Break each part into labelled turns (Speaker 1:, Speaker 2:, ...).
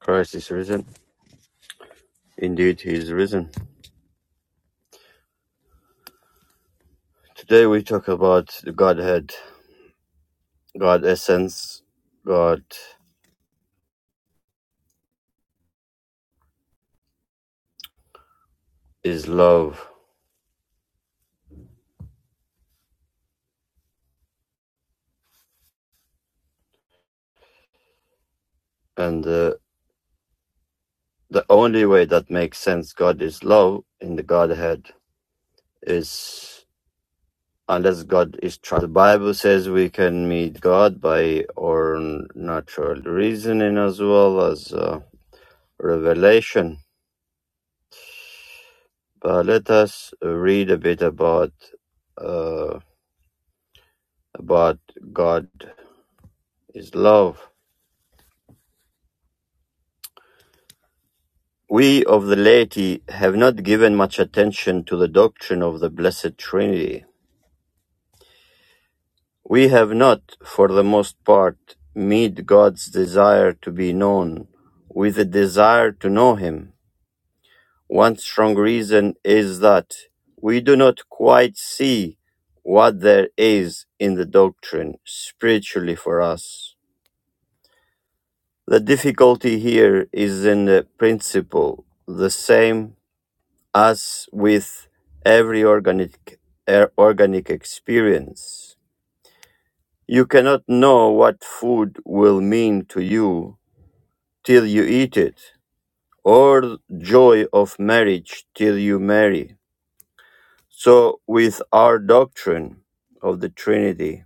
Speaker 1: Christ is risen. Indeed, he is risen. Today we talk about the Godhead, God essence, God is love, and the the only way that makes sense God is love in the Godhead is unless God is true. The Bible says we can meet God by our natural reasoning as well as uh, revelation. But let us read a bit about uh, about God is love. We of the laity have not given much attention to the doctrine of the Blessed Trinity. We have not, for the most part, made God's desire to be known with a desire to know Him. One strong reason is that we do not quite see what there is in the doctrine spiritually for us. The difficulty here is in the principle, the same As with every organic, er, organic experience, you cannot know what food will mean to you till you eat it, or joy of marriage till you marry. So, with our doctrine of the Trinity,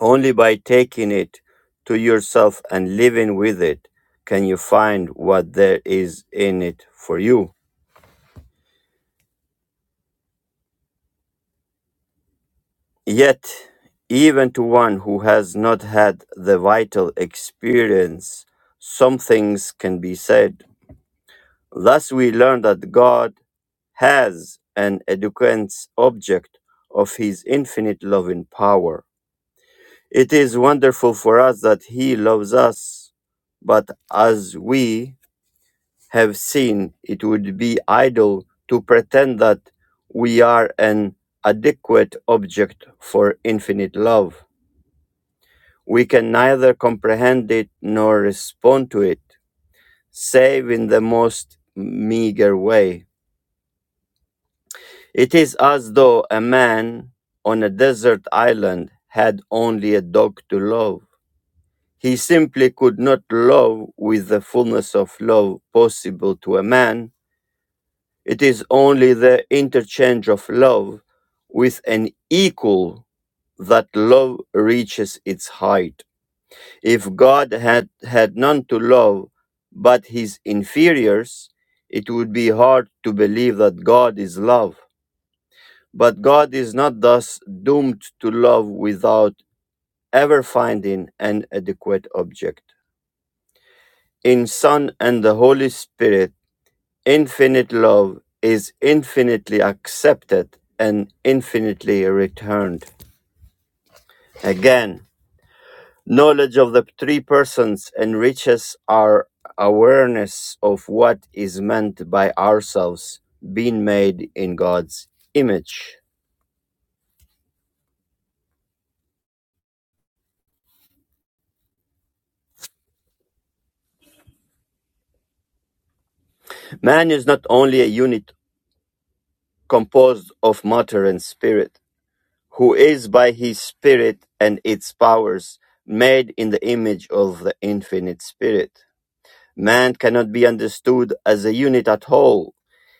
Speaker 1: only by taking it to yourself and living with it can you find what there is in it for you. Yet, even to one who has not had the vital experience, some things can be said. Thus, we learn that God has an adequate object of His infinite loving power. It is wonderful for us that He loves us, but as we have seen, it would be idle to pretend that we are an adequate object for infinite love. We can neither comprehend it nor respond to it, save in the most meager way. It is as though a man on a desert island had only a dog to love. He simply could not love with the fullness of love possible to a man. It is only the interchange of love with an equal that love reaches its height. If God had had none to love but his inferiors, it would be hard to believe that God is love. But God is not thus doomed to love without ever finding an adequate object. In Son and the Holy Spirit, infinite love is infinitely accepted and infinitely returned. Again, Knowledge of the three persons enriches our awareness of what is meant by ourselves being made in God's image. Man is not only a unit composed of matter and spirit, who is by his spirit and its powers made in the image of the infinite spirit. Man cannot be understood as a unit at all,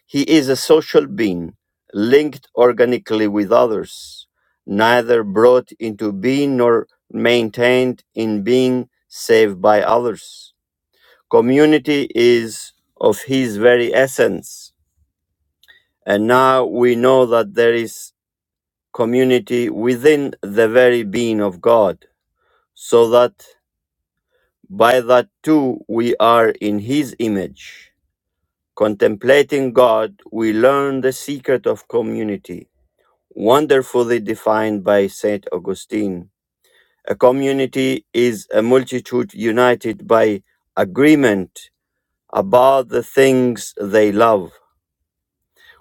Speaker 1: He is a social being, linked organically with others, neither brought into being nor maintained in being save by others. Community is of his very essence. And now we know that there is community within the very being of God, so that by that too we are in his image. Contemplating God, we learn the secret of community wonderfully defined by St. Augustine. A community is a multitude united by agreement about the things they love.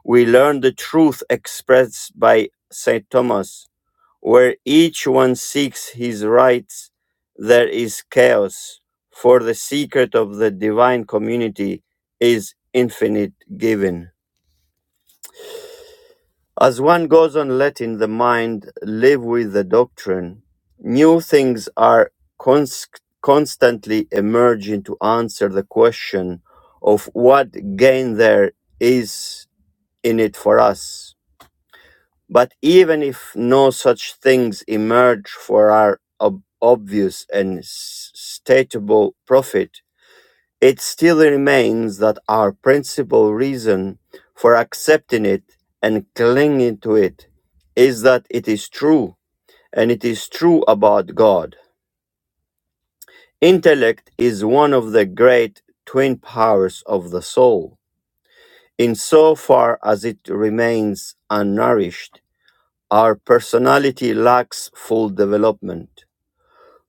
Speaker 1: We learn the truth expressed by St. Thomas. Where each one seeks his rights, there is chaos, for the secret of the divine community is infinite giving. As one goes on letting the mind live with the doctrine, new things are cons- constantly emerging to answer the question of what gain there is in it for us. But even if no such things emerge for our ob- obvious and s- stateable profit, it still remains that our principal reason for accepting it and clinging to it is that it is true, and it is true about God. Intellect is one of the great twin powers of the soul. Insofar as it remains unnourished, our personality lacks full development.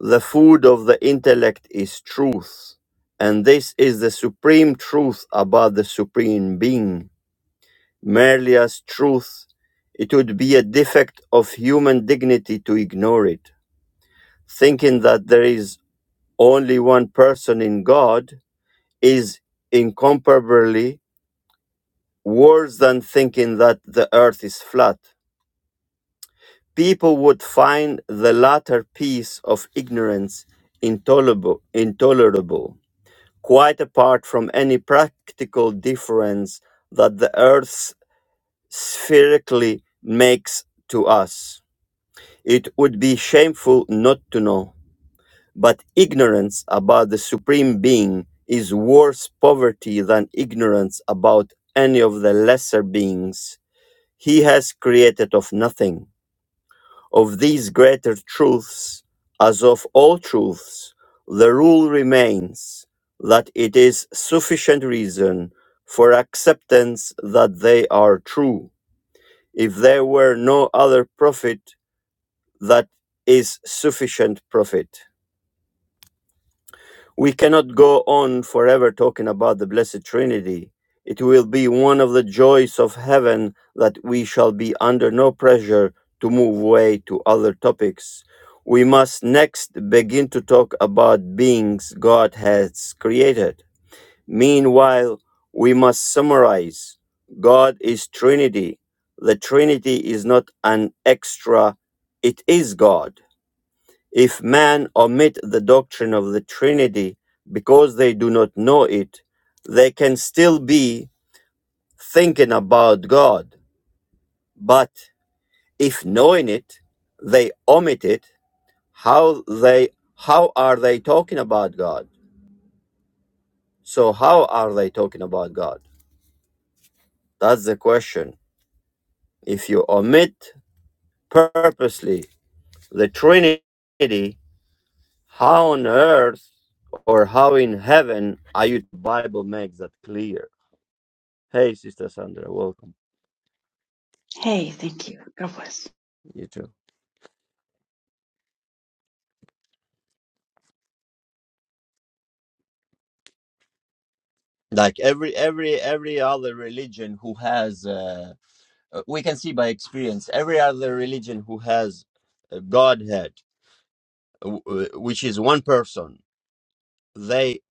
Speaker 1: The food of the intellect is truth, and this is the supreme truth about the supreme being. merely as truth, it would be a defect of human dignity to ignore it. Thinking that there is only one person in God is incomparably worse than thinking that the earth is flat. People would find the latter piece of ignorance intolerable, intolerable, quite apart from any practical difference that the earth spherically makes to us. It would be shameful not to know. But ignorance about the Supreme Being is worse poverty than ignorance about any of the lesser beings He has created of nothing. Of these greater truths, as of all truths, the rule remains that it is sufficient reason for acceptance that they are true. If there were no other profit, that is sufficient profit. We cannot go on forever talking about the Blessed Trinity. It will be one of the joys of heaven that we shall be under no pressure to move away to other topics. We must next begin to talk about beings God has created. Meanwhile, we must summarize God is Trinity. The Trinity is not an extra, it is God. If men omit the doctrine of the Trinity because they do not know it, they can still be thinking about God. But if knowing it, they omit it, how they how are they talking about God? So how are they talking about God? That's the question. If you omit purposely the Trinity, how on earth or how in heaven are you The Bible makes that clear? Hey, Sister Sandra, welcome.
Speaker 2: Hey, thank you. God bless.
Speaker 1: You too. like every every every other religion who has uh, uh, we can see by experience every other religion who has a godhead w- w- which is one person they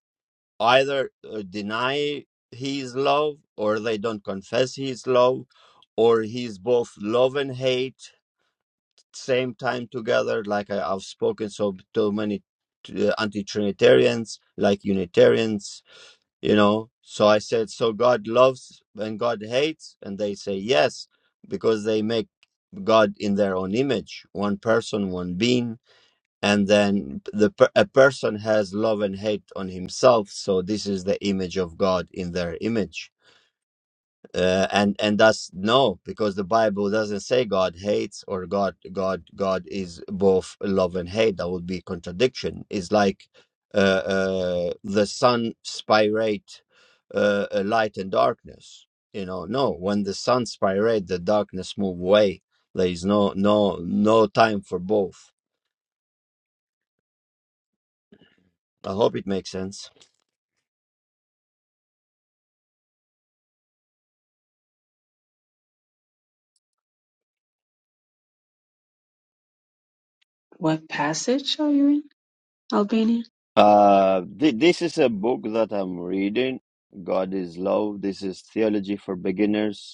Speaker 1: either uh, deny his love or they don't confess his love or he's both love and hate same time together like I, i've spoken so to many t- uh, anti-trinitarians like unitarians you know so i said so god loves and god hates and they say yes because they make god in their own image one person one being and then the per- a person has love and hate on himself so this is the image of god in their image uh, and and that's no because the bible doesn't say god hates or god god god is both love and hate that would be contradiction it's like uh, uh the sun spirate uh, uh, light and darkness you know no when the sun spirate the darkness move away there is no no no time for both i hope it makes sense
Speaker 2: What passage are you in? Albania?
Speaker 1: Uh, th- this is a book that I'm reading. God is Love. This is Theology for Beginners.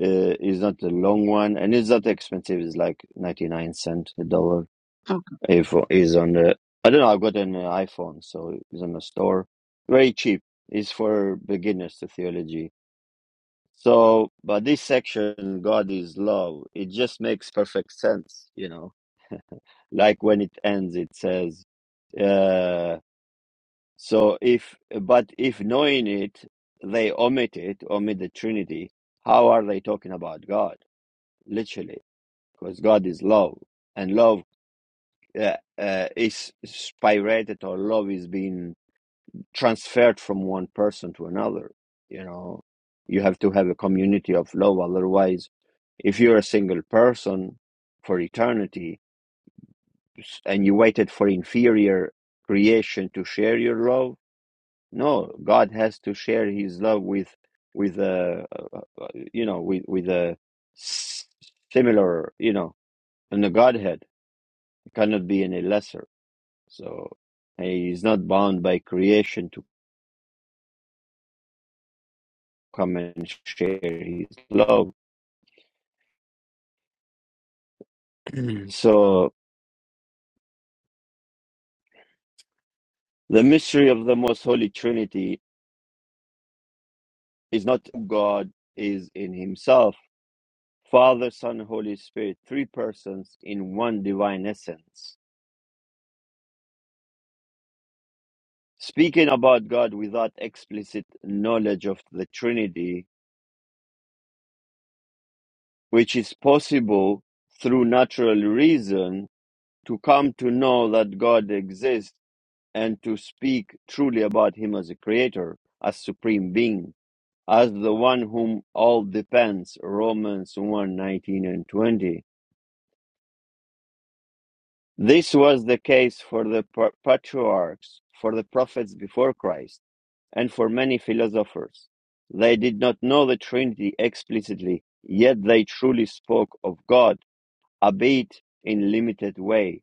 Speaker 1: Uh, it's not a long one, and it's not expensive. It's like ninety nine cent a dollar.
Speaker 2: Okay.
Speaker 1: iPhone is on the. I don't know. I've got an uh, iPhone, so it's on the store. Very cheap. It's for beginners to theology. So, but this section, God is love. It just makes perfect sense, you know. Like when it ends, it says, uh, "So if, but if knowing it, they omit it, omit the Trinity. How are they talking about God? Literally." because God is love, and love uh, uh, is spirated, or love is being transferred from one person to another. You know, you have to have a community of love. Otherwise, if you're a single person for eternity and you waited for inferior creation to share your love, no, God has to share His love with with a uh, uh, you know with with a similar you know in the Godhead cannot be any lesser. So he is not bound by creation to come and share his love. so the mystery of the most holy Trinity is not God is in himself. Father, Son, Holy Spirit, three persons in one divine essence. Speaking about God without explicit knowledge of the Trinity, which is possible through natural reason to come to know that God exists and to speak truly about Him as a creator, as supreme being, as the one whom all depends, Romans 1 nineteen and 20. This was the case for the pa- patriarchs, for the prophets before Christ, and for many philosophers. They did not know the Trinity explicitly, yet they truly spoke of God, albeit in limited way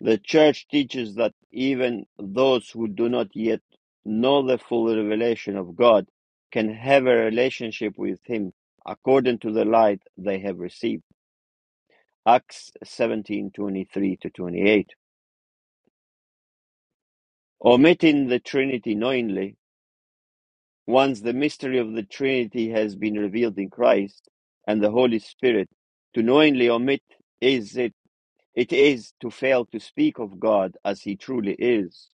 Speaker 1: The Church teaches that even those who do not yet know the full revelation of God can have a relationship with Him according to the light they have received. Acts 17:23 to 28. Omitting the Trinity knowingly, once the mystery of the Trinity has been revealed in Christ and the Holy Spirit, to knowingly omit is it it is to fail to speak of God as He truly is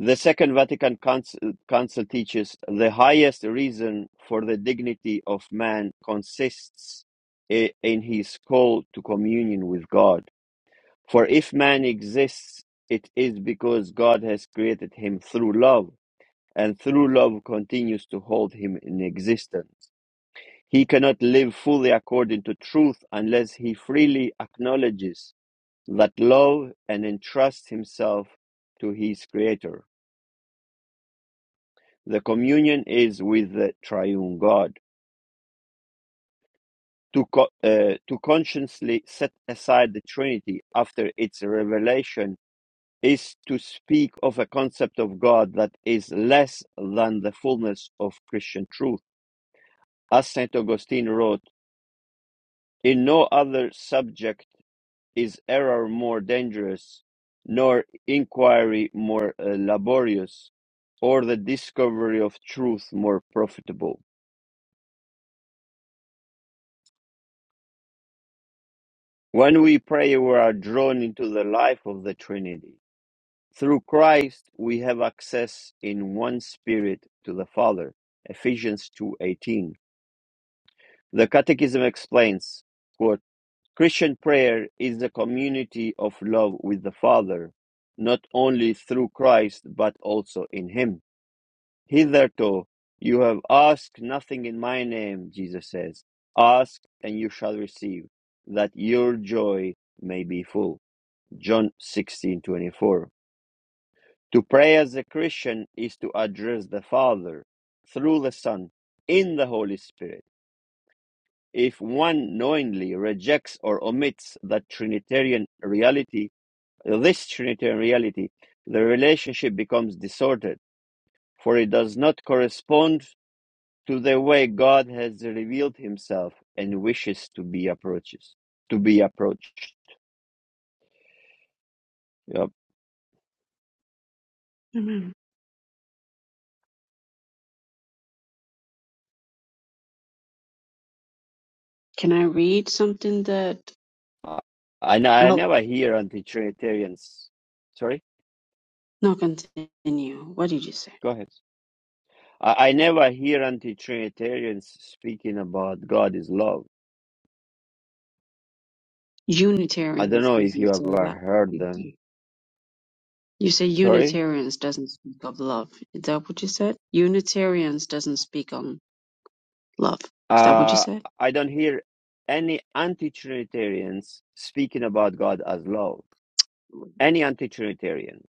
Speaker 1: The Second Vatican Council, Council teaches the highest reason for the dignity of man consists in his call to communion with God. For if man exists, it is because God has created him through love, and through love continues to hold him in existence. He cannot live fully according to truth unless he freely acknowledges that love and entrusts himself to his Creator. The communion is with the triune God. To, co- uh, to consciously set aside the Trinity after its revelation is to speak of a concept of God that is less than the fullness of Christian truth. As St. Augustine wrote, in no other subject is error more dangerous, nor inquiry more uh, laborious, or the discovery of truth more profitable When we pray, we are drawn into the life of the Trinity. Through Christ, we have access in one spirit to the Father. Ephesians 2:18. The Catechism explains, quote, Christian prayer is the community of love with the Father, not only through Christ, but also in Him. Hitherto, you have asked nothing in my name, Jesus says. Ask and you shall receive, that your joy may be full. John 16:24. To pray as a Christian is to address the Father through the Son in the Holy Spirit. If one knowingly rejects or omits that Trinitarian reality, this Trinitarian reality, the relationship becomes distorted, for it does not correspond to the way God has revealed himself and wishes to be approaches to be approached. Yep.
Speaker 2: Amen. Can I read something that
Speaker 1: I, I
Speaker 2: i
Speaker 1: never hear anti Trinitarians. Sorry?
Speaker 2: no continue? What did you say?
Speaker 1: Go ahead. I, I never hear anti Trinitarians speaking about God is love. I don't
Speaker 2: Unitarians
Speaker 1: know if you
Speaker 2: doesn't say
Speaker 1: ever
Speaker 2: that.
Speaker 1: heard them.
Speaker 2: Mhm. You say
Speaker 1: Sorry?
Speaker 2: Unitarians doesn't speak of love. Is that what you said? Unitarians doesn't speak on love. Is that what you
Speaker 1: Uh,
Speaker 2: said?
Speaker 1: I don't hear any anti Trinitarians speaking about God as love. Any anti Trinitarian.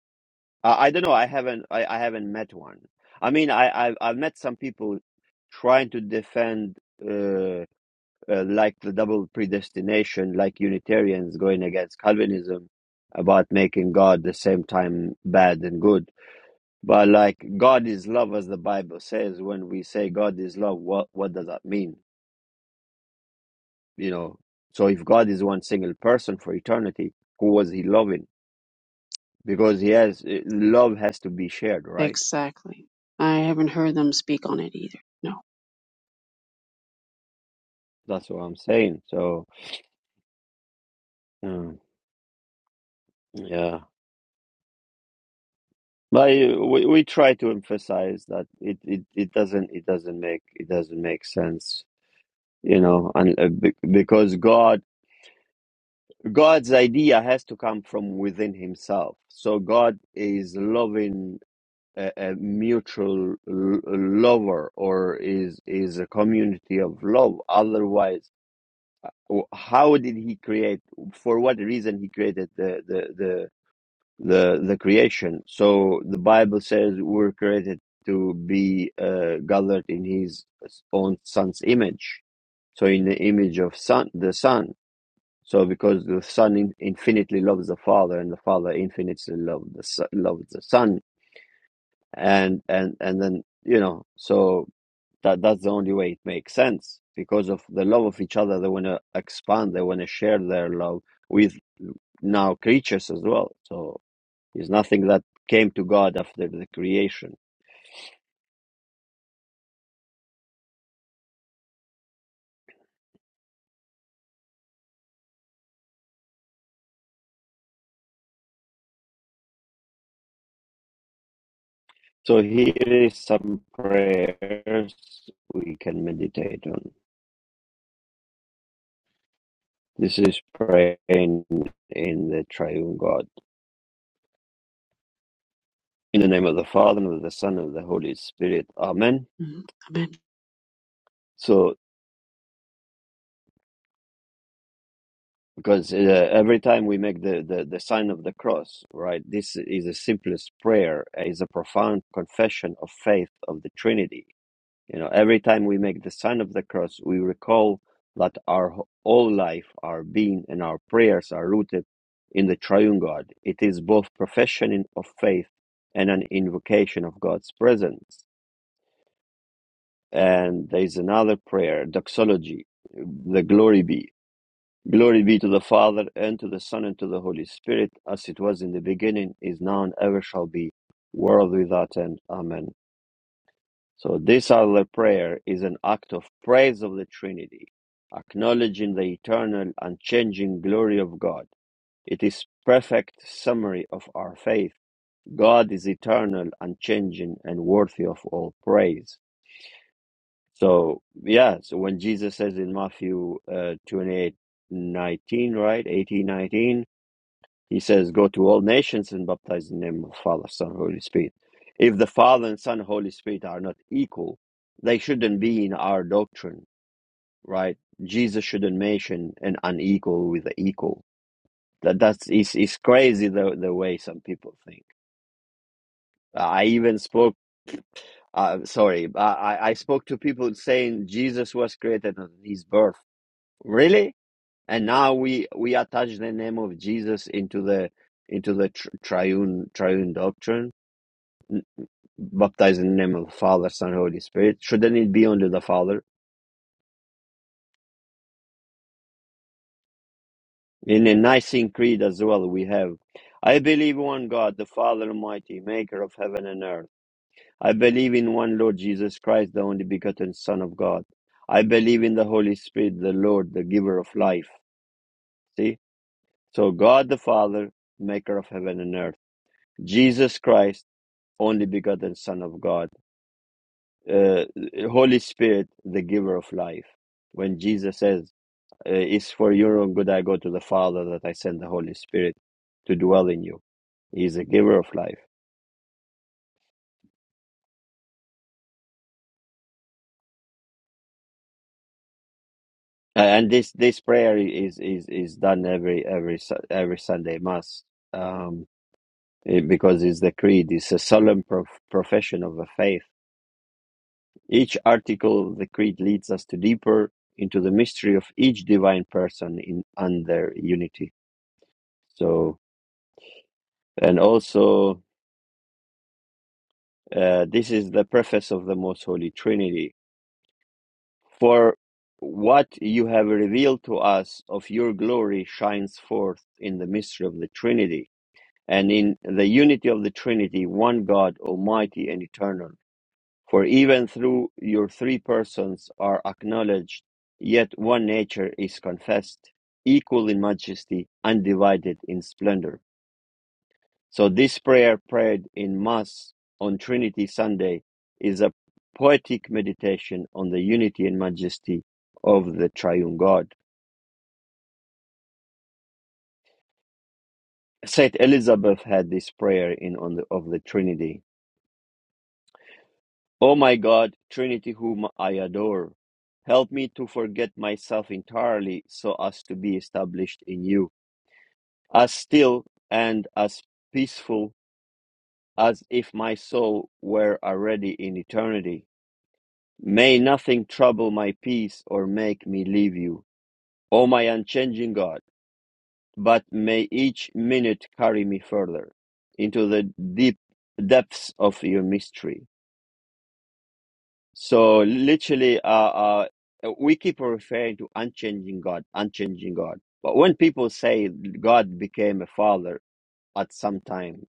Speaker 1: Uh, I don't know. I haven't, I, I haven't met one. I mean, I, I've, I've met some people trying to defend. uh, uh, like the double predestination, like Unitarians going against Calvinism about making God the same time bad and good. But like God is love, as the Bible says, when we say God is love, what what does that mean? You know, so if God is one single person for eternity, who was He loving? Because He has eh, love has to be shared, right?
Speaker 2: Exactly. I haven't heard them speak on it either. No.
Speaker 1: That's what I'm saying. So mm, yeah. But eh, we we try to emphasize that it, it, it doesn't it doesn't make it doesn't make sense you know and uh, be- because god god's idea has to come from within himself so god is loving a, a mutual l- lover or is is a community of love otherwise w- how did he create for what reason he created the the the the, the creation so the bible says we're created to be uh, gathered in his uh, own son's image so in the image of son the son So, because the Son in- infinitely loves the Father, and the Father infinitely loves the Son, loves the Son, and and and then you know, so that that's the only way it makes sense. Because of the love of each other, they want to expand. They want to share their love with now creatures as well. So it's nothing that came to God after the creation. So here is some prayers we can meditate on. This is praying in the triune God. In the name of the Father, and of the Son, and of the Holy Spirit. Amen.
Speaker 2: Mhm. Amen.
Speaker 1: So, because uh, every time we make the, the, the sign of the cross, right, this is the simplest prayer, is a profound confession of faith of the Trinity. You know, every time we make the sign of the cross, we recall that our wh- all life, our being, and our prayers are rooted in the triune God. It is both profession in- of faith and an invocation of God's presence And there's another prayer, doxology, the glory be. Glory be to the Father, and to the Son, and to the Holy Spirit, as it was in the beginning, is now, and ever shall be, world without end. Amen. So this other prayer is an act of praise of the Trinity, acknowledging the eternal, unchanging glory of God. It is perfect summary of our faith. God is eternal, unchanging, and worthy of all praise. So yeah, so when Jesus says in Matthew uh, 28, nineteen, right, 18, 19, he says, "Go to all nations and baptize in the name of Father, Son, Holy Spirit." If the Father and Son, Holy Spirit are not equal, they shouldn't be in our doctrine, right? Jesus shouldn't mention an unequal with the equal. That that's is is crazy the the way some people think. I even spoke. Uh, sorry, I I I spoke to people saying Jesus was created on his birth. Really? and now we we attach the name of Jesus into the into the tr- triune triune doctrine, baptized in the name of the Father, Son, Holy Spirit. Shouldn't it be under the Father? In the Nicene Creed as well, we have, I believe one God, the Father Almighty, Maker of heaven and earth. I believe in one Lord Jesus Christ, the only begotten Son of God. I believe in the Holy Spirit, the Lord, the Giver of life. See, so God the Father, Maker of heaven and earth. Jesus Christ only begotten Son of God, uh, Holy Spirit, the giver of life. When Jesus says, uh, It's for your own good I go to the Father that I send the Holy Spirit to dwell in you. He's a giver of life. Uh, and this, this prayer is, is, is done every, every, Su- every Sunday Mass um, eh, because it's the creed, it's a solemn prof- profession of a faith. Each article of the creed leads us to deeper into the mystery of each divine person in and their unity So, and also, uh, this is the preface of the Most Holy Trinity. For what you have revealed to us of your glory shines forth in the mystery of the Trinity and in the unity of the Trinity, one God, Almighty and eternal. For even through your three persons are acknowledged, yet one nature is confessed, equal in majesty, undivided in splendor. So this prayer prayed in Mass on Trinity Sunday is a poetic meditation on the unity and majesty of the triune God. Saint Elizabeth had this prayer in on the, of the Trinity. O my God, Trinity whom I adore, help me to forget myself entirely so as to be established in you, as still and as peaceful as if my soul were already in eternity. May nothing trouble my peace or make me leave you, O my unchanging God, but may each minute carry me further into the deep depths of your mystery. So, literally, uh, uh, we keep referring to unchanging God, unchanging God. But when people say God became a father at some time,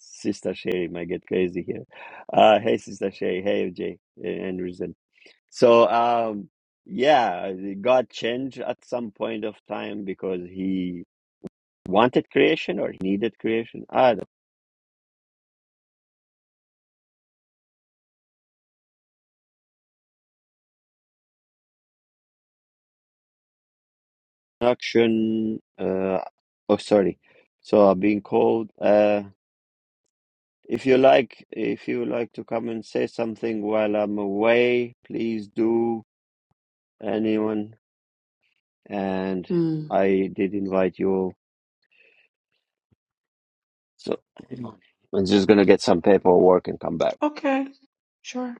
Speaker 1: Sister Sherry might get crazy here. Uh, hey, Sister Sherry. Hey, OJ and Reason. So, um, yeah, God changed at some point of time because he wanted creation or he needed creation. Ah, the production. Uh, oh, sorry. So I'm being called. Uh, if you like, if you would like to come and say something while I'm away, please do. Anyone, and
Speaker 2: Mm.
Speaker 1: I did invite you. all. So I'm just gonna get some paperwork and come back.
Speaker 2: Okay. Sure.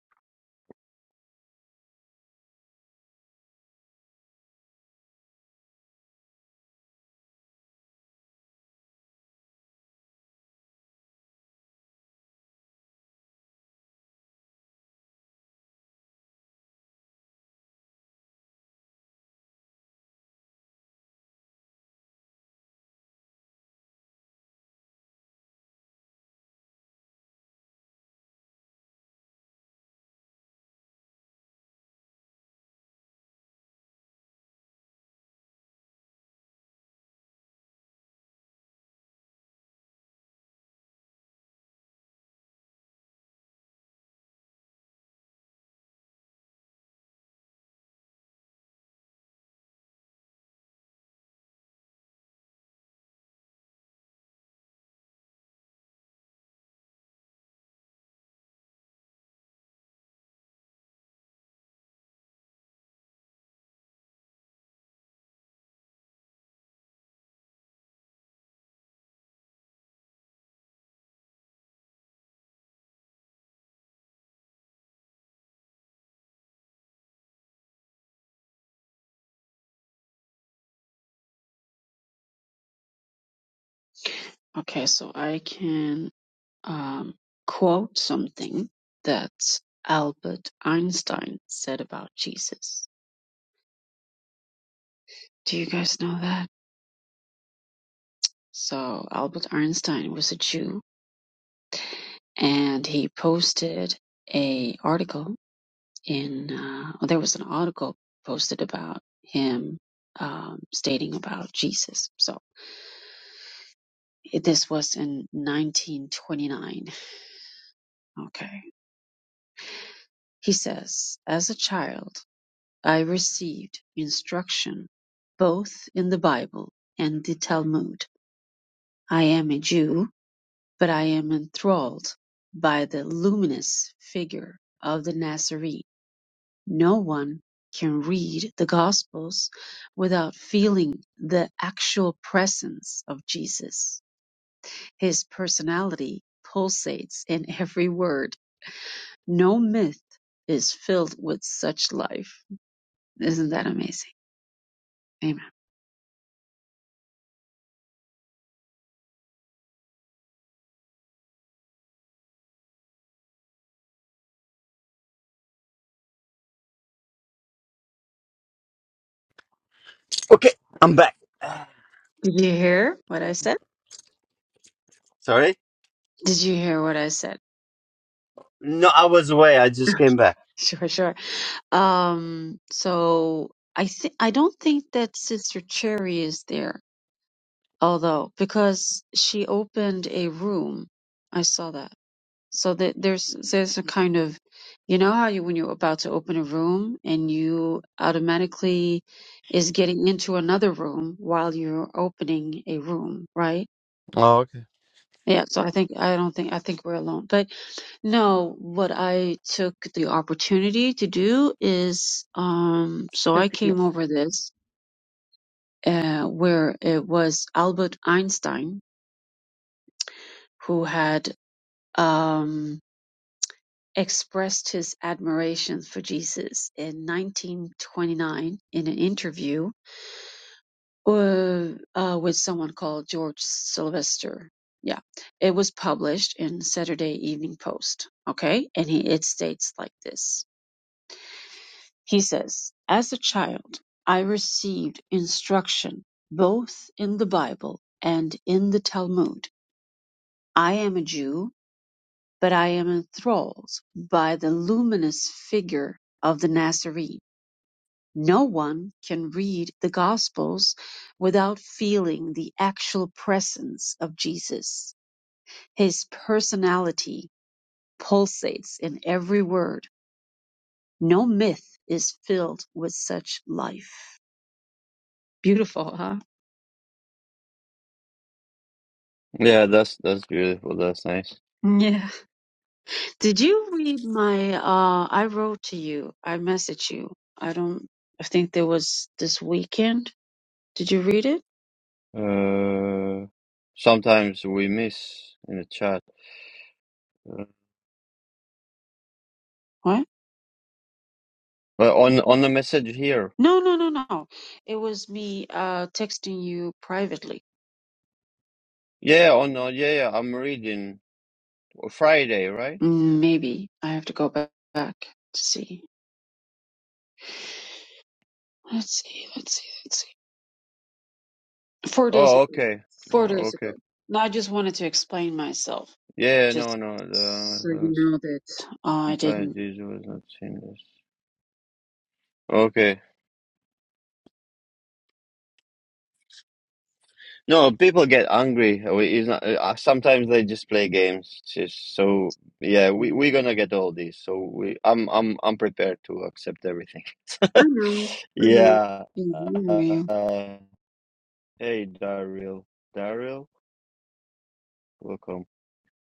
Speaker 2: Okay, so I can. um, quote something that Albert Einstein said about Jesus. Do you guys know that? So Albert Einstein was a Jew, and he posted a article in. Uh, well, there was an article posted about him um, stating about Jesus. So it- this was in 1929. Okay, he says, as a child. I received instruction both in the Bible and the Talmud. I am a Jew, but I am enthralled by the luminous figure of the Nazarene. No one can read the Gospels without feeling the actual presence of Jesus. His personality pulsates in every word. No myth is filled with such life. Isn't that amazing? Amen.
Speaker 1: Okay, I'm back.
Speaker 2: Did you hear what I said?
Speaker 1: Sorry?
Speaker 2: Did you hear what I said?
Speaker 1: No, I was away. I just came back.
Speaker 2: Sure, sure. Um, so I think I don't think that Sister Cherry is there, although because she opened a room, I saw that. So that there's there's a kind of, you know how you when you're about to open a room and you automatically is getting into another room while you're opening a room, right?
Speaker 1: Oh, okay.
Speaker 2: Yeah, so I think I don't think I think we're alone. But no, what I took the opportunity to do is um so I came over this uh where it was Albert Einstein who had um expressed his admiration for Jesus in 1929 in an interview uh, uh, with someone called George Sylvester. Yeah, it was published in Saturday Evening Post. Okay, and he, it states like this. He says, "As a child, I received instruction both in the Bible and in the Talmud. I am a Jew, but I am enthralled by the luminous figure of the Nazarene. No one can read the Gospels without feeling the actual presence of Jesus. His personality pulsates in every word. No myth is filled with such life. Beautiful, huh?
Speaker 1: Yeah, that's that's beautiful. That's nice.
Speaker 2: Yeah. Did you read my uh I wrote to you. I messaged you. I don't I think there was this weekend. Did you read it?
Speaker 1: Uh, sometimes we miss in the chat. Uh,
Speaker 2: What?
Speaker 1: Uh, on on the message here.
Speaker 2: No, no, no, no. It was me uh texting you privately.
Speaker 1: Yeah, on uh, yeah, yeah, I'm reading Friday, right?
Speaker 2: Mm, Maybe I have to go back, back to see. Let's see. Let's see. Let's see. Four days
Speaker 1: Oh,
Speaker 2: ago.
Speaker 1: okay.
Speaker 2: Four
Speaker 1: No,
Speaker 2: days
Speaker 1: Okay.
Speaker 2: ago. No, I just wanted to explain myself,
Speaker 1: Yeah, no,
Speaker 2: just
Speaker 1: no.
Speaker 2: so
Speaker 1: The uh,
Speaker 2: you know that uh, I
Speaker 1: implied
Speaker 2: didn't.
Speaker 1: Jesus was not sinless. Okay. No, people get angry. Uh, we- It's not, uh, uh, sometimes they just play games. Just, so yeah, we we're
Speaker 2: mm,
Speaker 1: gonna get all this. So we, I'm I'm I'm prepared to accept everything.
Speaker 2: I know. I know.
Speaker 1: yeah.
Speaker 2: Mhm, I know.
Speaker 1: Uh, hey, Daryl. Daryl, welcome.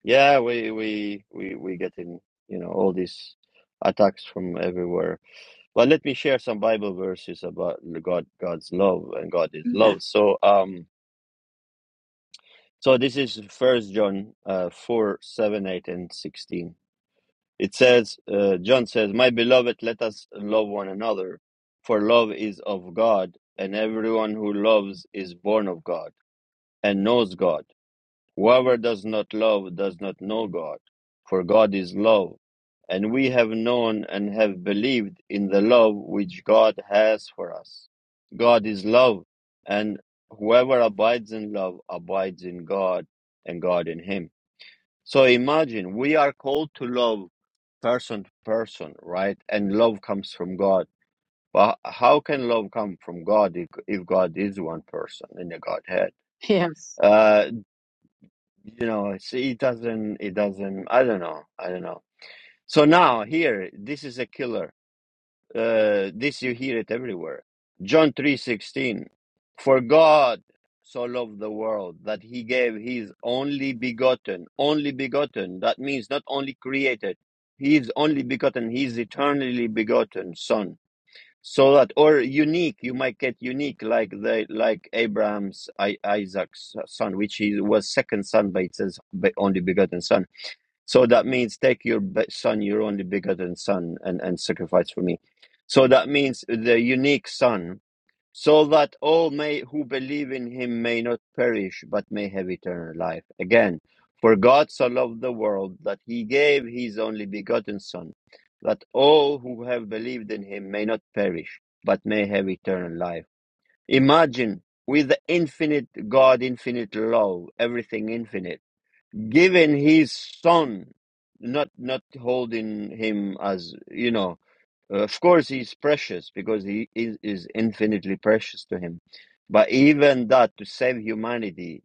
Speaker 1: Yeah, we we we we getting you know all these attacks from everywhere. But let me share some Bible verses about God God's love and God is
Speaker 2: Amen.
Speaker 1: love. So um so this is First John uh, four seven eight and sixteen. It says uh, John says, "My beloved, let us love one another, for love is of God, and everyone who loves is born of God and knows God." Whoever does not love does not know God, for God is love. And we have known and have believed in the love which God has for us. God is love, and whoever abides in love abides in God and God in him. So imagine we are called to love person to person, right? And love comes from God. But how can love come from God if if God is one person in the Godhead?
Speaker 2: Yes.
Speaker 1: Uh, you know it's, it doesn't it doesn't i don't know i don't know so now here this is a killer uh this you hear it everywhere john 3:16 for god so loved the world that he gave his only begotten only begotten that means not only created he is only begotten he is eternally begotten son so that or unique you might get unique like the like abraham's I, isaac's son which he was second son but it says be- only begotten son so that means take your be- son your only begotten son and and sacrifice for me so that means the unique son so that all may who believe in him may not perish but may have eternal life again for god so loved the world that he gave his only begotten son that all who have believed in him may not perish but may have eternal life imagine with the infinite god infinite love everything infinite giving his son not not holding him as you know uh, of course, he's precious because he is, is infinitely precious to him. But even that, to save humanity,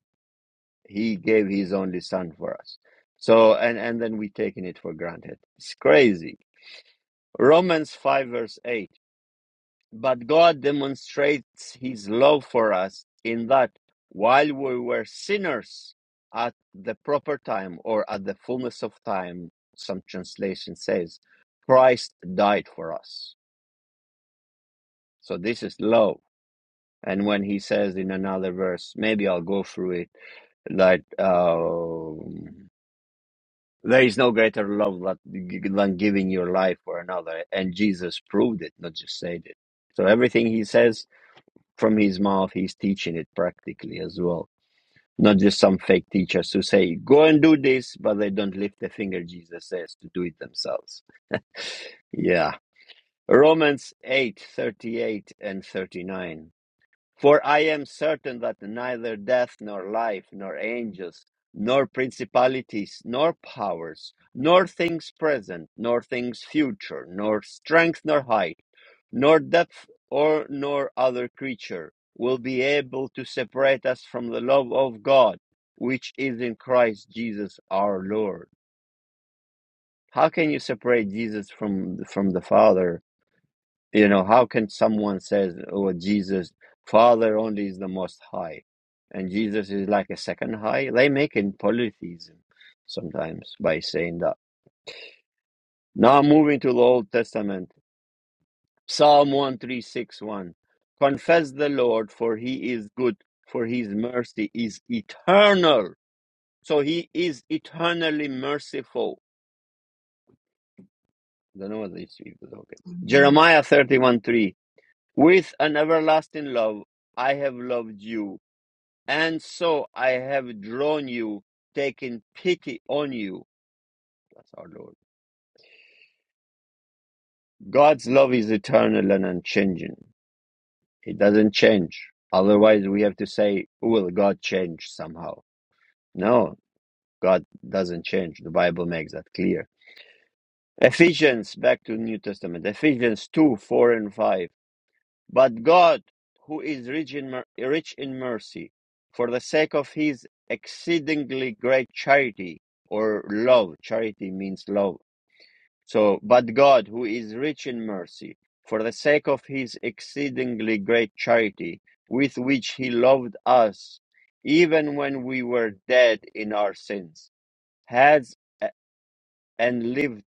Speaker 1: he gave his only son for us. So, and, and then we taking it for granted. It's crazy. Romans 5, verse 8. But God demonstrates his love for us in that while we were sinners at the proper time or at the fullness of time, some translation says, Christ died for us. So this is love And when he says in another verse, maybe I'll go through it, Like um, there is no greater love that, than giving your life for another. And Jesus proved it, not just said it. So everything he says from his mouth, he's teaching it practically as well. Not just some fake teachers who say, go and do this, but they don't lift the finger, Jesus says, to do it themselves. Yeah. Romans eight thirty eight and 39. For I am certain that neither death, nor life, nor angels, nor principalities, nor powers, nor things present, nor things future, nor strength, nor height, nor depth, or nor other creature will be able to separate us from the love of God, which is in Christ Jesus our Lord. How can you separate Jesus from from the Father? You know, how can someone says, "Oh, Jesus, Father only is the Most High," and Jesus is like a second high? They make in polytheism sometimes by saying that. Now moving to the Old Testament, Psalm one three six one, confess the Lord, for He is good, for His mercy is eternal. So He is eternally merciful. I don't know what these people are talking. Jeremiah thirty one three, with an everlasting love I have loved you And so I have drawn you, taken pity on you. That's our Lord. God's love is eternal and unchanging. It doesn't change. Otherwise, we have to say, will God change somehow? No, God doesn't change. The Bible makes that clear. Ephesians, back to the New Testament. Ephesians 2, 4 and 5. But God, who is rich in, mer- rich in mercy, for the sake of his exceedingly great charity or love, charity means love. So, but God, who is rich in mercy, for the sake of his exceedingly great charity, with which he loved us, even when we were dead in our sins, has uh, and lived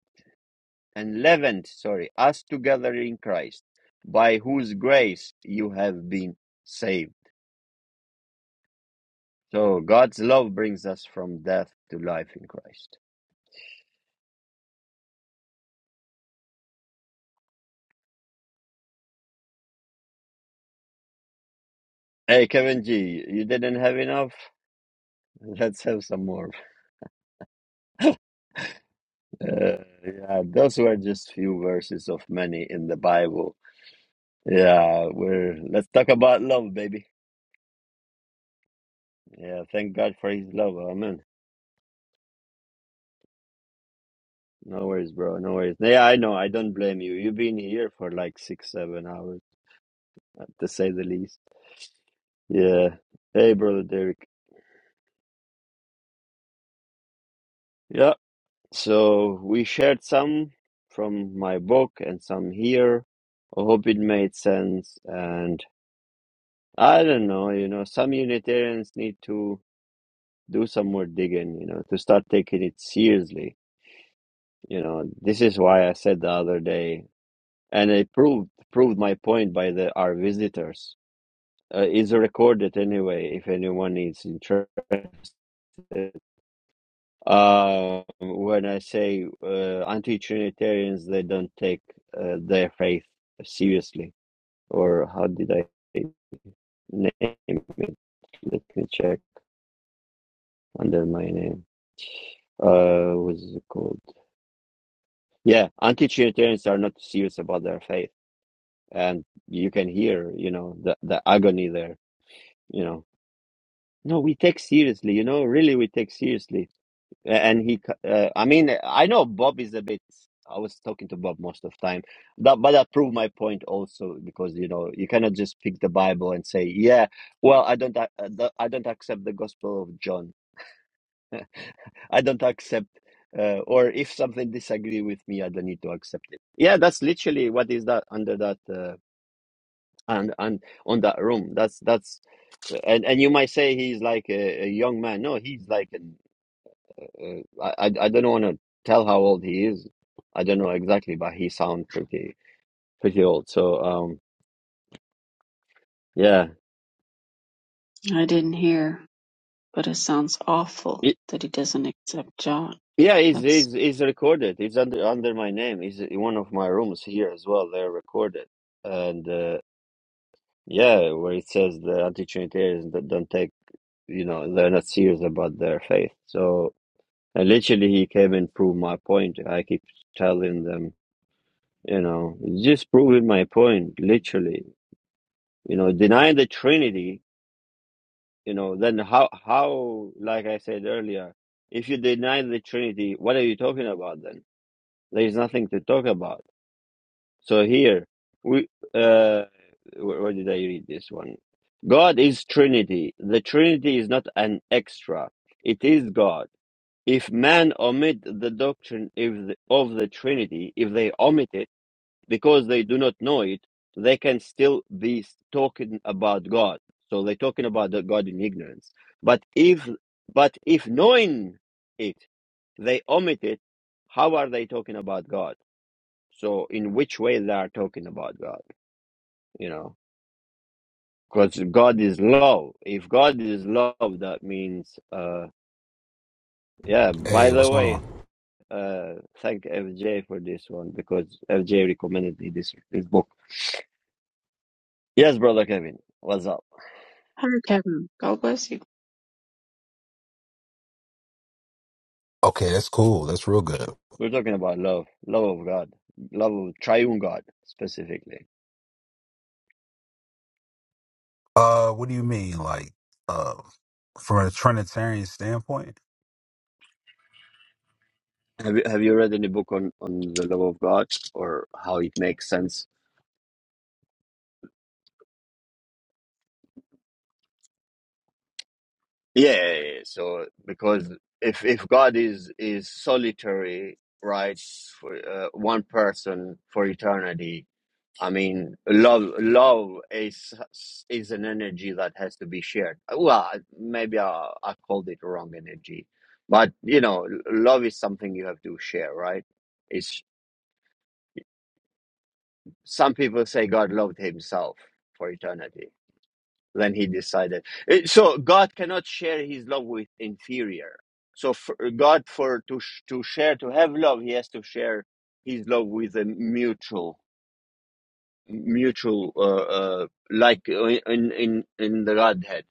Speaker 1: and leavened, sorry, us together in Christ, by whose grace you have been saved. So God's love brings us from death to life in Christ. Hey, Kevin G, you didn't have enough? Let's have some more. Uh, yeah, those were just few verses of many in the Bible. Yeah, we're let's talk about love, baby. Yeah, thank God for His love. Amen. No worries, bro. No worries. Yeah, I know. I don't blame you. You've been here for like six, seven hours, to say the least. Yeah. Hey, brother Derek. Yeah. So we shared some from my book and some here. I hope it made sense. And I don't know, you know, some Unitarians need to do some more digging, you know, to start taking it seriously. You know, this is why I said the other day, and it proved proved my point by the our visitors. Uh, is recorded anyway if anyone is interested. Uh, when I say uh, anti-Trinitarians, they don't take uh, their faith seriously. Or how did I name it? Let me check under my name. Uh, what is it called? Yeah, anti-Trinitarians are not serious about their faith, and you can hear, you know, the the agony there. You know, no, we take seriously. You know, really, we take seriously and he uh, i mean i know bob is a bit i was talking to bob most of the time that but that proved my point also because you know you cannot just pick the bible and say yeah well i don't ac- uh, the- i don't accept the gospel of john i don't accept uh, or if something disagree with me i don't need to accept it yeah that's literally what is that under that uh, and and on that room that's that's and and you might say he's like a, a young man no he's like Uh, I, I I don't want to tell how old he is. I don't know exactly, but he sounds pretty pretty old. So um, yeah,
Speaker 2: I didn't hear, but it sounds awful
Speaker 1: it,
Speaker 2: that he doesn't accept John.
Speaker 1: yeah, he's,
Speaker 2: That's
Speaker 1: he's he's recorded. He's under under my name. He's in one of my rooms here as well. They're recorded, and uh, yeah, where it says the anti-Trinitarians that don't take, you know, they're not serious about their faith. So and literally, he came and proved my point. I keep telling them, you know, just proving my point, literally. You know, denying the Trinity you know then how how like i said earlier if you deny the trinity what are you talking about then there is nothing to talk about so here we uh where where did i read this one god is trinity the trinity is not an extra it is god if man omit the doctrine if the, of the trinity if they omit it because they do not know it, they can still be talking about God. So they're talking about God in ignorance. But if but if knowing it, they omit it, how are they talking about God? So in which way they are talking about God? You know, because God is love. If God is love, that means uh yeah. By
Speaker 3: Hey, what's
Speaker 1: the
Speaker 3: going on?
Speaker 1: way, uh thank FJ for this one because FJ recommended me this this book. Yes, brother Kevin, what's up?
Speaker 2: Hi, Kevin. God bless you.
Speaker 3: Okay, that's cool. That's real good.
Speaker 1: We're talking about love, love of God, love of triune God specifically.
Speaker 3: Uh, what do you mean, like, uh, from a Trinitarian standpoint?
Speaker 1: Have you have you read any book on on the love of God or how it makes sense? Yeah, yeah, yeah. so because if if God is is solitary, right, for uh, one person for eternity, I mean, love love is is an energy that has to be shared. Well, maybe I I called it wrong energy, but you know, love is something you have to share, right? some people say God loved himself for eternity. Then he decided. Eh, So God cannot share his love with inferior. So for God, for to sh- to share, to have love, he has to share his love with a mutual, mutual, uh, uh, like uh, in in in the Godhead.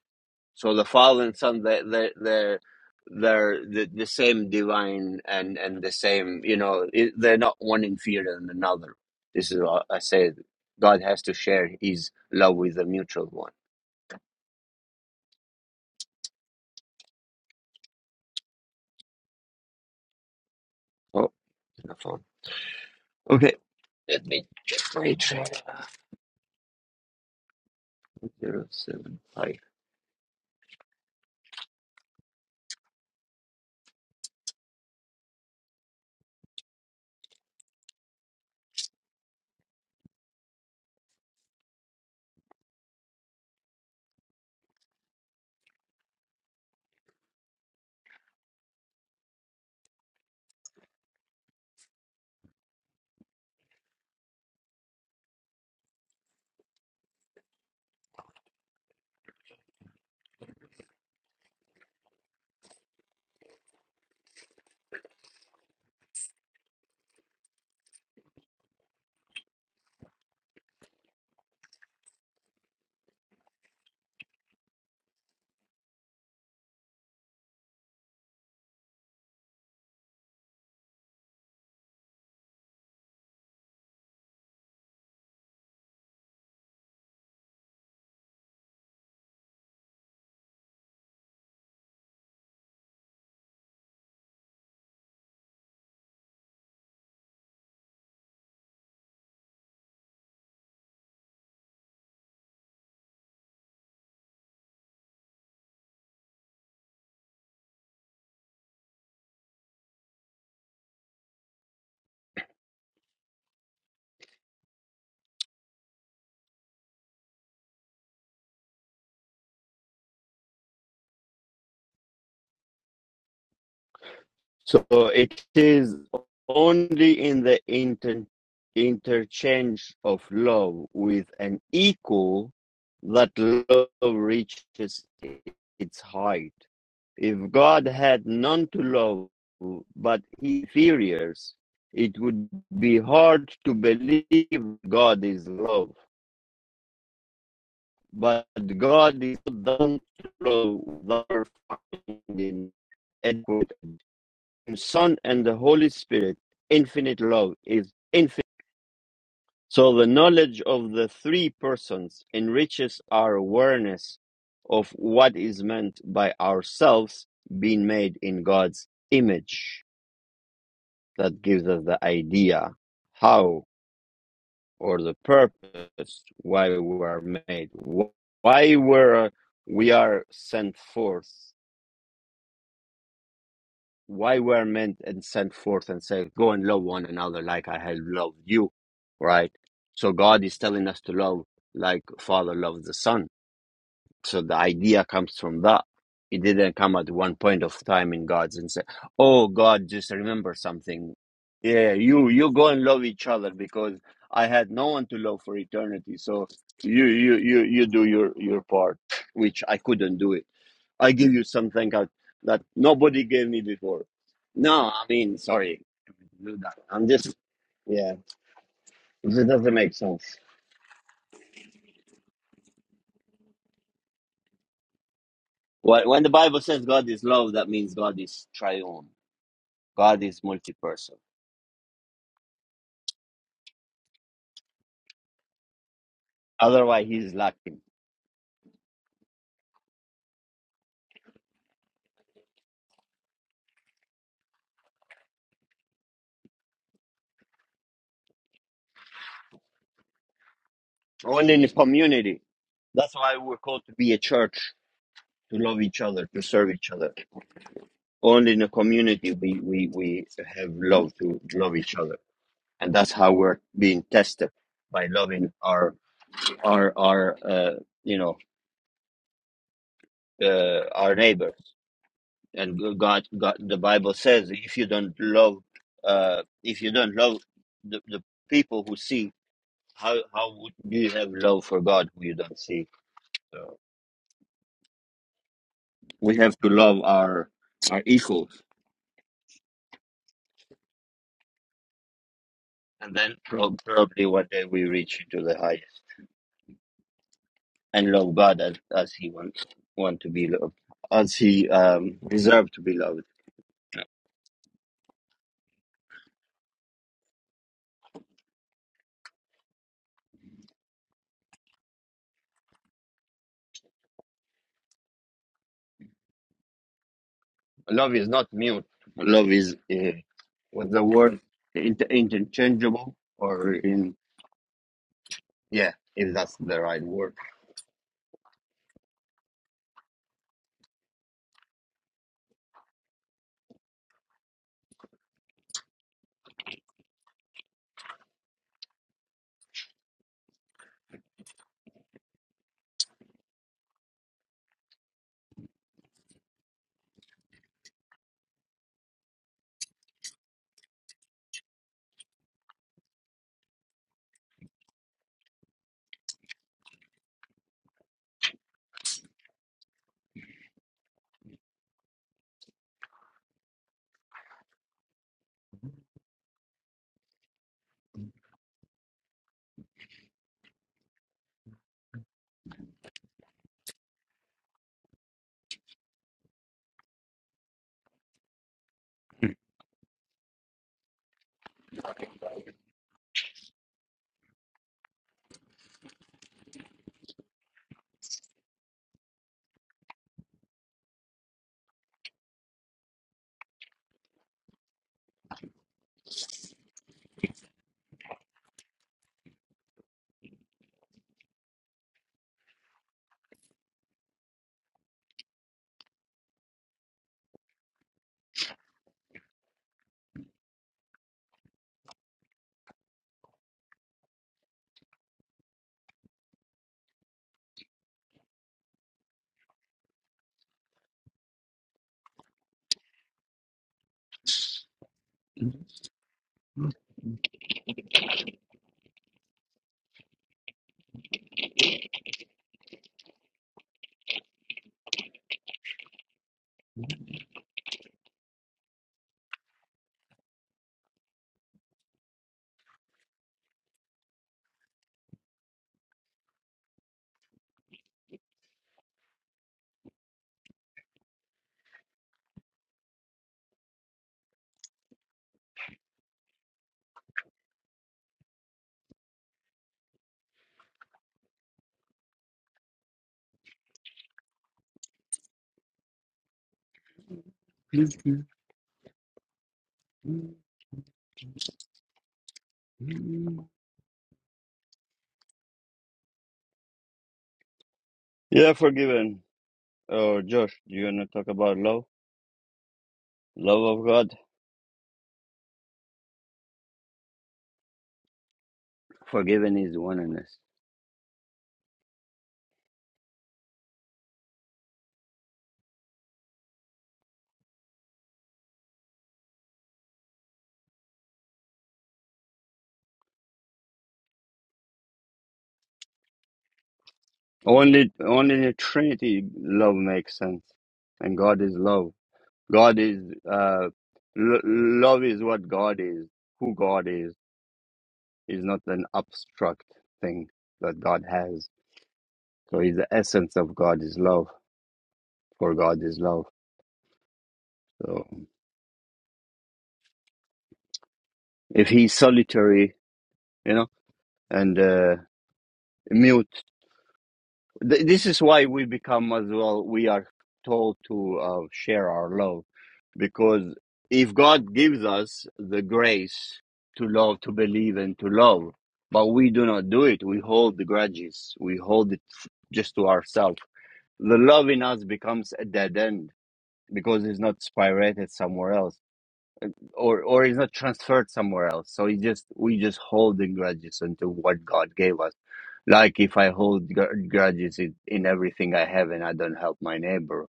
Speaker 1: So the Father and Son, they they they're they're the, the same divine and and the same. You know, it, they're not one inferior than another. This is what I say. God has to share His love with the mutual one. Oh, the phone. Okay, let me check my track. Zero seven five. So it is only in the inter- interchange of love with an equal that love reaches its height. If God had none to love but inferiors, it would be hard to believe God is love. But God is not done to love without finding adequate Son and the Holy Spirit, infinite love is infinite. So the knowledge of the three persons enriches our awareness of what is meant by ourselves being made in God's image. That gives us the idea how or the purpose why we are made, why we're, we are sent forth why we're meant and sent forth and say, Go and love one another like I have loved you, right? So God is telling us to love like Father loves the Son. So the idea comes from that. It didn't come at one point of time in God's and say, Oh God, just remember something. Yeah, you you go and love each other because I had no one to love for eternity. So you you you you do your your part, which I couldn't do it. I give you something that, that nobody gave me before. No, I mean, sorry, do that. I'm just, yeah, it just doesn't make sense. Wh- When the Bible says God is love, that means God is triune. God is multi-person. Otherwise, he's lacking. Only in the community. That's why we're called to be a church, to love each other, to serve each other. Only in a community we, we, we have love to love each other. And that's how we're being tested by loving our our our uh, you know uh, our neighbors and god god the bible says if you don't love uh, if you don't love the, the people who see how how would you have love for god who you don't see so we have to love our our equals and then prob- probably one day we reach into the highest and love god as, as he wants want to be loved as he um deserved to be loved Love is not mute. Love is uh, was the word inter- interchangeable or in yeah, if that's the right word. Mm. Yeah, forgiven. Oh, Josh, do you wanna talk about love? Love of God. Forgiven is oneness. Only, only in the Trinity love makes sense, and God is love. God is uh, l- love is what God is. Who God is is not an abstract thing that God has. So he's the essence of God is love, for God is love. So if he's solitary, you know, and uh, mute, th- this is why we become as well, we are told to uh, share our love. Because if God gives us the grace to love, to believe, and to love, but we do not do it, we hold the grudges, we hold it just to ourselves. The love in us becomes a dead end because it's not spirated somewhere else or or it's not transferred somewhere else. So it just we just holding grudges into what God gave us. Like if I hold gr- grudges in, in everything I have and I don't help my neighbor,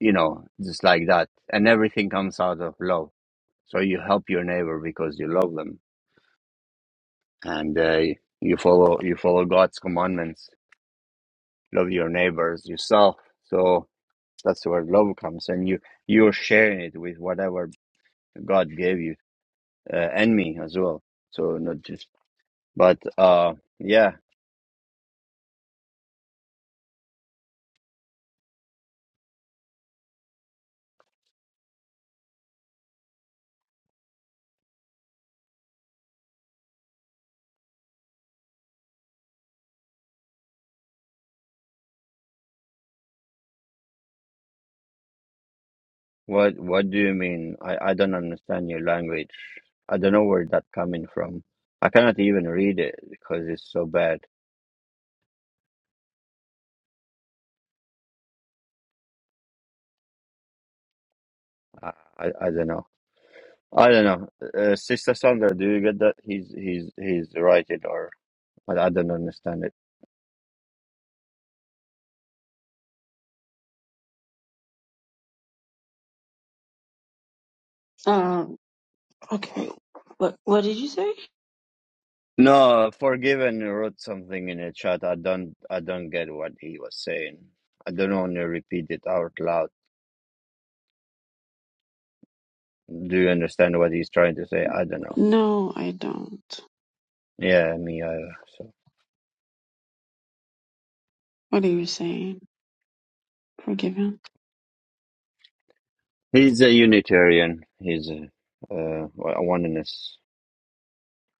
Speaker 1: you know, just like that, and everything comes out of love. So you help your neighbor because you love them, and uh, you follow you follow God's commandments. Love your neighbors yourself. So that's where love comes, and you you're sharing it with whatever God gave you uh, and me as well. So not just But uh, yeah, what what do you mean? I I don't understand your language. I don't know where that coming from. I cannot even read it because it's so bad. I I, I don't know. I don't know. Uh, Sister Sandra, do you get that? He's he's he's writing or I, I don't understand it.
Speaker 2: Um. Okay. What What did you say?
Speaker 1: No, Forgiven wrote something in the chat. I don't I don't get what he was saying. I don't want to repeat it out loud. Do you understand what he's trying to say? I don't know.
Speaker 2: No, I don't.
Speaker 1: Yeah, me either. So.
Speaker 2: What are you saying? Forgive him.
Speaker 1: He's a Unitarian. He's a, uh, a oneness.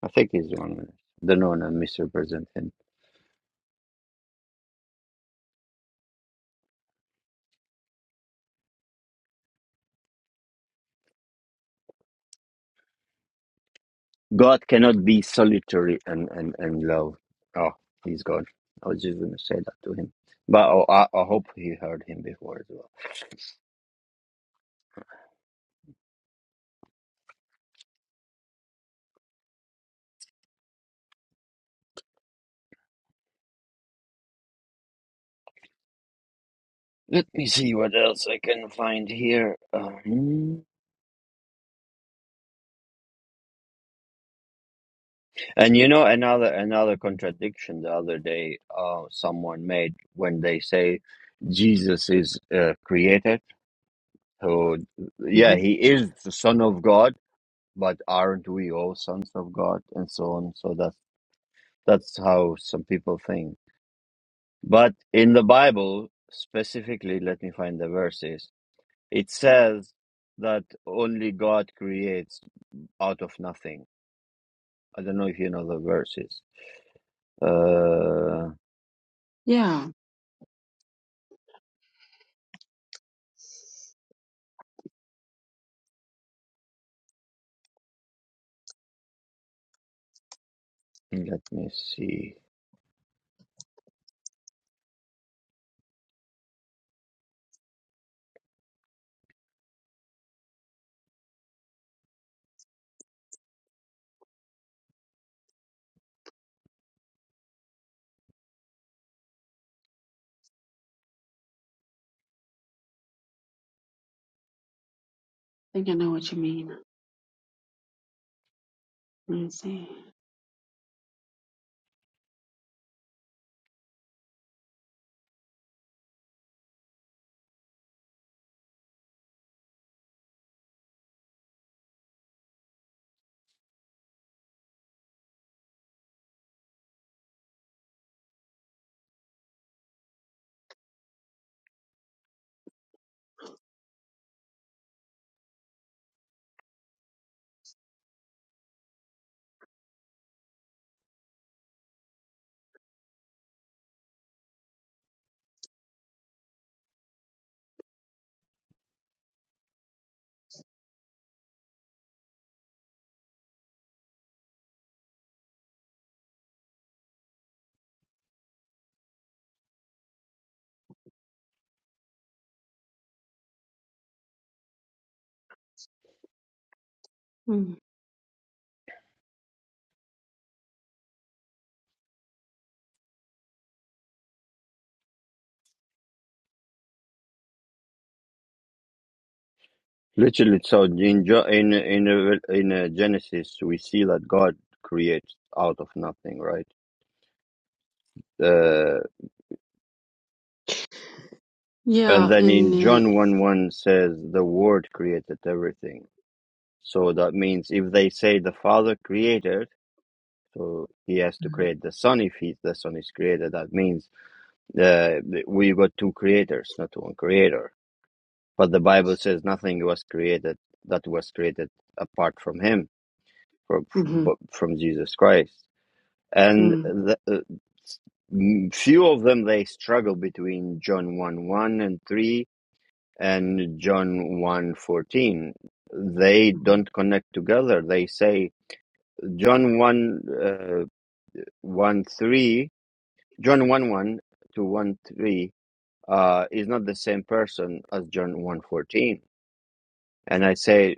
Speaker 1: I think he's oneness. Don't want to misrepresent him. God cannot be solitary and, and, and love. Oh, he's God. I was just going to say that to him. But oh, I, I hope he heard him before as well. Let me see what else I can find here. Um, and you know, another another contradiction the other day uh, someone made when they say Jesus is uh, created So, yeah,
Speaker 2: hmm
Speaker 1: he is the son of God, but aren't we all sons of God, and so on? So that's that's how some people think. But in the Bible, specifically, let me find the verses. It says that only God creates out of nothing. I don't know if you know the verses. Uh,
Speaker 2: Yeah, I
Speaker 1: let me see.
Speaker 2: think I know what you mean. Let me see. Mm.
Speaker 1: Literally, so in Jo- in in in uh, Genesis, we see that God creates out of nothing, right? Uh, And
Speaker 2: Yeah,
Speaker 1: then
Speaker 2: and
Speaker 1: in
Speaker 2: uh,
Speaker 1: John 1 1 says, the Word created everything. So that means if they say the Father created, so he has to create the Son if he, the Son is created. That means uh, we got two creators, not one creator. But the Bible says nothing was created that was created apart from him, from,
Speaker 2: mm-hmm,
Speaker 1: from Jesus Christ. And
Speaker 2: mm,
Speaker 1: the, uh, few of them they struggle between John 1 1 and 3 and John one fourteen, they
Speaker 2: mm-hmm,
Speaker 1: don't connect together they say John 1 uh, 1 3 John 1 1 to 1 3 uh, is not the same person as John one fourteen. and I say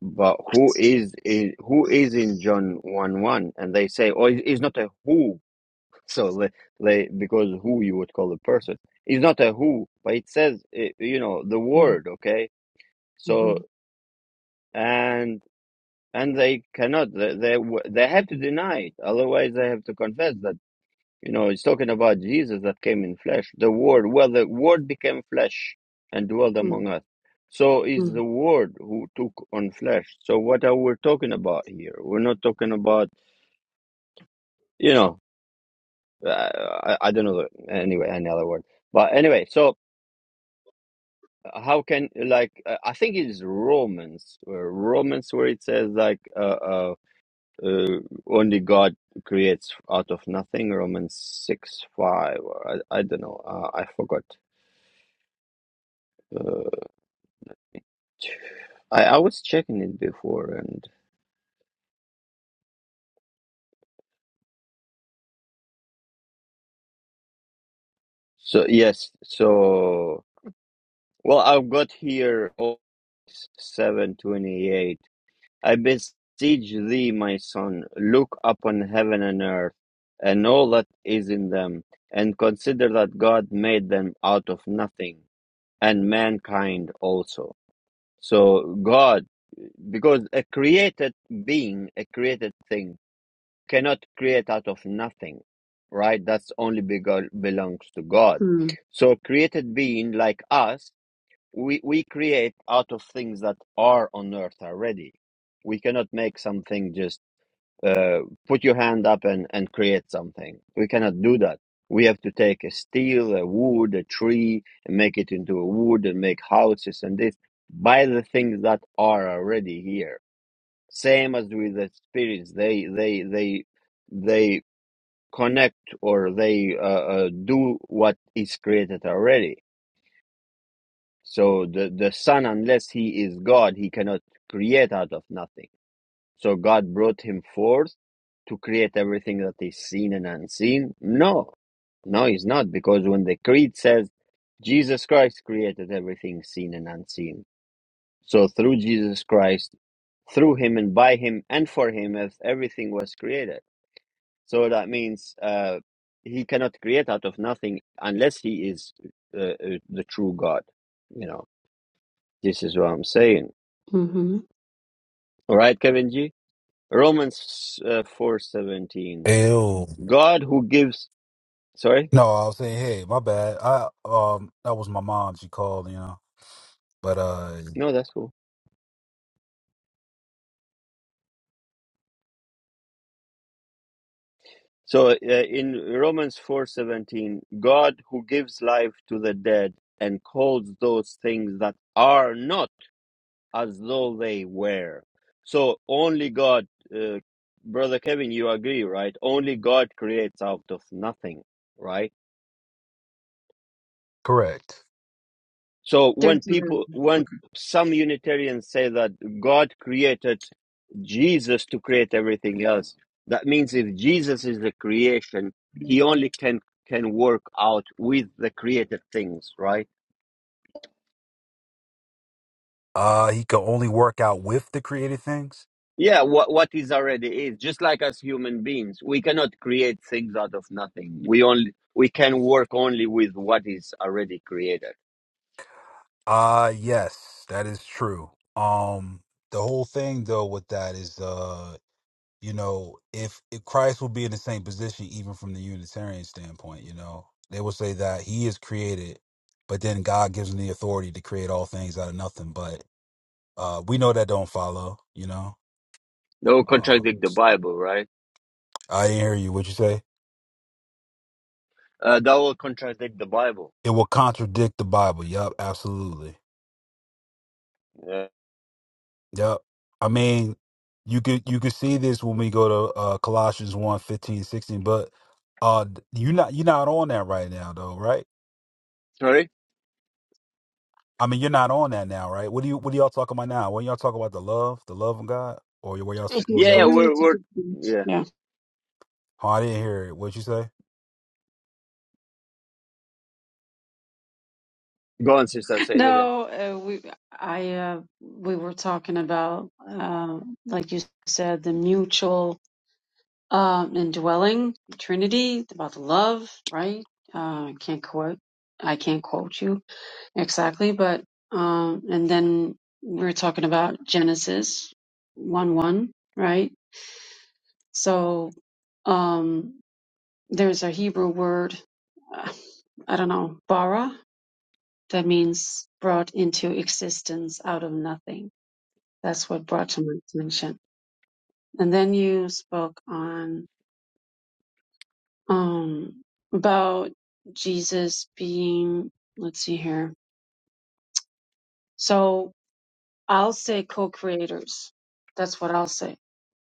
Speaker 1: but who is in, who is in John 1 1 and they say oh it's not a who so they, they because who you would call a person it's not a who but it says eh, you know the
Speaker 2: mm,
Speaker 1: word okay so
Speaker 2: mm-hmm,
Speaker 1: and and they cannot they, they they have to deny it otherwise they have to confess that you know it's talking about jesus that came in flesh the word well the word became flesh and dwelt
Speaker 2: mm,
Speaker 1: among us so is
Speaker 2: mm,
Speaker 1: the word who took on flesh so what are we talking about here we're not talking about you know uh, I, I don't know the, anyway another word but anyway so how can like uh, i think it's romans uh, romans where it says like uh. uh uh, only God creates out of nothing. Romans six five. Or I, I don't know. Uh, I forgot. Uh, I I was checking it before, and so yes. So well, I've got here seven twenty eight. I beseech thee, my son, look upon heaven and earth, and all that is in them, and consider that God made them out of nothing, and mankind also. So God because a created being, a created thing, cannot create out of nothing, right? That's only bego- belongs to God.
Speaker 2: mm,
Speaker 1: So, created being like us, we we create out of things that are on earth already. We cannot make something just uh, put your hand up and and create something. We cannot do that. We have to take a steel, a wood, a tree, and make it into a wood and make houses and this by the things that are already here same as with the spirits, they they they they connect or they uh, uh, do what is created already. So the the son, unless he is God, he cannot create out of nothing. So God brought him forth to create everything that is seen and unseen? No, no, he's not, because when the creed says Jesus Christ created everything seen and unseen, so through Jesus Christ, through him and by him and for him, ev- everything was created. So that means uh, he cannot create out of nothing unless he is uh, uh, the true God. You know, this is what I'm saying.
Speaker 2: mm-hmm.
Speaker 1: All right, Kevin G. Romans uh, four seventeen.
Speaker 3: Ew.
Speaker 1: God who gives. Sorry,
Speaker 3: No, I was saying, hey, my bad. I um, that was my mom. She called, you know. But uh,
Speaker 1: no, that's cool. So uh, in Romans four seventeen, God who gives life to the dead and calls those things that are not as though they were. So only God, uh, brother Kevin, you agree, right? Only God creates out of nothing, right?
Speaker 3: correct.
Speaker 1: So
Speaker 2: There's
Speaker 1: when people,
Speaker 2: a
Speaker 1: when
Speaker 2: okay.
Speaker 1: some Unitarians say that God created Jesus to create everything else, that means if Jesus is the creation, he only can can work out with the created things, right?
Speaker 3: Uh, he could only work out with the created things.
Speaker 1: Yeah, what what is already is just like as human beings, we cannot create things out of nothing. We only we can work only with what is already created.
Speaker 3: Uh, yes, that is true. Um, the whole thing though with that is uh, you know, if, if Christ will be in the same position, even from the Unitarian standpoint, you know, they will say that he is created, but then God gives him the authority to create all things out of nothing. But uh, we know that don't follow, you know.
Speaker 1: That will
Speaker 3: Uh,
Speaker 1: contradict the
Speaker 3: so,
Speaker 1: Bible, right?
Speaker 3: I didn't hear you. What you say?
Speaker 1: Uh, that will contradict the Bible.
Speaker 3: It will contradict the Bible. Yup, absolutely.
Speaker 1: Yeah.
Speaker 3: Yup. I mean, you could you could see this when we go to uh, Colossians one fifteen sixteen. but uh, you're not you're not on that right now though, right?
Speaker 1: Sorry.
Speaker 3: I mean, you're not on that now, right? What do you What are y'all talking about now? When y'all talking about the love, the love of God, or where y'all
Speaker 2: If you
Speaker 3: where
Speaker 1: Yeah, yeah,
Speaker 3: y'all? Talk?
Speaker 1: we're
Speaker 2: experience it,
Speaker 1: we're
Speaker 2: it's-
Speaker 1: yeah.
Speaker 2: yeah.
Speaker 3: Oh, I didn't hear it. What'd you say?
Speaker 1: Go on, sister. Say it again.
Speaker 2: No, uh, we I uh, we were talking about uh, like you said the mutual um, indwelling Trinity about the love, right? Uh, I can't quote. I can't quote you Exactly, but um, and then we're talking about Genesis one one, right? So um, there's a Hebrew word, uh, I don't know, bara, that means brought into existence out of nothing. That's what brought to my attention. And then you spoke on um, about Jesus being, let's see here. So I'll say co-creators. That's what I'll say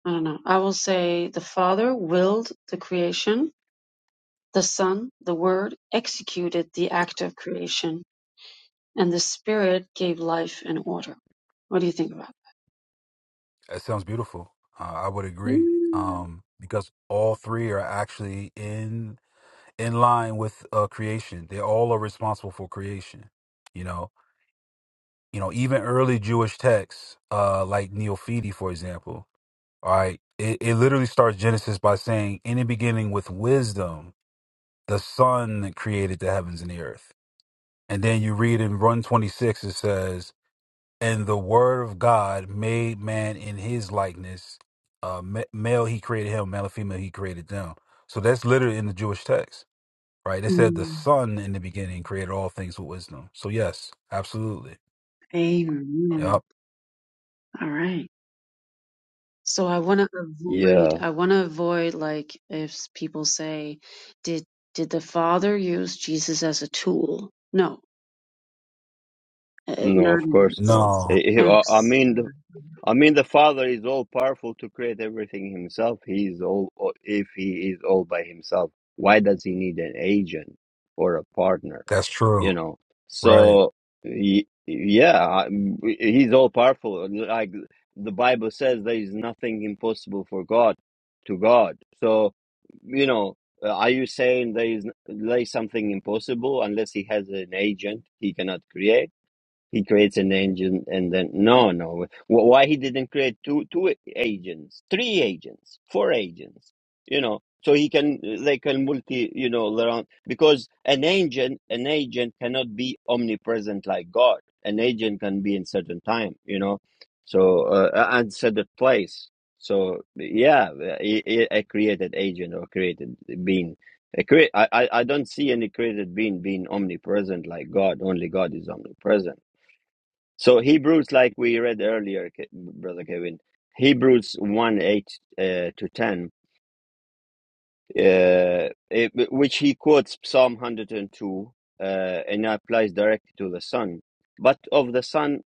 Speaker 2: I don't know. I will say the Father willed the creation, the Son, the Word, executed the act of creation, and the Spirit gave life and order. What do you think about that?
Speaker 3: That sounds beautiful. Uh, I would agree.
Speaker 2: Yeah.
Speaker 3: Um, because all three are actually in in line with uh, creation. They all are responsible for creation. You know, you know, even early Jewish texts, uh, like Neophiti, for example. All right, it, it literally starts Genesis by saying, "In the beginning, with wisdom, the Son created the heavens and the earth." And then you read in 126, it says, And the word of God made man in his likeness. Uh, ma- male, he created him. Male and female, he created them. So that's literally in the Jewish text, right? It said the
Speaker 2: Mm.
Speaker 3: Son in the beginning created all things with wisdom. So, yes, absolutely.
Speaker 2: Amen.
Speaker 3: Yep.
Speaker 2: All right. So I want to avoid,
Speaker 1: Yeah.
Speaker 2: I want to avoid like if people say, did, did the Father use Jesus as a tool? No, uh,
Speaker 1: No,
Speaker 2: not
Speaker 1: of
Speaker 2: in
Speaker 1: course
Speaker 2: that
Speaker 1: not.
Speaker 2: sense.
Speaker 3: No,
Speaker 1: I, I I mean, I mean, the Father is all powerful to create everything himself. He is all, if he is all by himself, why does he need an agent or a partner?
Speaker 3: that's true.
Speaker 1: You know,
Speaker 3: Right.
Speaker 1: so y- yeah, I- he's all powerful. Like the Bible says, there is nothing impossible for God to God. So, you know, uh, are you saying there is, there is something impossible unless he has an agent he cannot create? He creates an agent and then no, no. Wh- Why he didn't create two two agents, three agents, four agents? You know, so he can they can multi. You know, around because an agent an agent cannot be omnipresent like God. An agent can be in certain time. You know, so uh, and certain place. So yeah, i- i- a created agent or created being. A crea- I, I I don't see any created being being omnipresent like God. Only God is omnipresent so Hebrews, like we read earlier, Ke- brother Kevin, Hebrews one eight uh, to ten uh, it, which he quotes Psalm 102 uh, and applies directly to the Son. But of the Son,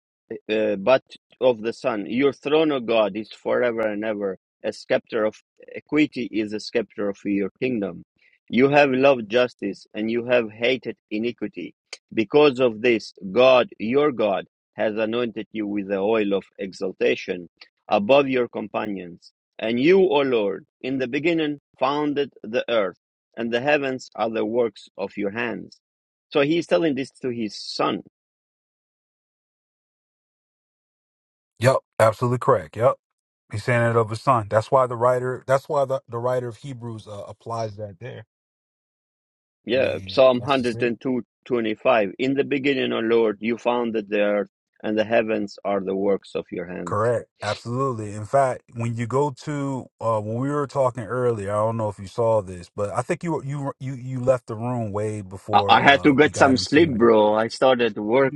Speaker 1: uh, but of the Son, your throne, O God, is forever and ever. A scepter of equity is a scepter of your kingdom. You have loved justice and you have hated iniquity. Because of this, God, your God, has anointed you with the oil of exaltation above your companions. And you, O Lord, in the beginning founded the earth, and the heavens are the works of your hands. So he's telling this to his son.
Speaker 3: Yep. Absolutely correct. Yep. He's saying it of his son. That's why the writer, that's why the, the writer of Hebrews uh, applies that there. I
Speaker 1: Yeah,
Speaker 3: mean,
Speaker 1: Psalm
Speaker 3: that's just it.
Speaker 1: 102:25. In the beginning, O Lord, you founded the earth, and the heavens are the works of your hands.
Speaker 3: Correct. Absolutely. In fact, when you go to uh when we were talking earlier, I don't know if you saw this, but I think you were- you you you left the room way
Speaker 1: I,
Speaker 3: before
Speaker 1: I had to
Speaker 3: uh we
Speaker 1: get
Speaker 3: got
Speaker 1: some sleep,
Speaker 3: into
Speaker 1: bro. I started work.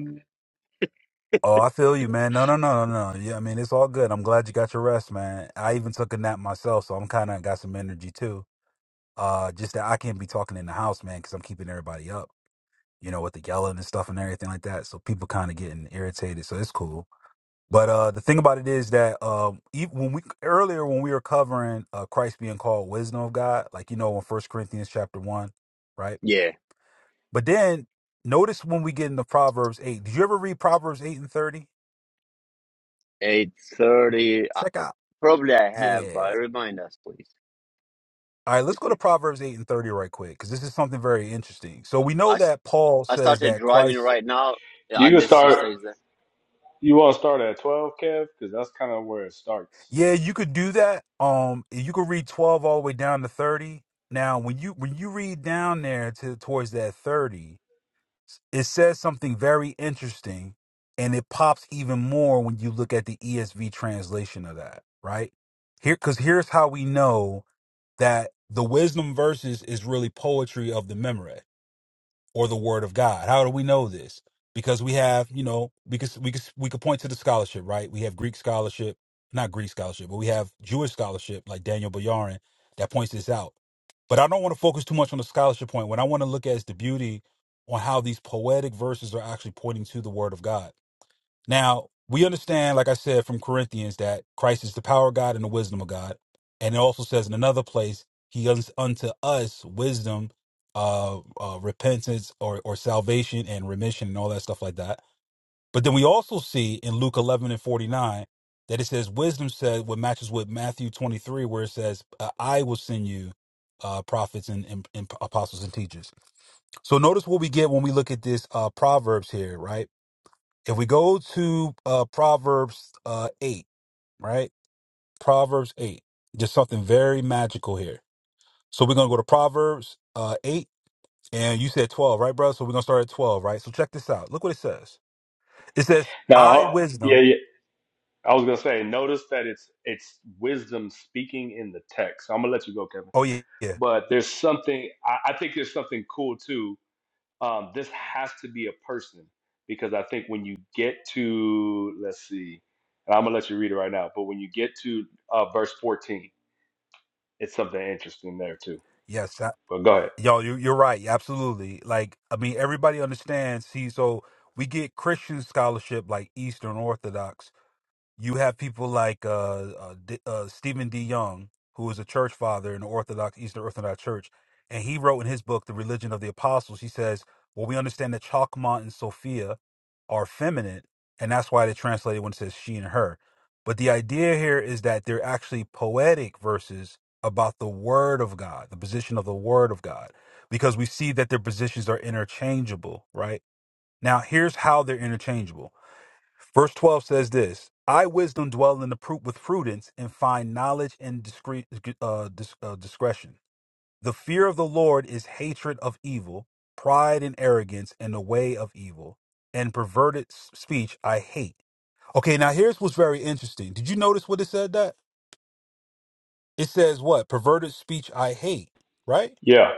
Speaker 3: Oh, I feel you, man. No, no, no, no, no. Yeah, I mean, it's all good. I'm glad you got your rest, man. I even took a nap myself, so I'm kind of got some energy too. Uh just that I can't be talking in the house, man, cuz I'm keeping everybody up, you know, with the yelling and stuff and everything like that. So people kind of getting irritated, so it's cool. But uh, the thing about it is that uh, even when we earlier when we were covering uh, Christ being called wisdom of God, like you know in First Corinthians chapter one, right?
Speaker 1: Yeah,
Speaker 3: But then notice when we get into Proverbs eight. Did you ever read Proverbs eight and thirty?
Speaker 1: 8.30. Uh,
Speaker 3: Check out,
Speaker 1: probably I have,
Speaker 3: yeah.
Speaker 1: but remind us, please.
Speaker 3: All right, let's
Speaker 1: If
Speaker 3: go
Speaker 1: you,
Speaker 3: to Proverbs eight and thirty right quick because this is something very interesting. So we know
Speaker 1: I, s-
Speaker 3: that Paul
Speaker 1: I
Speaker 3: says
Speaker 1: started
Speaker 3: that
Speaker 1: driving
Speaker 3: Christ.
Speaker 1: right now. Yeah,
Speaker 4: You
Speaker 1: and
Speaker 4: can
Speaker 1: unless
Speaker 4: start.
Speaker 1: sister is there.
Speaker 4: You want to start at twelve, Kev, because that's kind of where it starts.
Speaker 3: Yeah, you could do that. Um, you could read twelve all the way down to thirty. Now, when you when you read down there to towards that thirty It says something very interesting, and it pops even more when you look at the ESV translation of that, right? Here, because here's how we know that the wisdom verses is really poetry of the memory or the word of God. How do we know this? Because we have, you know, because we could we could point to the scholarship, right? We have Greek scholarship, not Greek scholarship, but we have Jewish scholarship like Daniel Boyarin that points this out. But I don't want to focus too much on the scholarship point. What I want to look at is the beauty on how these poetic verses are actually pointing to the word of God. Now, we understand, like I said from Corinthians, that Christ is the power of God and the wisdom of God. And it also says in another place, He gives unto us wisdom, uh, uh, repentance, or, or salvation and remission and all that stuff like that. But then we also see in Luke 11 and 49 that it says, Wisdom says, what matches with Matthew 23, where it says, uh, I will send you uh, prophets and, and, and apostles and teachers. So notice what we get when we look at this uh, Proverbs here, right? If we go to uh, Proverbs uh, 8, right? Proverbs 8, just something very magical here. So we're going to go to Proverbs uh, 8, and you said 12, right, bro? So we're going to start at 12, right? So check this out. Look what it says. It says,
Speaker 4: Now,
Speaker 3: I
Speaker 4: ho- yeah,
Speaker 3: wisdom.
Speaker 4: yeah, I was gonna say. Notice that it's it's wisdom speaking in the text. So, I'm gonna let you go, Kevin.
Speaker 3: Oh, yeah. Yeah.
Speaker 4: But there's something. I, I think there's something cool too. Um, this has to be a person because I think when you get to let's see, and I'm gonna let you read it right now. But when you get to uh, verse 14, it's something interesting there too.
Speaker 3: Yes. I,
Speaker 4: But go ahead.
Speaker 3: y'all, you, you're right. yeah, Absolutely. Like, I mean, everybody understands. See, so we get Christian scholarship like Eastern Orthodox you have people like uh, uh, D, uh, Stephen D. Young, who is a church father in the Orthodox Eastern Orthodox Church, and he wrote in his book, The Religion of the Apostles, he says, "Well, we understand that Chalcmont and Sophia are feminine, and that's why they translate it when it says she and her." But the idea here is that they're actually poetic verses about the Word of God, the position of the Word of God, because we see that their positions are interchangeable. Right now, here's how they're interchangeable Verse 12 says this I, wisdom, dwell in the pru- with prudence and find knowledge and discre- uh, dis- uh, discretion. The fear of the Lord is hatred of evil, pride and arrogance, and the way of evil, and perverted s- speech I hate. Okay, now here's what's very interesting. Did you notice what it said that? It says what? Perverted speech I hate, right?
Speaker 4: Yeah.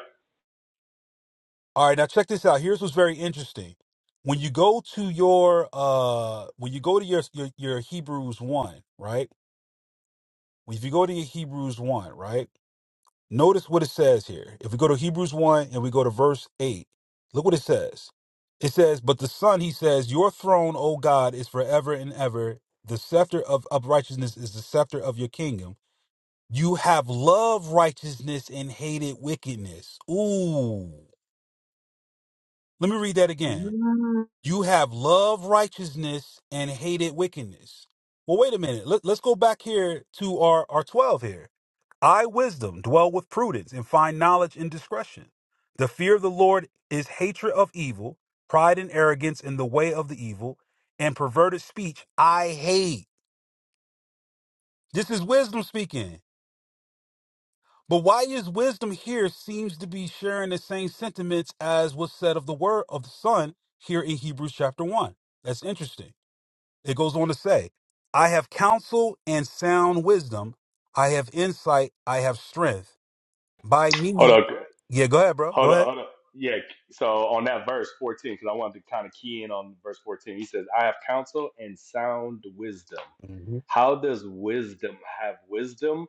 Speaker 3: All right, now check this out. Here's what's very interesting. When you go to your uh when you go to your your, your Hebrews 1, right? If you go to Hebrews 1, right? Notice what it says here. If we go to Hebrews 1 and we go to verse 8, look what it says. It says, But the Son, he says, Your throne, O God, is forever and ever. The scepter of uprightness is the scepter of your kingdom. You have loved righteousness and hated wickedness. Ooh. Let me read that again.
Speaker 2: Absolutely.
Speaker 3: You have loved righteousness and hated wickedness. Well, wait a minute. Let, let's go back here to our, our 12 here. I, wisdom, dwell with prudence and find knowledge and discretion. The fear of the Lord is hatred of evil, pride and arrogance in the way of the evil, and perverted speech I hate. This is wisdom speaking. But why is wisdom here seems to be sharing the same sentiments as was said of the word of the Son here in Hebrews chapter 1? That's interesting. It goes on to say, I have counsel and sound wisdom. I have insight. I have strength. By
Speaker 4: Hold
Speaker 3: me.
Speaker 4: on.
Speaker 3: Yeah, go ahead, bro.
Speaker 4: Hold
Speaker 3: Go
Speaker 4: up,
Speaker 3: ahead.
Speaker 4: hold up. Yeah, so on that verse 14, because I wanted to kind of key in on verse 14, he says, I have counsel and sound wisdom.
Speaker 3: hmm
Speaker 4: How does wisdom have wisdom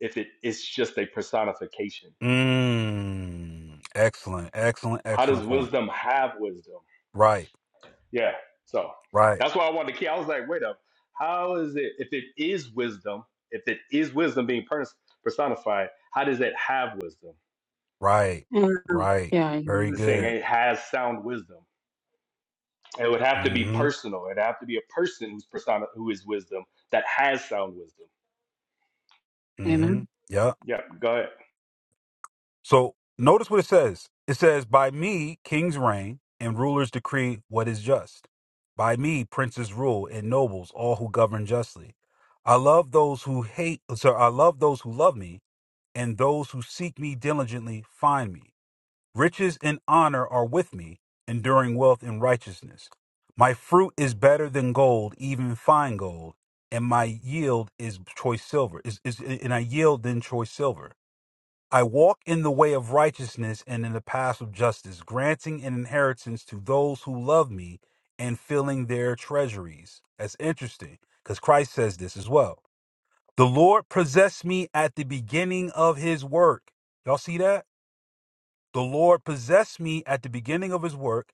Speaker 4: if it, it's just a personification?
Speaker 3: Mm, excellent, excellent,
Speaker 4: How does
Speaker 3: excellent point.
Speaker 4: wisdom have wisdom?
Speaker 3: Right,
Speaker 4: Yeah, so
Speaker 3: right,
Speaker 4: that's why I wanted to key. I was like, wait up, how is it, if it is wisdom, if it is wisdom being pers- personified, how does it have wisdom?
Speaker 3: right,
Speaker 2: Yeah,
Speaker 3: right.
Speaker 2: yeah.
Speaker 3: Very
Speaker 4: It's saying
Speaker 3: good.
Speaker 4: it has sound wisdom. It would have to be
Speaker 3: Mm
Speaker 4: personal. It'd have to be a person whose persona, who is wisdom that has sound wisdom.
Speaker 3: hmm.
Speaker 2: Amen.
Speaker 3: Mm hmm.
Speaker 4: Yep, go ahead.
Speaker 3: So notice what it says. It says, By me kings reign and rulers decree what is just. By me princes rule and nobles, all who govern justly. I love those who hate, so I love those who love me, and those who seek me diligently find me. Riches and honor are with me, enduring wealth and righteousness. My fruit is better than gold, even fine gold, and my yield is choice silver. Is, is, and I yield than choice silver. I walk in the way of righteousness and in the paths of justice, granting an inheritance to those who love me and filling their treasuries. That's interesting because Christ says this as well. The Lord possessed me at the beginning of his work. Y'all see that? The Lord possessed me at the beginning of his work,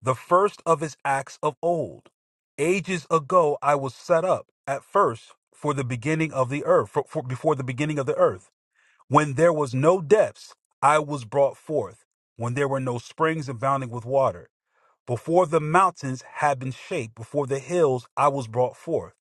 Speaker 3: the first of his acts of old. Ages ago, I was set up at first for the beginning of the earth, for, for- before the beginning of the earth. When there was no depths, I was brought forth. When there were no springs abounding with water. Before the mountains had been shaped, before the hills I was brought forth,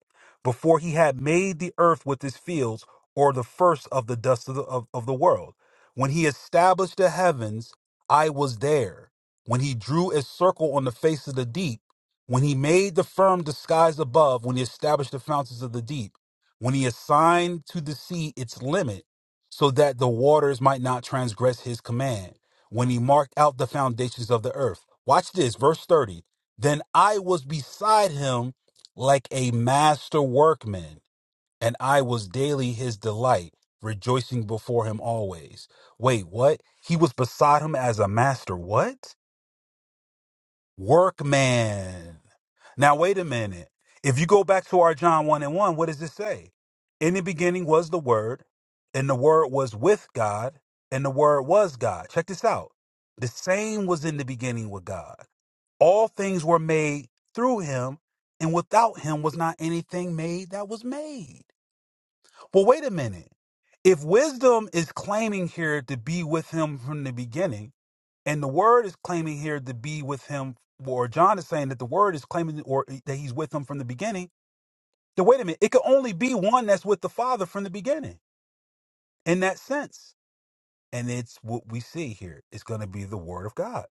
Speaker 3: before he had made the earth with its fields, or the first of the dust of the, of, of the world. When he established the heavens, I was there. When he drew a circle on the face of the deep, when he made the firm the skies above, when he established the fountains of the deep, when he assigned to the sea its limit, so that the waters might not transgress his command when he marked out the foundations of the earth. Watch this, verse 30. Then I was beside him like a master workman, and I was daily his delight, rejoicing before him always. Wait, what? He was beside him as a master, what? Workman. Now, wait a minute. If you go back to our John 1 and 1, what does it say? In the beginning was the Word, and the Word was with God, and the Word was God. Check this out. The same was in the beginning with God. All things were made through him, and without him was not anything made that was made. Well, wait a minute. If wisdom is claiming here to be with him from the beginning, and the word is claiming here to be with him, or John is saying that the word is claiming or that he's with him from the beginning. Then wait a minute, it could only be one that's with the Father from the beginning in that sense. And it's what we see here. It's going to be the word of God.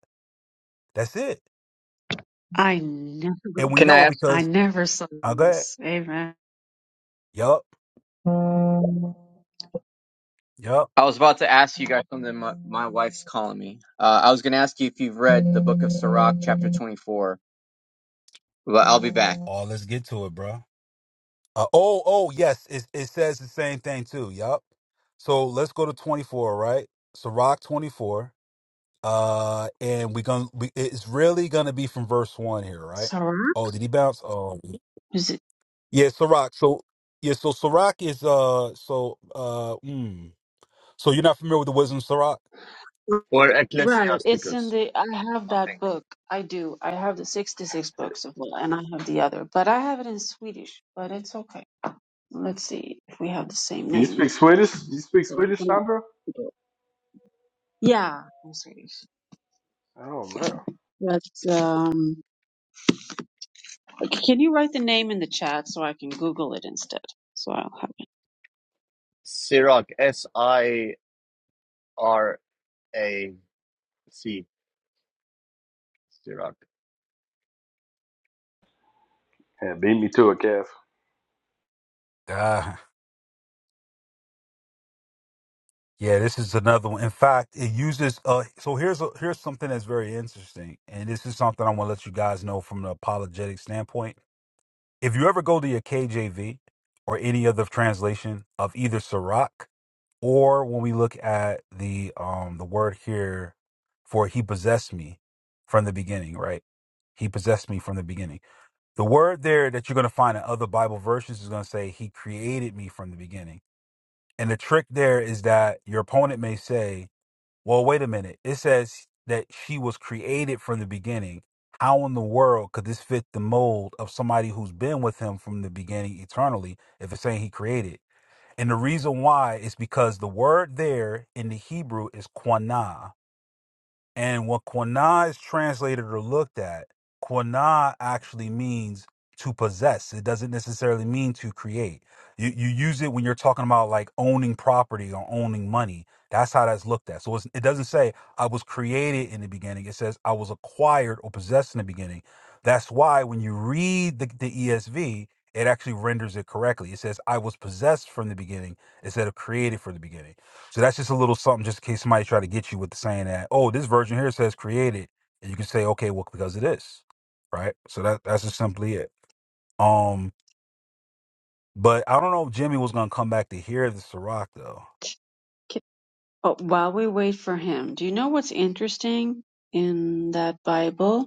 Speaker 3: That's it.
Speaker 2: I never,
Speaker 3: And we
Speaker 5: Can I
Speaker 3: know
Speaker 5: ask?
Speaker 2: I
Speaker 3: because,
Speaker 2: never saw
Speaker 3: I go ahead.
Speaker 2: this. Amen.
Speaker 3: Yup, yup.
Speaker 5: I was about to ask you guys something. My, my wife's calling me. Uh, I was going to ask you if you've read the book of Sirach, chapter 24, but I'll be back.
Speaker 3: Oh, let's get to it, bro. Uh, oh, oh, yes. It, it says the same thing too. Yup. So let's go to 24, right? Sirach 24. Uh, and we're gonna we, it's really gonna be from verse one here, right?
Speaker 2: Sarah?
Speaker 3: Oh, did he bounce? Oh,
Speaker 2: Is it?
Speaker 3: yeah, Sirach. So yeah, so Sirach is uh, so uh, mm, so you're not familiar with the wisdom of Sirach?
Speaker 1: Or
Speaker 2: Right. It's in
Speaker 1: Ecclesiasticus,
Speaker 2: the, I have
Speaker 1: I
Speaker 2: that
Speaker 1: think.
Speaker 2: book. I do. I have the 66 books of law and I have the other, but I have it in Swedish, but it's okay. Let's see if we have the same
Speaker 4: You
Speaker 2: name.
Speaker 4: speak Swedish? You speak
Speaker 2: Or I
Speaker 4: Swedish,
Speaker 2: can-
Speaker 4: Sandra?
Speaker 2: Yeah, I'm Swedish.
Speaker 4: Oh man,
Speaker 2: But, um, can you write the name in the chat so I can Google it instead? So I'll have it.
Speaker 1: Sirach, S I R A C, Sirach.
Speaker 4: yeah, beat me to it, Kev.
Speaker 3: Ah, yeah, this is another one. In fact, it uses uh, so here's a, here's something that's very interesting, and this is something I want to let you guys know from an apologetic standpoint. If you ever go to your KJV or any other translation of either Sirach Or when we look at the um the word here for he possessed me from the beginning, right? He possessed me from the beginning. The word there that you're going to find in other Bible verses is going to say he created me from the beginning. And the trick there is that your opponent may say, "Well, wait a minute. It says that she was created from the beginning. How in the world could this fit the mold of somebody who's been with him from the beginning eternally if it's saying he created?" And the reason why is because the word there in the Hebrew is quanah. And what quana is translated or looked at, quana actually means to possess. It doesn't necessarily mean to create. You you use it when you're talking about like owning property or owning money. That's how that's looked at. So it's, it doesn't say I was created in the beginning. It says I was acquired or possessed in the beginning. That's why when you read the, the ESV, it actually renders it correctly. It says I was possessed from the beginning instead of created from the beginning. So that's just a little something just in case somebody try to get you with the saying that, oh, this version here says created. And you can say, okay, well, because it is. Right. So that that's just simply it. Um, but I don't know if Jimmy was gonna come back to hear the Ciroc though.
Speaker 2: K- Oh, while we wait for him, do you know what's interesting in that Bible?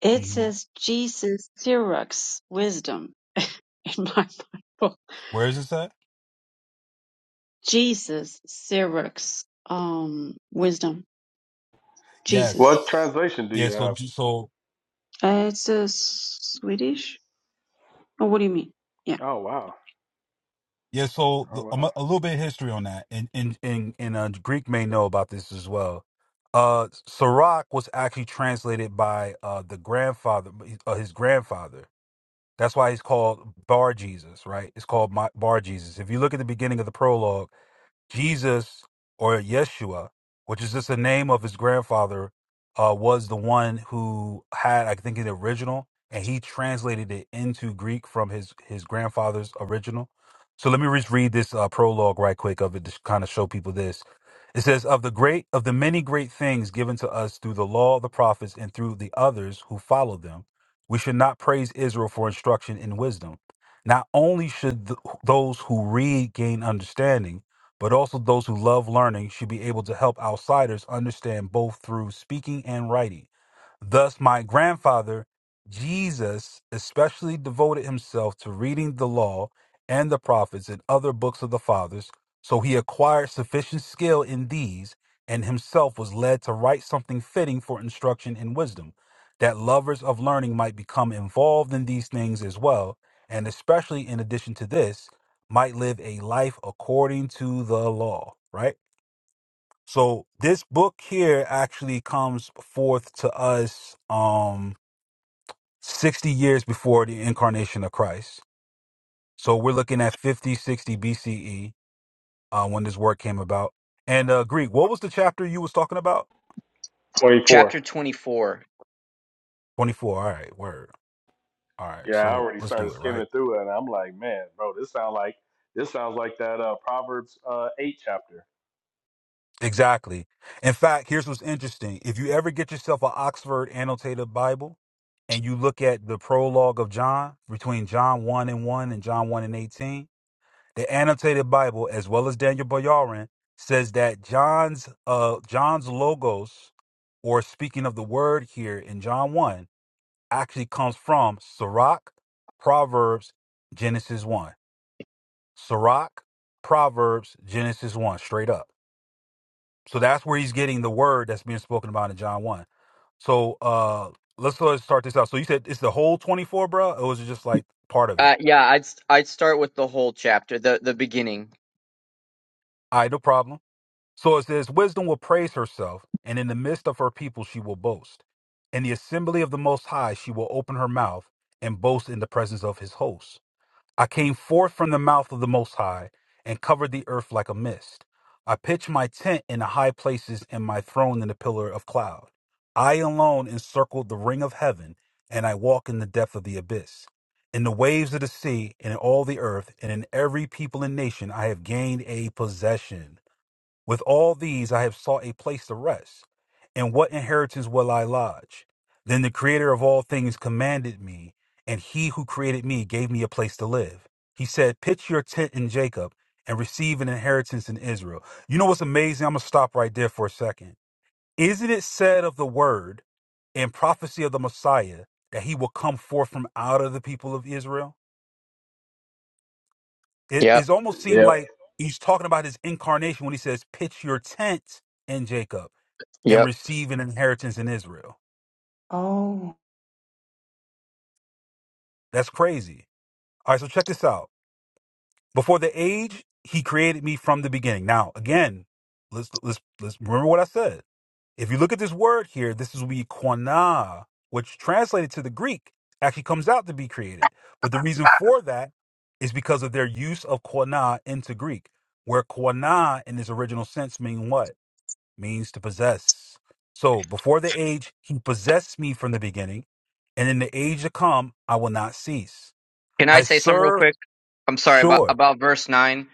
Speaker 2: It
Speaker 3: Mhm.
Speaker 2: says Jesus Sirach's wisdom in my Bible.
Speaker 3: Where is this at?
Speaker 2: Jesus Sirach's um wisdom. Jesus.
Speaker 4: What
Speaker 3: Yes.
Speaker 4: translation do you
Speaker 3: Yeah,
Speaker 4: have?
Speaker 3: so so
Speaker 2: Uh, it's a Swedish. Oh, what do you mean? Yeah.
Speaker 4: Oh wow,
Speaker 3: yeah, so
Speaker 4: oh
Speaker 3: the, um,
Speaker 4: wow.
Speaker 3: a little bit of history on that. And and and, and uh, Greek may know about this as well. Uh Sirach was actually translated by uh the grandfather uh, his grandfather. That's why he's called Bar Jesus, right? It's called my, Bar Jesus. If you look at the beginning of the prologue, Jesus or Yeshua, which is just the name of his grandfather, uh, was the one who had, I think, the original, and he translated it into Greek from his his grandfather's original. So let me just read this uh, prologue right quick of it to kind of show people this. It says, "Of the great, of the many great things given to us through the law, the prophets, and through the others who followed them, we should not praise Israel for instruction in wisdom. Not only should th- those who read gain understanding." but also those who love learning should be able to help outsiders understand both through speaking and writing. Thus, my grandfather, Jesus, especially devoted himself to reading the law and the prophets and other books of the fathers, so he acquired sufficient skill in these and himself was led to write something fitting for instruction in wisdom, that lovers of learning might become involved in these things as well, and especially in addition to this might live a life according to the law, right? So this book here actually comes forth to us um 60 years before the incarnation of Christ. So we're looking at 50, 60 BCE uh, when this work came about. And uh Greek, what was the chapter you was talking about?
Speaker 4: Twenty-four.
Speaker 5: Chapter 24.
Speaker 3: 24. All right, word. All right.
Speaker 4: Yeah, I
Speaker 3: So
Speaker 4: already
Speaker 3: let's do
Speaker 4: started
Speaker 3: it, right?
Speaker 4: skimming through it, and I'm like, man, bro, this sounds like this sounds like that uh, Proverbs uh, eight chapter.
Speaker 3: Exactly. In fact, here's what's interesting. If you ever get yourself an Oxford annotated Bible and you look at the prologue of John between John 1 and 1 and John 1 and 18, the annotated Bible, as well as Daniel Boyarin, says that John's uh John's logos, or speaking of the word here in John 1, actually comes from Sirach, Proverbs, Genesis 1. Sirach, Proverbs, Genesis 1, straight up. So that's where he's getting the word that's being spoken about in John 1. So uh let's let's start this out. So you said it's the whole 24, bro, or was it just like part of it?
Speaker 5: Uh, yeah, I'd I'd start with the whole chapter, the the beginning.
Speaker 3: All right, no problem. So it says, Wisdom will praise herself, and in the midst of her people she will boast. In the assembly of the Most High she will open her mouth and boast in the presence of his hosts. I came forth from the mouth of the Most High and covered the earth like a mist. I pitched my tent in the high places and my throne in the pillar of cloud. I alone encircled the ring of heaven, and I walk in the depth of the abyss. In the waves of the sea, and in all the earth, and in every people and nation, I have gained a possession. With all these I have sought a place to rest, and what inheritance will I lodge? Then the Creator of all things commanded me, and He who created me gave me a place to live. He said, Pitch your tent in Jacob and receive an inheritance in Israel. You know what's amazing? I'm going to stop right there for a second. Isn't it said of the word and prophecy of the Messiah that he will come forth from out of the people of Israel? It,
Speaker 5: Yep,
Speaker 3: it almost seemed
Speaker 4: Yep,
Speaker 3: like he's talking about his incarnation when he says, Pitch your tent in Jacob and
Speaker 5: yep.
Speaker 3: receive an inheritance in Israel.
Speaker 2: Oh,
Speaker 3: That's crazy. All right, so check this out. Before the age, he created me from the beginning. Now, again, let's let's let's remember what I said. If you look at this word here, this is we quana, which translated to the Greek actually comes out to be created. But the reason for that is because of their use of quana into Greek, where quana in its original sense mean what? means to possess. So before the age, he possessed me from the beginning, and in the age to come, I will not cease.
Speaker 5: Can I
Speaker 3: I
Speaker 5: say something real
Speaker 3: serve
Speaker 5: quick? I'm sorry about
Speaker 3: sure.
Speaker 5: about verse nine.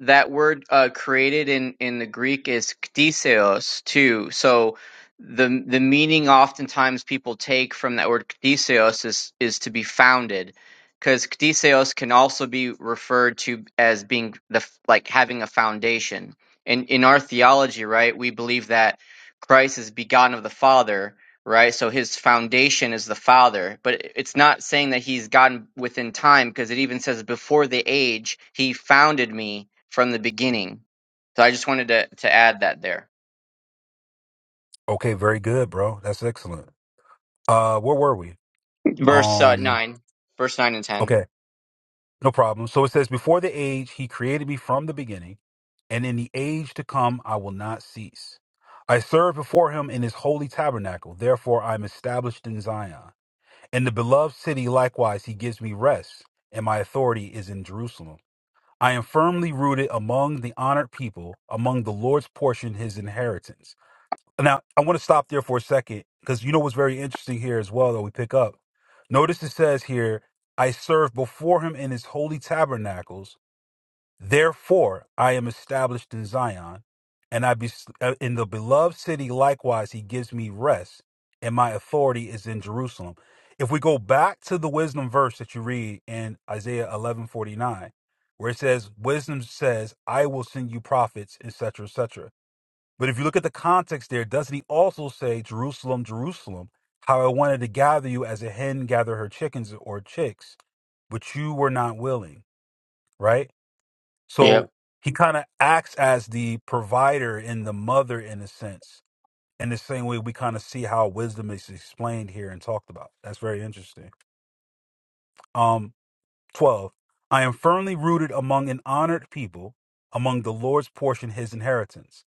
Speaker 5: That word uh, created in in the Greek is ktiseos too. So the the meaning oftentimes people take from that word ktiseos is is to be founded, because ktiseos can also be referred to as being the f- like having a foundation. And in in our theology, right, we believe that Christ is begotten of the Father, right? So his foundation is the Father, but it- it's not saying that he's gotten within time because it even says before the age he founded me from the beginning. So I just wanted to to add that there.
Speaker 3: Okay, very good, bro. That's excellent. Uh, where were we?
Speaker 5: Verse uh,
Speaker 3: Um,
Speaker 5: nine, verse nine and ten.
Speaker 3: okay, no problem. So it says, before the age, he created me from the beginning, and in the age to come, I will not cease. I serve before him in his holy tabernacle. Therefore, I am established in Zion. In the beloved city, likewise, he gives me rest, and my authority is in Jerusalem. I am firmly rooted among the honored people, among the Lord's portion, his inheritance. Now, I want to stop there for a second because you know what's very interesting here as well that we pick up. Notice it says here, I serve before him in his holy tabernacles. Therefore, I am established in Zion, and I be, uh, in the beloved city. Likewise, he gives me rest, and my authority is in Jerusalem. If we go back to the wisdom verse that you read in Isaiah eleven forty nine, where it says, "Wisdom says, I will send you prophets, etc., etc." But if you look at the context there, doesn't he also say, "Jerusalem, Jerusalem, how I wanted to gather you as a hen gather her chickens or chicks, but you were not willing"? Right
Speaker 5: Yep.
Speaker 3: so he kind of acts as the provider and the mother in a sense, in the same way we kind of see how wisdom is explained here and talked about. That's very interesting. Um, 12. I am firmly rooted among an honored people, among the Lord's portion, his inheritance.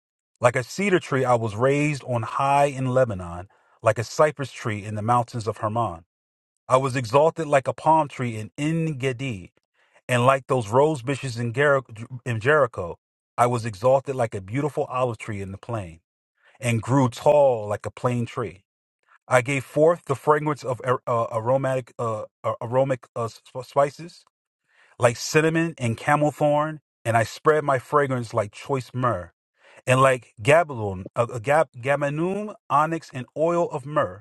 Speaker 3: Like a cedar tree, I was raised on high in Lebanon, like a cypress tree in the mountains of Hermon. I was exalted like a palm tree in En Gedi, and like those rose bushes in, Geri- in Jericho, I was exalted like a beautiful olive tree in the plain, and grew tall like a plane tree. I gave forth the fragrance of ar- uh, aromatic uh, uh, aromatic uh, sp- spices, like cinnamon and camel thorn, and I spread my fragrance like choice myrrh, and like gabalon, uh, uh, gab- gamanum, onyx, and oil of myrrh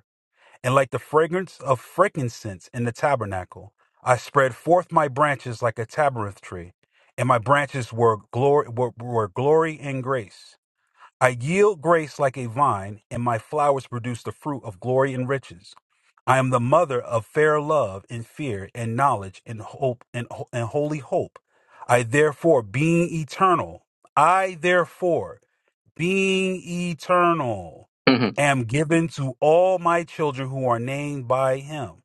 Speaker 3: and like the fragrance of frankincense in the tabernacle. I spread forth my branches like a tabernacle tree, and my branches were glory, were, were glory and grace. I yield grace like a vine, and my flowers produce the fruit of glory and riches. I am the mother of fair love and fear and knowledge and hope and, ho- and holy hope. I therefore, being eternal, I therefore being eternal,
Speaker 5: hmm
Speaker 3: am given to all my children who are named by him.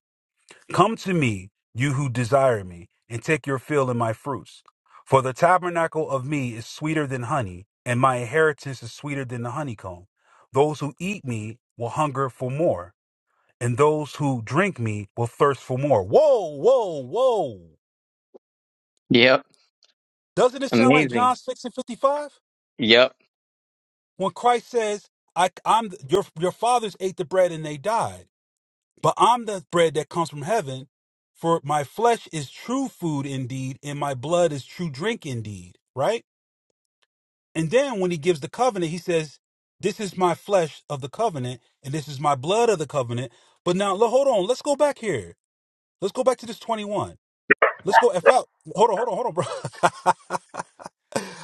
Speaker 3: Come to me, you who desire me, and take your fill in my fruits. For the tabernacle of me is sweeter than honey, and my inheritance is sweeter than the honeycomb. Those who eat me will hunger for more, and those who drink me will thirst for more. Whoa, whoa, whoa.
Speaker 5: Yep.
Speaker 3: Doesn't it sound like
Speaker 5: Amazing.
Speaker 3: John 6 and 55?
Speaker 5: Yep.
Speaker 3: When Christ says, I, I'm your your fathers ate the bread and they died. But I'm the bread that comes from heaven, for my flesh is true food indeed, and my blood is true drink indeed. Right? And then when he gives the covenant, he says, This is my flesh of the covenant, and this is my blood of the covenant. But now lo- hold on, let's go back here. Let's go back to this 21. Let's go if I hold on, hold on, hold on, bro.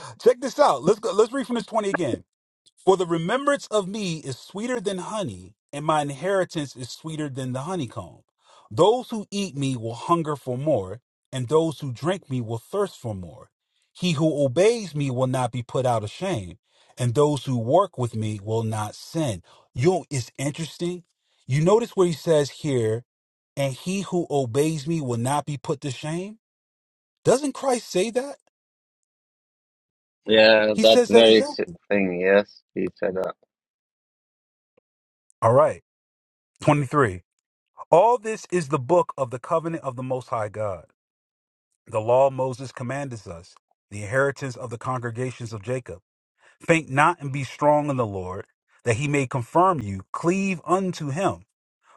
Speaker 3: Check this out. Let's go let's read from this 20 again. For the remembrance of me is sweeter than honey, and my inheritance is sweeter than the honeycomb. Those who eat me will hunger for more, and those who drink me will thirst for more. He who obeys me will not be put out of shame, and those who work with me will not sin. You know, it's interesting. You notice what he says here, and he who obeys me will not be put to shame. Doesn't Christ say that?
Speaker 1: Yeah,
Speaker 3: He
Speaker 1: that
Speaker 3: says that
Speaker 1: very s-
Speaker 3: exactly.
Speaker 1: thing. Yes, he said that.
Speaker 3: All right. 23. All this is the book of the covenant of the Most High God. The law of Moses commandeth us, the inheritance of the congregations of Jacob. Faint not and be strong in the Lord, that he may confirm you. Cleave unto him.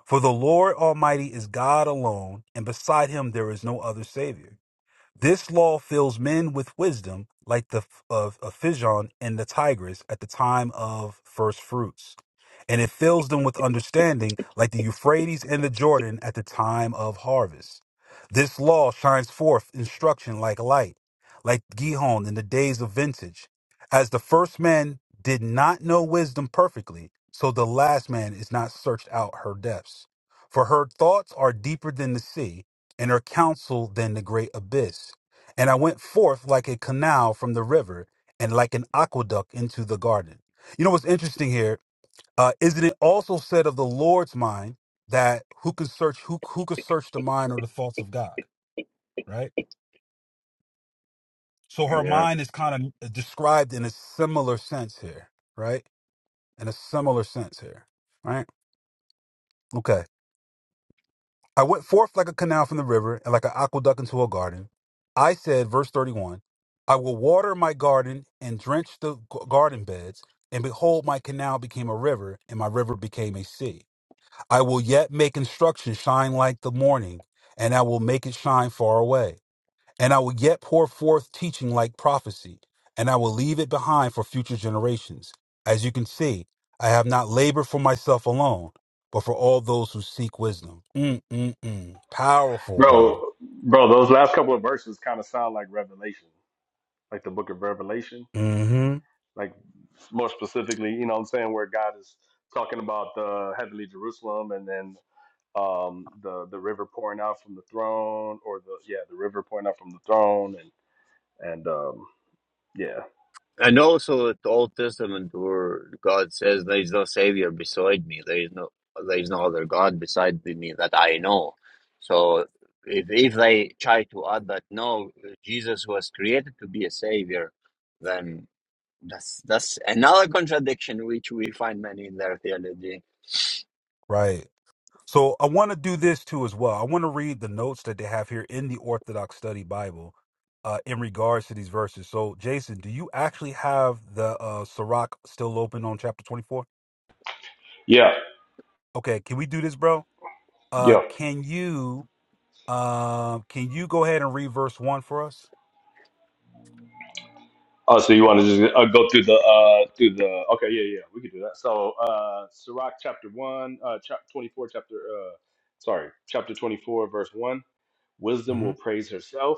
Speaker 3: For the Lord Almighty is God alone, and beside him there is no other Savior. This law fills men with wisdom, like the f- of, of Fijon and the Tigris at the time of first fruits, and it fills them with understanding, like the Euphrates and the Jordan at the time of harvest. This law shines forth instruction like light, like Gihon in the days of vintage. As the first man did not know wisdom perfectly, so the last man is not searched out her depths. For her thoughts are deeper than the sea, and her counsel than the great abyss. And I went forth like a canal from the river, and like an aqueduct into the garden. You know what's interesting here? Uh, isn't it also said of the Lord's mind that who could search who who could search the mind or the thoughts of God, right? So her
Speaker 1: Yeah.
Speaker 3: mind is kind of described in a similar sense here, right? In a similar sense here, right? Okay. I went forth like a canal from the river, and like an aqueduct into a garden. I said, verse 31, I will water my garden and drench the g- garden beds, and behold, my canal became a river, and my river became a sea. I will yet make instruction shine like the morning, and I will make it shine far away. And I will yet pour forth teaching like prophecy, and I will leave it behind for future generations. As you can see, I have not labored for myself alone, but for all those who seek wisdom. Mm-mm-mm. Powerful,
Speaker 4: bro,
Speaker 3: bro.
Speaker 4: bro, those last couple of verses kind of sound like Revelation, like the Book of Revelation.
Speaker 3: Mm-hmm.
Speaker 4: like more specifically, you know what I'm saying, where God is talking about the heavenly Jerusalem and then um the the river pouring out from the throne or the yeah, the river pouring out from the throne and and um yeah.
Speaker 1: And also, the Old Testament, where God says, "There is no savior beside me. There is no, there is no other God beside me that I know." So, if if they try to add that, no, Jesus was created to be a savior, then That's that's another contradiction which we find many in their theology.
Speaker 3: Right. So I want to do this too as well. I want to read the notes that they have here in the Orthodox Study Bible uh, in regards to these verses. So, Jason, do you actually have the uh, Sirach still open on chapter 24?
Speaker 4: Yeah.
Speaker 3: Okay, can we do this, bro? Uh,
Speaker 4: Yeah.
Speaker 3: can you Um, can you go ahead and read verse one for us?
Speaker 4: Oh, so you want to just uh, go through the uh through the okay, yeah, yeah, we can do that. So uh Sirach chapter 1, uh chapter 24 chapter uh sorry, chapter 24 verse 1. Wisdom
Speaker 3: hmm
Speaker 4: will praise herself,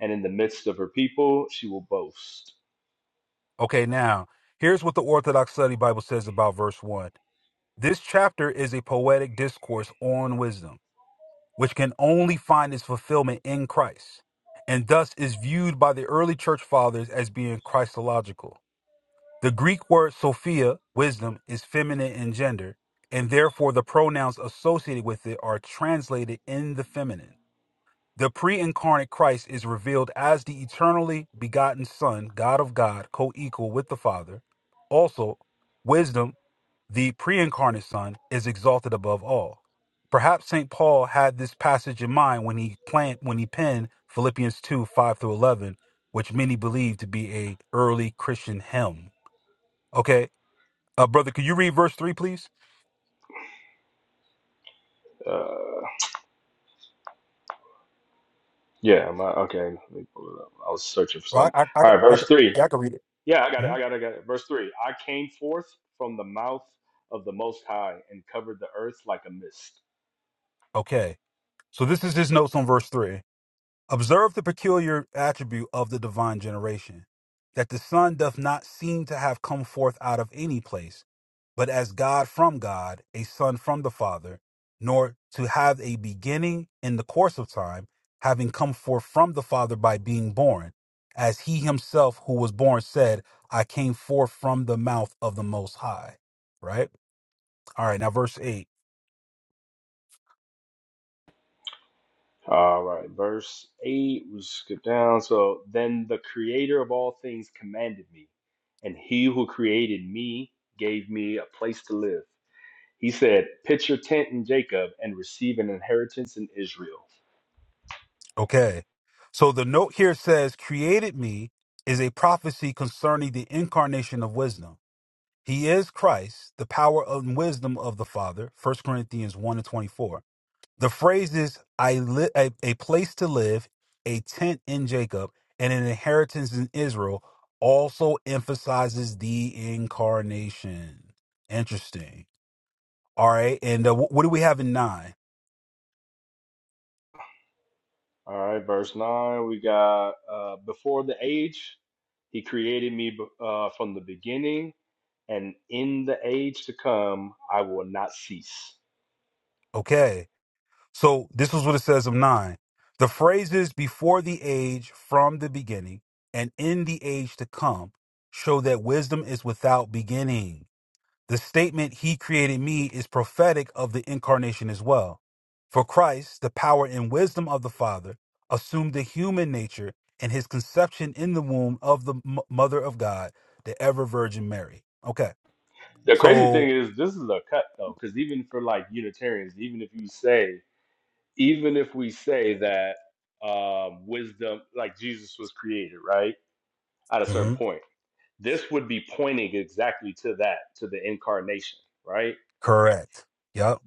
Speaker 4: and in the midst of her people she will boast.
Speaker 3: Okay, now here's what the Orthodox Study Bible says about verse one. This chapter is a poetic discourse on wisdom, which can only find its fulfillment in Christ, and thus is viewed by the early church fathers as being Christological. The Greek word sophia, wisdom, is feminine in gender, and therefore the pronouns associated with it are translated in the feminine. The pre incarnate Christ is revealed as the eternally begotten Son, God of God, co equal with the Father. Also, wisdom, the pre incarnate Son, is exalted above all. Perhaps St. Paul had this passage in mind when he, planned, when he penned Philippians 2 5 through 11, which many believe to be a early Christian hymn. Okay, uh, brother, could you read verse 3, please?
Speaker 4: Uh, Yeah, my, okay. Let me pull it up. I was searching for
Speaker 3: Well,
Speaker 4: something.
Speaker 3: I, I, I,
Speaker 4: All right,
Speaker 3: I,
Speaker 4: verse three.
Speaker 3: yeah, I can read it.
Speaker 4: Yeah, I got it. I
Speaker 3: Mhm.
Speaker 4: got it. I got it. Verse three. I came forth from the mouth of the Most High and covered the earth like a mist.
Speaker 3: Okay, so this is his notes on verse 3. Observe the peculiar attribute of the divine generation, that the Son doth not seem to have come forth out of any place, but as God from God, a Son from the Father, nor to have a beginning in the course of time, having come forth from the Father by being born, as he himself who was born said, I came forth from the mouth of the Most High. Right? All right, now verse 8.
Speaker 4: All right, verse eight. We skip down. So then the Creator of all things commanded me, and He who created me gave me a place to live. He said, "Pitch your tent in Jacob and receive an inheritance in Israel."
Speaker 3: Okay. So the note here says, created me is a prophecy concerning the incarnation of wisdom. He is Christ, the power and wisdom of the Father, First Corinthians 1 and 24. The phrases I li- a, a place to live, a tent in Jacob, and an inheritance in Israel also emphasizes the incarnation. Interesting. All right. And uh, wh- what do we have in nine?
Speaker 4: All right, verse 9, we got uh, before the age, he created me uh, from the beginning, and in the age to come, I will not cease.
Speaker 3: Okay. So this is what it says of nine. The phrases before the age, from the beginning, and in the age to come show that wisdom is without beginning. The statement, He created me, is prophetic of the incarnation as well. For Christ, the power and wisdom of the Father, assumed the human nature and his conception in the womb of the m- Mother of God, the ever Virgin Mary. Okay.
Speaker 4: The crazy thing
Speaker 3: So,
Speaker 4: is, this is a cut though, because even for like Unitarians, even if you say, even if we say that um, wisdom, like Jesus was created, right, at a certain
Speaker 3: Mhm.
Speaker 4: point, this would be pointing exactly to that, to the incarnation, right?
Speaker 3: correct. Yep.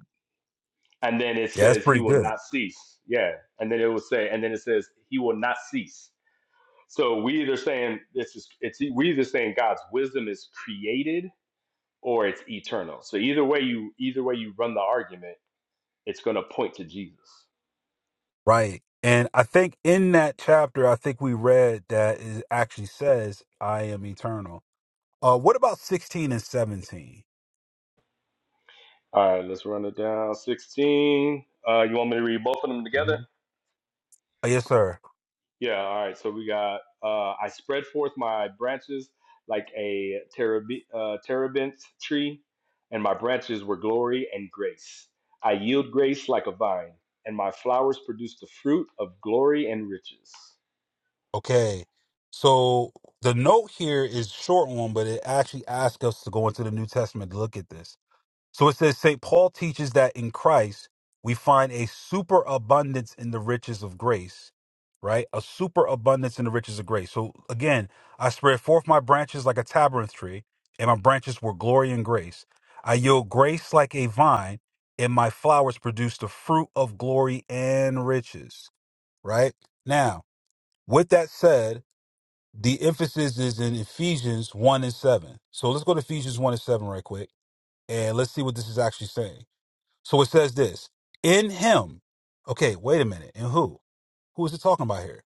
Speaker 4: and then it
Speaker 3: Yeah, that's
Speaker 4: says he
Speaker 3: pretty
Speaker 4: will
Speaker 3: good.
Speaker 4: not cease. Yeah, and then it will say, and then it says he will not cease. So we either saying this is it's we either saying God's wisdom is created or it's eternal. So either way you either way you run the argument, it's going to point to Jesus.
Speaker 3: Right. And I think in that chapter, I think we read that it actually says, I am eternal. Uh, what about 16 and 17?
Speaker 4: All right, let's run it down. Sixteen. Uh, you want me to read both of them together?
Speaker 3: Mhm. Uh, yes, sir.
Speaker 4: Yeah, all right. So we got uh I spread forth my branches like a terab- uh, terebinth tree, and my branches were glory and grace. I yield grace like a vine, and my flowers produce the fruit of glory and riches.
Speaker 3: Okay. So the note here is short one, but it actually asks us to go into the New Testament to look at this. So it says St. Paul teaches that in Christ we find a superabundance in the riches of grace, right? A superabundance in the riches of grace. So again, I spread forth my branches like a tabernacle tree, and my branches were glory and grace. I yield grace like a vine, and my flowers produce the fruit of glory and riches, right? Now, with that said, the emphasis is in Ephesians 1 and 7. So let's go to Ephesians 1 and 7 right quick, and let's see what this is actually saying. So it says this in him. Okay, wait a minute. In who? Who is it talking about here?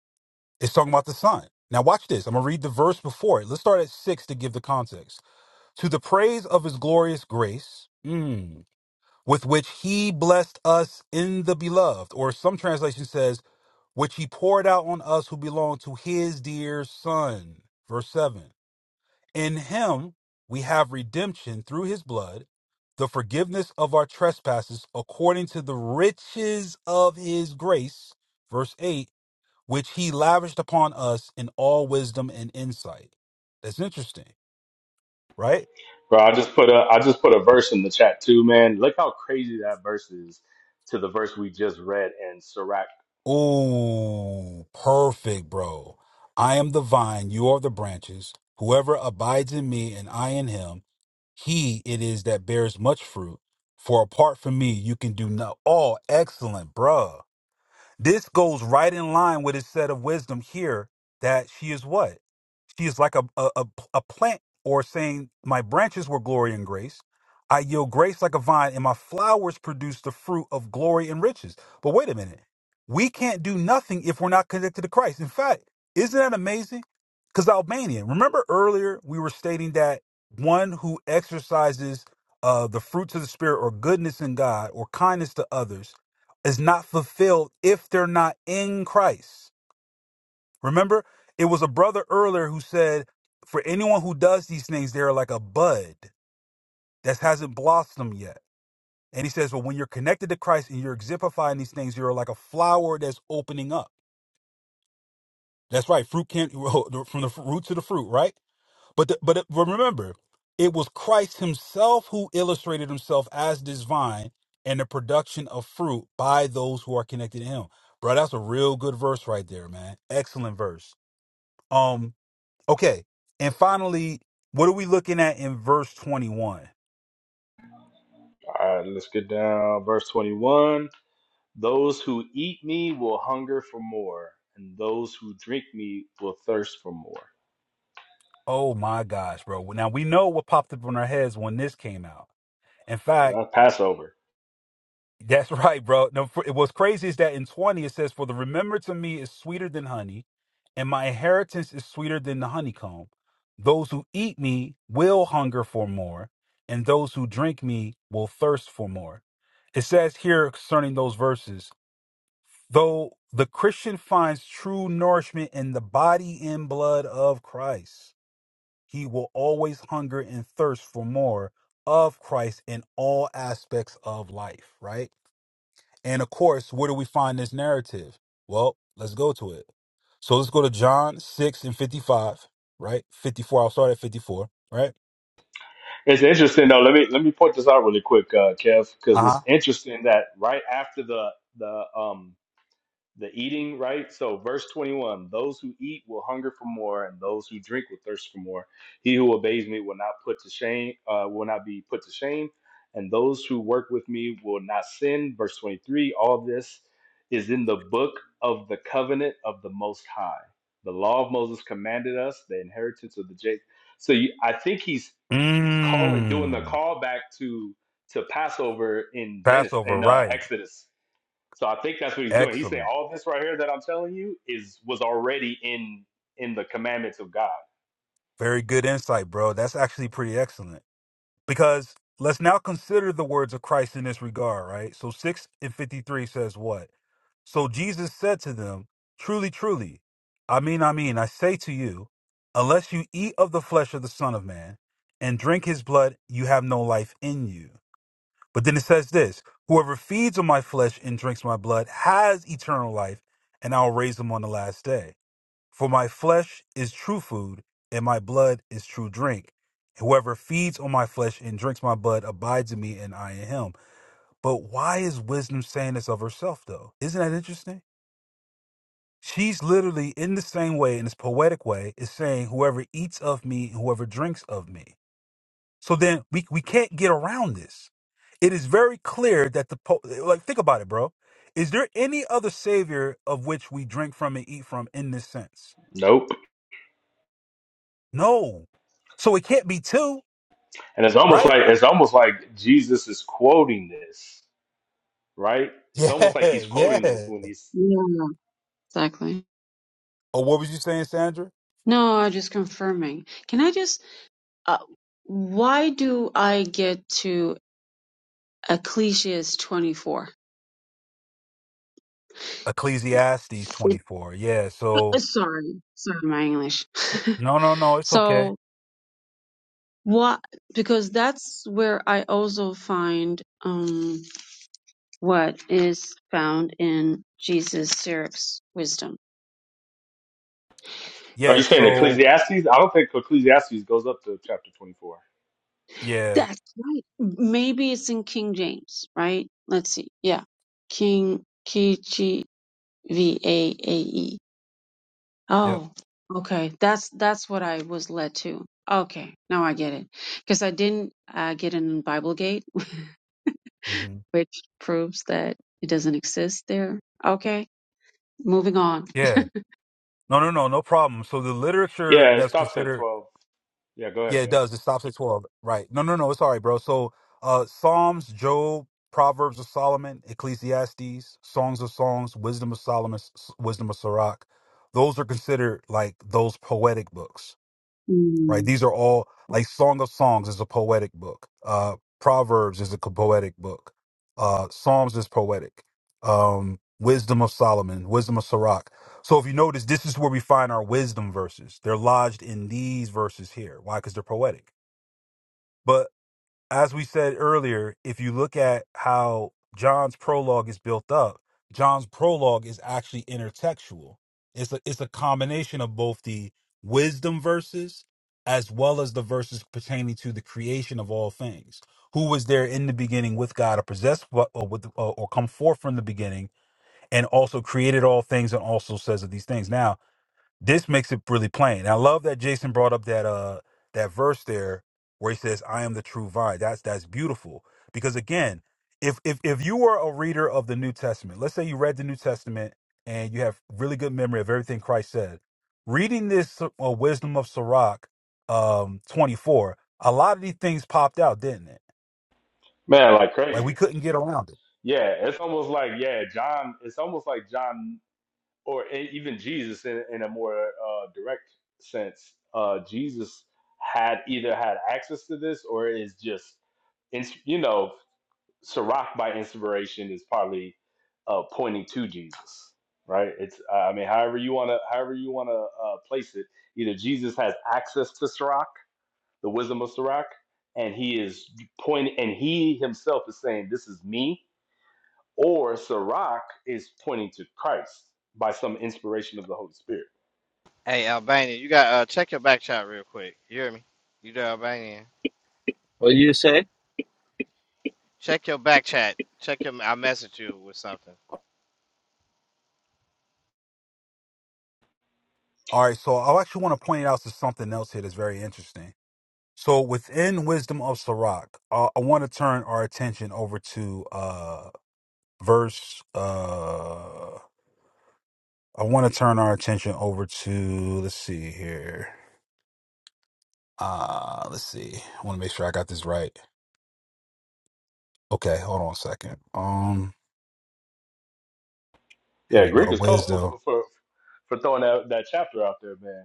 Speaker 3: It's talking about the Son. Now, watch this. I'm going to read the verse before it. Let's start at six to give the context. To the praise of his glorious grace, mm, with which he blessed us in the beloved, or some translation says, which he poured out on us who belong to his dear Son. Verse seven. In him we have redemption through his blood, the forgiveness of our trespasses according to the riches of his grace, verse 8, which he lavished upon us in all wisdom and insight. That's interesting, right?
Speaker 4: Bro, I just put a I just put a verse in the chat too, man. Look how crazy that verse is to the verse we just read in Sirach.
Speaker 3: Oh, perfect, bro. I am the vine, you are the branches. Whoever abides in me and I in him, he it is that bears much fruit. For apart from me, you can do no. Oh, excellent, bruh This goes right in line with his set of wisdom here that she is what? She is like a, a, a, a plant or saying, My branches were glory and grace. I yield grace like a vine, and my flowers produce the fruit of glory and riches. But wait a minute. We can't do nothing if we're not connected to Christ. In fact, isn't that amazing? Because Albanian, remember earlier we were stating that one who exercises uh, the fruits of the Spirit or goodness in God or kindness to others is not fulfilled if they're not in Christ Remember, it was a brother earlier who said, for anyone who does these things, they're like a bud that hasn't blossomed yet. And he says, but when you're connected to Christ and you're exemplifying these things, you're like a flower that's opening up. That's right. Fruit can't from the root to the fruit, right? But the, but it- but remember, it was Christ Himself who illustrated Himself as this vine and the production of fruit by those who are connected to Him. Bro, that's a real good verse right there, man. Excellent verse. Um. Okay. And finally, what are we looking at in verse 21?
Speaker 4: All right, let's get down verse 21. Those who eat me will hunger for more, and those who drink me will thirst for more.
Speaker 3: Oh my gosh, bro. Now we know what popped up in our heads when this came out. In
Speaker 4: Well,
Speaker 3: fact,
Speaker 4: that's Passover.
Speaker 3: that's right, bro. No, for, what's crazy is that in 20 it says, For the remembrance to me is sweeter than honey, and my inheritance is sweeter than the honeycomb. Those who eat me will hunger for more, and those who drink me will thirst for more. It says here concerning those verses. Though the Christian finds true nourishment in the body and blood of Christ, he will always hunger and thirst for more of Christ in all aspects of life, right? And of course, where do we find this narrative? Well, let's go to it. So let's go to John 6 and 55, right? 54, I'll start at 54, right?
Speaker 4: It's interesting though. Let me let me point this out really quick, uh, Kev, because
Speaker 3: Uh
Speaker 4: it's
Speaker 3: huh.
Speaker 4: interesting that right after the the um the eating, right? So, verse 21 those who eat will hunger for more, and those who drink will thirst for more. He who obeys me will not put to shame, uh, will not be put to shame, and those who work with me will not sin. Verse 23 all this is in the book of the covenant of the Most High. The law of Moses commanded us, the inheritance of the Jacob. So, you, I think he's calling, doing the
Speaker 3: Mmm.
Speaker 4: call back to to Passover in Genesis,
Speaker 3: Passover,
Speaker 4: in uh,
Speaker 3: right.
Speaker 4: Exodus so I think that's what he's doing. He's saying
Speaker 3: Excellent.
Speaker 4: all this right here that I'm telling you is was already in in the commandments of God.
Speaker 3: Very good insight, bro. That's actually pretty excellent. Because let's now consider the words of Christ in this regard, right? So 6 and 53 says what? So Jesus said to them, Truly, truly, I mean, I mean, I say to you, unless you eat of the flesh of the Son of Man and drink his blood, you have no life in you. But then it says this Whoever feeds on my flesh and drinks my blood has eternal life, and I'll raise them on the last day. For my flesh is true food, and my blood is true drink. Whoever feeds on my flesh and drinks my blood abides in me, and I in him. But why is wisdom saying this of herself, though? Isn't that interesting? She's literally in the same way, in this poetic way, is saying, Whoever eats of me, whoever drinks of me. So then we, we can't get around this. It is very clear that the, po- like, think about it, bro. Is there any other savior of which we drink from and eat from in this sense?
Speaker 4: Nope.
Speaker 3: No. So it can't be two,
Speaker 4: And it's almost
Speaker 3: right?
Speaker 4: like it's almost like Jesus is quoting this, right? It's
Speaker 3: Yeah,
Speaker 4: almost like he's
Speaker 3: yeah.
Speaker 4: quoting this when he's.
Speaker 2: Yeah. Exactly.
Speaker 3: Oh, what was you saying, Sandra?
Speaker 2: No, I'm just confirming. Can I just? Uh, why do I get to Ecclesiastes 24?
Speaker 3: Ecclesiastes
Speaker 2: It,
Speaker 3: 24. Yeah.
Speaker 2: uh,
Speaker 3: So
Speaker 2: sorry, sorry, my English.
Speaker 3: no, no, no. It's okay.
Speaker 2: so. What? Because that's where I also find um, what is found in Jesus Sirach's wisdom.
Speaker 4: Are
Speaker 3: Yeah.
Speaker 4: you saying
Speaker 3: So
Speaker 4: Ecclesiastes? I don't think Ecclesiastes goes up to chapter 24.
Speaker 3: yeah.
Speaker 2: That's right. Maybe it's in King James, right? Let's see. Yeah, King K G V A A E.
Speaker 3: Yep.
Speaker 2: Oh, okay. That's that's what I was led to. Okay, now I get it. Because I didn't uh, get in Biblegate,
Speaker 3: hmm
Speaker 2: which proves that it doesn't exist there. Okay, moving on.
Speaker 3: Yeah. No, no, no. No problem. So the literature
Speaker 4: Yeah, it
Speaker 3: that's
Speaker 4: stops at
Speaker 3: considered
Speaker 4: 12. Yeah, go
Speaker 3: Yeah,
Speaker 4: ahead,
Speaker 3: it
Speaker 4: Kev.
Speaker 3: does. It stops at 12. Right. No, no, no. It's all right, bro. So, uh, Psalms, Job, Proverbs of Solomon, Ecclesiastes, Songs of Songs, Wisdom of Solomon, S- Wisdom of Sirach. Those are considered like those poetic books, right?
Speaker 2: Mm.
Speaker 3: These are all like Song of Songs is a poetic book. Uh, Proverbs is a co- poetic book. Uh, Psalms is poetic. Um, Wisdom of Solomon, Wisdom of Sirach. So if you notice, this is where we find our wisdom verses. They're lodged in these verses here. Why? Because they're poetic. But as we said earlier, if you look at how John's prologue is built up, John's prologue is actually intertextual. It's a, it's a combination of both the wisdom verses as well as the verses pertaining to the creation of all things. Who was there in the beginning with God, or possessed, what- or, with, or, or come forth from the beginning, and also created all things, and also says of these things. Now, this makes it really plain. And I love that Jason brought up that uh that verse there where he says, "I am the true vine." That's that's beautiful because again, if if if you were a reader of the New Testament, let's say you read the New Testament and you have really good memory of everything Christ said, reading this uh, Wisdom of Sirach um 24, a lot of these things popped out, didn't it?
Speaker 4: Man, like
Speaker 3: Like we
Speaker 4: crazy.
Speaker 3: couldn't get around it.
Speaker 4: Yeah, it's almost like yeah, John. It's almost like John. or e- even Jesus in, in a more uh, direct sense, uh, Jesus had either had access to this or is just, ins- you know, Sirach by inspiration is probably uh, pointing to Jesus, right? It's, I mean, however you want to, however you want to uh, place it, either Jesus has access to Sirach, the wisdom of Sirach, and he is pointing, and he himself is saying, "This is me," or Sirach is pointing to Christ by some inspiration of the Holy Spirit.
Speaker 6: Hey, Albanian, you got uh check your back chat real quick. You hear me? You there, Albanian?
Speaker 1: What do you say?
Speaker 6: Check your back chat. Check your. I messaged you with something.
Speaker 3: All right, so I actually want to point out to something else here that's very interesting So within Wisdom of Sirach, uh, I want to turn our attention over to uh, verse. Uh, I want to turn our attention over to. Let's see here. Uh, let's see. I want to make sure I got this right. Okay, hold on a second. Um, here
Speaker 4: Yeah,
Speaker 3: we
Speaker 4: Greek
Speaker 3: go.
Speaker 4: is colorful
Speaker 3: Wisdom.
Speaker 4: for, for, for for throwing that, that chapter out there, man.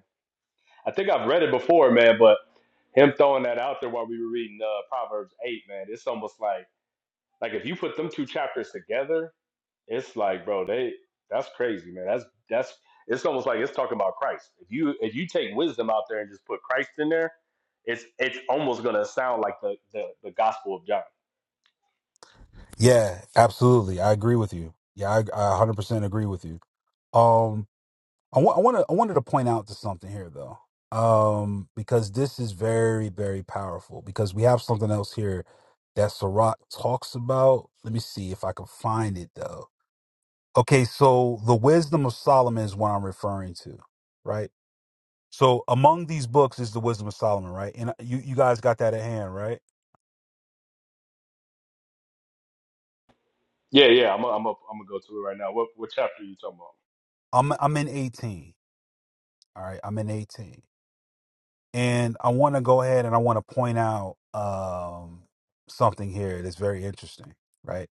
Speaker 4: I think I've read it before, man, but him throwing that out there while we were reading uh, Proverbs 8, man, it's almost like like if you put them two chapters together, it's like, bro, they that's crazy, man. That's that's it's almost like it's talking about Christ. If you if you take wisdom out there and just put Christ in there, it's it's almost gonna sound like the the, the Gospel of John.
Speaker 3: Yeah, absolutely. I agree with you. Yeah, I, I 100% agree with you. Um, I want I want to I wanted to point out to something here though. Um because this is very very powerful because we have something else here that Sirach talks about. Let me see if I can find it though. Okay, so the wisdom of Solomon is what I'm referring to, right? So among these books is the wisdom of Solomon, right? And uh, you you guys got that at hand, right?
Speaker 4: Yeah, yeah, I'm i I'm up, I'm gonna go to it right now. What what chapter are you talking about?
Speaker 3: I'm I'm in 18. All right, I'm in 18. And I want to go ahead and I want to point out um something here that's very interesting, right?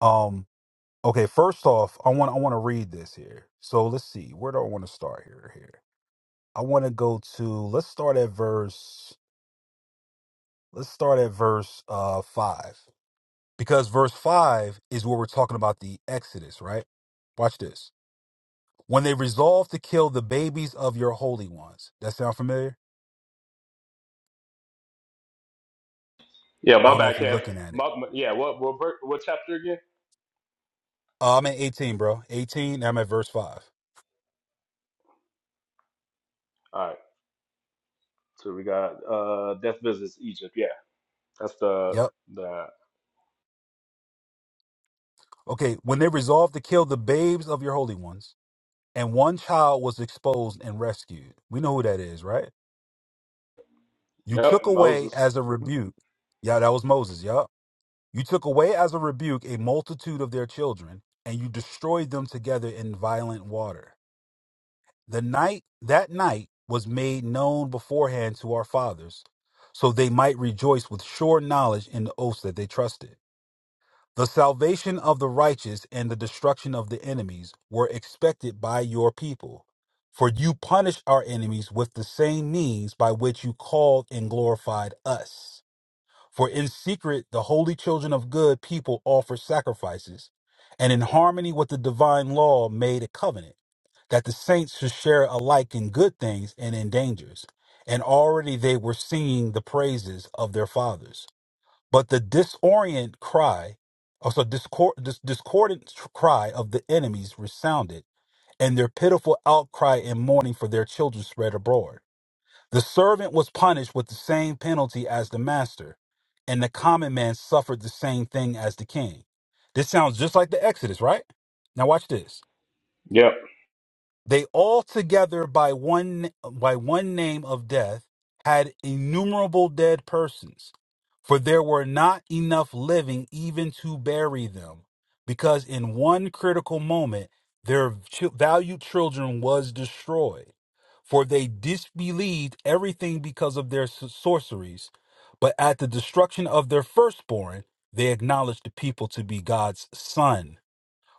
Speaker 3: Um. Okay. First off, I want I want to read this here. So let's see. Where do I want to start here? Here. I want to go to. Let's start at verse. Let's start at verse uh five because verse five is where we're talking about the Exodus, right? Watch this. When they resolve to kill the babies of your holy ones. That sound familiar?
Speaker 4: Yeah,
Speaker 3: I
Speaker 4: my
Speaker 3: don't know
Speaker 4: back
Speaker 3: if you're
Speaker 4: half.
Speaker 3: looking at it.
Speaker 4: My, my- yeah, what what ver- what chapter again?
Speaker 3: Uh, I'm at 18, bro. 18. I'm at verse five.
Speaker 4: All right, so we got uh death visits Egypt. Yeah, that's the
Speaker 3: Yep.
Speaker 4: the
Speaker 3: Okay. When they resolve to kill the babes of your holy ones and one child was exposed and rescued. We know who that is, right? You
Speaker 4: yep
Speaker 3: took away
Speaker 4: Moses.
Speaker 3: as a rebuke. Yeah, that was Moses. Yup. You took away as a rebuke a multitude of their children, and you destroyed them together in violent water. The night that night was made known beforehand to our fathers, so they might rejoice with sure knowledge in the oaths that they trusted. The salvation of the righteous and the destruction of the enemies were expected by your people. For you punished our enemies with the same means by which you called and glorified us. For in secret, the holy children of good people offered sacrifices, and in harmony with the divine law, made a covenant that the saints should share alike in good things and in dangers. And already they were singing the praises of their fathers. But the disorient cry, also discord, dis- discordant tr- cry of the enemies resounded, and their pitiful outcry and mourning for their children spread abroad. The servant was punished with the same penalty as the master, and the common man suffered the same thing as the king. This sounds just like the Exodus, right? Now watch this.
Speaker 4: Yep,
Speaker 3: They all together by one by one name of death had innumerable dead persons, for there were not enough living even to bury them, because in one critical moment their ch- valued children was destroyed, for they disbelieved everything because of their s- sorceries, but at the destruction of their firstborn they acknowledged the people to be God's son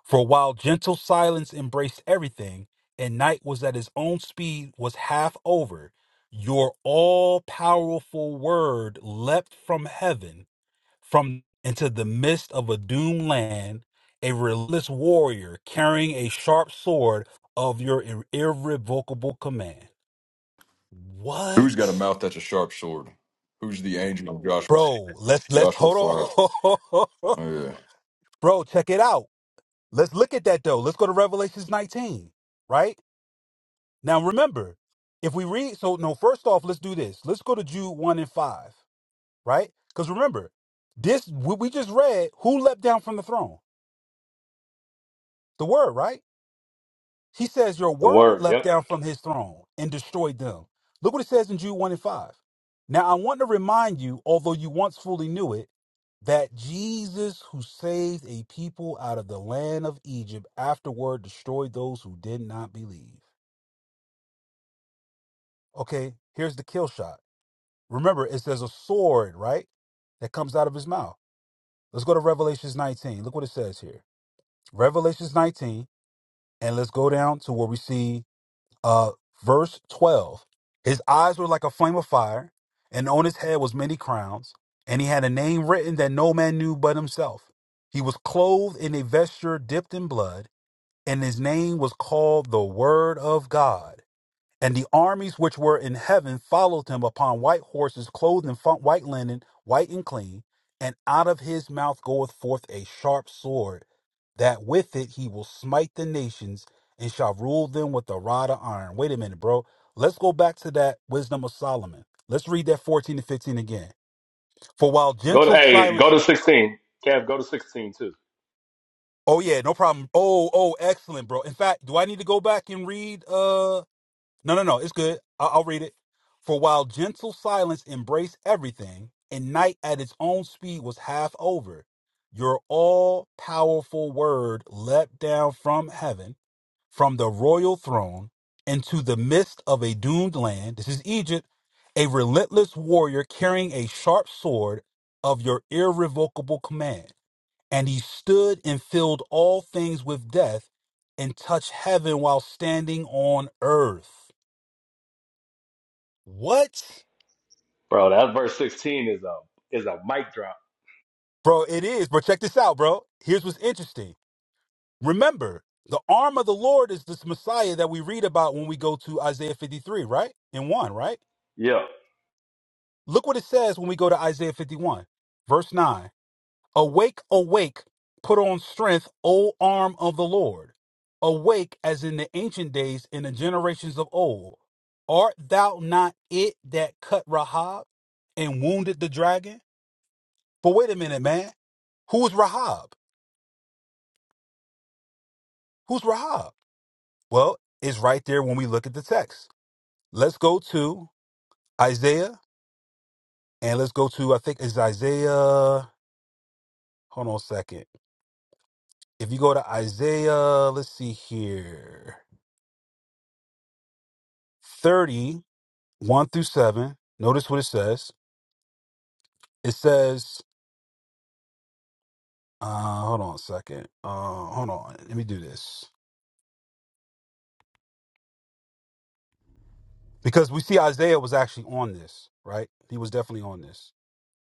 Speaker 3: for while gentle silence embraced everything, and night was at his own speed was half over, your all powerful word leapt from heaven, from into the midst of a doomed land, a relentless warrior carrying a sharp sword of your ir- irrevocable command.
Speaker 7: Who's got a
Speaker 3: What?
Speaker 7: mouth that's a sharp sword? Who's the angel of Joshua?
Speaker 3: Bro, let's let's
Speaker 7: Joshua
Speaker 3: hold
Speaker 7: 5.
Speaker 3: on.
Speaker 7: Oh, yeah.
Speaker 3: Bro, check it out. Let's look at that though. Let's go to Revelations 19, right? Now remember, if we read, so no, first off, let's do this. Let's go to Jude 1 and 5, right? Because remember, this, what we just read, who leapt down from the throne? The word, right? He says, Your
Speaker 4: the
Speaker 3: word
Speaker 4: word.
Speaker 3: leapt
Speaker 4: Yep.
Speaker 3: down from his throne and destroyed them. Look what it says in Jude 1 and 5. Now I want to remind you, although you once fully knew it, that Jesus, who saved a people out of the land of Egypt, afterward destroyed those who did not believe. Okay, here's the kill shot. Remember, it says a sword, right? That comes out of his mouth. Let's go to Revelations 19. Look what it says here. Revelations 19, and let's go down to where we see uh verse 12. His eyes were like a flame of fire, and on his head was many crowns, and he had a name written that no man knew but himself. He was clothed in a vesture dipped in blood, and his name was called the Word of God. And the armies which were in heaven followed him upon white horses, clothed in fu- white linen, white and clean. And out of his mouth goeth forth a sharp sword, that with it he will smite the nations and shall rule them with a rod of iron. Wait a minute, bro. Let's go back to that wisdom of Solomon. Let's read that 14 and 15 again. For while
Speaker 4: Go to
Speaker 3: gentle
Speaker 4: hey, go
Speaker 3: silence.
Speaker 4: to sixteen. Kev, go to sixteen too,
Speaker 3: Oh, yeah, no problem. Oh, oh, excellent, bro. In fact, do I need to go back and read? Uh, No, no, no. It's good. I- I'll read it. For while gentle silence embraced everything, and night at its own speed was half over, your all powerful word leapt down from heaven, from the royal throne, into the midst of a doomed land. This is Egypt. A relentless warrior carrying a sharp sword of your irrevocable command. And he stood and filled all things with death and touched heaven while standing on earth. What?
Speaker 4: bro. That verse sixteen is a is a mic drop.
Speaker 3: Bro, it is. Bro, check this out, bro. Here's what's interesting. Remember, the arm of the Lord is this Messiah that we read about when we go to Isaiah 53, right? In 1, right?
Speaker 4: Yeah,
Speaker 3: Look what it says when we go to Isaiah 51, verse 9. Awake, awake, put on strength, O arm of the Lord. Awake as in the ancient days, in the generations of old. Art thou not it that cut Rahab and wounded the dragon? But wait a minute, man. Who is Rahab? Who's Rahab? Well, it's right there when we look at the text. Let's go to Isaiah and let's go to, I think it's Isaiah. Hold on a second. If you go to Isaiah, let's see here thirty one through 7, notice what it says. It says, uh, hold on a second. Uh, hold on. Let me do this. Because we see Isaiah was actually on this, right? He was definitely on this.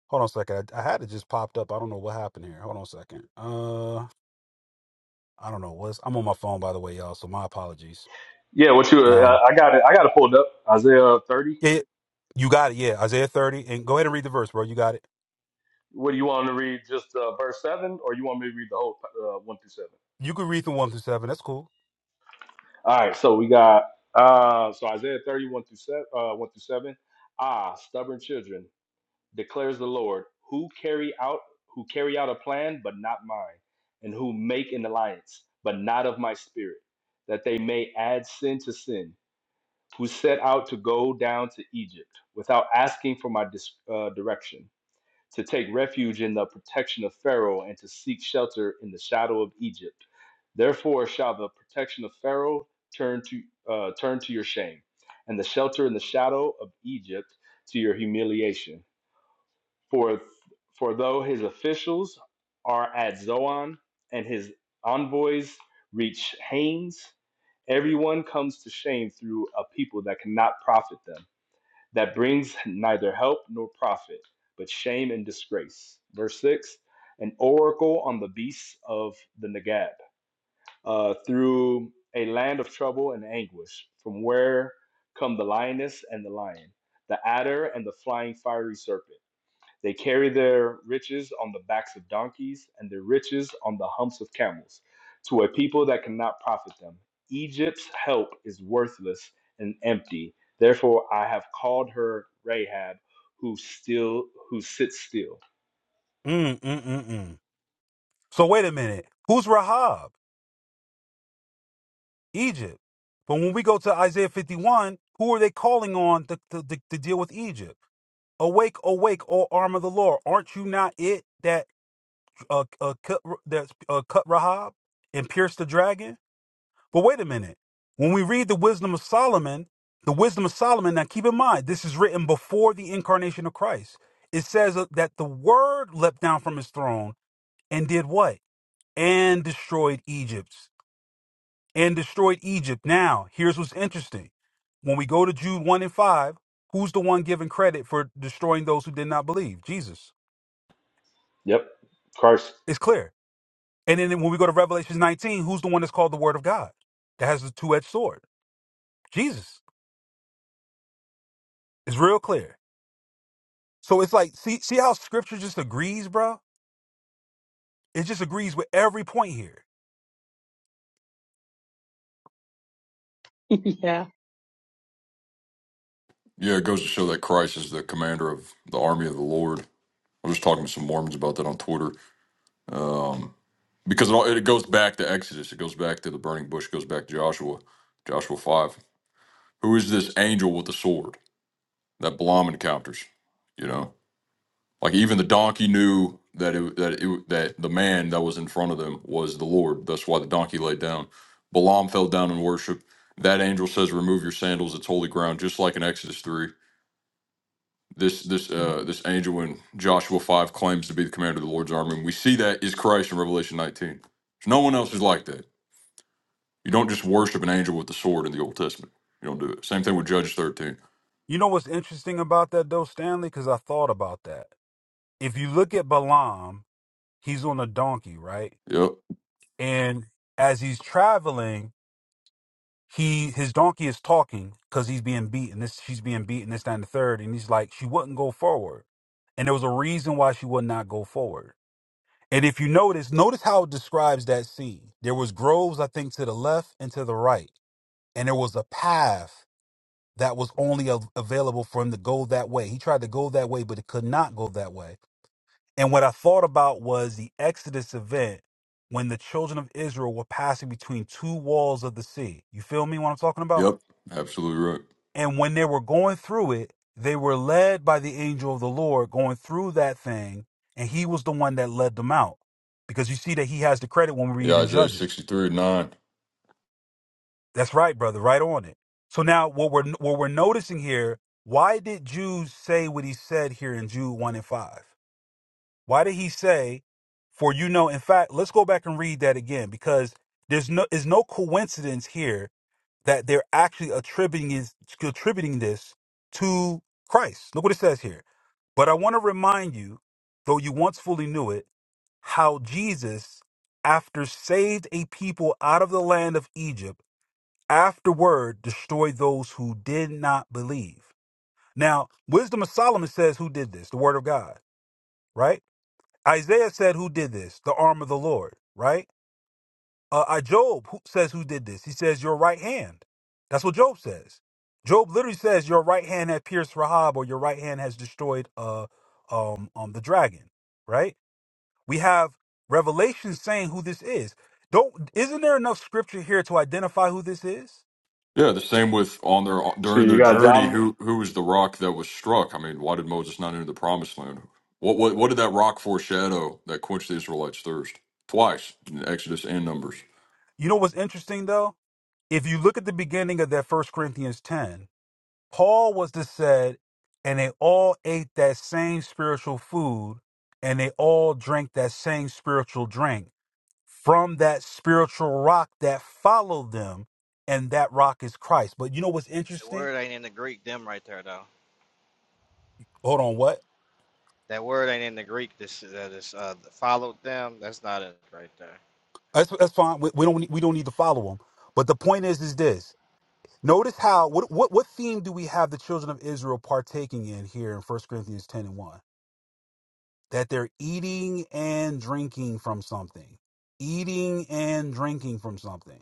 Speaker 3: Hold on a second. I, I had it just popped up. I don't know what happened here. Hold on a second. Uh." I don't know what's. I'm on my phone, by the way, y'all. So my apologies.
Speaker 4: yeah. What you? Uh,
Speaker 3: Um,
Speaker 4: I got it. I got it pulled up. Isaiah thirty.
Speaker 3: it, you got it. Yeah, Isaiah 30, and go ahead and read the verse, bro. You got it.
Speaker 4: What do you want to read? Just uh, verse seven, or you want me to read the whole uh, one through seven?
Speaker 3: You can read through one through seven. That's cool.
Speaker 4: All right, so we got uh so Isaiah 31 through 7 uh 1 through 7. Ah, stubborn children, declares the Lord, who carry out who carry out a plan but not mine, and who make an alliance, but not of my spirit, that they may add sin to sin, who set out to go down to Egypt without asking for my dis- uh, direction to take refuge in the protection of Pharaoh and to seek shelter in the shadow of Egypt. Therefore shall the protection of Pharaoh turn to uh, turn to your shame, and the shelter in the shadow of Egypt to your humiliation. For for though his officials are at Zoan and his envoys reach Hanes, everyone comes to shame through a people that cannot profit them that brings neither help nor profit, but shame and disgrace. Verse 6 An oracle on the beasts of the Negab, uh, through a land of trouble and anguish, from where come the lioness and the lion, the adder and the flying fiery serpent. They carry their riches on the backs of donkeys and their riches on the humps of camels to a people that cannot profit them. Egypt's help is worthless and empty. Therefore, I have called her Rahab, who still who sits still.
Speaker 3: Mm mm mm mm. So wait a minute. Who's Rahab? Egypt. But when we go to Isaiah 51, who are they calling on to, to, to, to deal with Egypt? Awake, awake, all arm of the Lord. Aren't you not it that uh, uh, cut, that uh, cut Rahab and pierced the dragon? But wait a minute. When we read the wisdom of Solomon, the wisdom of Solomon, now keep in mind, this is written before the incarnation of Christ. It says that the word leapt down from his throne and did what? And destroyed Egypt. And destroyed Egypt. Now, here's what's interesting. When we go to Jude 1 and 5, who's the one given credit for destroying those who did not believe? Jesus.
Speaker 4: Yep, Christ.
Speaker 3: It's clear. And then when we go to Revelation 19, who's the one that's called the word of God? That has the two edged sword. Jesus. It's real clear. So it's like, see, see how scripture just agrees, bro? It just agrees with every point here.
Speaker 2: yeah.
Speaker 7: Yeah, it goes to show that Christ is the commander of the army of the Lord. I was just talking to some Mormons about that on Twitter. Um, because it, all, it goes back to Exodus, it goes back to the burning bush, it goes back to Joshua, Joshua 5. Who is this angel with the sword that Balaam encounters? You know? Like even the donkey knew that it that it that the man that was in front of them was the Lord. That's why the donkey laid down. Balaam fell down in worship. That angel says, "Remove your sandals; it's holy ground." Just like in Exodus three, this this uh, this angel in Joshua five claims to be the commander of the Lord's army, and we see that is Christ in Revelation nineteen. There's no one else is like that. You don't just worship an angel with the sword in the Old Testament. You don't do it. Same thing with Judges thirteen.
Speaker 3: You know what's interesting about that though, Stanley? Because I thought about that. If you look at Balaam, he's on a donkey, right?
Speaker 7: Yep,
Speaker 3: And as he's traveling, he his donkey is talking because he's being beaten. This she's being beaten, this, that, and the third. And he's like, she wouldn't go forward. And there was a reason why she would not go forward. And if you notice, notice how it describes that scene. There was groves, I think, to the left and to the right and there was a path that was only av- available for him to go that way. He tried to go that way, but it could not go that way. And what I thought about was the Exodus event when the children of Israel were passing between two walls of the sea. You feel me what I'm talking about?
Speaker 7: yep, absolutely right.
Speaker 3: And when they were going through it, they were led by the angel of the Lord going through that thing, and he was the one that led them out. Because you see that he has the credit when we read
Speaker 7: Yeah,
Speaker 3: in
Speaker 7: Isaiah
Speaker 3: Judges.
Speaker 7: sixty three nine.
Speaker 3: That's right, brother. Right on it. So now what we're what we're noticing here, why did Jude say what he said here in Jude 1 and 5? Why did he say, for you know, in fact, let's go back and read that again because there's no is no coincidence here that they're actually attributing is attributing this to Christ. Look what it says here. But I want to remind you, though you once fully knew it, how Jesus, after saved a people out of the land of Egypt, afterward destroy those who did not believe. Now, Wisdom of Solomon says, Who did this? The Word of God, right? Isaiah said, Who did this? The arm of the Lord, right? Uh, uh, Job who says, Who did this? He says, Your right hand. That's what Job says. Job literally says, Your right hand had pierced Rahab, or your right hand has destroyed uh, um, um, the dragon, right? We have Revelation saying who this is. Don't isn't there enough scripture here to identify who this is?
Speaker 7: Yeah, the same with on their
Speaker 4: So
Speaker 7: during
Speaker 4: you
Speaker 7: their
Speaker 4: got
Speaker 7: journey.
Speaker 4: John.
Speaker 7: Who who was the rock that was struck? I mean, why did Moses not enter the promised land? What what what did that rock foreshadow that quenched the Israelites' thirst twice in Exodus and Numbers?
Speaker 3: You know what's interesting though? if you look at the beginning of that first corinthians 10 paul was to said and they all ate that same spiritual food and they all drank that same spiritual drink from that spiritual rock that followed them and that rock is christ but you know what's
Speaker 6: The
Speaker 3: interesting
Speaker 6: word ain't in the Greek them right there though.
Speaker 3: hold on what
Speaker 6: That word ain't in the Greek. This uh, this uh followed them. That's not it right there.
Speaker 3: that's, that's fine we, we don't need- we don't need to follow them. but the point is is this notice how what, what what theme do we have the children of israel partaking in here in First corinthians 10 and 1 that they're eating and drinking from something. Eating and drinking from something.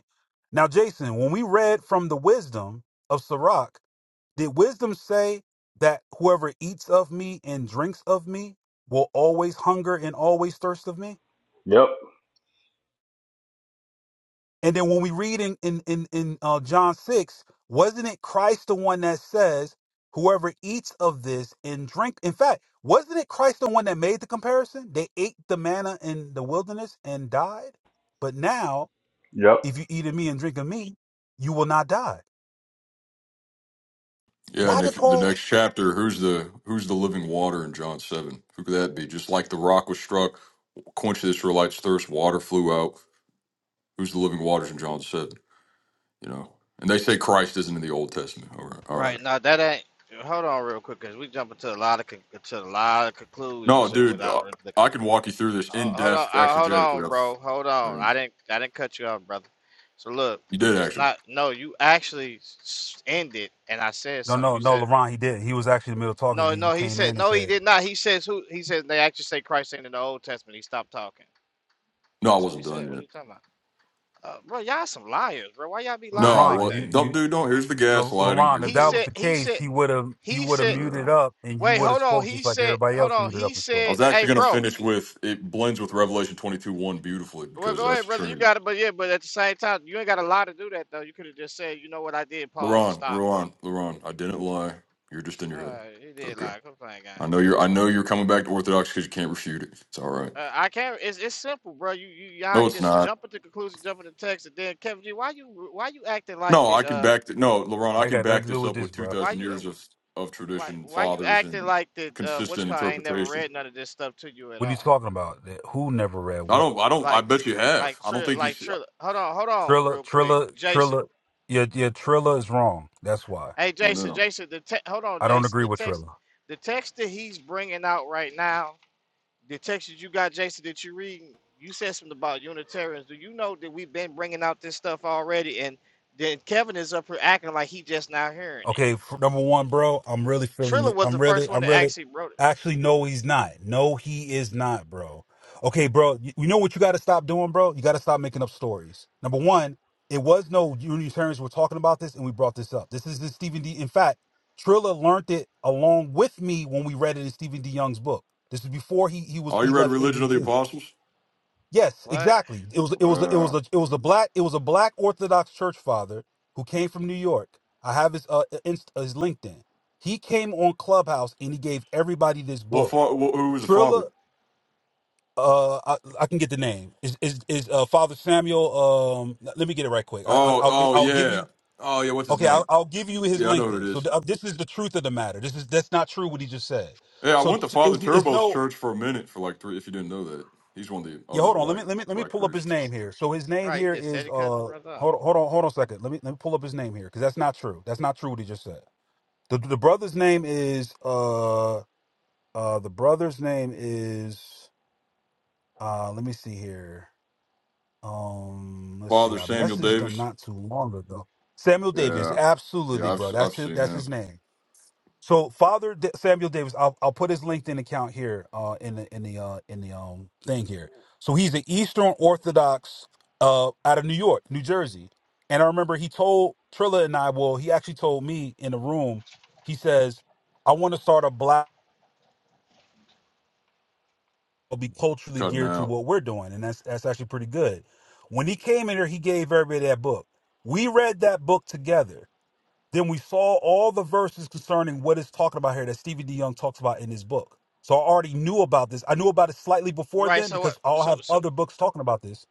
Speaker 3: Now, Jason, when we read from the wisdom of Sirach, did wisdom say that whoever eats of me and drinks of me will always hunger and always thirst of me?
Speaker 4: Yep,
Speaker 3: And then when we read in in in, in uh, John six, wasn't it Christ the one that says, "Whoever eats of this and drink"? In fact, wasn't it Christ the one that made the comparison? They ate the manna in the wilderness and died. But now,
Speaker 4: yep.
Speaker 3: if you eat of me and drink of me, you will not die.
Speaker 7: Yeah, and
Speaker 3: Why did
Speaker 7: if the
Speaker 3: Paul?
Speaker 7: next chapter, who's the who's the living water in John seven? Who could that be? Just like the rock was struck, quenched the Israelites' thirst, water flew out. Who's the living waters in John seven? You know, and they say Christ isn't in the Old Testament. All right, all
Speaker 6: Right
Speaker 7: right.
Speaker 6: now, that ain't. Hold on real quick, cause we jumping to a lot of con- to a lot of
Speaker 7: No,
Speaker 6: conclusions here
Speaker 7: dude, uh,
Speaker 6: without really looking
Speaker 7: I
Speaker 6: at.
Speaker 7: can walk you through this
Speaker 6: Oh,
Speaker 7: in
Speaker 6: hold on,
Speaker 7: depth
Speaker 6: uh, hold
Speaker 7: exegetically.
Speaker 6: on, bro, hold on.
Speaker 7: I've-
Speaker 6: I didn't I didn't cut you off, brother. So look,
Speaker 7: You did
Speaker 6: it's
Speaker 7: actually.
Speaker 6: not. No, you actually s- ended, and I said
Speaker 3: No,
Speaker 6: something.
Speaker 3: no,
Speaker 6: You
Speaker 3: no,
Speaker 6: said
Speaker 3: Laron, he did. not He was actually in the middle of talking to
Speaker 6: No,
Speaker 3: you. You
Speaker 6: no, he
Speaker 3: came
Speaker 6: said
Speaker 3: in and
Speaker 6: no, he
Speaker 3: said,
Speaker 6: did not. He says who he says they actually say Christ ain't in the Old Testament. He stopped talking.
Speaker 7: No, I
Speaker 6: That's what he
Speaker 7: wasn't
Speaker 6: said.
Speaker 7: done
Speaker 6: What are
Speaker 7: yet.
Speaker 6: you talking about? Uh, bro, y'all some liars, bro. Why y'all be
Speaker 7: No,
Speaker 6: lying
Speaker 7: I
Speaker 6: like
Speaker 3: "Laron,
Speaker 7: was.
Speaker 6: that?
Speaker 3: you
Speaker 7: Don't
Speaker 3: you."
Speaker 7: do. Don't. Here's the
Speaker 3: La-
Speaker 7: gaslighting. Here
Speaker 3: Laron,
Speaker 7: we
Speaker 3: if
Speaker 6: He
Speaker 3: that
Speaker 7: go.
Speaker 3: was
Speaker 6: said
Speaker 3: the
Speaker 6: he
Speaker 3: case,
Speaker 6: said
Speaker 3: he would have he
Speaker 6: he
Speaker 3: would have
Speaker 6: said
Speaker 7: Uh,
Speaker 3: muted up, and you
Speaker 6: wait,
Speaker 3: would have
Speaker 6: hold on.
Speaker 3: spoke just
Speaker 6: He
Speaker 3: like
Speaker 6: said
Speaker 3: everybody
Speaker 6: hold
Speaker 3: else
Speaker 6: on.
Speaker 3: muted up
Speaker 6: He
Speaker 3: and spoke.
Speaker 7: I
Speaker 6: said,
Speaker 7: was
Speaker 6: Hey
Speaker 7: actually going to
Speaker 6: bro,
Speaker 7: finish with it blends with Revelation 22 1 beautifully
Speaker 6: well
Speaker 7: because
Speaker 6: go
Speaker 7: that's
Speaker 6: ahead, brother. You
Speaker 7: Trinity.
Speaker 6: got it, but yeah, but at the same time, you ain't got a lie to do that though. You could have just said, you know what I did, pause and
Speaker 7: Laron,
Speaker 6: stop.
Speaker 7: Laron, Laron. I didn't lie. You're just in your
Speaker 6: All
Speaker 7: head.
Speaker 6: right, he
Speaker 7: It's
Speaker 6: did
Speaker 7: okay.
Speaker 6: lie. Come playing games.
Speaker 7: I know you're. I know you're coming back to Orthodox because you can't refute it. It's all right.
Speaker 6: Uh, I can't. It's it's simple, bro. You you y'all
Speaker 7: No, it's
Speaker 6: just
Speaker 7: not.
Speaker 6: jump at the conclusion, jump at the text, and then Kevin G, why you why you acting like
Speaker 7: No, I
Speaker 6: that?
Speaker 7: can
Speaker 6: Uh,
Speaker 7: back. Th- no, Laron,
Speaker 3: I
Speaker 7: I
Speaker 3: ain't
Speaker 7: can
Speaker 3: got nothing
Speaker 7: back
Speaker 3: to do
Speaker 7: this
Speaker 3: with
Speaker 7: up
Speaker 3: this,
Speaker 7: with
Speaker 3: bro.
Speaker 6: why
Speaker 7: 2,000
Speaker 6: you uh,
Speaker 7: years of of
Speaker 6: why
Speaker 7: tradition,
Speaker 6: why you
Speaker 7: fathers,
Speaker 6: acting
Speaker 7: and
Speaker 6: like that? Uh, what's
Speaker 7: consistent
Speaker 6: called ain't never
Speaker 7: interpretation.
Speaker 6: read none of this stuff to you at
Speaker 3: What are you
Speaker 6: all.
Speaker 3: talking about? That- Who never read
Speaker 7: I
Speaker 3: what?
Speaker 7: don't. I don't. I
Speaker 6: Like
Speaker 7: bet you have.
Speaker 6: like
Speaker 7: I don't
Speaker 6: tri-
Speaker 7: think you
Speaker 6: like
Speaker 7: see.
Speaker 6: tri- Hold on, hold on,
Speaker 3: Trilla,
Speaker 6: real quick,
Speaker 3: Trilla,
Speaker 6: Jason.
Speaker 3: Trilla. Your your Trilla is wrong. That's why
Speaker 6: Hey,
Speaker 7: I
Speaker 6: Jason,
Speaker 7: know.
Speaker 6: Jason, the te- hold on,
Speaker 3: I don't
Speaker 6: Jason.
Speaker 3: agree
Speaker 6: The
Speaker 3: with
Speaker 6: text
Speaker 3: Trilla.
Speaker 6: the text that he's bringing out right now The text that you got, Jason, that you read, you said something about Unitarians. Do you know that we've been bringing out this stuff already? And then Kevin is up here acting like he just now hearing it.
Speaker 3: Okay, f- number one, bro, I'm really feeling
Speaker 6: Triller
Speaker 3: it.
Speaker 6: was
Speaker 3: I'm
Speaker 6: the first
Speaker 3: really,
Speaker 6: one
Speaker 3: I'm
Speaker 6: that
Speaker 3: really.
Speaker 6: actually wrote it.
Speaker 3: Actually, no, he's not. No, he is not, bro. Okay, bro, you, you know what you got to stop doing, bro? You got to stop making up stories. Number one, it was no Unity Terrence. we're talking about this, and we brought this up. This is the Stephen D. In fact, Trilla learned it along with me when we read it in Stephen D. Young's book. This is before he he was
Speaker 7: Oh, you
Speaker 3: he
Speaker 7: read
Speaker 3: left
Speaker 7: Religion of the
Speaker 3: ABT.
Speaker 7: Apostles?
Speaker 3: Yes,
Speaker 6: What?
Speaker 3: exactly. It was it was it was a
Speaker 7: Wow.
Speaker 3: it was a black it was a black Orthodox church father who came from New York. I have his uh uh, inst, uh, his LinkedIn. He came on Clubhouse and he gave everybody this
Speaker 7: What
Speaker 3: book.
Speaker 7: fa- wh- who was the
Speaker 3: Trilla,
Speaker 7: father?
Speaker 3: uh, I, I can get the name. Is is is uh, Father Samuel? Um, let me get it right quick. I, I
Speaker 7: Oh,
Speaker 3: I'll gi-
Speaker 7: oh
Speaker 3: I'll give
Speaker 7: yeah.
Speaker 3: you
Speaker 7: Oh yeah, what's his
Speaker 3: okay. I'll,
Speaker 7: name?
Speaker 3: I'll give you his
Speaker 7: Yeah, I know who it
Speaker 3: LinkedIn. So
Speaker 7: is.
Speaker 3: th- uh, this is the truth of the matter. This is that's not true what he just said.
Speaker 7: Yeah, I
Speaker 3: So
Speaker 7: went to
Speaker 3: t-
Speaker 7: Father
Speaker 3: it's, it's
Speaker 7: Turbo's
Speaker 3: no.
Speaker 7: church for a minute for like three if you didn't know that. He's one of the
Speaker 3: Yeah,
Speaker 7: other
Speaker 3: hold on. Let
Speaker 7: black
Speaker 3: me let me let me
Speaker 7: black
Speaker 3: pull up his name
Speaker 7: priests.
Speaker 3: here. So his name
Speaker 6: Right, you
Speaker 3: here
Speaker 6: just said
Speaker 3: is
Speaker 6: it cutting the
Speaker 3: uh
Speaker 6: brother off.
Speaker 3: hold on hold on hold on a second. Let me let me pull up his name here because that's not true. That's not true what he just said. The the brother's name is uh uh the brother's name is uh let me see here. Um let's see.
Speaker 7: Father
Speaker 3: I
Speaker 7: Samuel
Speaker 3: messaged him
Speaker 7: Davis.
Speaker 3: not too long ago. Samuel Davis,
Speaker 7: Yeah. Yeah,
Speaker 3: absolutely,
Speaker 7: I've
Speaker 3: bro.
Speaker 7: I've
Speaker 3: That's his
Speaker 7: seen
Speaker 3: that's
Speaker 7: him
Speaker 3: his name. So Father D- Samuel Davis, I'll, I'll put his LinkedIn account here uh, in the in the uh, in the um thing here. So he's an Eastern Orthodox uh, out of New York, New Jersey, and I remember he told Trilla and I. Well, he actually told me in the room. He says, "I want to start a black, I'll be culturally
Speaker 7: cutting
Speaker 3: geared to
Speaker 7: out.
Speaker 3: what we're doing," and that's that's actually pretty good. When he came in here, he gave everybody that book. We read that book together Then we saw all the verses concerning what it's talking about here that Stevie D Young talks about in his book. So I already knew about this. I knew about it slightly before
Speaker 6: Right,
Speaker 3: then
Speaker 6: so what?
Speaker 3: because I'll
Speaker 6: So,
Speaker 3: have
Speaker 6: so,
Speaker 3: other books talking about this.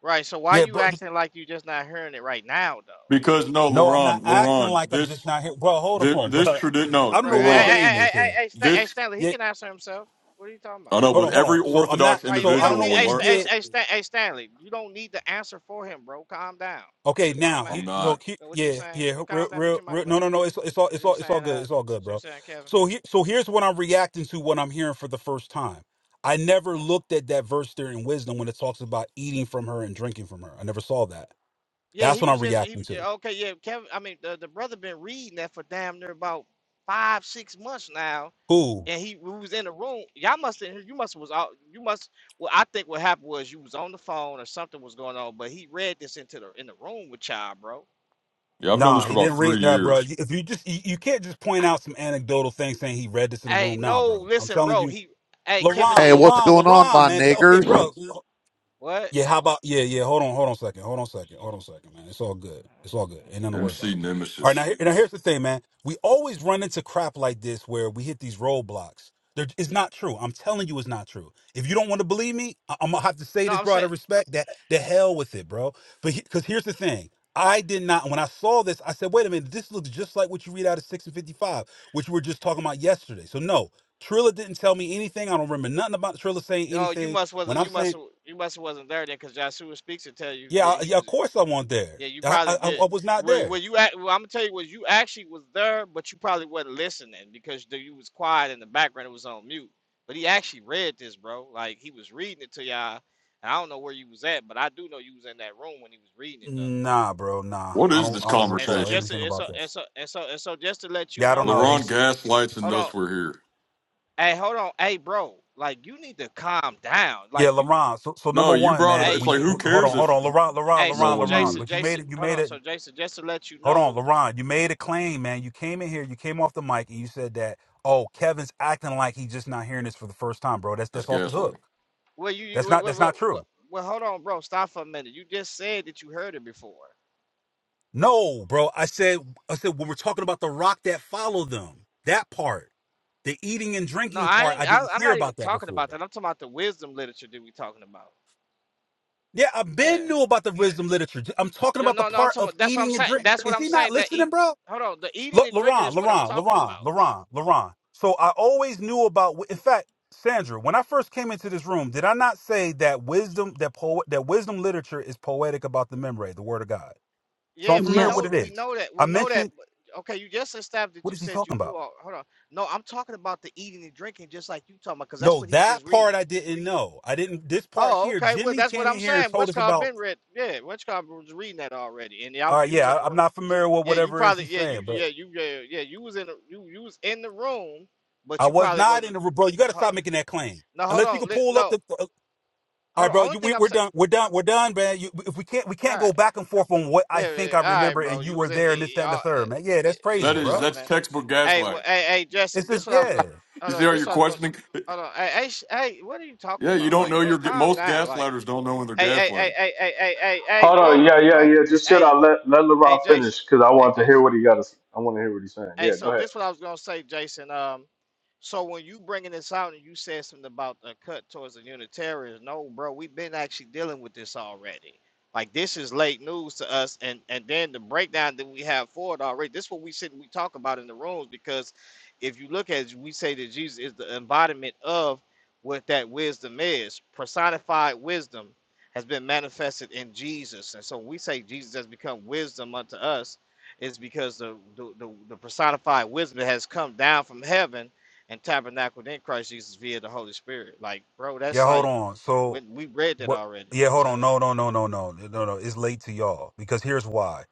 Speaker 6: right, so why
Speaker 3: Yeah,
Speaker 6: you
Speaker 3: bro. just-
Speaker 6: acting like you just not hearing it right now, though?
Speaker 7: Because no,
Speaker 3: No, I'm
Speaker 7: Laron,
Speaker 3: not acting
Speaker 7: Laron,
Speaker 3: like I'm just
Speaker 7: this
Speaker 3: not here. Bro, hold
Speaker 7: this,
Speaker 3: on,
Speaker 7: this
Speaker 3: bro.
Speaker 7: tradition no,
Speaker 3: I don't know
Speaker 6: Right,
Speaker 3: what
Speaker 6: hey,
Speaker 3: his
Speaker 6: hey,
Speaker 7: Laron.
Speaker 3: name
Speaker 6: hey,
Speaker 3: is
Speaker 6: hey,
Speaker 3: here.
Speaker 6: hey, Stan- hey,
Speaker 7: This
Speaker 6: Stanley, he
Speaker 3: Yeah,
Speaker 6: can answer himself. What are you talking
Speaker 7: I
Speaker 6: about?
Speaker 7: know,
Speaker 3: hold
Speaker 7: but
Speaker 3: on, hold
Speaker 7: every
Speaker 3: on. So I'm not.
Speaker 7: Orthodox
Speaker 6: Right?
Speaker 3: So
Speaker 6: We
Speaker 3: I
Speaker 6: don't
Speaker 3: don't
Speaker 7: individual
Speaker 3: know
Speaker 6: need.
Speaker 7: will
Speaker 3: where
Speaker 6: Hey,
Speaker 3: you
Speaker 6: Sta-
Speaker 7: learn
Speaker 6: hey,
Speaker 3: get.
Speaker 6: hey, Stan- hey, Stanley, you don't need to answer for him, bro. Calm down. He's
Speaker 3: Okay,
Speaker 6: a grown
Speaker 3: now
Speaker 6: man.
Speaker 3: he
Speaker 7: I'm
Speaker 3: he- so
Speaker 7: not.
Speaker 3: he,
Speaker 6: But what you was
Speaker 3: yeah
Speaker 6: saying?
Speaker 3: yeah
Speaker 6: Well,
Speaker 3: real
Speaker 6: calm down. Meet
Speaker 3: real
Speaker 6: your mic,
Speaker 3: real
Speaker 6: bro.
Speaker 3: no no no it's it's all
Speaker 6: What
Speaker 3: it's
Speaker 6: you
Speaker 3: all
Speaker 6: was
Speaker 3: it's all
Speaker 6: saying? Uh,
Speaker 3: good it's all good
Speaker 6: what you
Speaker 3: bro.
Speaker 6: was saying, Kevin.
Speaker 3: So he, so here's what I'm reacting to when I'm hearing for the first time. I never looked at that verse there in wisdom when it talks about eating from her and drinking from her. I never saw that.
Speaker 6: Yeah,
Speaker 3: That's
Speaker 6: he
Speaker 3: what
Speaker 6: was
Speaker 3: I'm
Speaker 6: just. He,
Speaker 3: reacting to.
Speaker 6: yeah, okay, yeah, Kevin. I mean, the, the brother been reading that for damn near about five, six months now.
Speaker 3: Who?
Speaker 6: And he we was in the room. Y'all must have. You must was out. You must. Well, I think what happened was you was on the phone or something was going on. But he read this into the in the room with y'all, bro.
Speaker 7: Yeah, I've known this
Speaker 3: Nah,
Speaker 7: for
Speaker 3: he
Speaker 7: about
Speaker 3: didn't read.
Speaker 7: three
Speaker 3: Nah,
Speaker 7: years.
Speaker 3: bro. If you just you, you can't just point out some anecdotal thing saying he read this in the
Speaker 6: Hey,
Speaker 3: room. Nah,
Speaker 6: no,
Speaker 3: bro. I'm
Speaker 6: listen,
Speaker 3: telling
Speaker 6: bro.
Speaker 3: you,
Speaker 6: He. Hey, Kevin
Speaker 3: LaRon,
Speaker 8: Hey,
Speaker 6: G.
Speaker 8: what's
Speaker 3: LaRon,
Speaker 8: going on,
Speaker 3: LaRon,
Speaker 8: my
Speaker 3: man. So, okay,
Speaker 8: niggers?
Speaker 3: bro.
Speaker 6: What?
Speaker 3: Yeah, how about yeah, yeah. Hold on, hold on a second, hold on a second, hold on a second, man. It's all good. It's all
Speaker 6: That's,
Speaker 3: good. Ain't nothing to worry
Speaker 6: crazy.
Speaker 7: MC
Speaker 3: about. All right, now
Speaker 7: Nemesis.
Speaker 3: here, now here's the thing, man. We always run into crap like this where we hit these roadblocks. There, it's not true. I'm telling you, it's not true. If you don't want to believe me, I, am gonna have to say
Speaker 6: No,
Speaker 3: this,
Speaker 6: I'm
Speaker 3: bro. Out
Speaker 6: saying.
Speaker 3: of respect, that the hell with it, bro. But because here's the thing. I did not. When I saw this, I said, "Wait a minute, this looks just like what you read out of six and fifty-five, which we were just talking about yesterday." So no, Trilla didn't tell me anything. I don't remember nothing about Trilla saying
Speaker 6: Oh, you
Speaker 3: anything.
Speaker 6: must
Speaker 3: When
Speaker 6: wasn't
Speaker 3: I'm
Speaker 6: you must
Speaker 3: saying
Speaker 6: you must wasn't there then, because Joshua speaks and tell you
Speaker 3: yeah, I,
Speaker 6: that he
Speaker 3: yeah, of
Speaker 6: was.
Speaker 3: course I wasn't there.
Speaker 6: Yeah, you
Speaker 3: I, I
Speaker 6: probably yeah.
Speaker 3: I was not
Speaker 6: Well, well,
Speaker 3: there.
Speaker 6: you act. Well, I'm gonna tell you what you actually was there, but you probably wasn't listening because the, you was quiet in the background. It was on mute. But he actually read this, bro. Like he was reading it to y'all. And I don't know where you was at, but I do know you was in that room when he was reading it though.
Speaker 3: Nah, bro, nah.
Speaker 7: What
Speaker 3: I
Speaker 7: is
Speaker 3: don't
Speaker 7: this
Speaker 3: I don't
Speaker 6: And so
Speaker 3: recall
Speaker 7: conversation?
Speaker 6: just to,
Speaker 3: anything
Speaker 6: and so
Speaker 3: about that.
Speaker 6: and so and so and so just to let you
Speaker 3: Yeah, I don't
Speaker 6: know,
Speaker 3: know.
Speaker 7: LaRon
Speaker 6: Jason.
Speaker 3: He's
Speaker 7: gaslights and
Speaker 6: Hold on,
Speaker 7: thus we're here.
Speaker 6: Hey, hold on. Hey, bro. Like, you need to calm down.
Speaker 3: yeah,
Speaker 6: Like, you.
Speaker 3: LaRon. So so
Speaker 7: No,
Speaker 3: number
Speaker 7: you
Speaker 3: one,
Speaker 7: brought it.
Speaker 6: Hey,
Speaker 3: man,
Speaker 7: It's
Speaker 3: when
Speaker 7: like
Speaker 3: you
Speaker 6: you.
Speaker 7: who
Speaker 3: hold
Speaker 7: cares
Speaker 6: You.
Speaker 3: on, hold
Speaker 7: if
Speaker 3: on, LaRon, LaRon,
Speaker 6: Hey,
Speaker 7: no
Speaker 6: so
Speaker 3: LaRon,
Speaker 7: one
Speaker 3: LaRon.
Speaker 7: knew
Speaker 6: Jason,
Speaker 7: it?
Speaker 3: But you made
Speaker 6: Jason,
Speaker 3: it you
Speaker 6: hold
Speaker 3: made
Speaker 6: on.
Speaker 3: it
Speaker 6: So Jason, just to let you
Speaker 3: hold on,
Speaker 6: know,
Speaker 3: LaRon, you made a claim, man. You came in here, you came off the mic and you said that, oh, Kevin's acting like he's just not hearing this for the first time, bro. That's
Speaker 7: That's
Speaker 3: that's off the hook.
Speaker 7: gaslighting.
Speaker 6: well, you, you,
Speaker 3: That's
Speaker 6: well,
Speaker 3: not
Speaker 6: well,
Speaker 3: that's not
Speaker 6: well, well,
Speaker 3: true.
Speaker 6: well, hold on, bro. Stop for a minute. You just said that you heard it before.
Speaker 3: No, bro. I said I said when we're talking about the rock that followed them, that part, the eating and
Speaker 6: No,
Speaker 3: drinking
Speaker 6: I
Speaker 3: part, I
Speaker 6: ain't. I,
Speaker 3: didn't
Speaker 6: I'm
Speaker 3: hear
Speaker 6: not even
Speaker 3: about that
Speaker 6: talking about
Speaker 3: before.
Speaker 6: that. I'm talking about the wisdom literature that we talking about.
Speaker 3: Yeah, I've
Speaker 6: Yeah.
Speaker 3: been knew about the wisdom literature. I'm talking
Speaker 6: You
Speaker 3: about the
Speaker 6: know, no, no. I'm
Speaker 3: part
Speaker 6: talking.
Speaker 3: of
Speaker 6: That's what I'm
Speaker 3: eating and
Speaker 6: saying.
Speaker 3: drink.
Speaker 6: That's what
Speaker 3: Is
Speaker 6: I'm
Speaker 3: he not
Speaker 6: saying. That
Speaker 3: listening,
Speaker 6: eat.
Speaker 3: bro?
Speaker 6: Hold on. The eating
Speaker 3: Look,
Speaker 6: and drinking
Speaker 3: Laron,
Speaker 6: is what I'm
Speaker 3: Laron,
Speaker 6: talking about.
Speaker 3: Laron, Laron, Laron. So I always knew about. In fact, Sandra, when I first came into this room, did I not say that wisdom, that poet, that wisdom literature is poetic about the memory, the word of God? So I'm
Speaker 6: Yeah, we
Speaker 3: familiar with what
Speaker 6: know
Speaker 2: Yes.
Speaker 3: it
Speaker 6: we
Speaker 3: is.
Speaker 6: know that
Speaker 3: I
Speaker 6: we know that.
Speaker 3: mentioned.
Speaker 6: but- Okay, you just established that
Speaker 3: What
Speaker 6: you
Speaker 3: is he
Speaker 6: said you
Speaker 3: talking about?
Speaker 6: knew. All, hold on, no, I'm talking about the eating and drinking, just like you talking about, because that's
Speaker 3: No,
Speaker 6: what he was just
Speaker 3: that part
Speaker 6: reading.
Speaker 3: I didn't know. I didn't. This part
Speaker 6: Oh,
Speaker 3: here,
Speaker 6: okay, well
Speaker 3: Jimmy
Speaker 6: that's what
Speaker 3: came in
Speaker 6: I'm
Speaker 3: here and
Speaker 6: saying.
Speaker 3: told
Speaker 6: What's
Speaker 3: us
Speaker 6: called
Speaker 3: about.
Speaker 6: been read? Yeah, what's called was reading that already, and I
Speaker 3: All
Speaker 6: was
Speaker 3: right,
Speaker 6: you was
Speaker 3: yeah,
Speaker 6: in the
Speaker 3: I, I'm
Speaker 6: room.
Speaker 3: not familiar with
Speaker 6: Yeah, you
Speaker 3: whatever it is
Speaker 6: probably
Speaker 3: he's
Speaker 6: yeah you
Speaker 3: saying, but
Speaker 6: yeah you yeah yeah you was in the you you was in the room, but
Speaker 3: I
Speaker 6: you
Speaker 3: was
Speaker 6: probably
Speaker 3: not in
Speaker 6: wasn't.
Speaker 3: the bro. You got to
Speaker 6: huh,
Speaker 3: stop making that claim.
Speaker 6: No, hold
Speaker 3: Unless you
Speaker 6: on,
Speaker 3: can
Speaker 6: li-
Speaker 3: pull up
Speaker 6: no,
Speaker 3: the. uh, all
Speaker 6: hold
Speaker 3: right,
Speaker 6: on.
Speaker 3: bro.
Speaker 6: Only
Speaker 3: You,
Speaker 6: thing
Speaker 3: we,
Speaker 6: I'm
Speaker 3: we're
Speaker 6: saying.
Speaker 3: done. We're done. We're done, man. You, if we can't, we
Speaker 6: All
Speaker 3: can't go
Speaker 6: right,
Speaker 3: back and forth on what I
Speaker 6: yeah, yeah
Speaker 3: think I
Speaker 6: all right,
Speaker 3: remember
Speaker 6: bro.
Speaker 3: and you
Speaker 6: You was
Speaker 3: were
Speaker 6: in.
Speaker 3: there and this,
Speaker 6: eh,
Speaker 3: that,
Speaker 6: eh,
Speaker 3: and
Speaker 6: uh,
Speaker 3: the third,
Speaker 6: eh,
Speaker 3: man. Yeah,
Speaker 6: yeah,
Speaker 3: that's
Speaker 6: yeah,
Speaker 3: crazy,
Speaker 7: That
Speaker 6: what's
Speaker 7: is
Speaker 3: bro.
Speaker 6: called in
Speaker 7: that's
Speaker 6: there?
Speaker 7: textbook
Speaker 6: Hey, well,
Speaker 7: gaslighting.
Speaker 6: hey, hey, Justin,
Speaker 3: It's
Speaker 6: this
Speaker 3: just
Speaker 6: what I was gonna.
Speaker 3: yeah.
Speaker 7: You
Speaker 6: Hold
Speaker 7: see
Speaker 6: on,
Speaker 7: how
Speaker 6: this
Speaker 7: you're
Speaker 6: what I was gonna.
Speaker 7: questioning?
Speaker 6: Hold on, hey, hey, sh- hey, what are you talking
Speaker 7: Yeah, you
Speaker 6: about?
Speaker 7: don't
Speaker 6: Like,
Speaker 7: know
Speaker 6: bro,
Speaker 7: you're
Speaker 6: calm
Speaker 7: most
Speaker 6: down. Like,
Speaker 7: gaslighters don't know when they're
Speaker 6: hey, hey, hey,
Speaker 7: gaslighting.
Speaker 6: hey, hey, hey, hey, hey,
Speaker 4: Hold on.
Speaker 6: bro,
Speaker 4: Yeah, yeah,
Speaker 6: bro,
Speaker 4: yeah. Just shit. I
Speaker 6: hey,
Speaker 4: let let
Speaker 6: hey,
Speaker 4: LeBron
Speaker 6: Jason,
Speaker 4: finish because I
Speaker 6: hey,
Speaker 4: want to hear
Speaker 6: Jason.
Speaker 4: what he got. To, s- I want to hear what he's saying.
Speaker 6: Hey,
Speaker 4: Yeah, go
Speaker 6: so
Speaker 4: ahead.
Speaker 6: this what I was gonna say, Jason. Um, so when you bringing this out and you said something about a cut towards the Unitarians, no, bro, we've been actually dealing with this already. Like this is late news to us, and and then the breakdown that we have for it already. This is what we sit and we talk about in the rooms because if you look at, it, we say that Jesus is the embodiment of what that wisdom is. Personified wisdom has been manifested in Jesus, and so we say Jesus has become wisdom unto us is because the, the, the, the personified wisdom that has come down from heaven and tabernacled in Christ Jesus via the Holy Spirit. Like, bro, that's
Speaker 3: Yeah, hold
Speaker 6: like,
Speaker 3: on.
Speaker 6: we,
Speaker 3: So
Speaker 6: we read that
Speaker 3: What?
Speaker 6: already. You
Speaker 3: Yeah,
Speaker 6: know what I'm
Speaker 3: hold on.
Speaker 6: saying?
Speaker 3: No, no, no, no, no, no, no. no. It's late to y'all because here's why.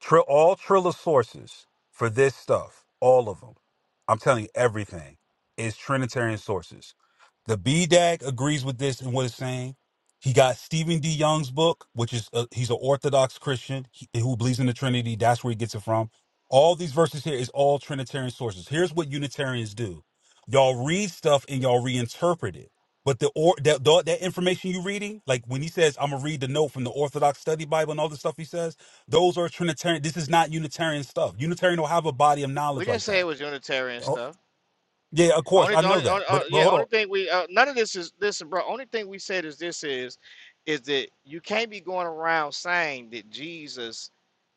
Speaker 3: Trill, all Triller sources for this stuff, all of them. I'm telling you, everything is Trinitarian sources. The BDAG agrees with this and what it's saying. He got Stephen D. Young's book, which is a, he's an Orthodox Christian he- who believes in the Trinity. That's where he gets it from. All these verses here is all Trinitarian sources. Here's what Unitarians do: y'all read stuff and y'all reinterpret it. But the or that the, that information you reading, like when he says, "I'm gonna read the note from the Orthodox Study Bible" and all the stuff he says, those are Trinitarian. This is not Unitarian stuff. Unitarian don't have a body of
Speaker 6: We
Speaker 3: knowledge
Speaker 6: didn't
Speaker 3: like
Speaker 6: say it
Speaker 3: that.
Speaker 6: was Unitarian
Speaker 3: Oh,
Speaker 6: stuff.
Speaker 3: yeah, of course
Speaker 6: Only,
Speaker 3: I know
Speaker 6: only,
Speaker 3: that.
Speaker 6: only uh,
Speaker 3: But but
Speaker 6: yeah.
Speaker 3: hold on.
Speaker 6: Only thing we uh, none of this is listen, bro. Only thing we said is this is, is that you can't be going around saying that Jesus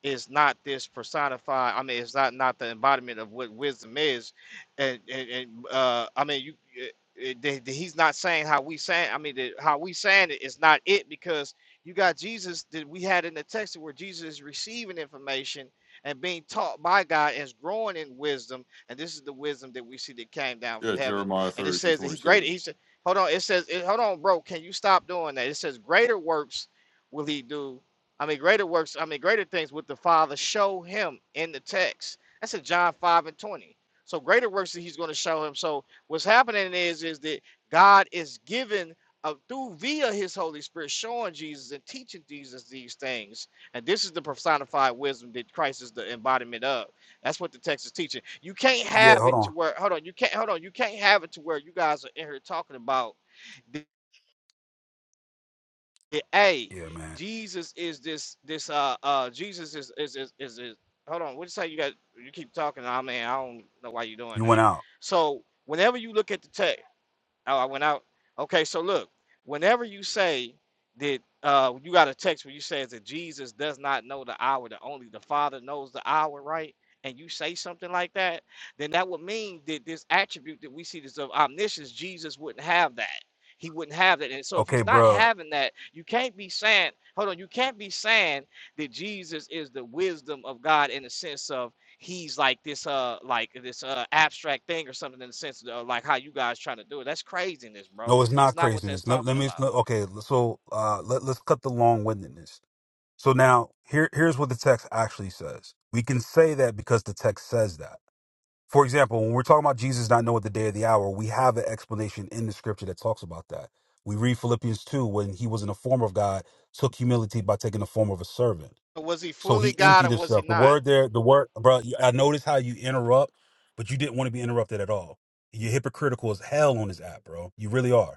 Speaker 6: is not this personified. I mean, it's not not the embodiment of what wisdom is, and and, and uh, I mean you. uh, uh, that- that He's not saying how we saying. I mean, that how we saying it is not it because you got Jesus that we had in the text where Jesus is receiving information and being taught by God and is growing in wisdom and this is the wisdom that we see that came down from
Speaker 7: Yeah,
Speaker 6: heaven.
Speaker 7: Jeremiah
Speaker 6: And it
Speaker 7: thirty through
Speaker 6: says that he
Speaker 7: twenty
Speaker 6: greater.
Speaker 7: seven.
Speaker 6: He said, "Hold on." It says, it- "Hold on, bro. Can you stop doing that?" It says, "Greater works will he do." I mean, greater works. I mean, greater things with the Father show him in the text. That's in John five and twenty. So greater works that he's going to show him. So what's happening is is that God is giving uh, through via His Holy Spirit, showing Jesus and teaching Jesus these things. And this is the personified wisdom that Christ is the embodiment of. That's what the text is teaching. You can't
Speaker 3: Yeah,
Speaker 6: have
Speaker 3: hold
Speaker 6: it to
Speaker 3: on.
Speaker 6: where hold on, you can't hold on, you can't have it to where you guys are in here talking about the, the A.
Speaker 3: Yeah, man,
Speaker 6: Jesus is this this uh uh Jesus is is is is, is hold on, what you say you got you keep talking, I mean I don't know why you're doing
Speaker 3: you went
Speaker 6: that.
Speaker 3: out.
Speaker 6: So whenever you look at the text Oh, I went out. Okay, so look, whenever you say that uh you got a text where you says that Jesus does not know the hour, that only the Father knows the hour, right? And you say something like that, then that would mean that this attribute that we see this of omniscience, Jesus wouldn't have that. He wouldn't have that. And so if
Speaker 3: Okay,
Speaker 6: he's not
Speaker 3: bruh.
Speaker 6: having that, you can't be saying, hold on, you can't be saying that Jesus is the wisdom of God in the sense of he's like this uh like this uh abstract thing or something in the sense of uh, like how you guys trying to do it. That's craziness, bro.
Speaker 3: No, it's
Speaker 6: That's
Speaker 3: not
Speaker 6: not what that's
Speaker 3: craziness. Let, let
Speaker 6: talking
Speaker 3: me.
Speaker 6: about.
Speaker 3: let- okay, so uh, let let's cut the long windedness. So now here here's what the text actually says. We can say that because the text says that. For example, when we're talking about Jesus not knowing the day or the hour, we have an explanation in the scripture that talks about that. We read Philippians 2 when he was in the form of God, took humility by taking the form of a servant.
Speaker 6: Was he
Speaker 3: So
Speaker 6: fully
Speaker 3: he
Speaker 6: God
Speaker 3: emptied
Speaker 6: or was he
Speaker 3: himself. The
Speaker 6: not?
Speaker 3: word there, the word, bro, I noticed how you interrupt, but you didn't want to be interrupted at all. You're hypocritical as hell on this app, bro. You really are.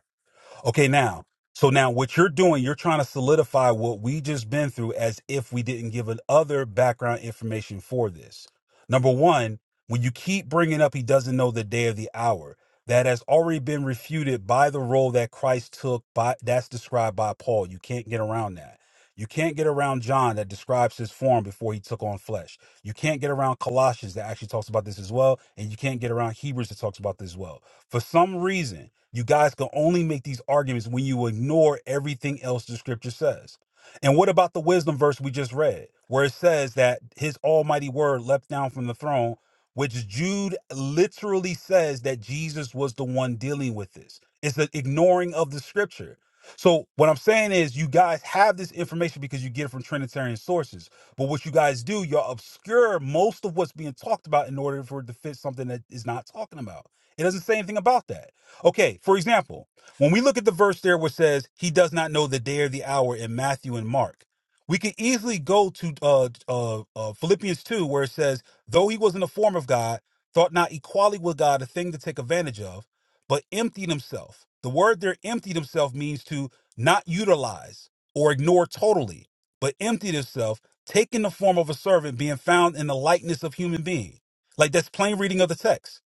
Speaker 3: Okay, now, so now what you're doing, you're trying to solidify what we just been through as if we didn't give an other background information for this. Number one, when you keep bringing up, he doesn't know the day of the hour. That has already been refuted by the role that Christ took. By that's described by Paul. You can't get around that. You can't get around John that describes his form before he took on flesh. You can't get around Colossians that actually talks about this as well, and you can't get around Hebrews that talks about this as well. For some reason, you guys can only make these arguments when you ignore everything else the scripture says. And what about the wisdom verse we just read, where it says that his almighty word leapt down from the throne, which Jude literally says that Jesus was the one dealing with this? It's the ignoring of the scripture. So, what I'm saying is, you guys have this information because you get it from Trinitarian sources. But what you guys do, y'all obscure most of what's being talked about in order for it to fit something that is not talking about. It doesn't say anything about that. Okay, for example, when we look at the verse there which says he does not know the day or the hour in Matthew and Mark, we could easily go to uh, uh, uh, Philippians 2 where it says, though he was in the form of God, thought not equality with God a thing to take advantage of, but emptied himself. The word there, emptied himself, means to not utilize or ignore totally, but emptied himself, taking the form of a servant, being found in the likeness of human being. Like that's plain reading of the text.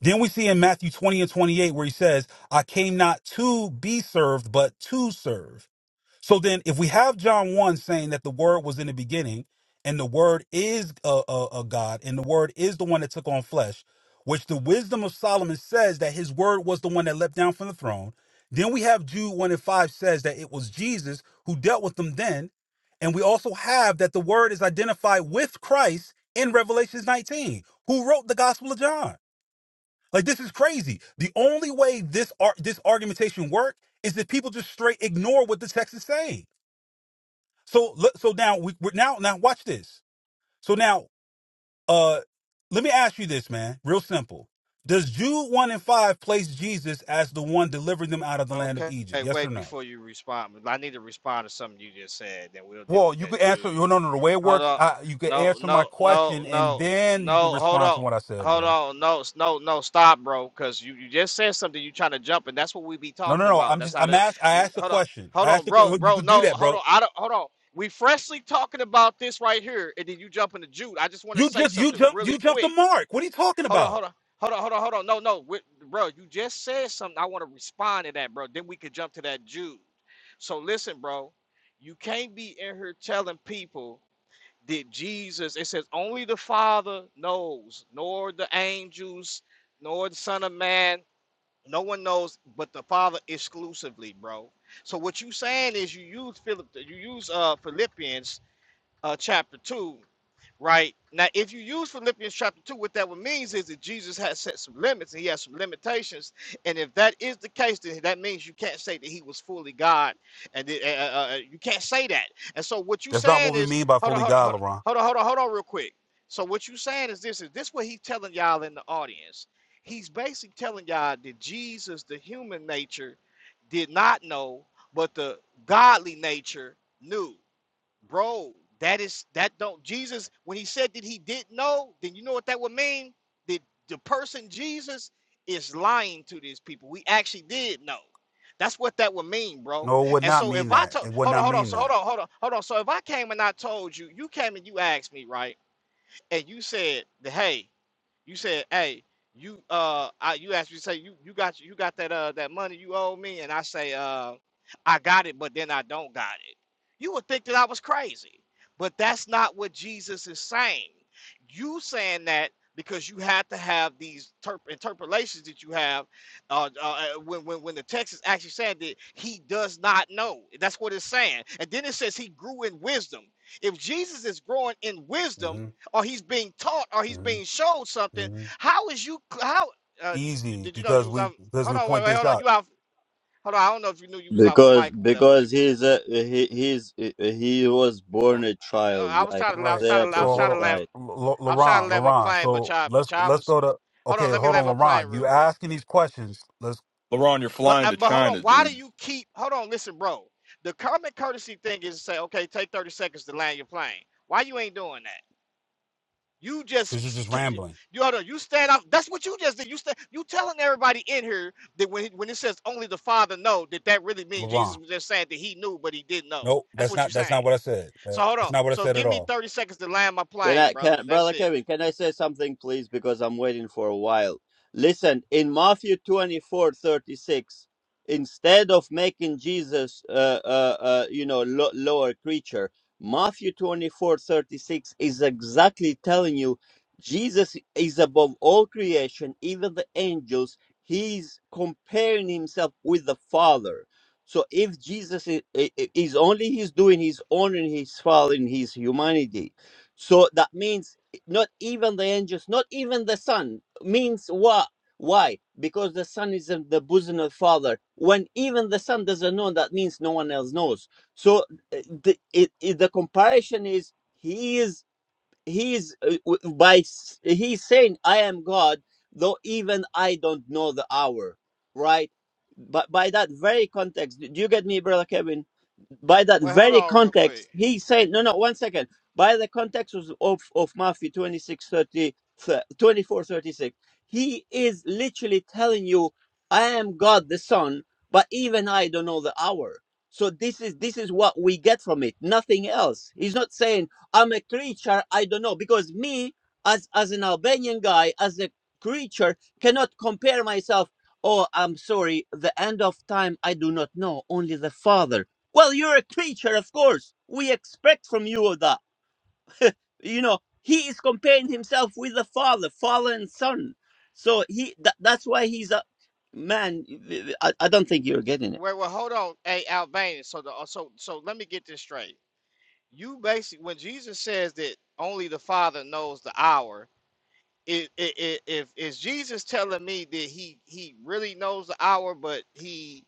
Speaker 3: Then we see in Matthew 20 and 28 where he says, I came not to be served, but to serve. So then, if we have John 1 saying that the word was in the beginning, and the word is a, a, a God, and the word is the one that took on flesh, which the wisdom of Solomon says that his word was the one that leapt down from the throne. Then we have Jude 1 and 5 says that it was Jesus who dealt with them then. And we also have that the word is identified with Christ in Revelations 19, who wrote the Gospel of John. Like this is crazy. The only way this ar- this argumentation work is that people just straight ignore what the text is saying. So le- so now we we're now now watch this. So now uh let me ask you this, man. Real simple. Does Jude one and five place Jesus as the one delivering them out of the land of
Speaker 6: Okay,
Speaker 3: Egypt? Yes or
Speaker 6: wait
Speaker 3: no?
Speaker 6: before you respond. I need to respond to something you just said, then we'll deal
Speaker 3: Well,
Speaker 6: with
Speaker 3: you
Speaker 6: that
Speaker 3: could answer.
Speaker 6: Jude.
Speaker 3: No, no, no. The way it
Speaker 6: Hold
Speaker 3: works,
Speaker 6: on.
Speaker 3: I, you could
Speaker 6: No,
Speaker 3: answer my
Speaker 6: no, no,
Speaker 3: question and
Speaker 6: no,
Speaker 3: then you can
Speaker 6: no. Hold
Speaker 3: respond
Speaker 6: on.
Speaker 3: to what I said,
Speaker 6: Hold
Speaker 3: bro.
Speaker 6: on. No, s- no, no. Stop, bro. Because you, you just said something. You trying to jump, and that's what we be
Speaker 3: No,
Speaker 6: talking
Speaker 3: no, no.
Speaker 6: about.
Speaker 3: I'm
Speaker 6: That's
Speaker 3: just.
Speaker 6: how
Speaker 3: I'm
Speaker 6: the
Speaker 3: asked. I
Speaker 6: we.
Speaker 3: asked the
Speaker 6: Hold on.
Speaker 3: question.
Speaker 6: Hold
Speaker 3: I
Speaker 6: on,
Speaker 3: asked. A,
Speaker 6: bro,
Speaker 3: que- you
Speaker 6: bro.
Speaker 3: could do
Speaker 6: No,
Speaker 3: that,
Speaker 6: hold
Speaker 3: bro.
Speaker 6: on. I don't. Hold on. We freshly talking about this right here, and then you jump into Jude. I just want to
Speaker 3: You
Speaker 6: say
Speaker 3: just you
Speaker 6: something
Speaker 3: jumped
Speaker 6: really
Speaker 3: you jumped the
Speaker 6: quick.
Speaker 3: mark. What are you talking
Speaker 6: Hold on. Hold
Speaker 3: about?
Speaker 6: on. Hold on, hold on, hold on. No, no, we- bro, you just said something. I want to respond to that, bro. Then we could jump to that Jude. So listen, bro, you can't be in here telling people did Jesus, it says, only the Father knows, nor the angels, nor the Son of Man. No one knows but the Father exclusively, bro. So what you saying is you use Philip, you use uh Philippians uh chapter two right? Now, if you use Philippians chapter 2, what that would means is that Jesus has set some limits and he has some limitations. And if that is the case, then that means you can't say that he was fully God. And it- uh, uh, uh, you can't say that. And so what you
Speaker 3: That's not
Speaker 6: saying
Speaker 3: what we
Speaker 6: is,
Speaker 3: mean by
Speaker 6: hold on,
Speaker 3: fully
Speaker 6: hold on,
Speaker 3: God,
Speaker 6: hold on,
Speaker 3: Laurent.
Speaker 6: hold on, hold on, hold on real quick. So what you saying is this, is this what he's telling y'all in the audience. He's basically telling y'all that Jesus, the human nature, did not know, but the godly nature knew bro that is that don't jesus when he said that he didn't know then you know what that would mean That the person jesus is lying to these people we actually did know that's what that would mean bro
Speaker 3: No, it would
Speaker 6: and
Speaker 3: not
Speaker 6: so if
Speaker 3: mean
Speaker 6: i
Speaker 3: that.
Speaker 6: told
Speaker 3: It would
Speaker 6: hold on
Speaker 3: not
Speaker 6: hold on
Speaker 3: mean
Speaker 6: so hold
Speaker 3: that.
Speaker 6: on hold on hold on so if i came and i told you you came and you asked me right and you said that, hey you said, "Hey, you uh, I, you asked me say you you got you got that uh that money you owe me," and I say, "Uh, I got it, but then I don't got it." You would think that I was crazy, but that's not what Jesus is saying. You saying that because you had to have these terp- interpolations that you have uh, uh, uh, when, when when the text is actually saying that he does not know. That's what it's saying, and then it says he grew in wisdom. If Jesus is growing in wisdom
Speaker 3: hmm
Speaker 6: or he's being taught or he's
Speaker 3: hmm
Speaker 6: being shown something.
Speaker 3: hmm
Speaker 6: How is you? How uh, you,
Speaker 3: Easy
Speaker 6: did you know you
Speaker 3: because
Speaker 6: was
Speaker 3: we
Speaker 6: off?
Speaker 3: because
Speaker 6: Hold
Speaker 3: we
Speaker 6: on, wait,
Speaker 3: point
Speaker 6: wait,
Speaker 3: this
Speaker 6: hold on.
Speaker 3: out,
Speaker 6: You off? Hold on. I don't know if you knew you was off of
Speaker 1: Because
Speaker 6: mic or whatever, but you
Speaker 1: because
Speaker 6: was.
Speaker 1: he's a he he's he was born a
Speaker 6: Uh, uh, I
Speaker 1: child,
Speaker 6: was
Speaker 1: like
Speaker 6: trying to. I was
Speaker 3: right?
Speaker 1: Isaiah
Speaker 6: trying to. I
Speaker 3: So
Speaker 6: was
Speaker 3: hold
Speaker 6: trying to
Speaker 3: on,
Speaker 1: prophesied.
Speaker 6: land.
Speaker 3: L- L-
Speaker 6: I was trying to
Speaker 3: Laurent,
Speaker 6: land my
Speaker 3: Laurent.
Speaker 6: plane, but
Speaker 3: So
Speaker 6: y'all,
Speaker 3: let's
Speaker 6: but y'all
Speaker 3: let's
Speaker 6: was.
Speaker 3: go to
Speaker 6: Hold
Speaker 3: okay.
Speaker 6: on, let me
Speaker 3: Hold on,
Speaker 6: land my plane
Speaker 3: Laurent.
Speaker 6: real
Speaker 3: You
Speaker 6: quick.
Speaker 3: asking these questions? Let's
Speaker 7: LaRon, you're
Speaker 6: But
Speaker 7: flying
Speaker 6: uh,
Speaker 7: to
Speaker 6: but hold on.
Speaker 7: China,
Speaker 6: Why do
Speaker 7: dude.
Speaker 6: you keep? Hold on, listen, bro. The common courtesy thing is to say, okay, take thirty seconds to land your plane. Why you ain't doing that? You just
Speaker 3: because you're just
Speaker 6: you
Speaker 3: rambling,
Speaker 6: you oughta- you stand up. That's what you just did. You stand. You telling everybody in here that when when it says only the Father know that that really means Jesus
Speaker 3: Laurent.
Speaker 6: was just saying that he knew but he didn't know.
Speaker 3: Nope,
Speaker 6: That's
Speaker 3: that's
Speaker 6: what you're
Speaker 3: not that's
Speaker 6: saying.
Speaker 3: not what I said.
Speaker 6: So hold
Speaker 3: That's
Speaker 6: on.
Speaker 3: not what I
Speaker 6: So
Speaker 3: said at
Speaker 6: give me
Speaker 3: all.
Speaker 6: 30 seconds to land my
Speaker 1: Can
Speaker 6: plane,
Speaker 1: I,
Speaker 6: brother.
Speaker 1: can,
Speaker 6: That's
Speaker 1: brother
Speaker 6: it.
Speaker 1: Kevin, can I say something, please? Because I'm waiting for a while. Listen, in Matthew 24 36, instead of making Jesus, uh, uh, uh, you know, lo- lower creature, Matthew 24 36 is exactly telling you Jesus is above all creation, even the angels. He's comparing himself with the Father. So if Jesus is, is only he's doing, he's honoring his Father in his humanity so that means eh, not even the angels, not even the Son. Means what? Why? Because the Son is in the bosom of the Father. When even the Son doesn't know, that means no one else knows. So uh, the, it, it- the comparison is He is he is uh, w- by s- he's saying i am god though even i don't know the hour right but by that very context do you get me brother kevin by that
Speaker 6: Wait, hold
Speaker 1: very
Speaker 6: on real quick.
Speaker 1: context he's saying no no one second by the context of of, of matthew 26 30 24 36 he is literally telling you i am god the son but even i don't know the hour so this is this is what we get from it nothing else he's not saying I'm a creature, I don't know. Because me, as as an Albanian guy, as a creature, cannot compare myself. Oh, I'm sorry, the end of time I do not know, only the Father. Well, you're a creature, of course. We expect from you all that. You know, he is comparing himself with the Father, Father and Son. So he tha- that's why he's a man. I, I don't think you're getting it.
Speaker 6: Wait, well, hold on, hey Albanian. So the uh, so so let me get this straight. You basically when Jesus says that only the Father knows the hour, i- i- i- if is Jesus telling me that he he really knows the hour, but he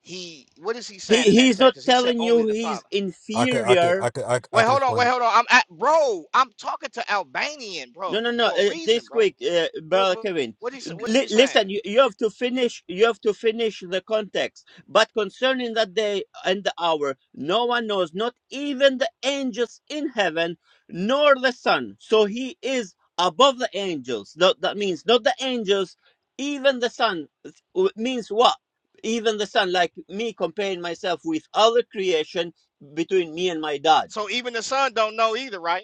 Speaker 6: he what is he
Speaker 1: He
Speaker 6: saying in that
Speaker 1: he's
Speaker 6: text?
Speaker 1: not
Speaker 6: Because he said
Speaker 1: telling
Speaker 6: only
Speaker 1: you
Speaker 6: the
Speaker 1: he's
Speaker 6: Father.
Speaker 3: I could I
Speaker 1: inferior
Speaker 3: could I could I, could- I
Speaker 6: Wait,
Speaker 3: could
Speaker 6: hold on, wait,
Speaker 3: explain.
Speaker 6: hold on. I'm at, bro. I'm talking to Albanian, bro,
Speaker 1: No, no, no.
Speaker 6: for a
Speaker 1: Uh,
Speaker 6: reason,
Speaker 1: this
Speaker 6: bro.
Speaker 1: quick, uh,
Speaker 6: What
Speaker 1: brother
Speaker 6: what
Speaker 1: Kevin.
Speaker 6: what he sa- what is
Speaker 1: Li-
Speaker 6: he saying?
Speaker 1: listen, you, you have to finish. You have to finish the context. But concerning the day and the hour, no one knows, not even the angels in heaven, nor the Son. So he is above the angels. That, that means not the angels, even the Son. It's- w- Means what? Even the Son, like me comparing myself with other creation between me and my dad
Speaker 6: So even the son don't know either, right?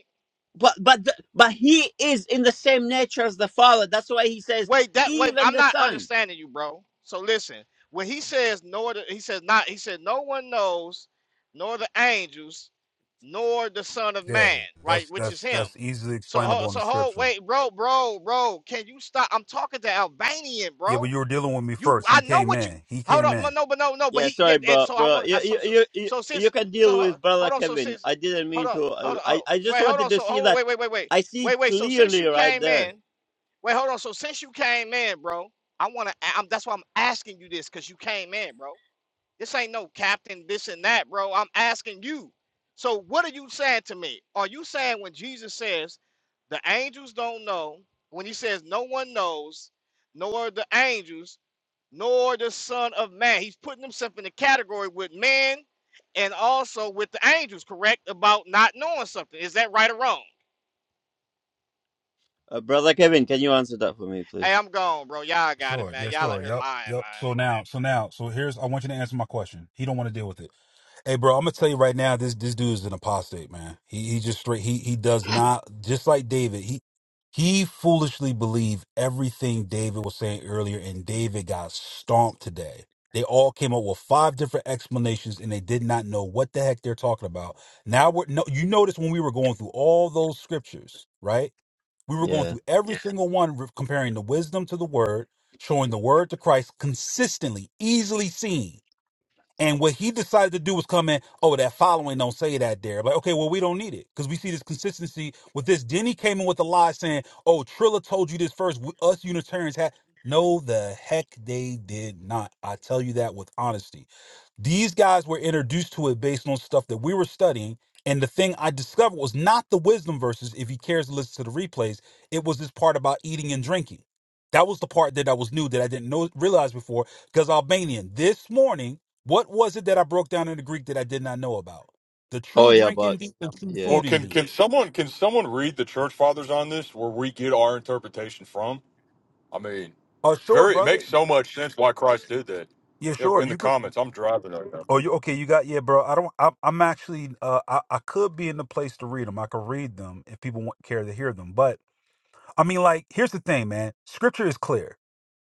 Speaker 1: but but the, but he is in the same nature as the father that's why he says
Speaker 6: Wait, that wait,
Speaker 1: even
Speaker 6: I'm
Speaker 1: the
Speaker 6: not
Speaker 1: son
Speaker 6: understanding you, bro. So listen, when he says nor the, he says not he said no one knows, nor the angels, nor the Son of
Speaker 3: Yeah,
Speaker 6: Man, right?
Speaker 3: that's
Speaker 6: Which is
Speaker 3: that's
Speaker 6: him.
Speaker 3: that's easily
Speaker 6: So ho-
Speaker 3: explainable in
Speaker 6: so
Speaker 3: the
Speaker 6: hold
Speaker 3: scripture.
Speaker 6: wait, bro, bro, bro. Can you stop? I'm talking to Albanian, bro.
Speaker 3: Yeah, but you were dealing with me
Speaker 6: You
Speaker 3: first.
Speaker 6: I
Speaker 3: He
Speaker 6: know
Speaker 3: came
Speaker 6: what you
Speaker 3: in. He
Speaker 6: hold
Speaker 3: came
Speaker 6: on, no,
Speaker 3: in.
Speaker 6: no, but no, no, but
Speaker 1: yeah
Speaker 6: he yeah,
Speaker 1: sorry
Speaker 6: and
Speaker 1: bro
Speaker 6: so I
Speaker 1: bro
Speaker 6: want
Speaker 1: you
Speaker 6: to so
Speaker 1: you
Speaker 6: so
Speaker 1: you, you
Speaker 6: so
Speaker 1: you
Speaker 6: since
Speaker 1: can
Speaker 6: so
Speaker 1: deal
Speaker 6: ho-
Speaker 1: with brother
Speaker 6: hold on, so
Speaker 1: kevin
Speaker 6: since
Speaker 1: i didn't
Speaker 6: hold
Speaker 1: mean
Speaker 6: on,
Speaker 1: to
Speaker 6: hold
Speaker 1: uh,
Speaker 6: on,
Speaker 1: i
Speaker 6: hold,
Speaker 1: i just
Speaker 6: wait, hold
Speaker 1: wanted
Speaker 6: on,
Speaker 1: to
Speaker 6: so
Speaker 1: see
Speaker 6: hold on,
Speaker 1: that
Speaker 6: wait, wait, wait, wait,
Speaker 1: i see it
Speaker 6: wait, wait. So since
Speaker 1: clearly
Speaker 6: you
Speaker 1: right
Speaker 6: came in.
Speaker 1: there
Speaker 6: Wait, hold on. So since you came in, bro, I want to. I'm, that's why I'm asking you this, cause you came in, bro. This ain't no captain, this and that, bro. I'm asking you. So what are you saying to me? Are you saying when Jesus says the angels don't know, when he says no one knows, nor the angels, nor the Son of Man, he's putting himself in the category with men and also with the angels, correct? About not knowing something. Is that right or wrong?
Speaker 1: uh, brother kevin can you answer that for me
Speaker 6: Hey,
Speaker 1: please
Speaker 6: I'm gone, bro. Y'all got it,
Speaker 3: Sure.
Speaker 6: man.
Speaker 3: Yeah,
Speaker 6: Y'all out
Speaker 3: sure.
Speaker 6: here
Speaker 3: Yep.
Speaker 6: lying,
Speaker 3: Yep.
Speaker 6: man.
Speaker 3: So now, so now, so here's I want you to answer my question. He don't want to deal with it. Hey, bro, I'm gonna tell you right now, this this dude is an apostate, man. He he just straight he he does not just like David, he he foolishly believed everything David was saying earlier, and David got stomped today. They all came up with five different explanations and they did not know what the heck they're talking about. Now we're no you notice when we were going through all those scriptures, right? We were going
Speaker 1: yeah
Speaker 3: through every Yeah. single one, re- comparing the wisdom to the word, showing the word to Christ consistently, easily seen. And what he decided to do was come in, oh, that following don't say that there. Like, okay, well, we don't need it because we see this consistency with this. Then he came in with a lie saying, oh, Trilla told you this first. W- Us Unitarians had. No, the heck they did not. I tell you that with honesty. These guys were introduced to it based on stuff that we were studying. And the thing I discovered was not the wisdom verses, if he cares to listen to the replays, it was this part about eating and drinking. That was the part that I was new that I didn't know realize before because Albanian this morning what was it that I broke down in the Greek that I did not know about? The
Speaker 1: oh
Speaker 3: true
Speaker 1: yeah
Speaker 3: drink
Speaker 1: but
Speaker 3: indeed, the true
Speaker 7: Well,
Speaker 1: yeah
Speaker 3: food
Speaker 7: can
Speaker 3: indeed.
Speaker 7: can someone can someone read the church fathers on this where we get our interpretation from? I mean,
Speaker 3: Oh,
Speaker 7: it's
Speaker 3: sure,
Speaker 7: very. It
Speaker 3: brother.
Speaker 7: makes so much sense why Christ did that.
Speaker 3: Yeah,
Speaker 7: Yeah,
Speaker 3: sure.
Speaker 7: In the
Speaker 3: You could.
Speaker 7: comments, I'm driving right now,
Speaker 3: Oh,
Speaker 7: but
Speaker 3: you okay? You got yeah, bro. I don't. I'm, I'm actually. Uh, I, I could be in the place to read them. I could read them if people want, care to hear them. But I mean, like, here's the thing, man. Scripture is clear.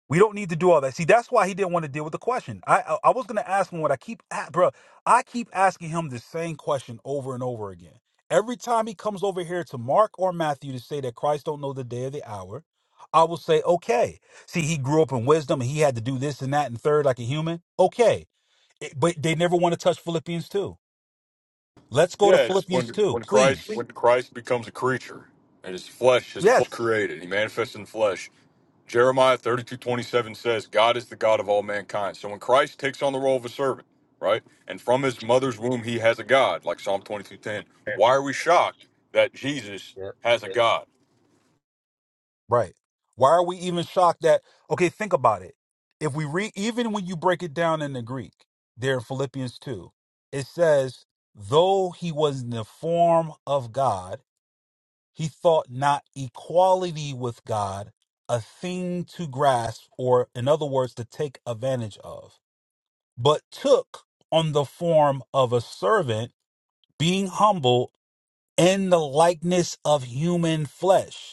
Speaker 3: We don't need to do all that. See, that's why he didn't want to deal with the question. I I, I was gonna ask him what I keep, at, bro. I keep asking him the same question over and over again. Every time he comes over here to Mark or Matthew to say that Christ don't know the day or the hour, I will say, okay. See, he grew up in wisdom and he had to do this and that and third like a human. Okay, It- but they never want to touch Philippians two. Let's go to
Speaker 7: yeah, it's when
Speaker 3: Philippians two,
Speaker 7: when Christ
Speaker 3: please.
Speaker 7: when Christ becomes a creature and his flesh is full
Speaker 3: Yes.
Speaker 7: created. He manifests in the flesh. Jeremiah 32 27 says, "God is the God of all mankind." So when Christ takes on the role of a servant, right, and from his mother's womb he has a God, like Psalm 22 10. Why are we shocked that Jesus has a God?
Speaker 3: Right. Why are we even shocked that okay, think about it. If we read even when you break it down in the Greek, there in Philippians 2, it says, though he was in the form of God, he thought not equality with God a thing to grasp, or in other words, to take advantage of, but took on the form of a servant, being humble in the likeness of human flesh.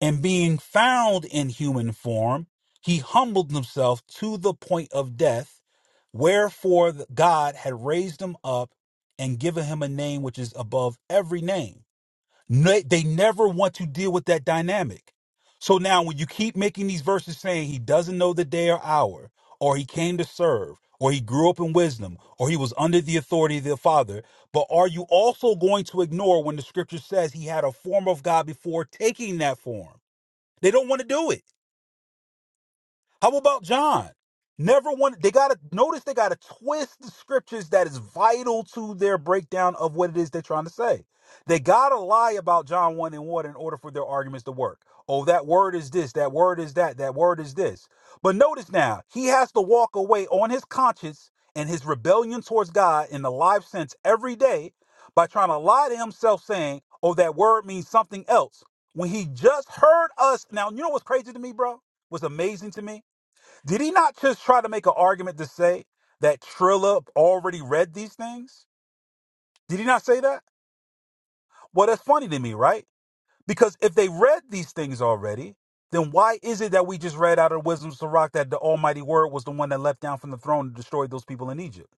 Speaker 3: And being found in human form, he humbled himself to the point of death, wherefore God had raised him up and given him a name which is above every name. Ne- They never want to deal with that dynamic. So now, when you keep making these verses saying he doesn't know the day or hour, or he came to serve, or he grew up in wisdom, or he was under the authority of the Father, but are you also going to ignore when the scripture says he had a form of God before taking that form? They don't want to do it. How about John? Never one. They gotta notice. They gotta twist the scriptures that is vital to their breakdown of what it is they're trying to say. They gotta lie about John one and water in order for their arguments to work. Oh, that word is this. That word is that. That word is this. But notice now, he has to walk away on his conscience and his rebellion towards God in the live sense every day by trying to lie to himself, saying, "Oh, that word means something else." When he just heard us. Now, you know what's crazy to me, bro? What's amazing to me? Did he not just try to make an argument to say that Trilla already read these things? Did he not say that? Well, that's funny to me, right? Because if they read these things already, then why is it that we just read out of Wisdom of Sirach that the Almighty Word was the one that leapt down from the throne and destroyed those people in Egypt?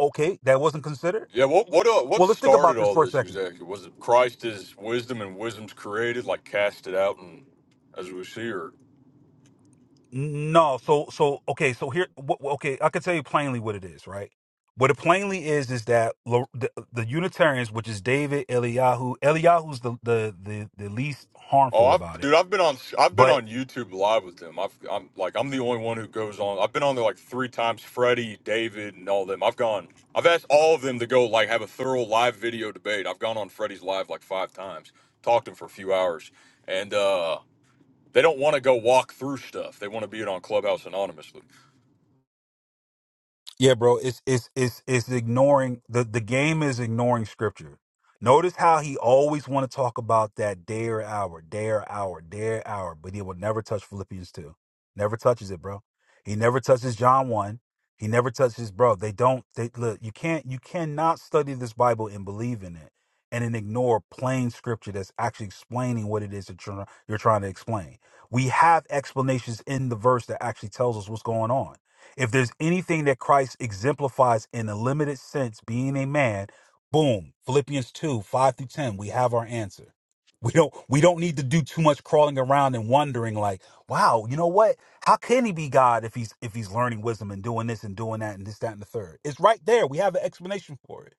Speaker 3: Okay, that wasn't considered.
Speaker 7: Yeah, what what uh, what
Speaker 3: Well, let's think about
Speaker 7: started
Speaker 3: this
Speaker 7: all
Speaker 3: for a
Speaker 7: this
Speaker 3: second.
Speaker 7: exactly? Was it Christ is wisdom and wisdom's created, like cast it out and as we see, or
Speaker 3: No, so so okay, so here, wh- wh- okay, I can tell you plainly what it is, right? What it plainly is is that Lo- the, uh, the Unitarians, which is David Eliyahu, Eliyahu's the, the the the least
Speaker 7: oh,
Speaker 3: harmful
Speaker 7: I've
Speaker 3: about it,
Speaker 7: dude, I've been on I've been
Speaker 3: but
Speaker 7: on YouTube live with them. I've I'm like I'm the only one who goes on. I've been on there like three times. Freddie, David, and all them. I've gone. I've asked all of them to go like have a thorough live video debate. I've gone on Freddie's live like five times, talked to him for a few hours, and uh they don't want to go walk through stuff. They want to be it on Clubhouse anonymously.
Speaker 3: Yeah, bro. It's it's it's it's ignoring the the game is ignoring scripture. Notice how he always want to talk about that day or hour, day or hour, day or hour, but he will never touch Philippians two. Never touches it, bro. He never touches John one. He never touches, bro. They don't. They look. You can't. You cannot study this Bible and believe in it, and then ignore plain scripture that's actually explaining what it is that you're, you're trying to explain. We have explanations in the verse that actually tells us what's going on if there's anything that Christ exemplifies in a limited sense, being a man, boom, Philippians 2, 5 through 10, we have our answer. We don't we don't need to do too much crawling around and wondering like, wow, you know what? How can he be God if he's if he's learning wisdom and doing this and doing that and this, that, and the third? It's right there. We have an explanation for it.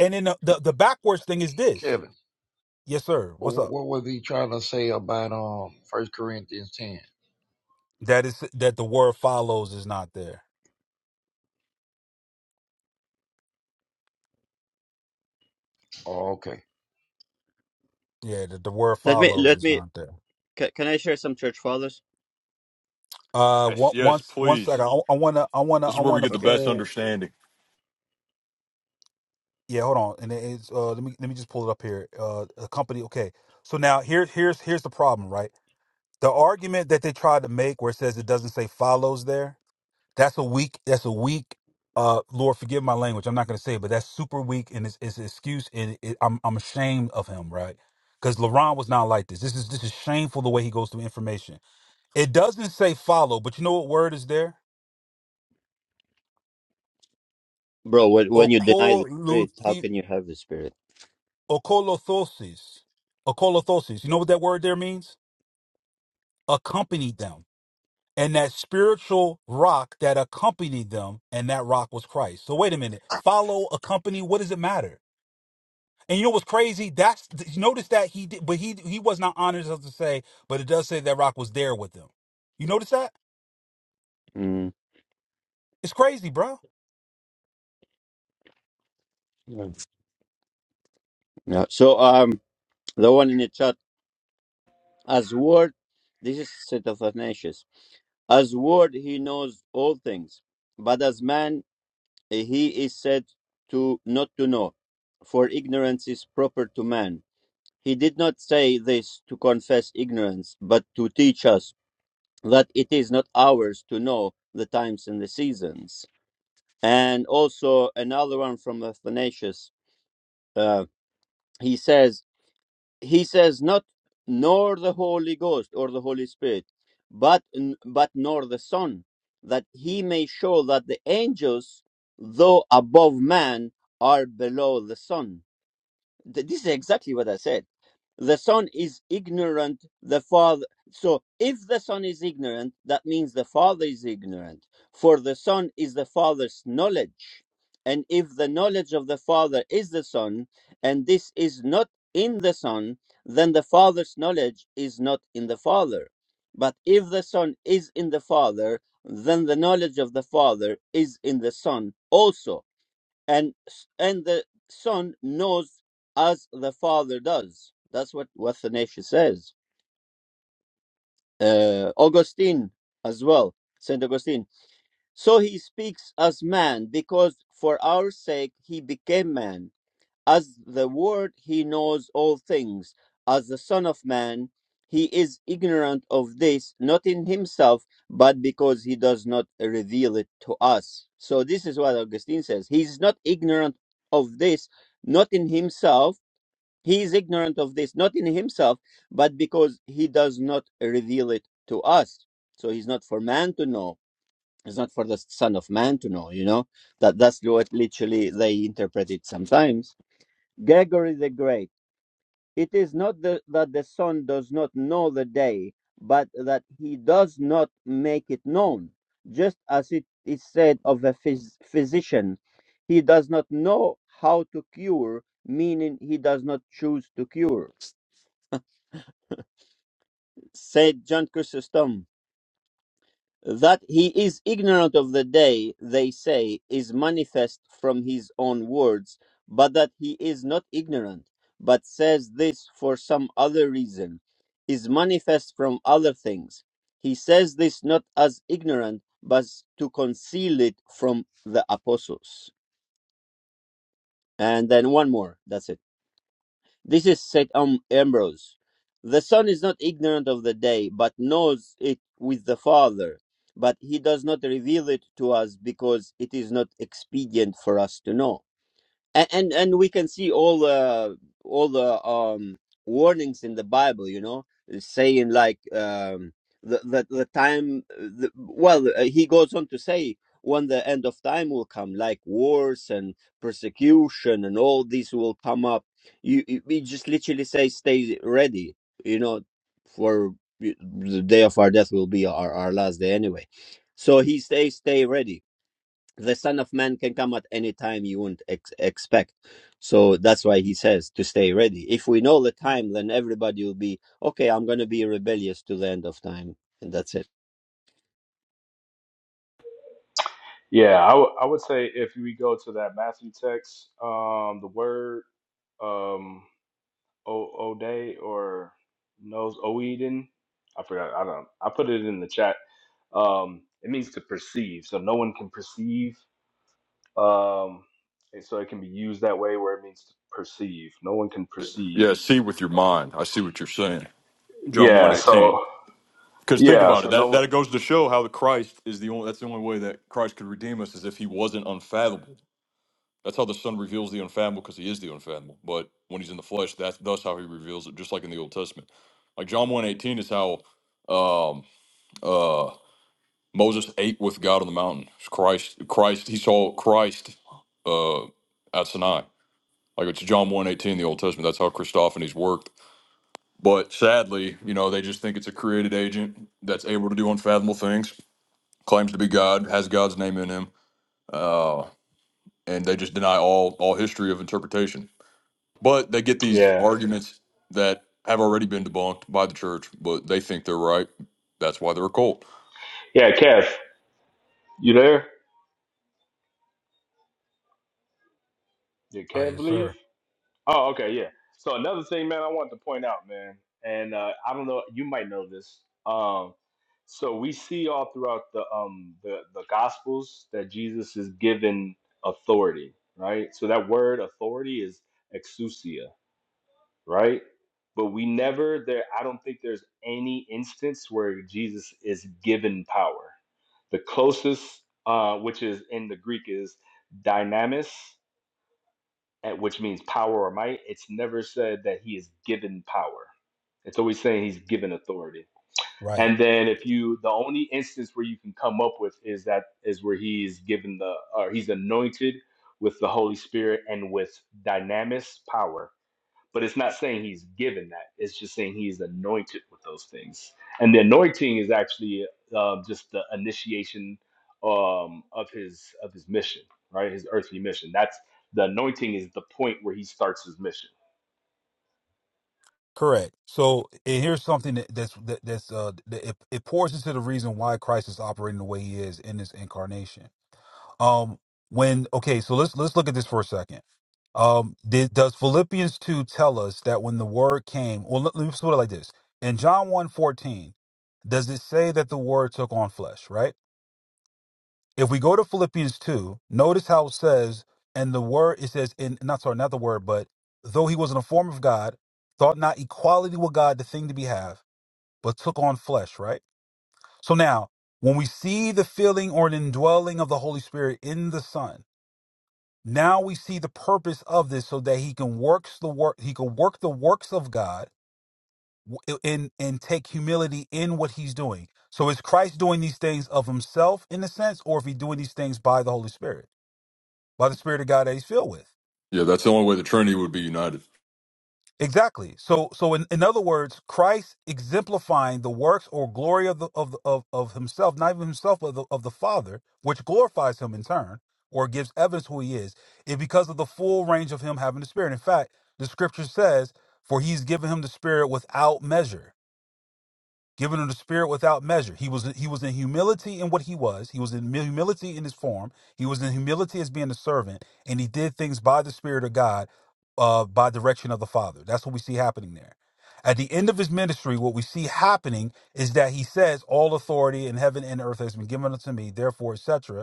Speaker 3: And then the, the, the backwards thing is this.
Speaker 9: Kevin,
Speaker 3: Yes, sir. What's up?
Speaker 9: what was he trying to say about um First Corinthians ten?
Speaker 3: That is that the word follows is not there.
Speaker 9: Oh, okay.
Speaker 3: Yeah, that the word
Speaker 1: let me
Speaker 3: follows
Speaker 1: let
Speaker 3: is
Speaker 1: me
Speaker 3: not there.
Speaker 1: can, can i share some church fathers
Speaker 3: Uh,
Speaker 7: Yes,
Speaker 3: one
Speaker 7: yes,
Speaker 3: once one
Speaker 7: please.
Speaker 3: second. I, I wanna I wanna
Speaker 7: This is
Speaker 3: I
Speaker 7: where we
Speaker 3: wanna
Speaker 7: get the
Speaker 1: okay
Speaker 7: best
Speaker 3: pull.
Speaker 7: understanding.
Speaker 3: Yeah, hold on. And it's uh, let me let me just pull it up here. Uh, a company. Okay. So now here here's here's the problem, right? The argument that they tried to make where it says it doesn't say follows there. That's a weak. That's a weak. Uh, Lord, forgive my language. I'm not gonna say it, but that's super weak, and it's it's an excuse, and it, I'm I'm ashamed of him, right? Because LaRon was not like this. This is this is shameful the way he goes through information. It doesn't say follow, but you know what word is there?
Speaker 1: bro when, when you deny the spirit how
Speaker 3: Okoluthi
Speaker 1: can you have the spirit
Speaker 3: Okolothosis. Okolothosis. You know what that word there means? Accompanied them. And that spiritual rock that accompanied them, and that rock was Christ. So wait a minute. Follow, accompany, what does it matter? And you know what's crazy? That's notice that he did, but he he was not honest enough to say, but it does say that rock was there with them. You notice that?
Speaker 1: mm.
Speaker 3: It's crazy, bro.
Speaker 1: yeah Yeah. so um the one in the chat As word, this is Satanasius. As word, he knows all things, but as man, he is said to not to know, for ignorance is proper to man. He did not say this to confess ignorance, but to teach us that it is not ours to know the times and the seasons. And also another one from Athanasius. Uh, he says. he says not nor the holy ghost or the holy spirit but but nor the son that he may show that the angels though above man are below the son Th- This is exactly what I said. The son is ignorant, the father. So if the son is ignorant, that means the father is ignorant. For the son is the father's knowledge. And if the knowledge of the father is the son, and this is not in the son, then the father's knowledge is not in the father. But if the son is in the father, then the knowledge of the father is in the son also and and the son knows as the father does. That's what Athanasius says. Uh, Augustine as well, Saint Augustine. So he speaks as man because for our sake he became man as the Word, he knows all things. As the Son of Man, he is ignorant of this, not in himself, but because he does not reveal it to us. So, this is what Augustine says. He is not ignorant of this, not in himself. He is ignorant of this, not in himself, but because he does not reveal it to us. So, he's not for man to know. It's not for the Son of Man to know, you know? That, that's what literally they interpret it sometimes. Gregory the Great. It is not the, that the Son does not know the day, but that he does not make it known. Just as it is said of a phys- physician, he does not know how to cure, meaning he does not choose to cure. Said John Chrysostom. That he is ignorant of the day, they say, is manifest from his own words, but that he is not ignorant, but says this for some other reason, is manifest from other things. He says this not as ignorant, but to conceal it from the apostles. And then one more, that's it. This is said um, Ambrose. The Son is not ignorant of the day, but knows it with the Father. But he does not reveal it to us because it is not expedient for us to know and and, and we can see all the all the um warnings in the bible you know saying like um the the, the time the, well uh, he goes on to say when the end of time will come like wars and persecution and all these will come up you you we just literally say stay ready you know for the day of our death will be our, our last day anyway so he says stay ready the son of man can come at any time you wouldn't ex- expect so that's why he says to stay ready if we know the time then everybody will be okay i'm going to be rebellious to the end of time and that's it
Speaker 4: Yeah, I w- I would say if we go to that Matthew text, um, the word um, o- Oday or knows Oeden, I forgot. I don't. I put it in the chat. Um, it means to perceive, so no one can perceive. Um, and so it can be used that way, where it means to perceive. No one can perceive.
Speaker 7: Yeah, see with your mind. I see what you're saying. John one
Speaker 4: Yeah.
Speaker 7: eighteen.
Speaker 4: So
Speaker 7: Because think
Speaker 4: yeah.
Speaker 7: about it.
Speaker 4: So no.
Speaker 7: That
Speaker 4: one-
Speaker 7: that goes to show how the Christ is the only. That's the only way that Christ could redeem us is if he wasn't unfathomable. That's how the Son reveals the unfathomable because he is the unfathomable. But when he's in the flesh, that's thus how he reveals it. Just like in the Old Testament, like John one eighteen is how um, uh, Moses ate with God on the mountain. It's Christ, Christ, he saw Christ uh, at Sinai. Like it's John one eighteen, in the Old Testament. That's how Christophanies worked But sadly, you know, they just think it's a created agent that's able to do unfathomable things, claims to be God, has God's name in him, uh, and they just deny all all history of interpretation. But they get these
Speaker 4: Yeah.
Speaker 7: arguments that have already been debunked by the church, but they think they're right. That's why they're a cult.
Speaker 4: Yeah. Kev, you there? Did
Speaker 3: Ah,
Speaker 4: Kev
Speaker 3: yes,
Speaker 4: leave?
Speaker 3: sir.
Speaker 4: Oh, okay, yeah. So another thing, man, I wanted to point out, man, and uh, I don't know, you might know this. Um, so we see all throughout the um the the Gospels that Jesus is given authority, right? So that word authority is exousia, right? But we never there. I don't think there's any instance where Jesus is given power. The closest, uh, which is in the Greek, is dynamis, at- which means power or might, it's never said that he is given power. It's always saying he's given authority.
Speaker 3: Right.
Speaker 4: And then if you, the only instance where you can come up with is that is where he's given the, or he's anointed with the Holy Spirit and with dynamis power but it's not saying he's given that. It's just saying he's anointed with those things. And the anointing is actually uh, just the initiation um, of his of his mission, right? His earthly mission. That's the anointing is the point where he starts his mission
Speaker 3: Correct. So, and here's something that, that's that, that's uh that it, it pours into the reason why Christ is operating the way he is in this incarnation. Um, when okay, so let's let's look at this for a second. Um, did, does Philippians two tell us that when the word came? Well, let, let's put it like this: in John one fourteen. does it say that the word took on flesh? Right. If we go to Philippians two, notice how it says, and the word it says, in not sorry, not the word, but though he was in the form of God, thought not equality with God the thing to be have, but took on flesh. Right. So now, when we see the filling or an indwelling of the Holy Spirit in the Son. Now we see the purpose of this so that he can works the work he can work the works of God and and take humility in what he's doing. So is Christ doing these things of himself in a sense, or if he doing these things by the Holy Spirit, by the Spirit of God that he's filled with?
Speaker 7: Yeah, that's the only way the Trinity would be united.
Speaker 3: Exactly. So so in, in other words, Christ exemplifying the works or glory of the of the- of, of himself, not even himself, but the, of the Father, which glorifies him in turn, or gives evidence who he is, is because of the full range of him having the Spirit. In fact, the scripture says, For he's given him the Spirit without measure given him the spirit without measure. He was he was in humility in what he was. He was in humility in his form. He was in humility as being a servant, and he did things by the Spirit of God, uh, by direction of the Father. That's what we see happening there. At the end of his ministry, what we see happening is that he says, "All authority in heaven and earth has been given unto me. Therefore, etc."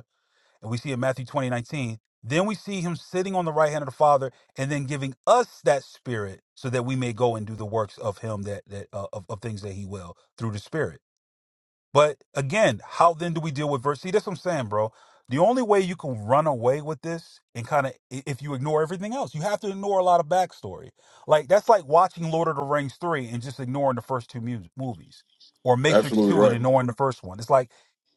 Speaker 3: And we see in Matthew 20 19. then we see him sitting on the right hand of the Father and then giving us that spirit so that we may go and do the works of him that, that uh, of, of things that he will through the spirit. But again, how then do we deal with verse? See, that's what I'm saying, bro. The only way you can run away with this and kind of if you ignore everything else, you have to ignore a lot of backstory. Like that's like watching Lord of the Rings three and just ignoring the first two mu- movies, or Matrix
Speaker 7: Absolutely
Speaker 3: two and
Speaker 7: right.
Speaker 3: ignoring the first one. It's like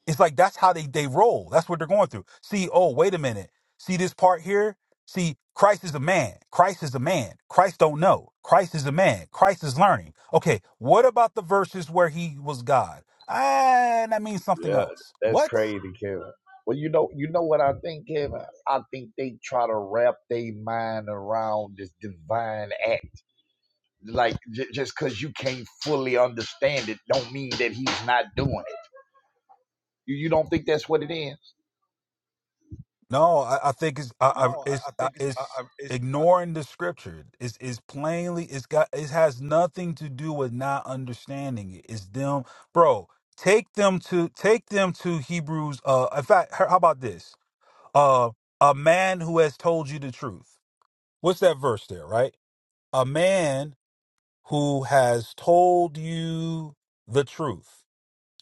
Speaker 3: it's like that's how they they roll. That's what they're going through. See, oh wait a minute. See this part here. See, Christ is a man. Christ is a man. Christ don't know. Christ is a man. Christ is learning. Okay, what about the verses where he was God? ah, that means something
Speaker 9: Yeah,
Speaker 3: else.
Speaker 9: that's
Speaker 3: What?
Speaker 9: crazy, Kevin. Well, you know, you know what I think, Kevin. I think they try to wrap their mind around this divine act. Like j- just because you can't fully understand it, don't mean that he's not doing it. You, you don't think that's what it is,
Speaker 3: No, I, I think it's I, I, it's I, it's ignoring the scripture. It's is plainly it's got it has nothing to do with not understanding it. It's them, bro. Take them to take them to Hebrews. Uh, in fact, how about this? Uh, a man who has told you the truth. What's that verse there? Right, a man who has told you the truth.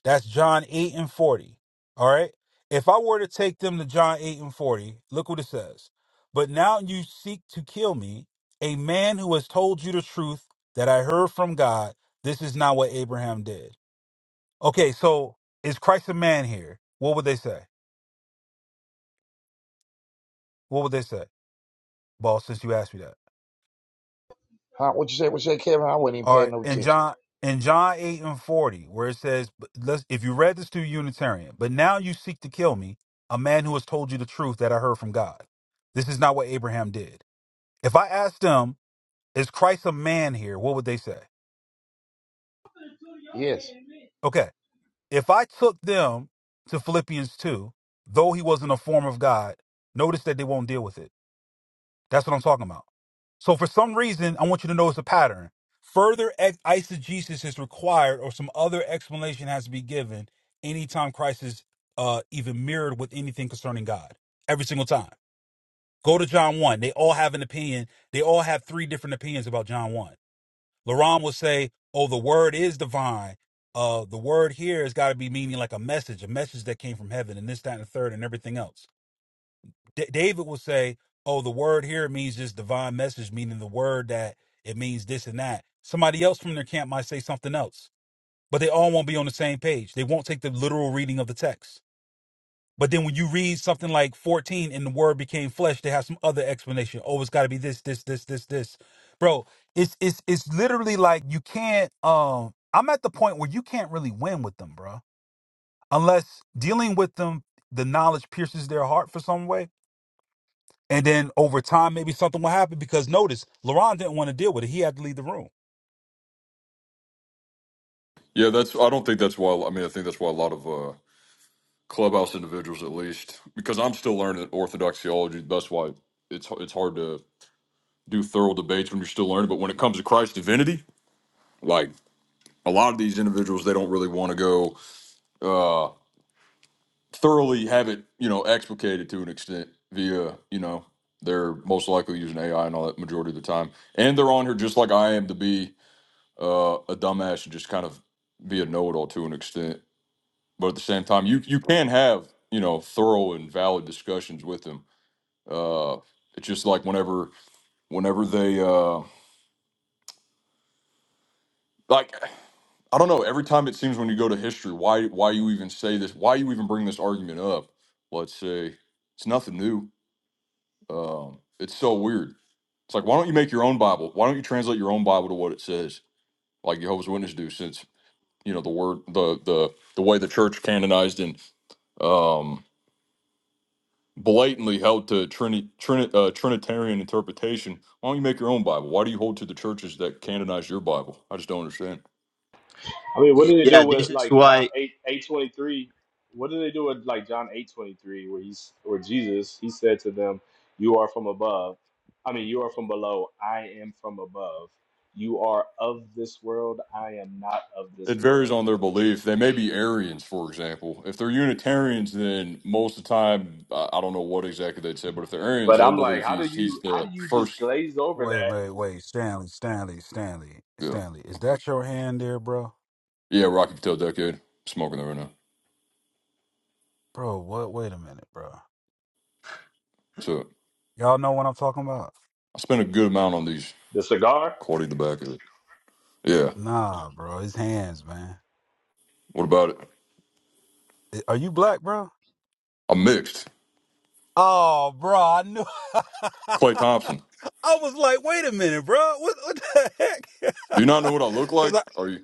Speaker 3: That's John 8 and 40. All right. If I were to take them to John 8 and 40, look what it says. But now you seek to kill me, a man who has told you the truth that I heard from God. This is not what Abraham did. Okay. So is Christ a man here? What would they say? What would they say? Ball, since you asked me that.
Speaker 9: huh? What you say? What you say, Kevin? I wasn't even
Speaker 3: All
Speaker 9: paying
Speaker 3: right,
Speaker 9: no
Speaker 3: and
Speaker 9: attention.
Speaker 3: John in John eight and forty, where it says, but "Let's." If you read this to a Unitarian, but now you seek to kill me, a man who has told you the truth that I heard from God. This is not what Abraham did. If I asked them, "Is Christ a man here?" What would they say?
Speaker 9: Yes.
Speaker 3: Okay, if I took them to Philippians two, though he was in the form of God, notice that they won't deal with it. That's what I'm talking about. So for some reason, I want you to notice a pattern. Further ex- eisegesis is required, or some other explanation has to be given anytime Christ is uh, even mirrored with anything concerning God. Every single time. Go to John 1. They all have an opinion. They all have three different opinions about John 1. Laron will say, oh, the word is divine. Uh, the word here has got to be meaning like a message, a message that came from heaven, and this, that, and the third, and everything else. D- David will say, "Oh, the word here means this divine message, meaning the word that it means this and that." Somebody else from their camp might say something else, but they all won't be on the same page. They won't take the literal reading of the text. But then when you read something like 14 and the word became flesh, they have some other explanation. Oh, it's got to be this, this, this, this, this. Bro, it's it's it's literally like you can't um I'm at the point where you can't really win with them, bro. Unless dealing with them the knowledge pierces their heart for some way and then over time, maybe something will happen because notice, LaRon didn't want to deal with it. He had to leave the room.
Speaker 7: Yeah, that's. I don't think that's why. I mean, I think that's why a lot of uh, clubhouse individuals, at least, because I'm still learning Orthodox theology. That's why it's it's hard to do thorough debates when you're still learning. But when it comes to Christ's divinity, like a lot of these individuals, they don't really want to go uh, thoroughly have it, you know, explicated to an extent via, you know, they're most likely using AI and all that majority of the time. And they're on here just like I am to be uh, a dumbass and just kind of be a know-it-all to an extent. But at the same time, you you can have you know thorough and valid discussions with them. Uh, it's just like whenever whenever they uh, like. I don't know. Every time it seems when you go to history, why why you even say this? Why you even bring this argument up? Let's say it's nothing new. Um, it's so weird. It's like why don't you make your own Bible? Why don't you translate your own Bible to what it says, like Jehovah's Witnesses do? Since you know the word, the the the way the church canonized and um, blatantly held to Trini, Trini, uh, Trinitarian interpretation. Why don't you make your own Bible? Why do you hold to the churches that canonized your Bible? I just don't understand.
Speaker 4: I mean, what do they do
Speaker 1: Yeah,
Speaker 4: with
Speaker 1: this is
Speaker 4: like John
Speaker 1: why
Speaker 4: eight eight twenty three? What do they do with like John eight twenty three, where he's where Jesus he said to them, "You are from above. I mean, you are from below. I am from above. You are of this world. I am not of this
Speaker 7: It varies
Speaker 4: world."
Speaker 7: on their belief. They may be Arians, for example. If they're Unitarians, then most of the time, I I don't know what exactly they'd say, but if they're Arians,
Speaker 4: But
Speaker 7: they'll
Speaker 4: I'm like,
Speaker 7: believe
Speaker 4: how do
Speaker 7: he's he's
Speaker 4: you how
Speaker 7: the
Speaker 4: do you just
Speaker 7: first.
Speaker 4: glaze over
Speaker 3: Wait,
Speaker 4: that?
Speaker 3: wait, wait, Stanley, Stanley, Stanley,
Speaker 7: Yeah,
Speaker 3: Stanley. Is that your hand there, bro?
Speaker 7: yeah, Rocky Patel decade. Smoking that right now.
Speaker 3: Bro, what? Wait a minute, bro.
Speaker 7: So
Speaker 3: Y'all know what I'm talking about?
Speaker 7: I spent a good amount on these.
Speaker 4: The cigar?
Speaker 7: Quality the back of it. Yeah.
Speaker 3: Nah, bro. His hands, man.
Speaker 7: What about it?
Speaker 3: I- Are you black, bro?
Speaker 7: I'm mixed.
Speaker 3: Oh, bro, I knew.
Speaker 7: Clay Thompson.
Speaker 3: I was like, wait a minute, bro. What, what the heck?
Speaker 7: Do you not know what I look like?
Speaker 3: Because
Speaker 7: Are you?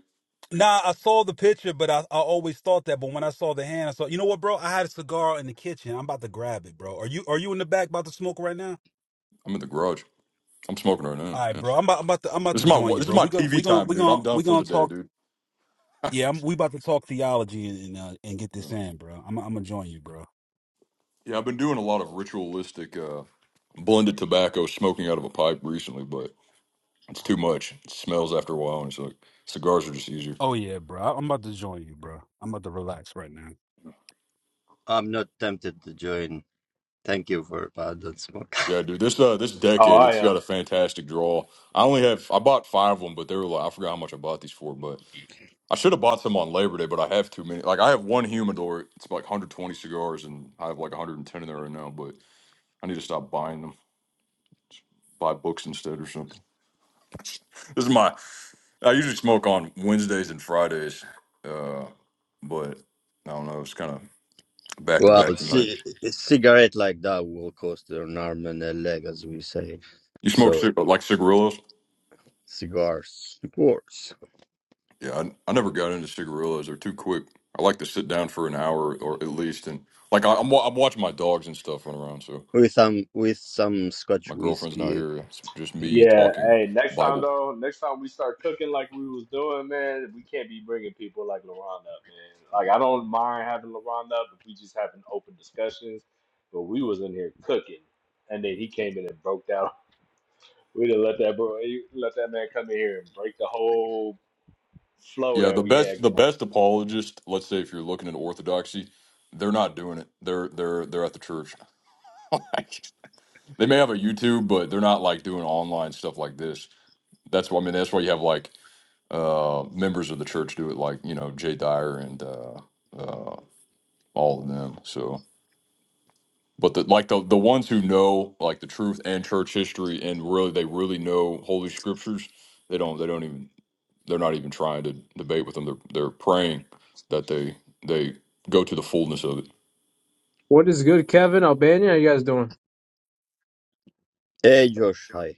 Speaker 3: Nah, I saw the picture, but I, I always thought that. But when I saw the hand, I saw. You know what, bro? I had a cigar in the kitchen. I'm about to grab it, bro. Are you Are you in the back about to smoke right now?
Speaker 7: I'm in the garage. I'm smoking right now.
Speaker 3: All right,
Speaker 7: Yeah.
Speaker 3: bro. I'm about, I'm about to I'm about
Speaker 7: This is
Speaker 3: to
Speaker 7: my
Speaker 3: join
Speaker 7: wa-
Speaker 3: you,
Speaker 7: this is
Speaker 3: bro.
Speaker 7: my
Speaker 3: We gonna
Speaker 7: TV
Speaker 3: we gonna
Speaker 7: time,
Speaker 3: we
Speaker 7: dude. I'm
Speaker 3: gonna
Speaker 7: done
Speaker 3: we
Speaker 7: for
Speaker 3: gonna
Speaker 7: the day,
Speaker 3: talk.
Speaker 7: dude.
Speaker 3: Yeah, I'm, we about to talk theology and and, uh, and get
Speaker 7: Yeah.
Speaker 3: this in, bro. I'm I'm gonna join you, bro.
Speaker 7: Yeah, I've been doing a lot of ritualistic uh, blended tobacco smoking out of a pipe recently, but it's too much. It smells after a while, and it's like cigars are just easier.
Speaker 3: Oh yeah, bro. I'm about to join you, bro. I'm about to relax right now.
Speaker 1: I'm not tempted to join. Thank you for I don't smoke.
Speaker 7: Yeah, dude, this uh, this
Speaker 4: Oh,
Speaker 7: decade
Speaker 4: I
Speaker 7: it's
Speaker 4: am.
Speaker 7: got a fantastic draw. I only have I bought five of them, but they were like I forgot how much I bought these for, but I should have bought some on Labor Day, but I have too many. Like I have one humidor, it's like 120 cigars, and I have like 110 in there right now, but I need to stop buying them. Buy books instead or something. This is my I usually smoke on Wednesdays and Fridays, uh, but I don't know. It's kind of back to
Speaker 1: well,
Speaker 7: back tonight.
Speaker 1: c- a cigarette like that will cost an arm and a leg, as we say.
Speaker 7: You smoke
Speaker 1: So
Speaker 7: cig- like cigarillos?
Speaker 1: cigars, cigars
Speaker 7: Yeah, I, I never got into cigarillos. They're too quick. I like to sit down for an hour or at least, and like I, I'm wa- I'm watching my dogs and stuff run around. So
Speaker 1: with some with some Scotch
Speaker 7: my girlfriend's not
Speaker 1: whiskey.
Speaker 7: here. It's just me
Speaker 4: Yeah,
Speaker 7: talking
Speaker 4: hey, next time
Speaker 7: Bible.
Speaker 4: though, next time we start cooking like we was doing, man, we can't be bringing people like LaRon up, man. Like I don't mind having LaRon up if we just having open discussions, but we was in here cooking, and then he came in and broke down. We didn't let that bro, he let that man come in here and break the whole flow
Speaker 7: Yeah,
Speaker 4: that
Speaker 7: the
Speaker 4: we had
Speaker 7: best the best
Speaker 4: going.
Speaker 7: apologist. Let's say if you're looking at orthodoxy, they're not doing it. They're they're they're at the church. like, they may have a YouTube, but they're not like doing online stuff like this that's why I mean that's why you have like uh members of the church do it like you know Jay Dyer and uh uh all of them so but the like the the ones who know like the truth and church history and really they really know holy scriptures they don't they don't even they're not even trying to debate with them they're they're praying that they they go to the fullness of it
Speaker 10: What is good, Kevin? Albania, how you guys doing?
Speaker 1: Hey, Josh, hi.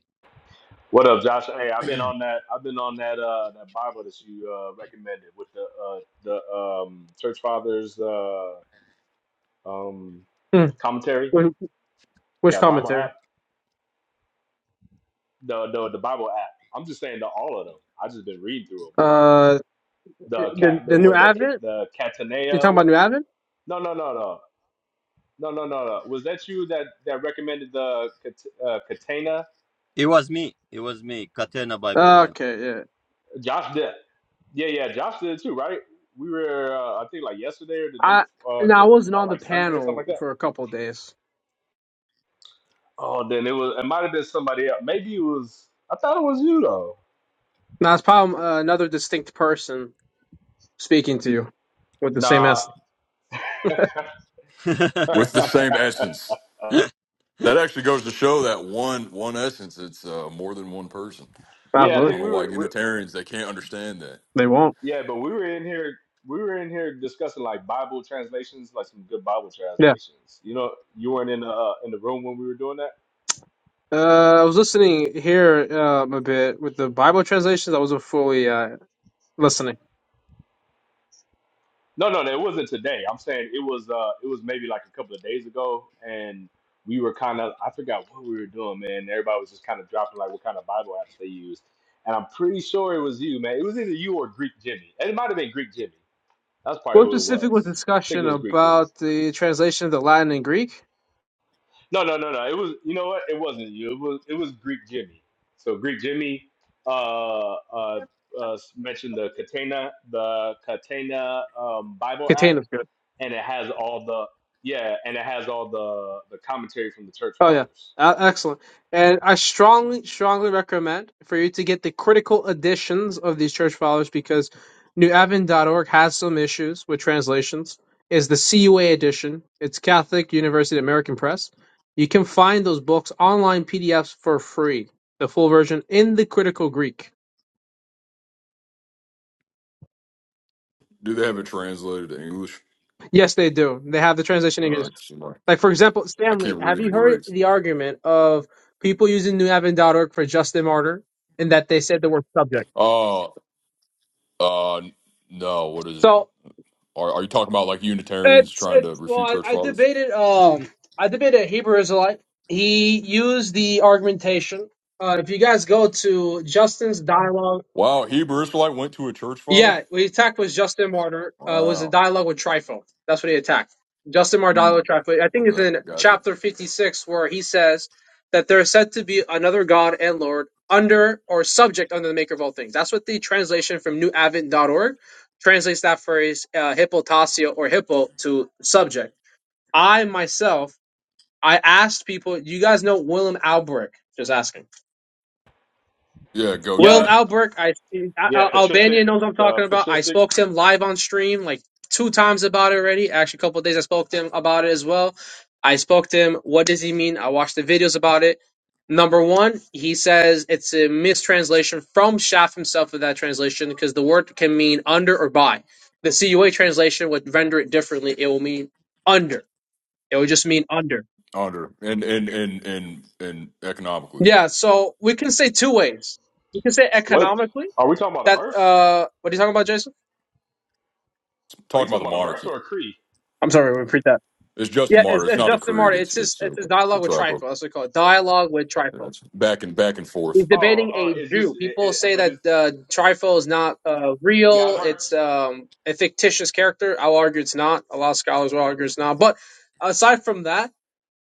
Speaker 4: What up, Josh? Hey, I've been on that. I've been on that uh that Bible that you uh recommended with the uh the um church fathers uh um
Speaker 10: Hmm.
Speaker 4: commentary.
Speaker 10: Which, which
Speaker 4: That Bible app,
Speaker 10: commentary?
Speaker 4: the the the Bible app. I'm just saying the all of them. I just been reading through them.
Speaker 10: Uh,
Speaker 4: The
Speaker 10: the
Speaker 4: cat, the
Speaker 10: the new
Speaker 4: what, the Ca-
Speaker 10: Advent.
Speaker 4: the Catanea
Speaker 10: You
Speaker 4: or
Speaker 10: talking about new
Speaker 4: whatever.
Speaker 10: Advent?
Speaker 4: No, no, no, no, no, no, no, no. Was that you that that recommended the Cat- uh, Catena?
Speaker 1: It was me. It was me. Katena Bible,
Speaker 10: Okay, yeah.
Speaker 4: Josh did. Yeah, yeah, Josh did too, right? We were, uh, I think, like yesterday or the day,
Speaker 10: I
Speaker 4: before, uh,
Speaker 10: now I
Speaker 4: the
Speaker 10: wasn't
Speaker 4: uh,
Speaker 10: on the
Speaker 4: like Sunday or something
Speaker 10: panel
Speaker 4: like that.
Speaker 10: for a couple of days.
Speaker 4: Oh, then it was. It might have been somebody else. Maybe it was. I thought it was you though.
Speaker 10: Now it's probably uh, another distinct person speaking to you with the same
Speaker 4: Nah.
Speaker 10: essence.
Speaker 1: yeah.
Speaker 7: with the same essence that actually goes to show that one one essence it's uh, more than one person
Speaker 4: yeah, I
Speaker 7: I
Speaker 10: Absolutely,
Speaker 7: don't
Speaker 4: think
Speaker 7: know
Speaker 4: we
Speaker 7: why
Speaker 4: were.
Speaker 7: Unitarians they can't understand that
Speaker 10: they won't.
Speaker 4: Yeah, but we were in here. We were in here discussing like Bible translations, like some good Bible
Speaker 10: Yeah.
Speaker 4: translations. You know, you weren't in the uh, in the room when we were doing that.
Speaker 10: Uh, I was listening here um, a bit with the Bible translations. I wasn't fully uh, listening.
Speaker 4: No, no, no, it wasn't today. I'm saying it was. Uh, it was maybe like a couple of days ago, and we were kind of. I forgot what we were doing, man. Everybody was just kind of dropping like what kind of Bible apps they used, and I'm pretty sure it was you, man. It was either you or Greek Jimmy, and it might have been Greek Jimmy. That's probably
Speaker 10: What
Speaker 4: who it
Speaker 10: specific was
Speaker 4: was. I think it
Speaker 10: discussion
Speaker 4: was Greek Jimmy.
Speaker 10: about the translation of the Latin and Greek?
Speaker 4: No, no, no, no. It was you know what? It wasn't you. It was it was Greek Jimmy. So Greek Jimmy uh uh, uh mentioned the Catena, the Catena um Bible app
Speaker 10: Containers.
Speaker 4: and it has all the yeah, and it has all the the commentary from the church
Speaker 10: Oh yeah,
Speaker 4: fathers.
Speaker 10: uh, excellent. And I strongly, strongly recommend for you to get the critical editions of these church fathers because New NewAdvent.org has some issues with translations. Is the CUA edition? It's Catholic University American Press. You can find those books online PDFs for free. The full version in the critical Greek.
Speaker 7: Do they have it translated to English?
Speaker 10: Yes, they do. They have the translation in
Speaker 7: All
Speaker 10: English.
Speaker 7: right, somebody.
Speaker 10: Like for example,
Speaker 7: I
Speaker 10: Stanley,
Speaker 7: can't
Speaker 10: have you
Speaker 7: read
Speaker 10: heard
Speaker 7: Greek.
Speaker 10: the argument of people using New NewAdvent.org for Justin Martyr and that they said the word subject?
Speaker 7: Oh, uh, no. What is it?
Speaker 10: So
Speaker 7: Are, are you talking about like Unitarians
Speaker 10: It's
Speaker 7: trying to
Speaker 10: it's well,
Speaker 7: refute church
Speaker 10: I, I
Speaker 7: fathers?
Speaker 10: debated um I debated a Hebrew Israelite. He used the argumentation. Uh, if you guys go to Justin's dialogue,
Speaker 7: Wow, Hebrew Israelite went to a church father.
Speaker 10: yeah, what he attacked was Justin Martyr. Uh, was a
Speaker 7: Wow.
Speaker 10: dialogue with Trifo. That's what he attacked. Justin Martyr
Speaker 7: Hmm.
Speaker 10: dialogue with Trifo. I think it's
Speaker 7: okay,
Speaker 10: in
Speaker 7: gotcha.
Speaker 10: chapter fifty six where he says that there is said to be another God and Lord under or subject under the Maker of all things. That's what the translation from New Advent dot org translates that phrase uh, hippotasio or hippo to subject. I myself, I asked people. You guys know Willem Albrecht? Just asking.
Speaker 7: Yeah,
Speaker 4: Yep.
Speaker 10: Willem
Speaker 7: goatee
Speaker 10: Albrecht, I, Al-
Speaker 4: Yeah, patristic
Speaker 10: Albania knows what I'm
Speaker 4: the
Speaker 10: talking about. I
Speaker 4: patristic
Speaker 10: spoke to him live on stream like two times about it already. Actually, a couple of days I spoke to him about it as well. I spoke to him. What does he mean? I watched the videos about it. Number one, he says it's a mistranslation from Shaft himself of that translation because the word can mean under or by. The CUA translation would render it differently. It will mean under. It would just mean under.
Speaker 7: under and and and and and economically
Speaker 10: Yeah, so we can say two ways. We can say
Speaker 4: what
Speaker 10: economically
Speaker 4: are we talking about a
Speaker 10: that
Speaker 4: verse?
Speaker 10: uh what are you talking about, Jason?
Speaker 4: Are you
Speaker 7: talking about the
Speaker 4: talking about a verse
Speaker 7: monarchy.
Speaker 4: or a creed?
Speaker 10: I'm sorry, we repeat that.
Speaker 7: It's just a
Speaker 10: Yeah,
Speaker 7: martyr.
Speaker 10: it's,
Speaker 7: It's
Speaker 10: it's
Speaker 7: not a
Speaker 10: Justin
Speaker 7: creed.
Speaker 10: Martyr.
Speaker 7: It's
Speaker 10: It's his
Speaker 7: it's a,
Speaker 10: it's his
Speaker 7: we'll
Speaker 10: dialogue with
Speaker 7: try
Speaker 10: Trifo. That's what we call it. Dialogue with
Speaker 7: Yeah,
Speaker 10: Trifo.
Speaker 7: it's back and back and
Speaker 10: He's
Speaker 7: forth.
Speaker 4: Oh,
Speaker 10: debating
Speaker 4: uh
Speaker 10: a
Speaker 4: it's just
Speaker 10: Jew.
Speaker 4: it,
Speaker 10: People
Speaker 4: it,
Speaker 10: say
Speaker 4: but
Speaker 10: that
Speaker 4: it's
Speaker 10: uh, Trifo is not uh,
Speaker 4: yeah, I've
Speaker 10: real.
Speaker 4: heard
Speaker 10: It's um, a fictitious character. I'll argue it's not. A lot of scholars will argue it's not. But aside from that,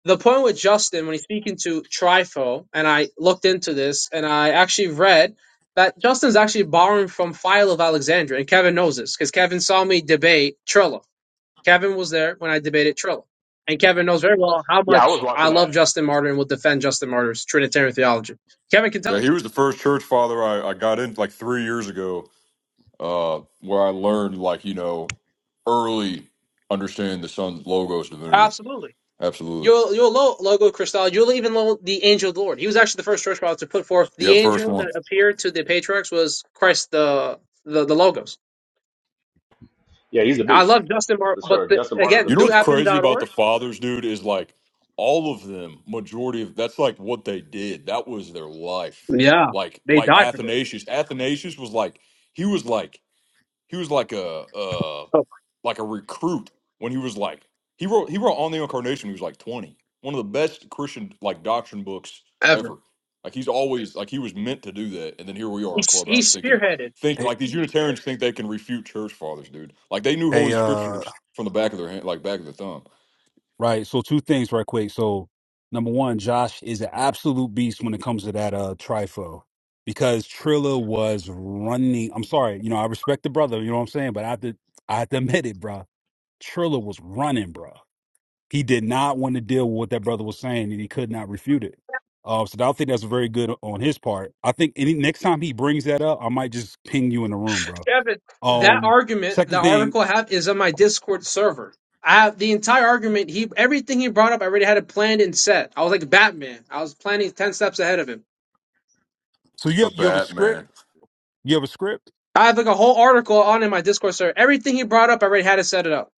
Speaker 10: the point with Justin when he's speaking to Trifo, and I looked into this, and I actually read that Justin's actually borrowing from Philo of Alexandria, and Kevin knows this because Kevin saw me debate Trillo. Kevin was there when I debated Trillo, and Kevin knows very well how
Speaker 4: yeah, I was
Speaker 10: much I
Speaker 4: watching that.
Speaker 10: love Justin Martyr and will defend Justin Martyr's Trinitarian theology. Kevin can tell
Speaker 7: Yeah,
Speaker 10: you
Speaker 7: he was the first church father I, I got in like three years ago uh, where I learned, like, you know, early understanding the sun's logos divinity.
Speaker 10: absolutely.
Speaker 7: Absolutely.
Speaker 10: You'll you'll lo- logo Christology. You'll even lo- the angel of the Lord. He was actually the first church father to put forth the
Speaker 7: Yeah, first
Speaker 10: angel
Speaker 7: one.
Speaker 10: that appeared to the patriarchs was Christ the the, the logos.
Speaker 4: Yeah, he's a
Speaker 10: I
Speaker 4: beast.
Speaker 10: love Justin Mar,
Speaker 4: For
Speaker 10: but
Speaker 4: sure.
Speaker 10: the,
Speaker 4: Justin Martin's a
Speaker 7: You
Speaker 10: again,
Speaker 7: know
Speaker 10: new
Speaker 7: what's
Speaker 4: beast.
Speaker 10: advent
Speaker 7: crazy
Speaker 10: dot
Speaker 7: about the
Speaker 10: org.
Speaker 7: fathers, dude, is like all of them, majority of that's like what they did. That was their life.
Speaker 10: Yeah,
Speaker 7: Like
Speaker 10: they
Speaker 7: like
Speaker 10: died for this.
Speaker 7: Athanasius. Athanasius was like he was like he was like a,
Speaker 10: Oh,
Speaker 7: like a recruit when he was like he wrote he wrote on the incarnation when he was like 20 one of the best christian like doctrine books
Speaker 10: ever.
Speaker 7: ever like he's always like he was meant to do that and then here we are
Speaker 10: He,
Speaker 7: in
Speaker 10: s- he
Speaker 7: clubhouse thinking
Speaker 10: spearheaded.
Speaker 7: think
Speaker 3: Hey,
Speaker 7: like these unitarians think they can refute church fathers dude like they knew
Speaker 3: hey,
Speaker 7: holy
Speaker 3: uh,
Speaker 7: scriptures from the back of their hand like back of the thumb
Speaker 3: Right. So two things right quick. So number one, Josh is an absolute beast when it comes to that uh trifo. Because Trilla was running. I'm sorry, you know, I respect the brother, you know what I'm saying? But I have to I have to admit it, bruh. Trilla was running, bruh. He did not want to deal with what that brother was saying and he could not refute it. Uh, so I don't think that's very good on his part. I think any next time he brings that up, I might just ping you in the room, bro.
Speaker 10: Kevin, that
Speaker 3: Um
Speaker 10: argument, the
Speaker 3: second thing,
Speaker 10: article I have is on my Discord server. I have the entire argument. He everything he brought up, I already had it planned and set. I was like Batman. I was planning ten steps ahead of him.
Speaker 3: so you
Speaker 7: the
Speaker 3: have you have a script?
Speaker 7: batman
Speaker 3: You have a script?
Speaker 10: I have like a whole article on in my Discord server. Everything he brought up, I already had to set it up.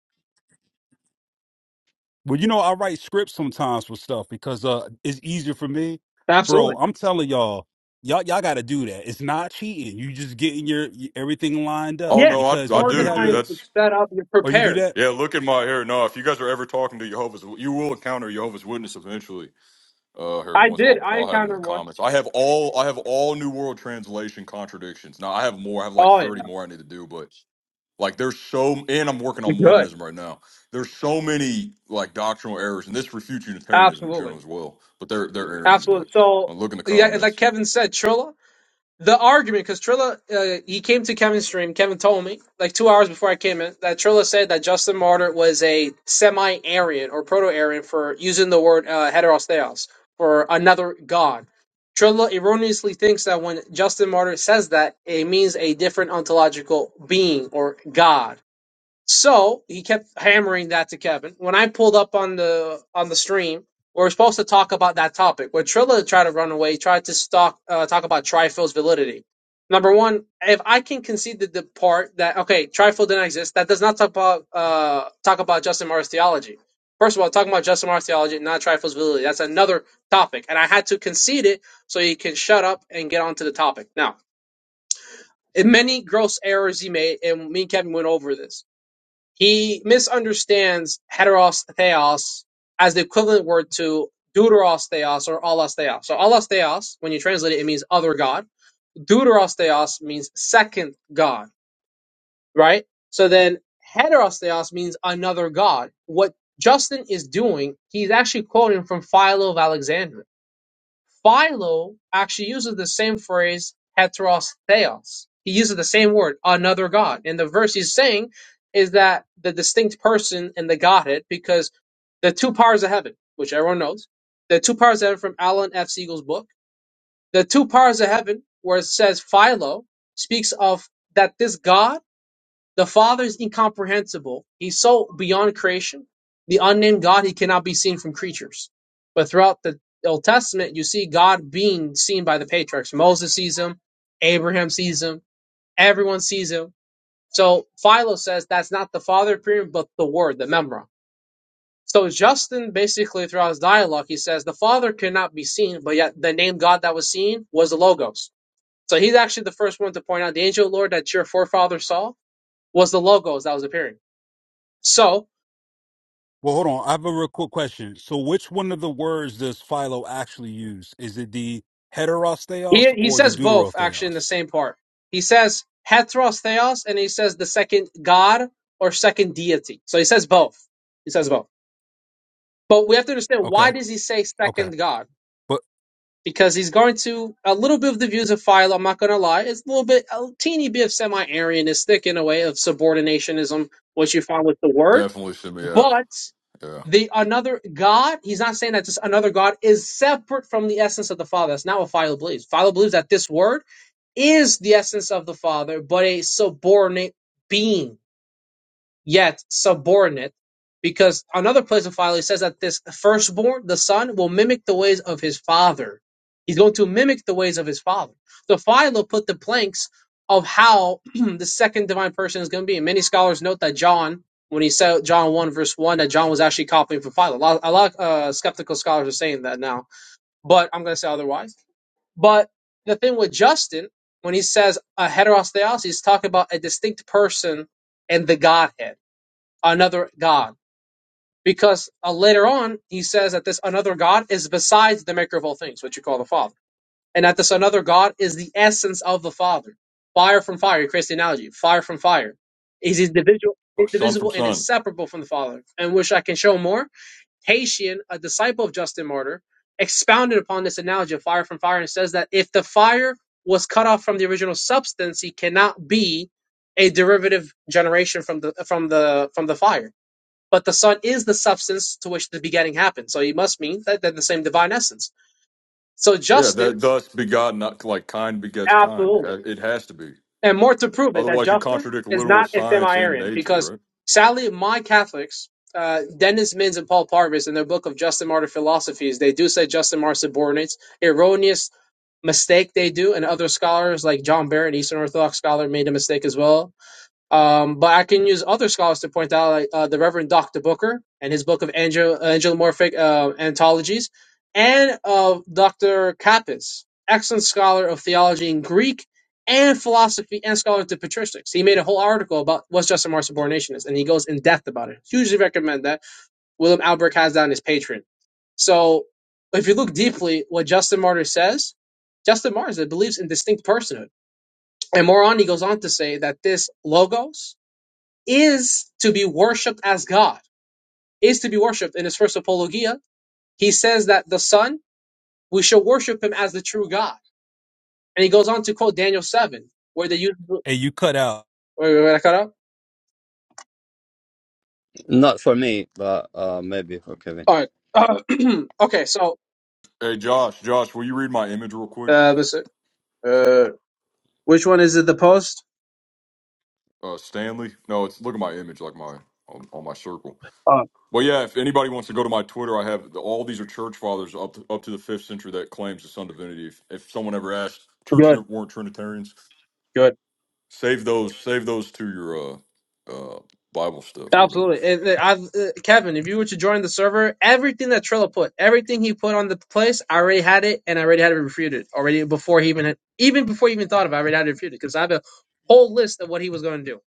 Speaker 3: Well, you know, I write scripts sometimes for stuff because uh it's easier for me. Bro,
Speaker 10: Absolutely.
Speaker 3: I'm telling y'all, y'all y'all gotta do that. It's not cheating. You just getting your y- everything lined
Speaker 7: oh
Speaker 3: up
Speaker 10: Yeah.
Speaker 7: no i,
Speaker 3: because
Speaker 7: I
Speaker 3: when you
Speaker 7: do
Speaker 3: have
Speaker 7: dude
Speaker 10: Organized,
Speaker 3: a
Speaker 10: it's
Speaker 7: that's
Speaker 10: set up, you're
Speaker 3: or you do
Speaker 10: prepared.
Speaker 3: that,
Speaker 7: yeah look at my hair no if you guys are ever talking to jehovah's you will encounter jehovah's witness eventually Uh, here
Speaker 10: I
Speaker 7: once
Speaker 10: did.
Speaker 7: I'll
Speaker 10: I
Speaker 7: I'll have it in the
Speaker 10: encountered one.
Speaker 7: comments. I have all I have all New World Translation contradictions. Now I have more. I have like
Speaker 10: Oh yeah.
Speaker 7: thirty more I need to do, but like there's so and I'm working
Speaker 10: You're
Speaker 7: on
Speaker 10: good.
Speaker 7: Mormonism right now. There's so many like doctrinal errors, and this refutes Unitarianism in
Speaker 10: Absolutely.
Speaker 7: general as well. But they're they're Arians. But
Speaker 10: Absolutely. So,
Speaker 7: I'll look in the
Speaker 10: yeah, like
Speaker 7: comments.
Speaker 10: Kevin said, Trilla, the argument, because Trilla, uh, he came to Kevin's stream. Kevin told me, like two hours before I came in, that Trilla said that Justin Martyr was a semi Aryan or proto Aryan for using the word uh, heteros theos for another god. Trilla erroneously thinks that when Justin Martyr says that, it means a different ontological being or god so he kept hammering that to Kevin. When I pulled up on the on the stream, we were supposed to talk about that topic. When Trilla tried to run away, he tried to stalk, uh, talk about Trifield's validity. Number one, if I can concede the, the part that okay, Trifield didn't exist, that does not talk about uh, talk about Justin Mars theology. First of all, talking about Justin Mars theology, not Trifield's validity. That's another topic, and I had to concede it so he can shut up and get on to the topic. Now, in many gross errors he made, and me and Kevin went over this he misunderstands heteros theos as the equivalent word to deuteros theos or allos theos. So allos theos, when you translate it, it means other god. Deuteros theos means second god, right? So then heteros theos means another god. What Justin is doing, he's actually quoting from Philo of Alexandria Philo actually uses the same phrase heteros theos. He uses the same word, another god. And the verse he's saying is that the distinct person in the Godhead, because the two powers of heaven, which everyone knows, the two powers of heaven from Alan F. Siegel's book, the two powers of heaven, where it says Philo, speaks of that this God the Father is incomprehensible. He's so beyond creation. The unnamed God, he cannot be seen from creatures. But throughout the Old Testament, you see God being seen by the patriarchs. Moses sees him, Abraham sees him, everyone sees him. So Philo says that's not the Father appearing, but the Word, the Memra. So Justin basically throughout his dialogue, he says the Father could not be seen, but yet the name God that was seen was the Logos. So he's actually the first one to point out the angel of the Lord that your forefathers saw was the Logos that was appearing. So
Speaker 3: well hold on, I have a real quick question. So which one of the words does Philo actually use? Is it the
Speaker 10: he
Speaker 3: heterostheos
Speaker 10: he
Speaker 3: or the
Speaker 10: says both actually in the
Speaker 3: deuterotheos?
Speaker 10: same part. He says heteros theos and he says the second god or second deity. So he says both. He says both. But we have to understand why
Speaker 3: Okay.
Speaker 10: does he say
Speaker 3: Okay.
Speaker 10: second god?
Speaker 3: But
Speaker 10: Because he's going to a little bit of the views of Philo. I'm not going to lie. It's a little bit a teeny bit of semi-Arianistic in a way of subordinationism, which you find with the word,
Speaker 7: Definitely send me. Yeah,
Speaker 10: but.
Speaker 7: yeah.
Speaker 10: the another God, he's not saying that this another God is separate from the essence of the Father. That's not what Philo believes. Philo believes that this word is the essence of the Father, but a subordinate being yet subordinate, because another place in Philemon says that this firstborn, the son, will mimic the ways of his father. He's going to mimic the ways of his father. So Philo put the planks of how the second divine person is going to be. And many scholars note that John, when he said John 1 verse 1, that John was actually copying from Philo. A lot, a lot of uh, skeptical scholars are saying that now, but I'm going to say otherwise. But the thing with Justin, when he says a heteros theos, he's talking about a distinct person and the Godhead another God. Because uh, later on, he says that this another God is besides the maker of all things, which you call the Father. And that this another God is the essence of the Father. Fire from fire, he creates the analogy. Fire from fire. He's individual,
Speaker 7: Son from
Speaker 10: indivisible and
Speaker 7: son.
Speaker 10: inseparable from the Father. And which I can show more. Haitian, a disciple of Justin Martyr, expounded upon this analogy of fire from fire and says that if the fire was cut off from the original substance, he cannot be a derivative generation from the from the from the fire but the Son is the substance to which the begetting happened. So he must mean that they're the same divine essence. So
Speaker 7: Yeah,
Speaker 10: Justin,
Speaker 7: that thus begotten, not like kind begets kind.
Speaker 10: absolutely.
Speaker 7: Ha- It has to be.
Speaker 10: And more to prove it, that
Speaker 7: Otherwise, you
Speaker 10: Justin
Speaker 7: contradict
Speaker 10: is
Speaker 7: literal
Speaker 10: not a
Speaker 7: science and
Speaker 10: semi-Aryan.
Speaker 7: nature,
Speaker 10: Because
Speaker 7: right?
Speaker 10: sadly, my Catholics, uh, Dennis Mins and Paul Parvis, in their book of Justin Martyr Philosophies, they do say Justin Martyr subordinates erroneous mistake they do, and other scholars like John Barrett, Eastern Orthodox scholar, made a mistake as well Um, but I can use other scholars to point out, like uh, the Reverend Dr. Booker and his book of angel, uh, angelomorphic uh, anthologies, and of Dr. Kappas, excellent scholar of theology in Greek and philosophy and scholar into patristics. He made a whole article about what's Justin subordination is, and he goes in depth about it. Hugely recommend that. William Albrecht has that on his Patreon. So if you look deeply, what Justin Martyr says, Justin Martyr believes in distinct personhood. And more on, he goes on to say that this logos, is to be worshipped as God, is to be worshipped. In his first apologia, he says that the Son, we shall worship him as the true God. And he goes on to quote Daniel 7, where they use. Wait,
Speaker 3: hey, you cut out.
Speaker 10: wait, wait, I cut out?
Speaker 1: Not for me, but uh, maybe for Kevin.
Speaker 10: All right. Uh, okay, so,
Speaker 7: Hey, Josh, Josh, will you read my image real quick?
Speaker 10: uh, let's see. uh, which one is it, the post?
Speaker 7: uh, Stanley. No, it's look at my image, like my on, on my circle.
Speaker 10: Oh,
Speaker 7: But yeah, if anybody wants to go to my Twitter, I have all these are church fathers up to, up to the fifth century that claims the Son divinity. If, if someone ever asked, church
Speaker 10: good.
Speaker 7: never weren't Trinitarians.
Speaker 10: Good.
Speaker 7: Save those, save those to your uh, uh, Bible stuff or whatever.
Speaker 10: Absolutely. It- it- I've, uh, Kevin, if you were to join the server, everything that Trilla put, everything he put on the place, I already had it and I already had it refuted already before he even had, even before he even thought of it, I already had it refuted because I have a whole list of what he was going to do.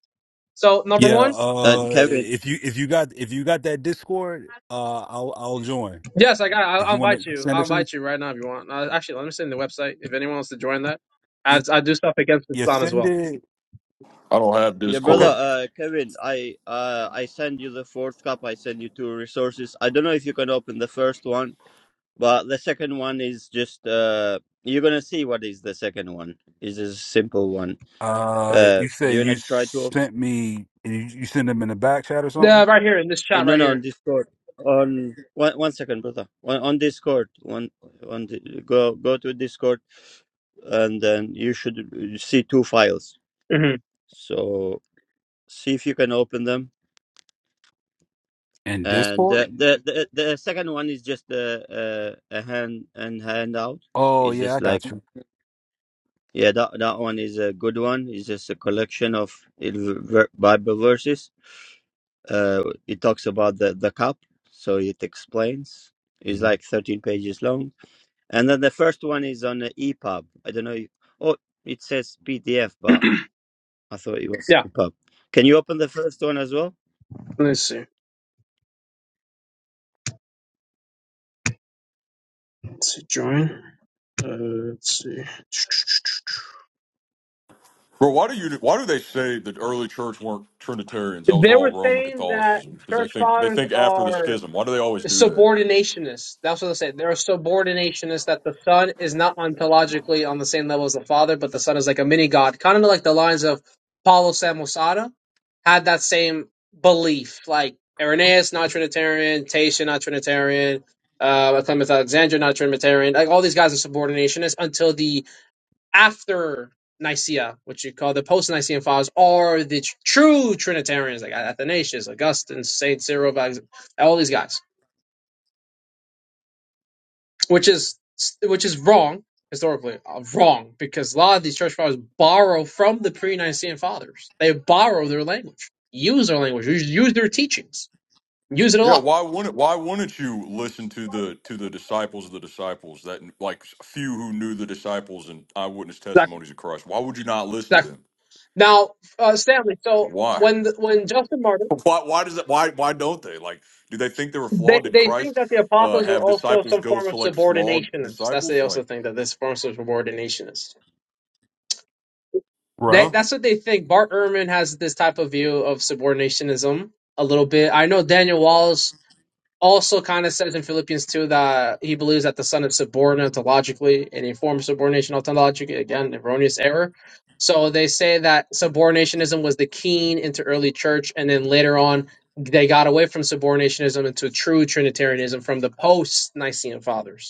Speaker 10: So number
Speaker 3: Yeah,
Speaker 10: one,
Speaker 1: Uh,
Speaker 3: uh
Speaker 1: Kevin,
Speaker 3: if you if you got if you got that Discord, uh I'll I'll join.
Speaker 10: yes, I got. I'll,
Speaker 3: If
Speaker 10: I'll
Speaker 3: you wanna
Speaker 10: invite you.
Speaker 3: send it
Speaker 10: I'll
Speaker 3: to me.
Speaker 10: invite you right now if you want. Uh, actually, let me send the website if anyone wants to join that.
Speaker 3: You,
Speaker 10: I, I do stuff against
Speaker 3: you
Speaker 10: Islam as
Speaker 3: send
Speaker 10: well.
Speaker 3: it.
Speaker 7: I don't have
Speaker 1: yeah,
Speaker 3: Okay.
Speaker 1: brother.
Speaker 7: Discord,
Speaker 1: Uh, Kevin, I uh, I send you the fourth cup. I send you two resources. I don't know if you can open the first one, but the second one is just uh, you're gonna see what is the second one. It's a simple one.
Speaker 3: Uh,
Speaker 1: Uh,
Speaker 3: you
Speaker 1: do
Speaker 3: say
Speaker 1: you wanna
Speaker 3: you
Speaker 1: try to open?
Speaker 3: sent me. You, you send them in the back chat or something
Speaker 10: Uh, right here in this
Speaker 1: Oh,
Speaker 10: chat,
Speaker 1: no,
Speaker 10: right
Speaker 1: no, on
Speaker 10: here.
Speaker 1: Discord. On one, one second, brother. On, on Discord. One, on the, go go to Discord, and then you should see two files.
Speaker 10: hmm
Speaker 1: So see if you can open them.
Speaker 3: in
Speaker 1: And the
Speaker 3: Discord.
Speaker 1: the the, the second one is just a a, a hand and handout.
Speaker 3: Oh
Speaker 1: It's
Speaker 3: yeah, I
Speaker 1: just like
Speaker 3: got you.
Speaker 1: yeah, that that one is a good one. It's just a collection of il- ver- Bible verses. Uh, it talks about the the cup, so it explains. It's
Speaker 3: Mhm.
Speaker 1: like thirteen pages long And then the first one is on the EPUB. I don't know. If, oh, it says PDF, but I thought it was
Speaker 10: Yeah.
Speaker 1: EPUB. Can you open the first one as well?
Speaker 10: Let's see. Let's see. Join. Uh, let's see.
Speaker 7: bro. Why do you? Why do they say that early church weren't Trinitarians? That was
Speaker 10: They were
Speaker 7: all Roman
Speaker 10: saying that
Speaker 7: Catholicism because they
Speaker 10: church
Speaker 7: think they
Speaker 10: fathers
Speaker 7: think after the
Speaker 10: are
Speaker 7: schism. Why do they always do that?
Speaker 10: subordinationists. That's what they said. They're subordinationists that the son is not ontologically on the same level as the father, but the son is like a mini god, kind of like the lines of Paulo Samosata had that same belief. Like Irenaeus, not Trinitarian, Tatian, not Trinitarian, uh, Clement Alexander, not Trinitarian. Like all these guys are subordinationists until the after Nicaea, which you call the post-Nicene fathers, are the tr- true Trinitarians, like Athanasius, Augustine, Saint Cyril, all these guys, which is which is wrong historically, uh, wrong because a lot of these church fathers borrow from the pre-Nicene fathers. They borrow their language, use their language, use, use their teachings, use it a
Speaker 7: Yeah,
Speaker 10: lot.
Speaker 7: why wouldn't why wouldn't you listen to the to the disciples of the disciples that like few who knew the disciples and eyewitness
Speaker 10: Exactly.
Speaker 7: testimonies of Christ? Why would you not listen to
Speaker 10: exactly.
Speaker 7: them?
Speaker 10: Now, uh, Stanley, so
Speaker 7: Why?
Speaker 10: when the, when Justin Martyr
Speaker 7: Why why does that why why don't they? Like do they think they were
Speaker 10: They
Speaker 7: flawed? Did
Speaker 10: they think
Speaker 7: Christ
Speaker 10: that the
Speaker 7: uh
Speaker 10: apostles are
Speaker 7: have
Speaker 10: also
Speaker 7: disciples
Speaker 10: some
Speaker 7: go
Speaker 10: form of
Speaker 7: select flawed
Speaker 10: subordinationists. That's what
Speaker 7: disciples?
Speaker 10: they
Speaker 7: Like,
Speaker 10: also think that this form of subordinationist. They,
Speaker 3: Right.
Speaker 7: huh?
Speaker 10: that's what they think. Bart Ehrman has this type of view of subordinationism a little bit. I know Daniel Wallace also kind of says in Philippians 2 that he believes that the son is subordinate ontologically and a form of subordination ontologically, again, erroneous error. So they say that subordinationism was the keen into early church, and then later on they got away from subordinationism into true Trinitarianism from the post Nicene fathers.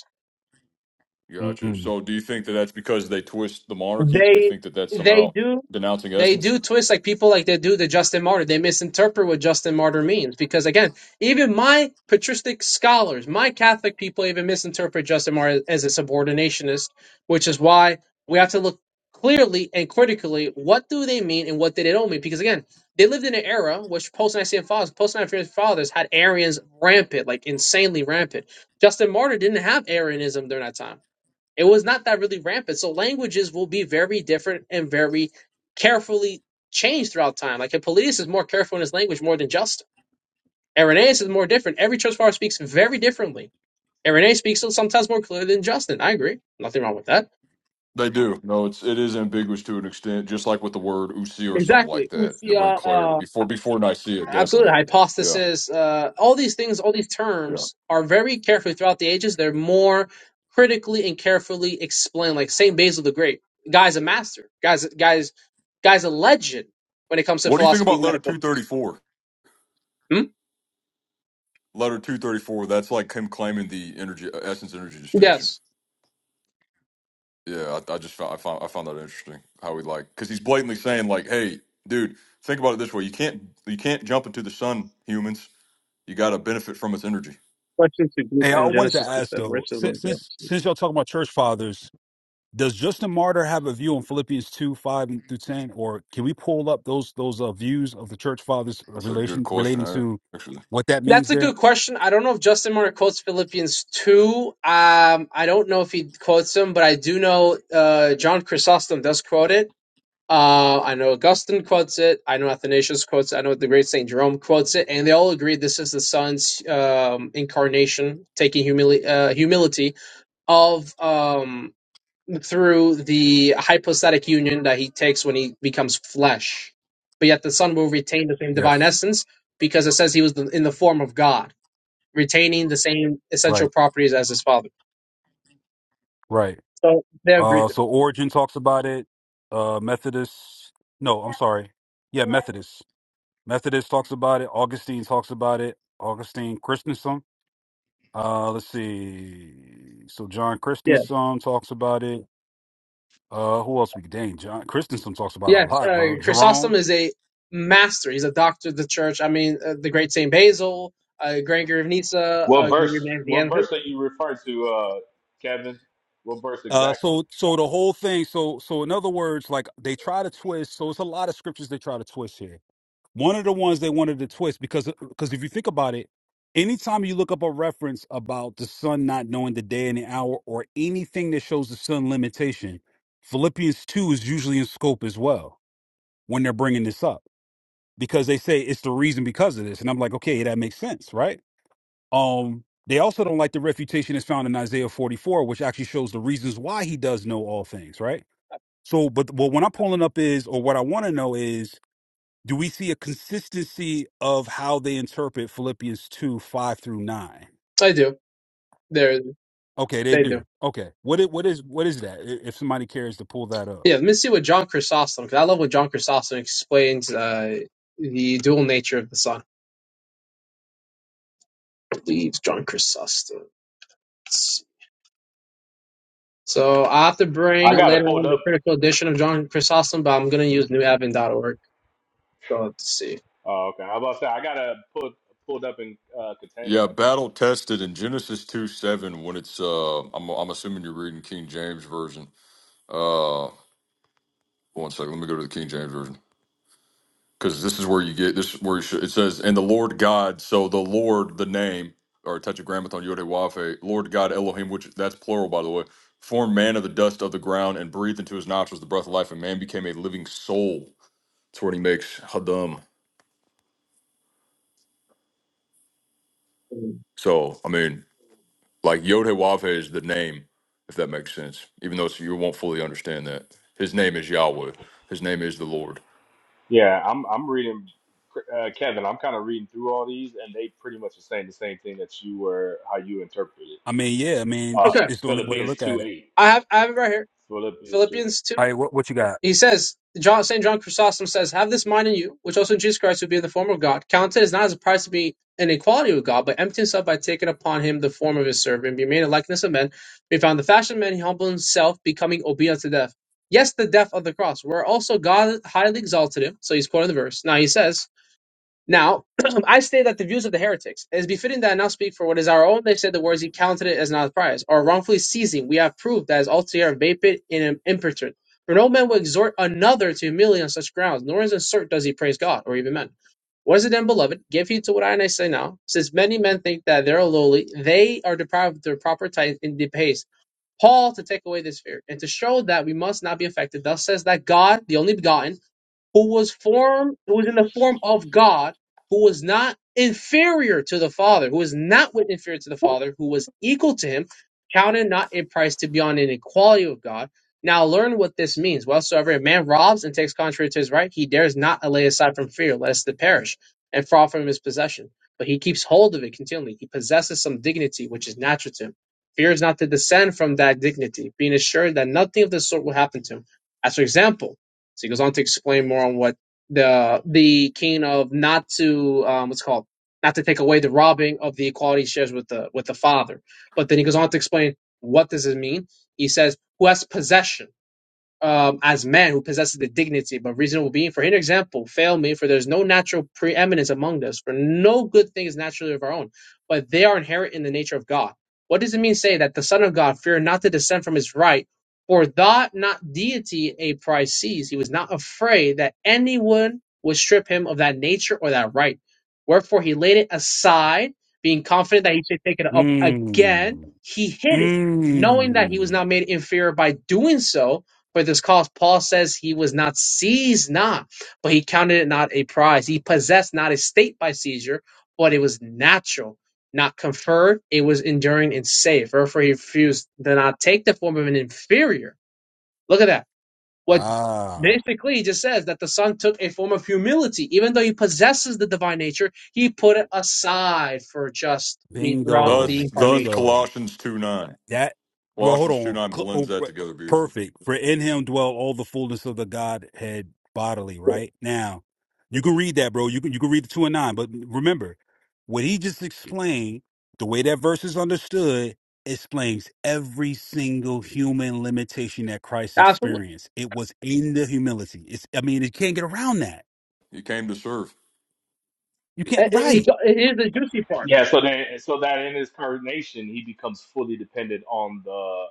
Speaker 7: Gotcha.
Speaker 3: hmm
Speaker 7: So do you think that that's because they twist the monarchy? They
Speaker 10: They
Speaker 7: think that that's
Speaker 10: they
Speaker 7: somehow
Speaker 10: do
Speaker 7: denouncing
Speaker 10: they
Speaker 7: us?
Speaker 10: do twist like people like they do the Justin Martyr. They misinterpret what Justin Martyr means because again, even my patristic scholars, my Catholic people, even misinterpret Justin Martyr as a subordinationist, which is why we have to look clearly and critically what do they mean and what did they don't mean. Because again, they lived in an era which post Nicene fathers, post Nicene fathers had Arians rampant, like insanely rampant. Justin Martyr didn't have Arianism during that time it was not that really rampant. So languages will be very different and very carefully changed throughout time. Like Hippolytus is more careful in his language more than Justin. Irenaeus is more different. Every church father speaks very differently. Irenaeus speaks sometimes more clearly than Justin. I agree. Nothing wrong with that.
Speaker 7: They do. No, it's it is ambiguous to an extent, just like with the word usi or something like
Speaker 10: Exactly.
Speaker 7: that, to bring
Speaker 10: Usia uh,
Speaker 7: clarity. Before before Nicaea,
Speaker 10: Absolutely.
Speaker 7: definitely. Yeah.
Speaker 10: Hypothesis, uh, all these things, all these
Speaker 7: Yeah.
Speaker 10: terms are very carefully throughout the ages. They're more critically and carefully explained. Like Saint Basil the Great, guy's a master. Guys, guys, guy's a legend when it comes to
Speaker 7: What do you think
Speaker 10: philosophy
Speaker 7: about
Speaker 10: and
Speaker 7: letter
Speaker 10: medical.
Speaker 7: two thirty four?
Speaker 10: Hmm?
Speaker 7: Letter two thirty four. That's like him claiming the energy uh, essence energy distinction.
Speaker 10: Yes,
Speaker 7: Yeah, I, I just found I found I found that interesting. How he like because he's blatantly saying like, hey, dude, think about it this way: you can't you can't jump into the sun, humans. You got to benefit from its energy.
Speaker 3: Hey, I
Speaker 7: Right.
Speaker 3: wanted to ask though, since since since y'all talking about church fathers, does Justin Martyr have a view on Philippians two five and through ten, or can we pull up those those uh, views of the church fathers
Speaker 7: That's a good
Speaker 3: relation
Speaker 7: question,
Speaker 3: relating to
Speaker 7: actually.
Speaker 3: what that means
Speaker 10: that's a
Speaker 3: there?
Speaker 10: good question. I don't know if Justin Martyr quotes Philippians two. Um, I don't know if he quotes him, but I do know uh, John Chrysostom does quote it Uh, I know Augustine quotes it. I know Athanasius quotes it. I know the great Saint Jerome quotes it, and they all agree this is the Son's um, incarnation, taking humili- uh, humility of um, through the hypostatic union that he takes when he becomes flesh. But yet the Son will retain the same divine
Speaker 3: Yes.
Speaker 10: essence because it says he was the, in the form of God, retaining the same
Speaker 3: Right.
Speaker 10: essential properties as his Father.
Speaker 3: Right.
Speaker 10: So they agree.
Speaker 3: Uh,
Speaker 10: to
Speaker 3: so Origin talks about it. Uh, Methodist, no, I'm sorry. Yeah, Methodist. Methodist talks about it. Augustine talks about it. Augustine Christensen. Uh, let's see. So John
Speaker 10: it.
Speaker 3: Christensen talks about it. Uh, who else we dang John Christensen talks about it a
Speaker 10: Yes,
Speaker 3: lot, bro.
Speaker 10: uh, Chrysostom
Speaker 3: Jerome.
Speaker 10: is a master. He's a doctor of the church. I mean, uh, the great Saint Basil, uh, Gregory of Nyssa,
Speaker 4: What
Speaker 10: uh,
Speaker 4: verse?
Speaker 10: Gregory of
Speaker 4: What
Speaker 10: Nazianzus.
Speaker 4: verse are you referring to, uh, Kevin? What verse
Speaker 3: Uh,
Speaker 4: exactly?
Speaker 3: so so the whole thing. So so in other words, like they try to twist. So it's a lot of scriptures they try to twist here One of the ones they wanted to twist because because if you think about it, anytime you look up a reference about the sun not knowing the day and the hour or anything that shows the sun limitation, Philippians two is usually in scope as well when they're bringing this up because they say it's the reason because of this, and I'm like, okay, that makes sense, right? Um, they also don't like the refutation that's found in Isaiah 44, which actually shows the reasons why he does know all things, right? So, but well, what when I'm pulling up is, or what I want to know is do we see a consistency of how they interpret Philippians 2, 5 through 9?
Speaker 10: I do. They're,
Speaker 3: Okay, they
Speaker 10: they do.
Speaker 3: do. Okay. What it what is what is that? i- If somebody cares to pull that up.
Speaker 10: Yeah, let me see what John Chrysostom, because I love when John Chrysostom explains uh, the dual nature of the Son. I believe John Chrysostom. So I have to
Speaker 4: I
Speaker 10: bring
Speaker 4: got it
Speaker 10: later
Speaker 4: pulled
Speaker 10: on
Speaker 4: up.
Speaker 10: the critical edition of John Chrysostom, but I'm going to use New newadvent.org. So let's see.
Speaker 4: Oh, okay. I was about to say I got to pull pulled up in uh,
Speaker 7: Yeah,
Speaker 4: Katana.
Speaker 7: battle tested in Genesis 2 7 when it's uh I'm I'm assuming you're reading King James Version. Uh one second, let me go to the King James Version. Because this is where you get this is where you should, it says, and the Lord God, so the Lord, the name, or tetragrammaton Yodewafe, Lord God Elohim, which that's plural by the way, formed man of the dust of the ground and breathed into his nostrils the breath of life, and man became a living soul. That's where he makes Hadam. So I mean Like Yod-Heh-Wav-Heh is the name, if that makes sense. Even though it's, you won't fully understand that. His name is Yahweh. His name is the Lord.
Speaker 4: Yeah, I'm I'm reading uh, Kevin. I'm kind of reading through all these, and they pretty much are saying the same thing that you were how you interpreted it.
Speaker 3: I mean, yeah, I mean,
Speaker 4: Uh,
Speaker 3: it's,
Speaker 10: Okay,
Speaker 3: it's the only way to
Speaker 4: Philippians
Speaker 3: look at
Speaker 4: two
Speaker 3: it.
Speaker 4: eight.
Speaker 10: I have I have it right here.
Speaker 4: Philippians two.
Speaker 10: Philippians 2.
Speaker 3: All right, what what you got?
Speaker 10: He says, John, St. John Chrysostom says, Have this mind in you, which also in Jesus Christ, who being the form of God, counted as not as a prize to be in equality with God, but emptied himself by taking upon him the form of his servant, and being made in likeness of men. Being found in the fashion of men, he humbled himself, becoming obedient to death. Yes, the death of the cross, where also God highly exalted him. So he's quoting the verse. Now he says, now, I state that the views of the heretics, it is befitting that I now speak for what is our own. They said the words he counted it as not a prize, or wrongfully seizing, we have proved that is altogether vapid and impertinent. For no man will exhort another to humility on such grounds, nor is it certain does he praise God or even men. What is it then, beloved? Give heed to what I and I say now, since many men think that they are lowly, they are deprived of their proper tithe and depays. Paul to take away this fear, and to show that we must not be affected, thus says that God, the only begotten, who was form who was in the form of God, who was not inferior to the Father, who was not with inferior to the Father, who was equal to him, counted not a price to be on an equality with God. Now learn what this means. Whatsoever a man robs and takes contrary to his right, he dares not lay aside from fear, lest it perish, and fall from his possession. But he keeps hold of it continually. He possesses some dignity which is natural to him. Fears not to descend from that dignity, being assured that nothing of the sort will happen to him. As for example, so he goes on to explain more on what the the keen of not to um, what's it called not to take away the robbing of the equality he shares with the with the father. But then he goes on to explain what does it mean. He says, "Who has possession." um, as man who possesses the dignity but reasonable being. For an example, fail me, for there is no natural preeminence among us, for no good thing is naturally of our own, but they are inherent in the nature of God. What does it mean say that the Son of God feared not to descend from his right, for that not deity a prize sees, he was not afraid that anyone would strip him of that nature or that right. Wherefore he laid it aside, being confident that he should take it up again,
Speaker 3: Mmm.
Speaker 10: he hid it, knowing that he was not
Speaker 3: Mmm.
Speaker 10: made inferior by doing so, for this cause. Paul says he was not seized not, but he counted it not a prize. He possessed not a state by seizure, but it was natural, not conferred. It was enduring and safe. Therefore, he refused to not take the form of an inferior. Look at that. What
Speaker 3: Ah.
Speaker 10: basically he just says that the son took a form of humility. Even though he possesses the divine nature, he put it aside for just the, throughout the
Speaker 7: Thus,
Speaker 3: Bingo.
Speaker 7: thus
Speaker 10: incarnation.
Speaker 3: Bingo.
Speaker 7: Colossians 2 9.
Speaker 3: That well, hold
Speaker 7: Colossians 2
Speaker 3: on.
Speaker 7: 9
Speaker 3: Cl-
Speaker 7: blends
Speaker 3: oh,
Speaker 7: that
Speaker 3: re-
Speaker 7: together beautifully.
Speaker 3: Perfect. For in him dwell all the fullness of the Godhead bodily. Right now, you can read that, bro. You can you can read the two and nine. But remember, what he just explained, the way that verse is understood, explains every single human limitation that Christ
Speaker 10: Absolutely.
Speaker 3: experienced. It was in the humility. It's. I mean, you can't get around that.
Speaker 7: You came to serve.
Speaker 3: You can't.
Speaker 10: It, it
Speaker 3: Right.
Speaker 10: it is the juicy part.
Speaker 4: Yeah. So then, so that in his incarnation, he becomes fully dependent on the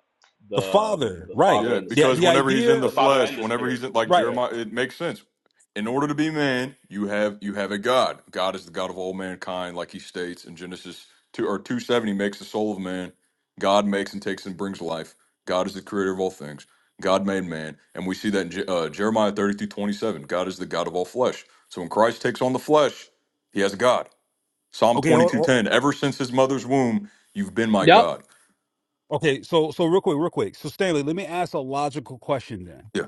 Speaker 4: the
Speaker 3: The
Speaker 4: um,
Speaker 3: Father.
Speaker 4: the
Speaker 3: Right.
Speaker 4: Father
Speaker 7: Yeah,
Speaker 4: and the
Speaker 3: The
Speaker 7: because
Speaker 3: the
Speaker 4: Spirit,
Speaker 7: whenever he's in
Speaker 3: idea.
Speaker 7: the
Speaker 4: the Father
Speaker 7: flesh,
Speaker 4: and the
Speaker 7: whenever
Speaker 4: Spirit.
Speaker 7: he's in, like
Speaker 4: Yeah.
Speaker 3: Right.
Speaker 7: Jeremiah, it makes sense. In order to be man, you have you have a God. God is the God of all mankind, like he states in Genesis two or two seventy makes the soul of man. God makes and takes and brings life. God is the creator of all things. God made man, and we see that in Je- uh, Jeremiah thirty through twenty seven. God is the God of all flesh. So when Christ takes on the flesh, he has a God. Psalm
Speaker 3: Okay.
Speaker 7: twenty
Speaker 3: Hold.
Speaker 7: two ten. Ever since his mother's womb, you've been my
Speaker 10: Yep.
Speaker 7: God.
Speaker 3: Okay, so so real quick, real quick. So Stanley, let me ask a logical question then.
Speaker 7: Yeah.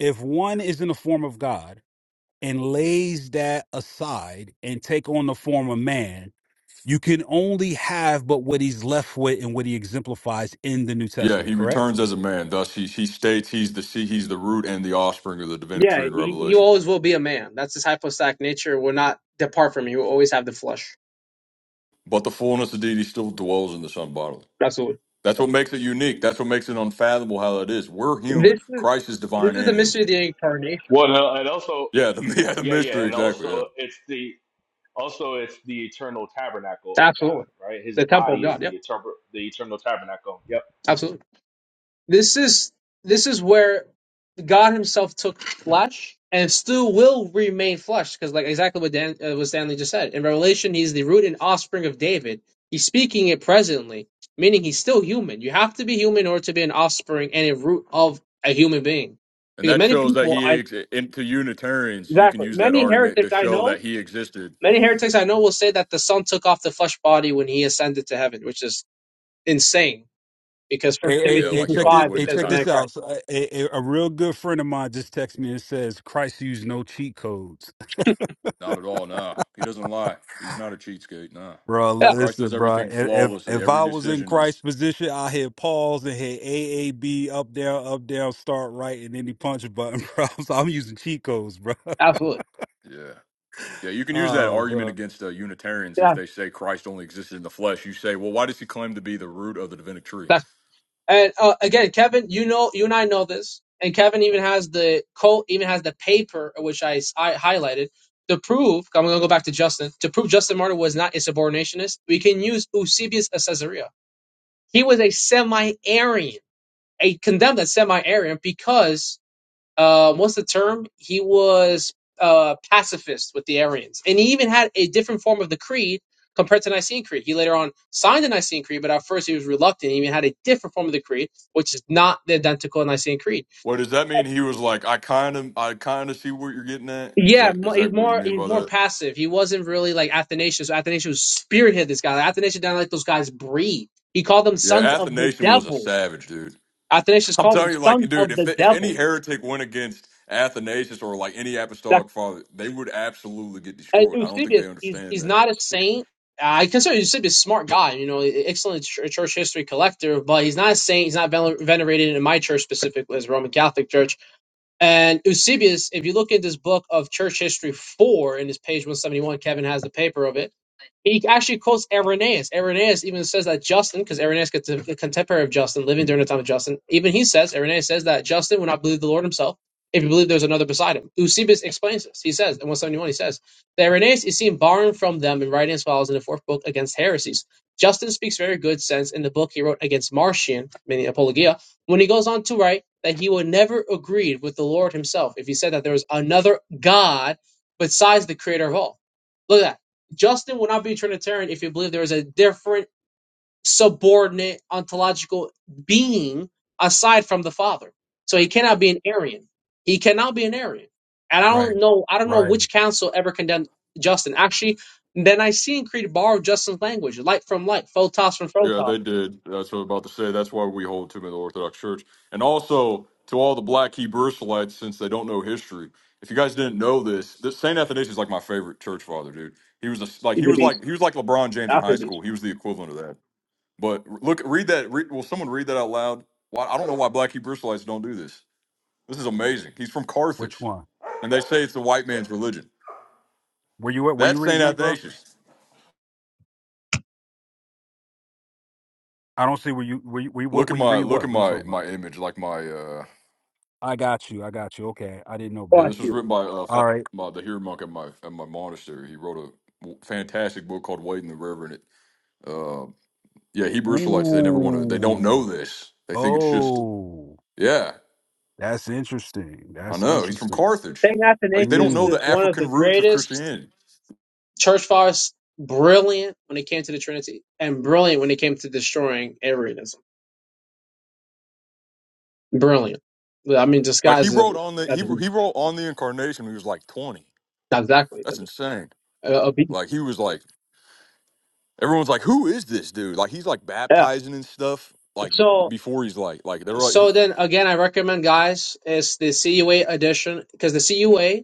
Speaker 3: If one is in the form of God and lays that aside and take on the form of man, you can only have but what he's left with and what he exemplifies in the New
Speaker 7: Yeah,
Speaker 3: Testament,
Speaker 7: he
Speaker 3: correct?
Speaker 7: returns as a man. Thus, he, he states he's the seed, he's the root and the offspring of the divinic
Speaker 10: Yeah,
Speaker 7: tree in
Speaker 10: he, he
Speaker 7: Revelation.
Speaker 10: always will be a man. That's his hypostatic nature will not depart from you. He will always have the flesh.
Speaker 7: But the fullness of deity still dwells in the Son bodily.
Speaker 10: Absolutely.
Speaker 7: That's what makes it unique. That's what makes it unfathomable how that is. We're human.
Speaker 10: This is
Speaker 7: Christ is divine
Speaker 10: this is the
Speaker 7: and human.
Speaker 10: mystery of the incarnation.
Speaker 4: Well, no, and also,
Speaker 7: Yeah, the, yeah, the
Speaker 4: yeah, yeah,
Speaker 7: mystery
Speaker 4: and
Speaker 7: exactly. Yeah,
Speaker 4: also it's the also it's the eternal tabernacle of
Speaker 10: Absolutely.
Speaker 4: God, right? His
Speaker 10: The temple of
Speaker 4: body is
Speaker 10: God.
Speaker 4: the
Speaker 10: Yep.
Speaker 4: eternal the eternal tabernacle. Yep.
Speaker 10: Absolutely. This is this is where God Himself took flesh and still will remain flesh, because like exactly what Dan uh, what Stanley just said in Revelation, He's the root and offspring of David. He's speaking it presently, meaning He's still human. You have to be human in order to be an offspring and a root of a human being,
Speaker 7: and
Speaker 10: because
Speaker 7: that
Speaker 10: many
Speaker 7: shows that
Speaker 10: people,
Speaker 7: he
Speaker 10: I
Speaker 7: ex- into Unitarians. You can
Speaker 10: exactly
Speaker 7: use that
Speaker 10: many
Speaker 7: argument
Speaker 10: heretics
Speaker 7: to
Speaker 10: I
Speaker 7: show
Speaker 10: know,
Speaker 7: that he existed.
Speaker 10: many heretics I know will say that the Son took off the flesh body when He ascended to heaven, which is insane. Because First
Speaker 3: Hey,
Speaker 7: Yeah,
Speaker 3: hey,
Speaker 10: Timothy
Speaker 3: hey,
Speaker 7: like
Speaker 10: two
Speaker 3: check
Speaker 7: Jehovah's
Speaker 3: this.
Speaker 10: five it
Speaker 3: Hey,
Speaker 7: Witness
Speaker 10: says
Speaker 3: check
Speaker 10: the
Speaker 7: kind
Speaker 10: man
Speaker 3: this
Speaker 7: of.
Speaker 3: out.
Speaker 10: Christ.
Speaker 3: So, uh, a, a, a real good friend of mine just texted me and says Christ used no cheat codes.
Speaker 7: Not at all. Nah, he doesn't lie. He's not a cheatskate. Nah,
Speaker 3: Bro,
Speaker 10: Yeah,
Speaker 7: Christ
Speaker 3: listen,
Speaker 7: does
Speaker 3: bro.
Speaker 7: everything
Speaker 3: If
Speaker 7: flawlessly.
Speaker 3: if
Speaker 7: Every
Speaker 3: I was in
Speaker 7: decision
Speaker 3: Christ's
Speaker 7: is.
Speaker 3: position, I hit pause and hit AAB up down, up down, start right, and any he punch a button, bro. So I'm using cheat codes, bro.
Speaker 10: absolutely.
Speaker 7: Yeah. Yeah, you can use that
Speaker 3: Oh,
Speaker 7: argument
Speaker 3: bro.
Speaker 7: against uh, Unitarians if
Speaker 10: Yeah,
Speaker 7: they say Christ only existed in the flesh. You say, well, why does he claim to be the root of the divinic tree?
Speaker 10: that's and uh, again, Kevin, you know, you and I know this, and Kevin even has the quote, even has the paper which I, I highlighted to prove. I'm going to go back to Justin to prove Justin Martyr was not a subordinationist. We can use Eusebius of Caesarea. He was a semi-Arian, a condemned as semi-Arian because uh, what's the term? He was uh, pacifist with the Arians, and he even had a different form of the creed compared to Nicene Creed. He later on signed the Nicene Creed, but at first he was reluctant. He even had a different form of the creed, which is not the identical Nicene Creed.
Speaker 7: Well, does that mean he was like, I kind of, I kind of see what you're getting at? Is
Speaker 10: Yeah,
Speaker 7: that
Speaker 10: mo-
Speaker 7: is
Speaker 10: he's
Speaker 7: that what you
Speaker 10: more
Speaker 7: mean
Speaker 10: he's
Speaker 7: by
Speaker 10: more
Speaker 7: that?
Speaker 10: passive. He wasn't really like Athanasius. Athanasius spearheaded this guy. Like, Athanasius didn't let those guys breathe. He called them
Speaker 7: Yeah,
Speaker 10: sons of the
Speaker 7: Athanasius was a
Speaker 10: devil.
Speaker 7: savage dude.
Speaker 10: Athanasius
Speaker 7: I'm
Speaker 10: called them
Speaker 7: telling you, like,
Speaker 10: sons
Speaker 7: dude,
Speaker 10: of
Speaker 7: if
Speaker 10: the
Speaker 7: if any
Speaker 10: devil.
Speaker 7: heretic went against Athanasius or like any apostolic father, they would absolutely get
Speaker 10: And
Speaker 7: destroyed. I don't think
Speaker 10: Eusebius
Speaker 7: they
Speaker 10: is
Speaker 7: understand
Speaker 10: is
Speaker 7: that.
Speaker 10: not a saint. I consider Eusebius a smart guy, you know, e, excellent ch- church history collector, but he's not a saint. He's not ven- venerated in my church specifically as a Roman Catholic Church. And Eusebius, if you look at this book of Church History 4 in his page 171, Kevin has the paper of it he actually quotes Irenaeus. Irenaeus even says that Justin, because Irenaeus gets a contemporary of Justin, living during the time of Justin, even he says, Irenaeus says that Justin would not believe the Lord himself if he believed there's another beside him. Eusebius explains this. He says, in 171, he says, that Irenaeus is seen borrowing from them and writing as follows in the fourth book against heresies. Justin speaks very good sense in the book he wrote against Marcion, meaning Apologia, when he goes on to write that he would never agree with the Lord himself if he said that there was another God besides the creator of all. Look at that Justin would not be a Trinitarian if he believed there is a different subordinate ontological being aside from the Father. So he cannot be an Arian. He cannot be an Arian. And I
Speaker 3: Right,
Speaker 10: don't know. I don't know
Speaker 3: right.
Speaker 10: which council ever condemned Justin. Actually, then I see in Creed borrow Justin's language: light from light, photos from
Speaker 7: Yeah,
Speaker 10: photos.
Speaker 7: they did. That's what I'm about to say. That's why we hold to the Orthodox Church. And also to all the black Hebrew Israelites, since they don't know history. If you guys didn't know this, this Saint Athanasius is like my favorite church father, dude. He was a, like
Speaker 10: He's
Speaker 7: he
Speaker 10: a
Speaker 7: was
Speaker 10: beast.
Speaker 7: like he was like LeBron James in
Speaker 10: After
Speaker 7: high
Speaker 10: a beast.
Speaker 7: school. He was the equivalent of that. But look, read that. Re, will someone read that out loud? Why, I don't know why black Hebrew Israelites don't do this. This is amazing. He's from
Speaker 3: Which
Speaker 7: Carthage,
Speaker 3: one?
Speaker 7: and they say it's the white man's religion.
Speaker 3: Were you were you
Speaker 7: That's Saint
Speaker 3: reading that, bro?
Speaker 7: Athanasius.
Speaker 3: I don't see where you were. You, were you- what
Speaker 7: Look at
Speaker 3: were you
Speaker 7: my
Speaker 3: read?
Speaker 7: look
Speaker 3: What?
Speaker 7: at
Speaker 3: What are you
Speaker 7: my
Speaker 3: talking about?
Speaker 7: my image, like my uh
Speaker 3: I got you. I got you. Okay, I didn't know,
Speaker 7: Yeah,
Speaker 10: But
Speaker 3: bro.
Speaker 7: this was written by uh fa-
Speaker 3: All right.
Speaker 7: by the hero monk at my at my monastery. He wrote a w- fantastic book called Wade and the Reverend. It, uh, yeah, Hebrew Israelites they never want to. They don't know
Speaker 3: Ooh.
Speaker 7: this. They think it's just
Speaker 3: Oh,
Speaker 7: yeah.
Speaker 3: that's interesting.
Speaker 7: I
Speaker 3: That's
Speaker 7: know he's from
Speaker 3: interesting.
Speaker 7: Carthage.
Speaker 10: Saint
Speaker 7: Like they don't
Speaker 10: Athanasius
Speaker 7: know
Speaker 3: Mm.
Speaker 10: is
Speaker 7: the
Speaker 10: one of
Speaker 7: African
Speaker 10: the
Speaker 7: roots of
Speaker 10: greatest
Speaker 7: Christianity.
Speaker 10: church fathers. Brilliant when it came to the Trinity, and brilliant when it came to destroying Arianism. Brilliant. I mean, this
Speaker 7: Like he
Speaker 10: guy's a,
Speaker 7: wrote on the
Speaker 10: I
Speaker 7: he
Speaker 10: mean,
Speaker 7: he wrote on the incarnation. When he was like twenty.
Speaker 10: exactly I
Speaker 7: That's
Speaker 10: mean,
Speaker 7: insane.
Speaker 10: a, a beast.
Speaker 7: Like he was like everyone's like who is this dude? Like he's like
Speaker 10: Yeah.
Speaker 7: baptizing and stuff. Like b-
Speaker 10: So,
Speaker 7: before he's like like they're like
Speaker 10: so then again, I recommend guys is the CUA edition because the CUA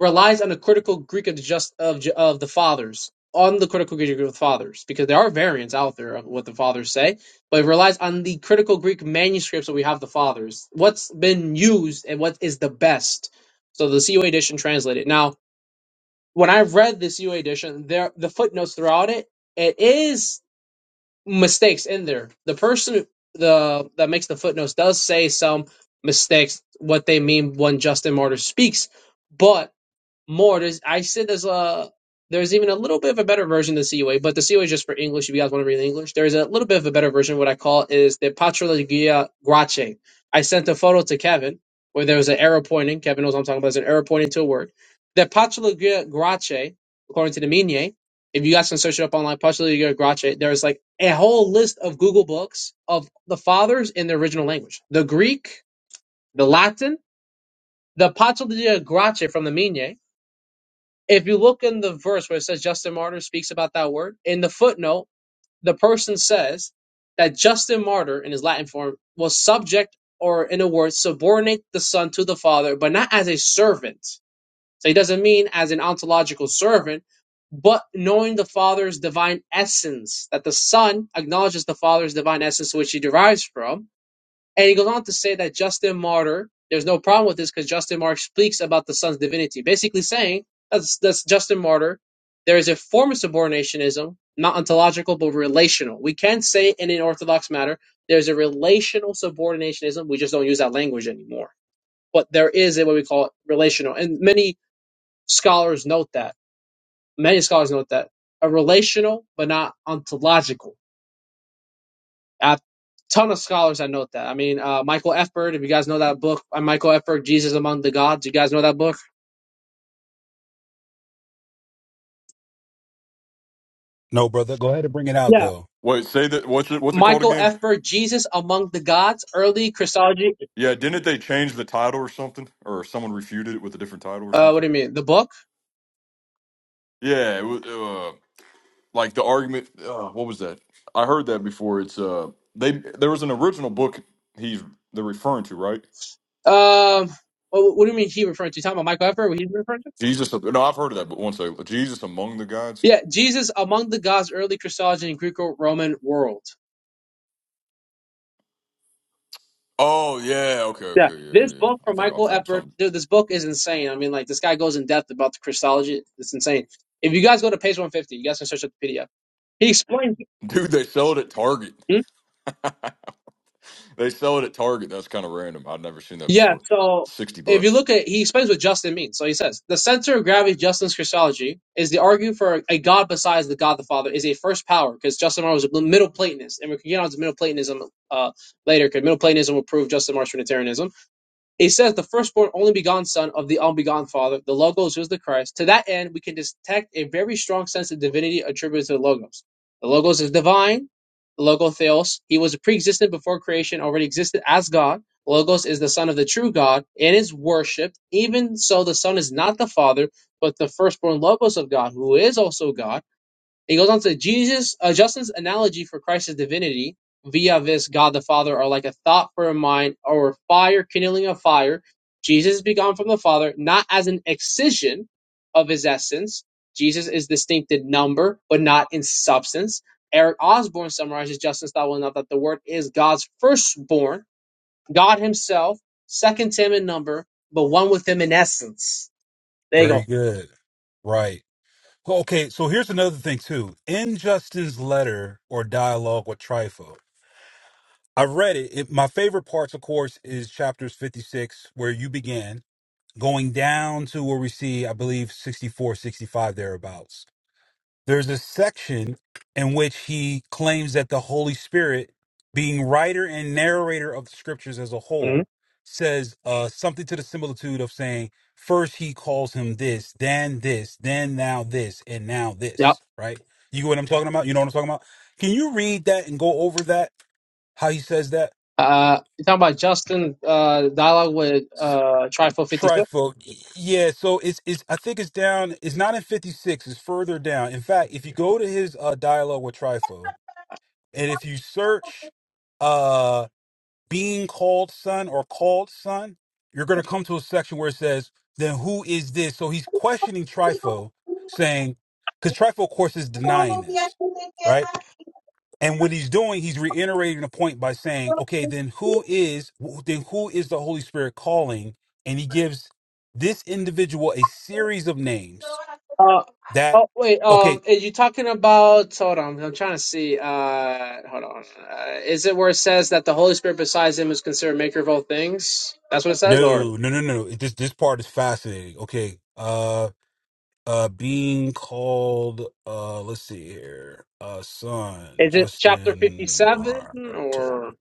Speaker 10: relies on the critical Greek of the just of Ju- of the fathers on the critical Greek of the fathers because there are variants out there of what the fathers say, but it relies on the critical Greek manuscripts that we have the fathers. What's been used and what is the best. So the CUA edition translated now. when I read this UA edition, there the footnotes throughout it, it is mistakes in there. The person the that makes the footnotes does say some mistakes what they mean when Justin Martyr speaks, but more. There's I said there's a there's even a little bit of a better version of the CUA, but the CUA is just for English. If you guys want to read in English, there's a little bit of a better version. What I call is the Patrologia Grace. I sent a photo to Kevin where there was an arrow pointing. Kevin knows what I'm talking about. There's an arrow pointing to a word. The Patrologia Grace, according to the Minier, if you guys can search it up online, Patrologia Grace, there's like a whole list of Google books of the fathers in the original language, the Greek, the Latin, the Patrologia Grace from the Minier if you look in the verse where it says Justin Martyr speaks about that word, in the footnote, the person says that Justin Martyr, in his Latin form, was subject or, in a word, subordinate the Son to the Father, but not as a servant. So he doesn't mean as an ontological servant, but knowing the Father's divine essence, that the Son acknowledges the Father's divine essence, which he derives from, and he goes on to say that Justin Martyr, there's no problem with this because Justin Martyr speaks about the Son's divinity, basically saying that's, that's Justin Martyr. There is a form of subordinationism, not ontological, but relational. We can say in an Orthodox matter, there's a relational subordinationism. We just don't use that language anymore. But there is a what we call it, relational. And many scholars note that. Many scholars note that. A relational, but not ontological a ton of scholars that note that. I mean, uh, Michael F. Bird, if you guys know that book, uh, Michael F. Bird, Jesus Among the Gods, you guys know that book?
Speaker 3: No, brother. Go ahead and bring it out,
Speaker 10: Yeah.
Speaker 3: though.
Speaker 7: wait say that what's it what's it called
Speaker 10: Michael
Speaker 7: again?
Speaker 10: F. Bird, Jesus Among the Gods, Early Christology.
Speaker 7: Yeah, didn't they change the title or something? Or someone refuted it with a different title or
Speaker 10: Uh, what
Speaker 7: something?
Speaker 10: do you mean? The book?
Speaker 7: Yeah, it was, uh, like the argument. Uh, what was that? I heard that before. It's uh, they there was an original book he's they're referring to, right?
Speaker 10: Um, what, what do you mean he referring to? You talking about Michael F. Bird, what he's referring to?
Speaker 7: Jesus. No, I've heard of that, but one second. Jesus among the gods.
Speaker 10: Yeah, Jesus Among the Gods, Early Christology in Greco-Roman World.
Speaker 7: Oh yeah, okay,
Speaker 10: Yeah,
Speaker 7: okay, yeah,
Speaker 10: this
Speaker 7: yeah, yeah.
Speaker 10: book
Speaker 7: I
Speaker 10: from
Speaker 7: think I
Speaker 10: Michael
Speaker 7: think
Speaker 10: F.
Speaker 7: I'm
Speaker 10: Bird,
Speaker 7: some
Speaker 10: dude, this book is insane. I mean, like, this guy goes in depth about the Christology. It's insane. If you guys go to page 150, you guys can search up the PDF. He explains.
Speaker 7: dude. They sell it at Target.
Speaker 10: he
Speaker 7: they sell it at Target. That's kind of random. I'd never seen that
Speaker 10: Yeah,
Speaker 7: before.
Speaker 10: so
Speaker 7: Sixty
Speaker 10: if you
Speaker 7: bucks.
Speaker 10: look at he explains what Justin means. So he says the center of gravity of Justin's Christology is the argument for a God besides the God the Father is a first power because Justin Martyr was a Middle Platonist, and we can get on to Middle Platonism uh, later because Middle Platonism will prove Justin Martyr's Trinitarianism. It says the firstborn only begotten son of the unbegotten father, the logos was the Christ. To that end, we can detect a very strong sense of divinity attributed to the logos. The logos is divine, the logotheos. He was pre-existent before creation, already existed as God. Logos is the son of the true God and is worshipped. Even so, the son is not the father, but the firstborn logos of God, who is also God he goes on to say, Jesus. Uh, Justin's analogy for Christ's divinity via this God the Father are like a thought for a mind or fire kindling a fire. Jesus is begotten from the Father, not as an excision of his essence. Jesus is distinct in number, but not in substance. Eric Osborne summarizes Justin's thought well enough that the Word is God's firstborn, God Himself, second to Him in number, but one with Him in essence. There you
Speaker 3: Very
Speaker 10: go.
Speaker 3: good. Right. Well, okay, so here's another thing too. In Justin's letter or dialogue with Trypho, I read it. it. My favorite parts, of course, is chapters 56, where you began, going down to where we see, I believe, 64, 65, thereabouts there's a section in which he claims that the Holy Spirit, being writer and narrator of the scriptures as a
Speaker 10: Mhm.
Speaker 3: whole, says uh, something to the similitude of saying, first he calls him this, then this, then now this, and now
Speaker 10: Yep.
Speaker 3: this, right? You get what I'm talking about? You know what I'm talking about? Can you read that and go over that? How he says that?
Speaker 10: Uh, you talking about Justin uh dialogue with uh Trifle Fifty Six?
Speaker 3: Trifle. Yeah, so it's it's I think it's down, it's not in 56, it's further down. In fact, if you go to his uh dialogue with Trifo, And if you search uh being called son or called son, you're gonna come to a section where it says, Then who is this? So he's questioning Trifo, saying, because Trifo, of course, is denying this, right? And what he's doing, he's reiterating the point by saying, Okay, then who is then who is the Holy Spirit calling? And he gives this individual a series of names
Speaker 10: Uh
Speaker 3: that
Speaker 10: oh wait um
Speaker 3: okay,
Speaker 10: are you talking about hold on I'm trying to see uh hold on uh, is it where it says that the Holy Spirit besides him is considered maker of all things? That's what it says, or
Speaker 3: no, no, no, no. no, This this part is fascinating. Okay. uh Uh, being called, uh, let's see here, uh, son,
Speaker 10: is it chapter fifty
Speaker 3: Justin
Speaker 10: seven
Speaker 3: Martyr.
Speaker 10: or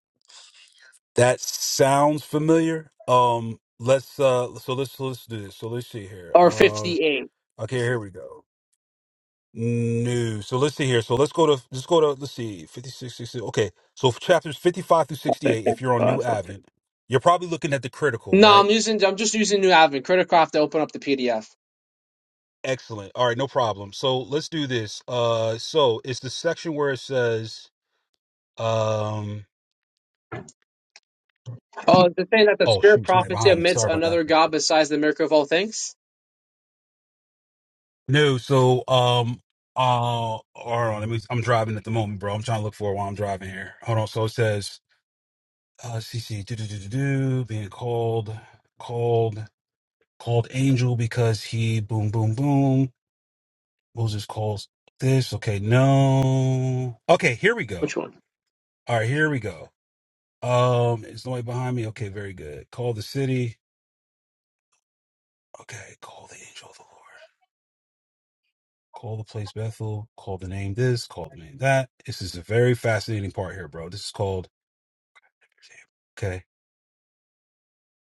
Speaker 3: That sounds familiar. Um, let's, uh, so let's, so let's do this. So let's see here.
Speaker 10: or
Speaker 3: Uh,
Speaker 10: fifty eight?
Speaker 3: okay, here we go. No, so let's see here. So let's go to, let's go to, let's see, 56, sixty. Okay, so for chapters 55 through
Speaker 10: Okay,
Speaker 3: 68, if you're on New
Speaker 10: fifty-five, okay.
Speaker 3: Advent, you're probably looking at the critical,
Speaker 10: No,
Speaker 3: right?
Speaker 10: I'm using I'm just using New Advent Critical I have to open up the PDF.
Speaker 3: Excellent. All right, no problem. So let's do this. Uh, so it's the section where it says, Um.
Speaker 10: Oh, is it saying that the
Speaker 3: Oh
Speaker 10: Spirit
Speaker 3: shoot, somebody
Speaker 10: prophecy
Speaker 3: behind me.
Speaker 10: admits
Speaker 3: Sorry about that.
Speaker 10: another God besides the maker of all things?
Speaker 3: No. So um. Uh. Hold on. Let me. I'm driving at the moment, bro. I'm trying to look for it while I'm driving here. Hold on. So it says, uh, CC, do do do do do, being called, called, called angel because he boom boom boom. Moses calls this. Okay. No. Okay. Here we go.
Speaker 10: Which one?
Speaker 3: All right. Here we go. Um. Is nobody behind me? Okay. Very good. Call the city. Okay. Call the angel of the Lord. Call the place Bethel. Call the name this. Call the name that. This is a very fascinating part here, bro. This is called. Okay.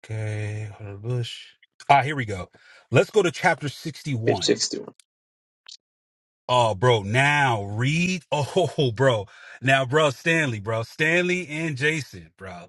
Speaker 3: Okay. Hunter Bush. Ah, here we go. Let's go to chapter
Speaker 10: Page
Speaker 3: 61.
Speaker 10: sixty-one.
Speaker 3: Oh, bro. Now read. Oh, bro. Now, bro, Stanley, bro. Stanley and Jason, bro.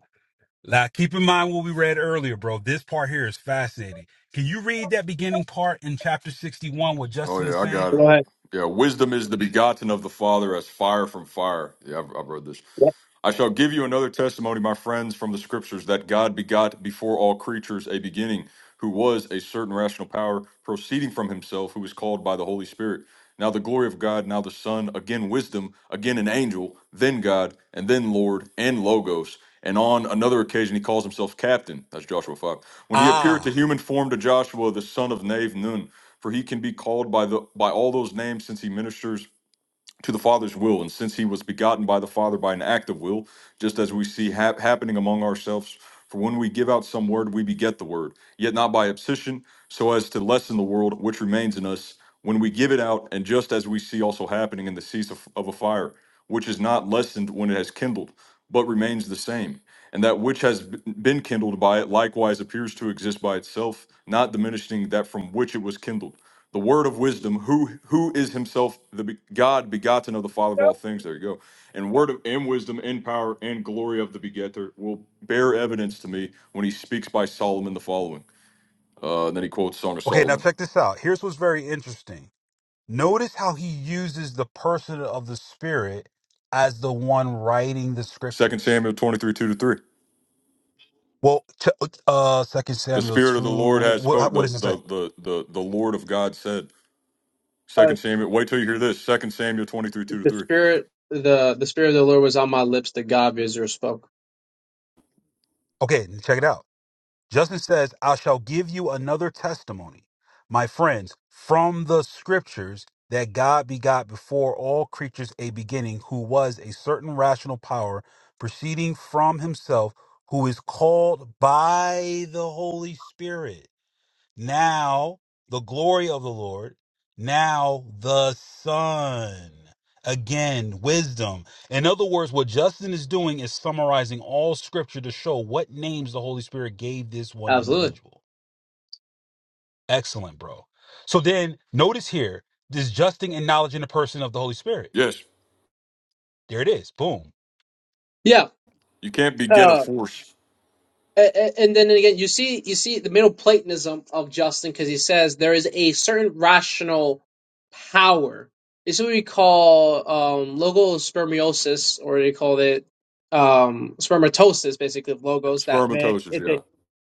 Speaker 3: Now, keep in mind what we read earlier, bro. This part here is fascinating. Can you read that beginning part in chapter 61 what
Speaker 7: Oh
Speaker 3: Justin is
Speaker 7: yeah, I
Speaker 3: saying?
Speaker 7: got it.
Speaker 10: Go ahead.
Speaker 7: Yeah, wisdom is the begotten of the Father as fire from fire. Yeah, I've, I've read this
Speaker 10: Yep.
Speaker 7: I shall give you another testimony, my friends, from the scriptures that God begot before all creatures a beginning, who was a certain rational power proceeding from himself, who was called by the Holy Spirit. Now the glory of God, now the Son, again wisdom, again an angel, then God, and then Lord, and Logos. And on another occasion, he calls himself captain. That's Joshua 5. When he appeared to
Speaker 3: Ah.
Speaker 7: human form to Joshua, the son of Nave Nun, for he can be called by, the, by all those names since he ministers to the Father's will, and since he was begotten by the Father by an act of will, just as we see hap happening among ourselves. For when we give out some word, we beget the word, yet not by abscission, so as to lessen the world which remains in us when we give it out, and just as we see also happening in the cease of, of a fire, which is not lessened when it has kindled, but remains the same. And that which has b- been kindled by it likewise appears to exist by itself, not diminishing that from which it was kindled the word of wisdom who who is himself the be- god begotten of the father of all things there you go and word of and wisdom and power and glory of the begetter will bear evidence to me when he speaks by solomon the following uh, and then he quotes song of
Speaker 3: Okay, now
Speaker 7: solomon
Speaker 3: check this out. Here's what's very interesting. Notice how he uses the person of the Spirit as the one writing the
Speaker 7: Second
Speaker 3: scriptures.
Speaker 7: samuel 23 2 to 3
Speaker 3: Well, ch- uh, Second
Speaker 7: the
Speaker 3: Samuel
Speaker 7: spirit
Speaker 3: two.
Speaker 7: of the lord has
Speaker 3: What,
Speaker 7: spoken
Speaker 3: what
Speaker 7: the,
Speaker 3: does it say?
Speaker 7: the the the the lord of god said
Speaker 10: Uh,
Speaker 7: Second samuel wait till you hear this Second samuel 23 2 to
Speaker 10: the
Speaker 7: 3
Speaker 10: spirit, the the spirit of the Lord was on my lips. The God of Israel spoke.
Speaker 3: Okay, check it out. Justin says, I shall give you another testimony, my friends, from the scriptures that God begot before all creatures a beginning, who was a certain rational power proceeding from himself, who is called by the Holy Spirit now the glory of the Lord, now the Son. Again, wisdom. In other words, what Justin is doing is summarizing all scripture to show what names the Holy Spirit gave this one
Speaker 10: Absolutely.
Speaker 3: individual. Excellent, bro. So then notice here this Justin and knowledge in the person of the Holy Spirit.
Speaker 7: yes
Speaker 3: There it is. Boom.
Speaker 10: Yeah.
Speaker 7: you can't beget a
Speaker 10: Uh,
Speaker 7: force
Speaker 10: a- a- and then again, you see, you see the middle Platonism of Justin because he says there is a certain rational power. It's what we call um, logospermiosis, or they call it um, spermatosis, basically of logos. That that-
Speaker 7: spermatosis
Speaker 10: it's
Speaker 7: yeah.
Speaker 10: a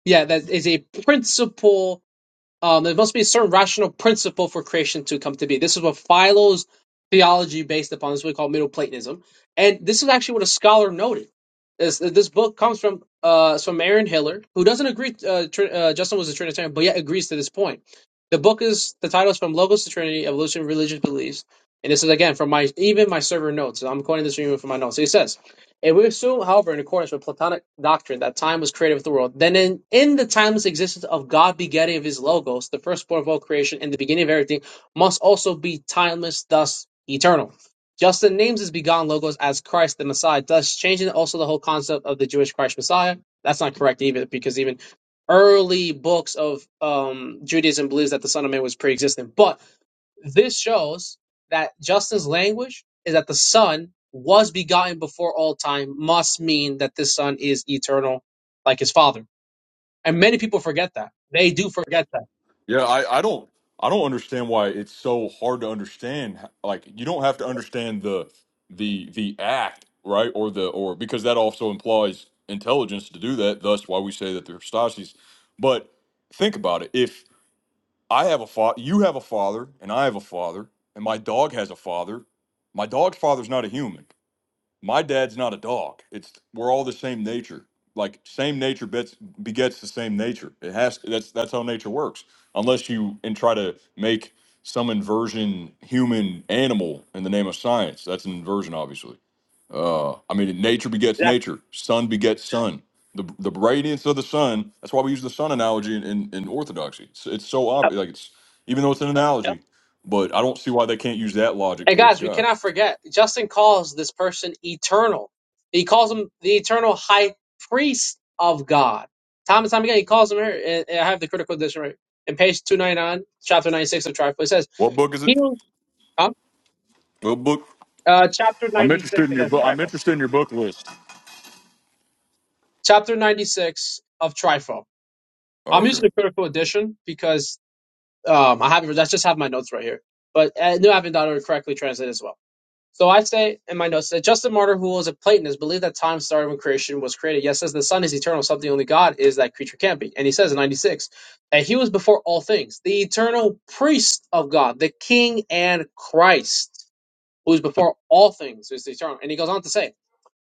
Speaker 10: yeah, that is a principle Um, there must be a certain rational principle for creation to come to be. This is what Philo's theology based upon. This is what we call Middle Platonism, and this is actually what a scholar noted. This this book comes from uh it's from Aaron Hiller, who doesn't agree. Uh, tr- uh, Justin was a Trinitarian, but yet agrees to this point. The book is the title is from Logos to Trinity: Evolution, Religious Beliefs, and this is again from my even my server notes. I'm quoting this from even from my notes. So He says. And we assume, however, in accordance with Platonic doctrine, that time was created with the world. Then, in, in the timeless existence of God begetting of his Logos, the firstborn of all creation and the beginning of everything, must also be timeless, thus eternal. Justin names his begotten Logos as Christ the Messiah, thus changing also the whole concept of the Jewish Christ Messiah. That's not correct either, because even early books of um, Judaism believes that the Son of Man was pre existent. But this shows that Justin's language is that the Son was begotten before all time must mean that this Son is eternal, like his Father. And many people forget that. They do forget that.
Speaker 7: Yeah, I, I don't I don't understand why it's so hard to understand. Like you don't have to understand the the the act, right? Or the or because that also implies intelligence to do that. Thus, why we say that they're Stasis. But think about it. If I have a father, you have a father, and I have a father, and my dog has a father. My dog's father's not a human my dad's not a dog. It's we're all the same nature. Like same nature bets, begets the same nature. It has that's that's how nature works. Unless you and try to make some inversion human animal in the name of science, that's an inversion, obviously. Uh, I mean, nature begets
Speaker 10: Yeah.
Speaker 7: nature. Sun begets sun. The, the radiance of the sun. That's why we use the sun analogy in, in, in orthodoxy. It's, it's so
Speaker 10: Yep.
Speaker 7: obvious. Like it's even though it's an
Speaker 10: Yep.
Speaker 7: analogy, but I don't see why they can't use that logic
Speaker 10: And
Speaker 7: towards
Speaker 10: guys, we
Speaker 7: God.
Speaker 10: cannot forget. Justin calls this person eternal. He calls him the eternal high priest of God. Time and time again, he calls him here. And and I have the critical edition right in page two ninety nine, chapter ninety six of Trifle. It says,
Speaker 7: What book is it?
Speaker 10: "He, who- huh?
Speaker 7: What book?
Speaker 10: uh, chapter
Speaker 7: I'm
Speaker 10: ninety six
Speaker 7: interested in your
Speaker 10: against
Speaker 7: book. I'm
Speaker 10: Trifle."
Speaker 7: interested in your book list.
Speaker 10: chapter 96 of Trifo.
Speaker 7: Oh,
Speaker 10: I'm
Speaker 7: okay.
Speaker 10: using the critical edition because um, I haven't, I just have my notes right here. But I knew I haven't done it correctly translated as well. So I say in my notes that Justin Martyr, who was a Platonist, believed that time started when creation was created. Yes, says the sun is eternal, something only God is that creature can not be. And he says in 96 that he was before all things, the eternal priest of God, the King and Christ, who is before all things, who is the eternal. And he goes on to say,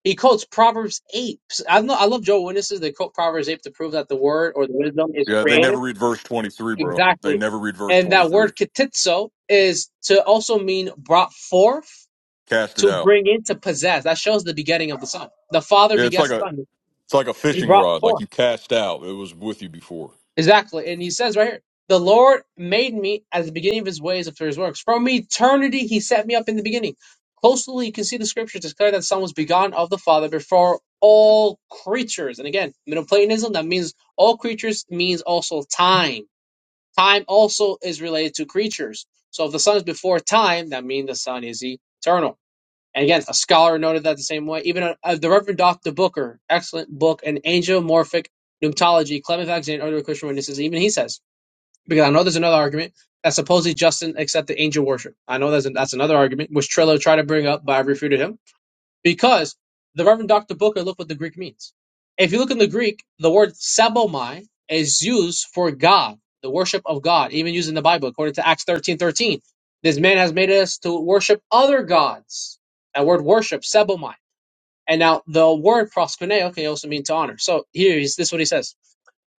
Speaker 10: he quotes Proverbs 8. I know I love Joe Witnesses. They quote Proverbs 8 to prove that the word or the wisdom is
Speaker 7: Yeah, they never
Speaker 10: creative.
Speaker 7: read verse 23, bro. They
Speaker 10: Exactly.
Speaker 7: never read verse
Speaker 10: And that
Speaker 7: 23.
Speaker 10: word ketitzo is to also mean brought forth,
Speaker 7: Cast it
Speaker 10: to
Speaker 7: out.
Speaker 10: bring in, to possess. That shows the begetting of the son. The father
Speaker 7: Yeah, it's
Speaker 10: begets
Speaker 7: like
Speaker 10: the
Speaker 7: a
Speaker 10: son.
Speaker 7: it's like a
Speaker 10: He
Speaker 7: fishing
Speaker 10: brought
Speaker 7: rod. Like
Speaker 10: forth.
Speaker 7: you cast out. It was with you before.
Speaker 10: Exactly. And he says right here, the Lord made me at the beginning of his ways after his works. From eternity, he set me up in the beginning. Closely, you can see the scriptures declare that the Son was begotten of the Father before all creatures. And again, Middle Platonism, that means all creatures means also time. Time also is related to creatures. So if the Son is before time, that means the Son is eternal. And again, a scholar noted that the same way. Even uh, the Reverend Dr. Booker, excellent book, An Angelomorphic Pneumatology, Clement Alexander, other Christian witnesses, even he says, because I know there's another argument that supposedly Justin accepted angel worship. I know that's, that's another argument, which Trillo tried to bring up, but I refuted him. Because the Reverend Dr. Booker looked what the Greek means. If you look in the Greek, the word sabomai is used for God, the worship of God, even used in the Bible, according to Acts thirteen thirteen. This man has made us to worship other gods. That word worship, sabomai. And now the word proskuneo can also mean to honor. So here is this is what he says.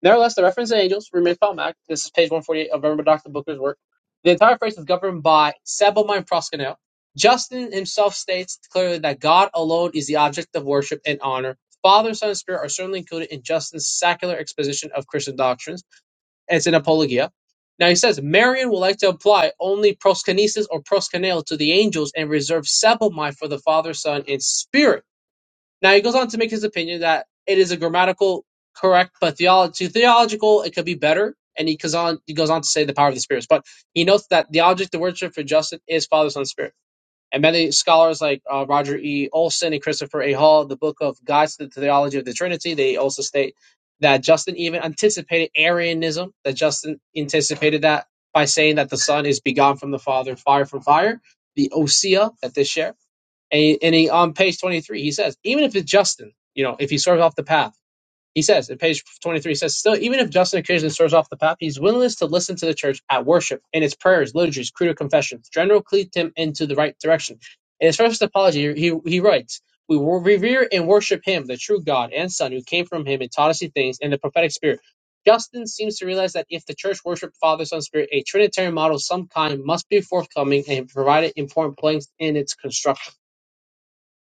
Speaker 10: Nevertheless, the reference to angels remains problematic. This is page 148 of Reverend Dr. Booker's work. The entire phrase is governed by Sebelman Proskunel. Justin himself states clearly that God alone is the object of worship and honor. Father, Son, and Spirit are certainly included in Justin's secular exposition of Christian doctrines, and it's in Apologia. Now he says, Marian would like to apply only proskinesis or proskuneo to the angels and reserve Sebelmai for the Father, Son, and Spirit. Now he goes on to make his opinion that it is a grammatical correct, but theology theological it could be better. And he goes on he goes on to say the power of the spirits. But he notes that the object of worship for Justin is Father, Son, Spirit. And many scholars like uh, Roger E. Olson and Christopher A. Hall, the book of Guides to the Theology of the Trinity, they also state that Justin even anticipated Arianism, that Justin anticipated that by saying that the Son is begotten from the Father, fire from fire, the Osea that they share and, he, and he, on page 23, he says, even if it's Justin, you know, if he swerves off the path, he says, at page 23, he says, still, even if Justin occasionally swerves off the path, he's willingness to listen to the church at worship in its prayers, liturgies, creed, or confessions. General cleaved him into the right direction. In his first apology, he, he writes, we will revere and worship him, the true God and Son, who came from him and taught us these things, and the prophetic spirit. Justin seems to realize that if the church worshiped Father, Son, Spirit, a Trinitarian model of some kind must be forthcoming and provided important planks in its construction.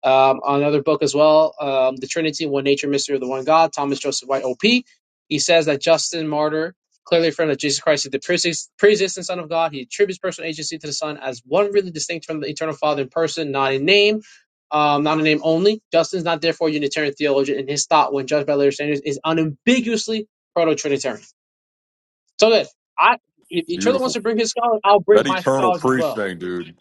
Speaker 10: Um, another book as well, um, The Trinity, One Nature, Mystery of the One God, Thomas Joseph White, OP. He says that Justin Martyr, clearly a friend Jesus Christ, is the preexist- pre-existent Son of God. He attributes personal agency to the Son as one really distinct from the Eternal Father in person, not in name, um, not in name only. Justin's not therefore a Unitarian theologian, and his thought, when judged by later standards, is unambiguously proto-Trinitarian. So good. I, if
Speaker 7: It's
Speaker 10: each other wants
Speaker 7: beautiful.
Speaker 10: to bring his scholars, I'll bring
Speaker 7: That
Speaker 10: my
Speaker 7: eternal
Speaker 10: scholars as
Speaker 7: priest
Speaker 10: well.
Speaker 7: thing, dude.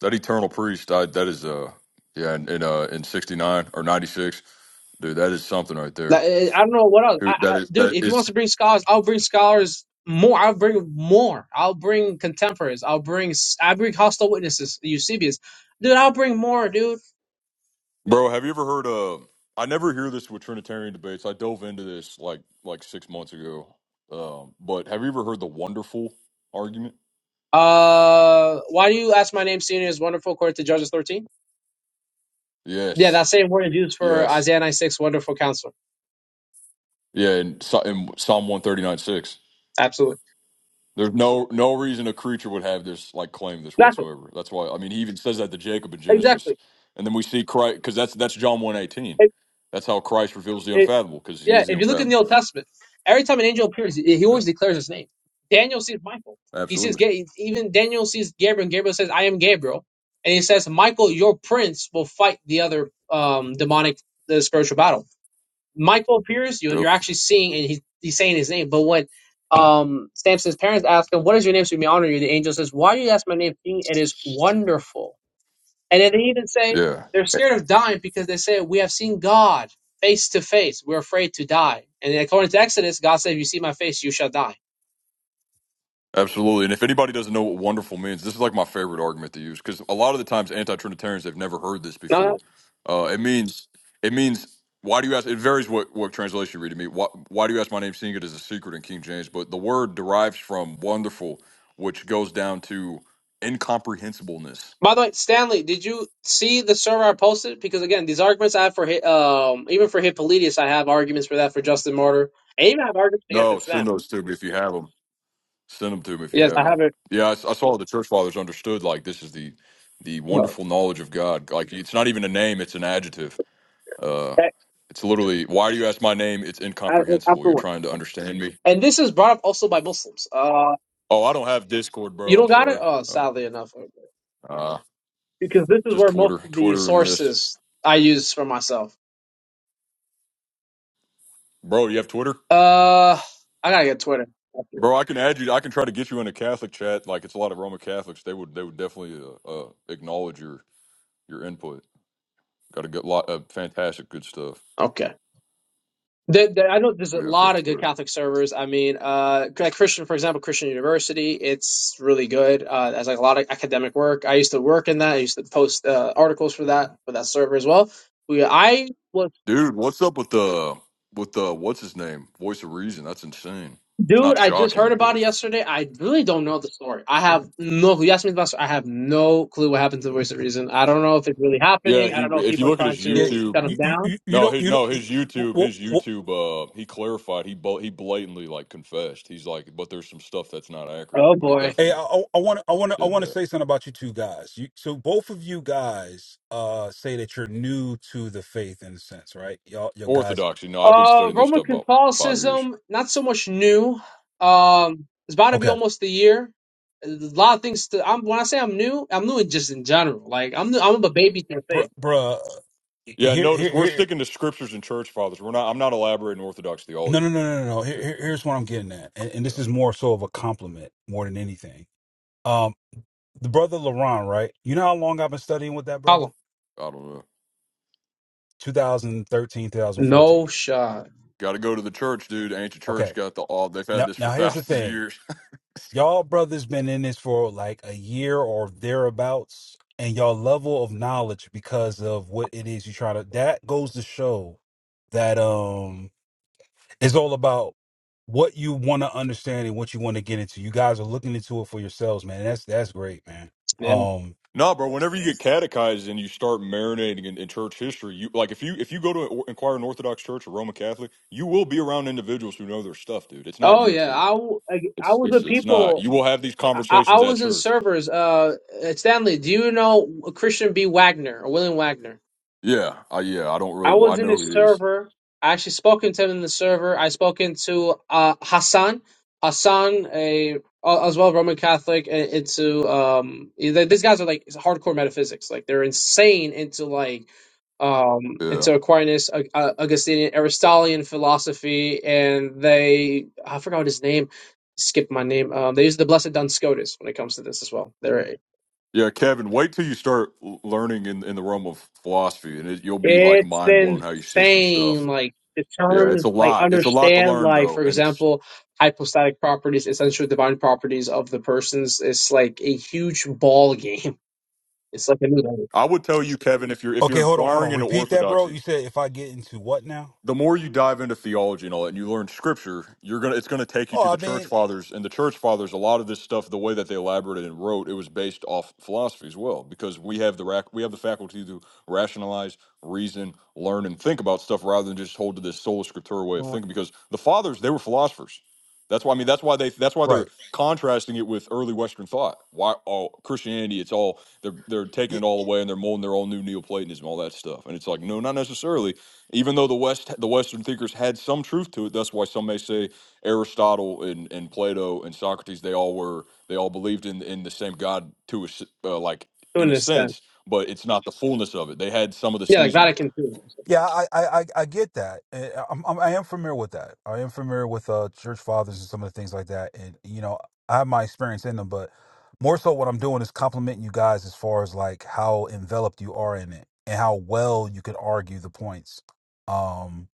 Speaker 7: That eternal priest. I, that is uh yeah, in, in uh in 69 or 96, dude. That is something right
Speaker 10: Like,
Speaker 7: there.
Speaker 10: eh, I don't know what else, I,
Speaker 7: Who that
Speaker 10: I,
Speaker 7: is
Speaker 10: dude.
Speaker 7: that
Speaker 10: If he
Speaker 7: is
Speaker 10: wants to bring scholars, I'll bring scholars more. I'll bring more. I'll bring contemporaries. I'll bring s- I bring hostile witnesses. Eusebius, dude. I'll bring more, dude.
Speaker 7: Bro, have you ever heard of? I never hear this with Trinitarian debates. I dove into this like like six months ago. Um, but have you ever heard the wonderful argument?
Speaker 10: Uh, why do you ask my name? Senior is wonderful, according to Judges thirteen. Yeah,
Speaker 7: Yes,
Speaker 10: that same word is used for
Speaker 7: yes,
Speaker 10: Isaiah nine six. Wonderful counselor.
Speaker 7: yeah. In, Psa- in Psalm one thirty nine six,
Speaker 10: Absolutely.
Speaker 7: there's no no reason a creature would have this like claim this
Speaker 10: Exactly.
Speaker 7: whatsoever. That's why I mean he even says that to Jacob in Genesis, and then we see Christ because that's that's John one eighteen.
Speaker 10: Exactly.
Speaker 7: That's how Christ reveals the unfathomable because he
Speaker 10: Yeah,
Speaker 7: is the
Speaker 10: if you look in the
Speaker 7: unfathomable.
Speaker 10: Old Testament, every time an angel appears, he he
Speaker 7: Yeah,
Speaker 10: always declares his name. Daniel sees Michael. He sees
Speaker 7: absolutely.
Speaker 10: Ga- even Daniel sees Gabriel, and Gabriel says, "I am Gabriel," and he says, "Michael, your prince will fight the other um, demonic, the spiritual battle." Michael appears. You,
Speaker 7: Yep.
Speaker 10: you're actually seeing, and he's he's saying his name. But when um, Samson's parents ask him, "What is your name?" So we may honor you. The angel says, "Why do you ask my name? King? It is wonderful." And then they even say
Speaker 7: Yeah.
Speaker 10: they're scared of dying because they say, We have seen God face to face. We're afraid to die. And according to Exodus, God said, If you see my face, you shall die.
Speaker 7: Absolutely. And if anybody doesn't know what wonderful means, this is like my favorite argument to use because a lot of the times anti-Trinitarians they have never heard this before.
Speaker 10: No.
Speaker 7: Uh, it means it means why do you ask? It varies what what translation you read to me. Why, why do you ask my name? Seeing it as a secret in King James, but the word derives from wonderful, which goes down to incomprehensibleness.
Speaker 10: By the way, Stanley, did you see the server I posted? Because again, these arguments I have for Hi- um even for Hippolytus, I have arguments for that for Justin Martyr. I even have arguments against
Speaker 7: No,
Speaker 10: Islam.
Speaker 7: send those to me if you have them. Send them to me if you
Speaker 10: Yes,
Speaker 7: have
Speaker 10: I
Speaker 7: them.
Speaker 10: have it.
Speaker 7: Yeah, I, s- I saw the church fathers understood like this is the the
Speaker 10: No,
Speaker 7: wonderful knowledge of God. Like it's not even a name; it's an adjective. Uh,
Speaker 10: I-
Speaker 7: it's literally, why do you ask my name? It's
Speaker 10: I-
Speaker 7: incomprehensible.
Speaker 10: After
Speaker 7: You're
Speaker 10: one.
Speaker 7: trying to understand me.
Speaker 10: And this is brought up also by Muslims. Uh,
Speaker 7: Oh, I don't have Discord,
Speaker 10: you
Speaker 7: bro. I'm
Speaker 10: don't got it?
Speaker 7: sorry.
Speaker 10: Oh,
Speaker 7: Oh,
Speaker 10: sadly enough.
Speaker 7: uh,
Speaker 10: Because this is
Speaker 7: just
Speaker 10: where most
Speaker 7: Twitter,
Speaker 10: of the
Speaker 7: Twitter, and this,
Speaker 10: sources I use for myself.
Speaker 7: bro. You have Twitter,
Speaker 10: Uh, I gotta get Twitter.
Speaker 7: bro. I can add you. I can try to get you in a Catholic chat. Like it's a lot of Roman Catholics. They would, they would definitely uh, uh, acknowledge your your input. Got a good lot of fantastic good stuff.
Speaker 10: Okay. There, there- I know there's a
Speaker 7: Yeah, if you have
Speaker 10: lot of good
Speaker 7: Twitter,
Speaker 10: Catholic servers. I mean, uh, like Christian, for example, Christian University, it's really good. Uh, there's like a lot of academic work. I used to work in that. I used to post uh, articles for that for that server as well. We, I was,
Speaker 7: dude. What's up with the with the what's his name? Voice of Reason. That's insane. It's
Speaker 10: dude,
Speaker 7: not
Speaker 10: I just heard
Speaker 7: shocking,
Speaker 10: about
Speaker 7: but
Speaker 10: it yesterday. I really don't know the story. I have no. clue. You asked me about. I have no clue what happened to the Voice of Reason. I don't know if it's really
Speaker 7: yeah,
Speaker 10: happening. I
Speaker 7: he.
Speaker 10: don't know if
Speaker 7: If you
Speaker 10: people are
Speaker 7: look at
Speaker 10: trying
Speaker 7: his
Speaker 3: Yeah,
Speaker 10: to
Speaker 7: YouTube.
Speaker 10: shut them
Speaker 3: you, you,
Speaker 10: down.
Speaker 3: you you
Speaker 7: No,
Speaker 3: know,
Speaker 7: his
Speaker 3: you
Speaker 7: no, his YouTube,
Speaker 3: know,
Speaker 7: his YouTube. Uh, he clarified. He bl- he blatantly like confessed. He's like, but there's some stuff that's not accurate.
Speaker 10: Oh
Speaker 7: But he
Speaker 10: boy.
Speaker 3: Hey, I
Speaker 7: definitely
Speaker 3: want to, I want to, I
Speaker 7: did
Speaker 3: want to
Speaker 7: that.
Speaker 3: say something about you two guys. You, so both of you guys, uh, say that you're new to the faith in a sense, right? Y'all, you guys.
Speaker 7: Orthodoxy. No, I've been
Speaker 10: Uh,
Speaker 7: studying this
Speaker 10: Roman
Speaker 7: stuff about five years.
Speaker 10: Catholicism, not so much new. Um, it's about to be
Speaker 3: Okay,
Speaker 10: almost a year. A lot of things. To, I'm when I say I'm new, I'm new in just in general. Like I'm new, I'm a baby to the
Speaker 3: bruh,
Speaker 10: faith.
Speaker 3: bruh.
Speaker 7: Yeah,
Speaker 3: Here,
Speaker 7: notice
Speaker 3: here,
Speaker 7: we're
Speaker 3: here.
Speaker 7: sticking to scriptures and church fathers. We're not. I'm not elaborating Orthodox
Speaker 3: No, no,
Speaker 7: theology.
Speaker 3: no, no, no. no. Here,
Speaker 7: Yeah,
Speaker 3: here- here's what I'm getting at, and, and
Speaker 7: yeah,
Speaker 3: this is more so of a compliment more than anything. Um, the brother LaRon, right? You know how long I've been studying with that brother?
Speaker 10: Follow.
Speaker 7: I don't know.
Speaker 3: 2013,
Speaker 10: No
Speaker 3: 2014.
Speaker 10: shot.
Speaker 7: Got to go to the church, dude. Ancient church
Speaker 3: Okay.
Speaker 7: got the all. They've had
Speaker 3: Now,
Speaker 7: this for
Speaker 3: now here's the
Speaker 7: thousands of
Speaker 3: thing.
Speaker 7: years.
Speaker 3: y'all brothers been in this for like a year or thereabouts and y'all level of knowledge because of what it is you try to that goes to show that um it's all about what you want to understand and what you want to get into you guys are looking into it for yourselves man that's that's great man
Speaker 10: Yeah.
Speaker 3: um
Speaker 7: No, bro. Whenever you get catechized and you start marinating in, in church history, you like if you if you go to or- inquire an Inquiring Orthodox Church or Roman Catholic, you will be around individuals who know their stuff, dude. It's not
Speaker 10: Oh yeah.
Speaker 7: YouTube.
Speaker 10: I w- I I
Speaker 7: It's
Speaker 10: was
Speaker 7: it's
Speaker 10: with
Speaker 7: it's not.
Speaker 10: people.
Speaker 7: You will have these
Speaker 10: I, I I
Speaker 7: conversations at
Speaker 10: was in
Speaker 7: church.
Speaker 10: servers. Uh, Stanley, do you know Christian B. Wagner or William Wagner?
Speaker 7: Yeah, I, yeah. I don't really.
Speaker 10: I
Speaker 7: well, I
Speaker 10: was in the
Speaker 7: know who he is.
Speaker 10: server. I actually spoken to him in the server. I spoken to uh, Hassan, Hassan, a as well Roman Catholic, and into um. th- These guys are like hardcore metaphysics. Like they're insane into like um
Speaker 7: Yeah,
Speaker 10: into Aquinas, Ag- uh, Augustinian, Aristotelian philosophy, and they I forgot what his name. Skip my name. Um, they use the Blessed Duns Scotus when it comes to this as well.
Speaker 7: yeah. Kevin, wait till you start l- learning in in the realm of philosophy, and it, you'll be like
Speaker 10: It's
Speaker 7: mind blown how you see some
Speaker 10: insane.
Speaker 7: stuff.
Speaker 10: Like the
Speaker 7: Yeah, it's
Speaker 10: terms,
Speaker 7: a
Speaker 10: like
Speaker 7: lot. It's a lot to
Speaker 10: understand,
Speaker 7: learn
Speaker 10: like
Speaker 7: though,
Speaker 10: for
Speaker 7: and it's.
Speaker 10: example, hypostatic properties, essential divine properties of the persons It's like a huge ball game. It's like a new level
Speaker 7: I would tell you, Kevin, if you're if you're
Speaker 3: okay hold on hold
Speaker 7: inquiring
Speaker 3: on
Speaker 7: into
Speaker 3: repeat that bro
Speaker 7: orthodoxy,
Speaker 3: you said if i get into what now
Speaker 7: the more you dive into theology and all that and you learn scripture you're gonna it's gonna take you to
Speaker 3: oh
Speaker 7: the
Speaker 3: i
Speaker 7: church
Speaker 3: mean
Speaker 7: fathers and the church fathers a lot of this stuff the way that they elaborated and wrote it was based off philosophy as well because we have the rac- we have the faculty to rationalize reason learn and think about stuff rather than just hold to this sola scriptura way of
Speaker 3: Well,
Speaker 7: thinking because the fathers they were philosophers that's why i mean that's why they that's why they're
Speaker 3: right
Speaker 7: contrasting it with early western thought why all christianity it's all they're they're taking
Speaker 3: Yeah,
Speaker 7: it all away and they are molding their own new neoplatonism all that stuff and it's like no not necessarily even though the West, the Western thinkers had some truth to it. That's why some may say Aristotle and, and Plato and Socrates, they all were, they all believed in in the same God to a, s- uh, like
Speaker 10: to
Speaker 7: in
Speaker 10: an
Speaker 7: a
Speaker 10: extent.
Speaker 7: sense, but it's not the fullness of it. They had some of the
Speaker 10: Yeah, like
Speaker 7: seasoning.
Speaker 10: Vatican II.
Speaker 3: Yeah, I I I I get that. Eh, I'm, I'm I am familiar with that. I am familiar with uh church fathers and some of the things like that. And you know, I have my experience in them, but more so, what I'm doing is complimenting you guys as far as like how enveloped you are in it and how well you can argue the points. Um,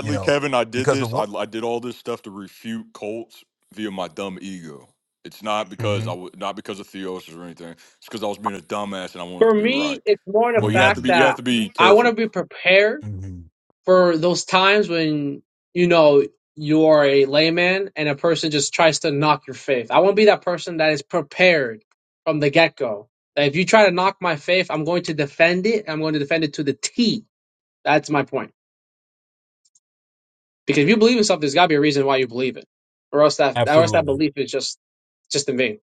Speaker 3: you know,
Speaker 7: Kevin, I did
Speaker 3: because of
Speaker 7: this. I,
Speaker 3: what.
Speaker 7: I did all this stuff to refute cults via my dumb ego. It's not because I
Speaker 3: hmm
Speaker 7: w- not because of theosis or anything. It's because I was being a dumbass and I wanted
Speaker 10: For
Speaker 7: to be right.
Speaker 10: me, it's more the
Speaker 7: Well, you have to
Speaker 10: fact
Speaker 7: be
Speaker 3: mm
Speaker 7: you
Speaker 10: that
Speaker 7: have to be
Speaker 10: I want
Speaker 7: careful.
Speaker 10: to be prepared
Speaker 3: Mm-hmm.
Speaker 10: for those times when you know you are a layman and a person just tries to knock your faith. I want to be that person that is prepared from the get go. That if you try to knock my faith, I'm going to defend it. I'm going to defend it to the T. That's my point. Because if you believe in something, there's got to be a reason why you believe it, or else that, or else that
Speaker 3: Absolutely.
Speaker 10: belief is just just in vain.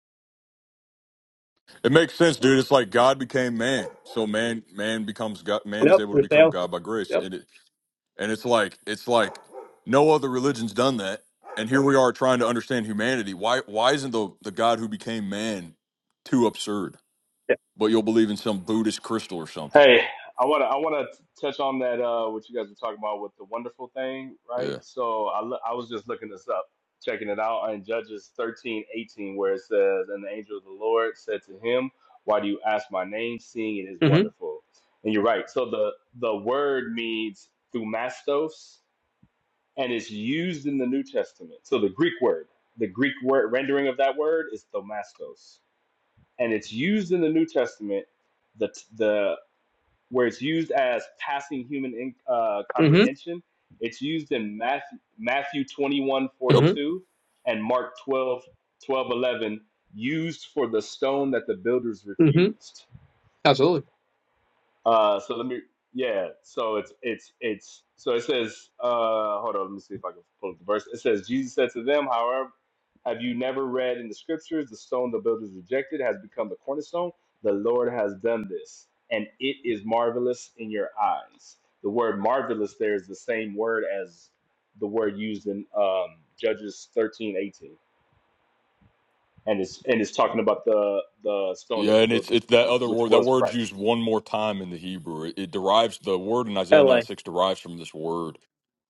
Speaker 7: It makes sense, dude. It's like God became man, so man man becomes God. Man is
Speaker 10: Yep,
Speaker 7: able to
Speaker 10: you're
Speaker 7: become
Speaker 10: failed.
Speaker 7: God by grace,
Speaker 10: Yep.
Speaker 7: and it and it's like it's like no other religion's done that. And here we are trying to understand humanity. Why why isn't the the God who became man too absurd?
Speaker 10: Yeah.
Speaker 7: But you'll believe in some Buddhist crystal or something.
Speaker 4: Hey, I wanna I wanna t- touch on that uh what you guys were talking about with the wonderful thing, right?
Speaker 7: Yeah.
Speaker 4: So I lo- I was just looking this up, checking it out in Judges thirteen eighteen, where it says, "And the angel of the Lord said to him, Why do you ask my name, seeing it is
Speaker 10: Mhm.
Speaker 4: wonderful?" And you're right. So the the word means thumastos and it's used in the New Testament. So the Greek word, the Greek word rendering of that word is thomastos, and it's used in the New Testament. The the where it's used as passing human in, uh,
Speaker 10: Mhm.
Speaker 4: comprehension, it's used in Matthew Matthew twenty one
Speaker 7: Yep.
Speaker 4: forty
Speaker 10: Mhm.
Speaker 4: two and Mark 12 12 11, used for the stone that the builders
Speaker 10: Mhm.
Speaker 4: refused.
Speaker 10: Absolutely.
Speaker 4: Uh, so let me, yeah. So it's it's it's so it says. Uh, hold on. Let me see if I can pull up the verse. It says Jesus said to them, however, have you never read in the scriptures the stone the builders rejected has become the cornerstone? The Lord has done this, and it is marvelous in your eyes. The word marvelous there is the same word as the word used in um, Judges thirteen eighteen, and it's and it's talking about the the stone
Speaker 7: Yeah,
Speaker 4: that the
Speaker 7: and it's
Speaker 4: builders
Speaker 7: it's that
Speaker 4: refused,
Speaker 7: other
Speaker 4: which
Speaker 7: word. That
Speaker 4: was
Speaker 7: word's used
Speaker 4: Christ.
Speaker 7: one more time in the Hebrew. It, it derives the word in Isaiah nine
Speaker 10: LA.
Speaker 7: six derives from this word,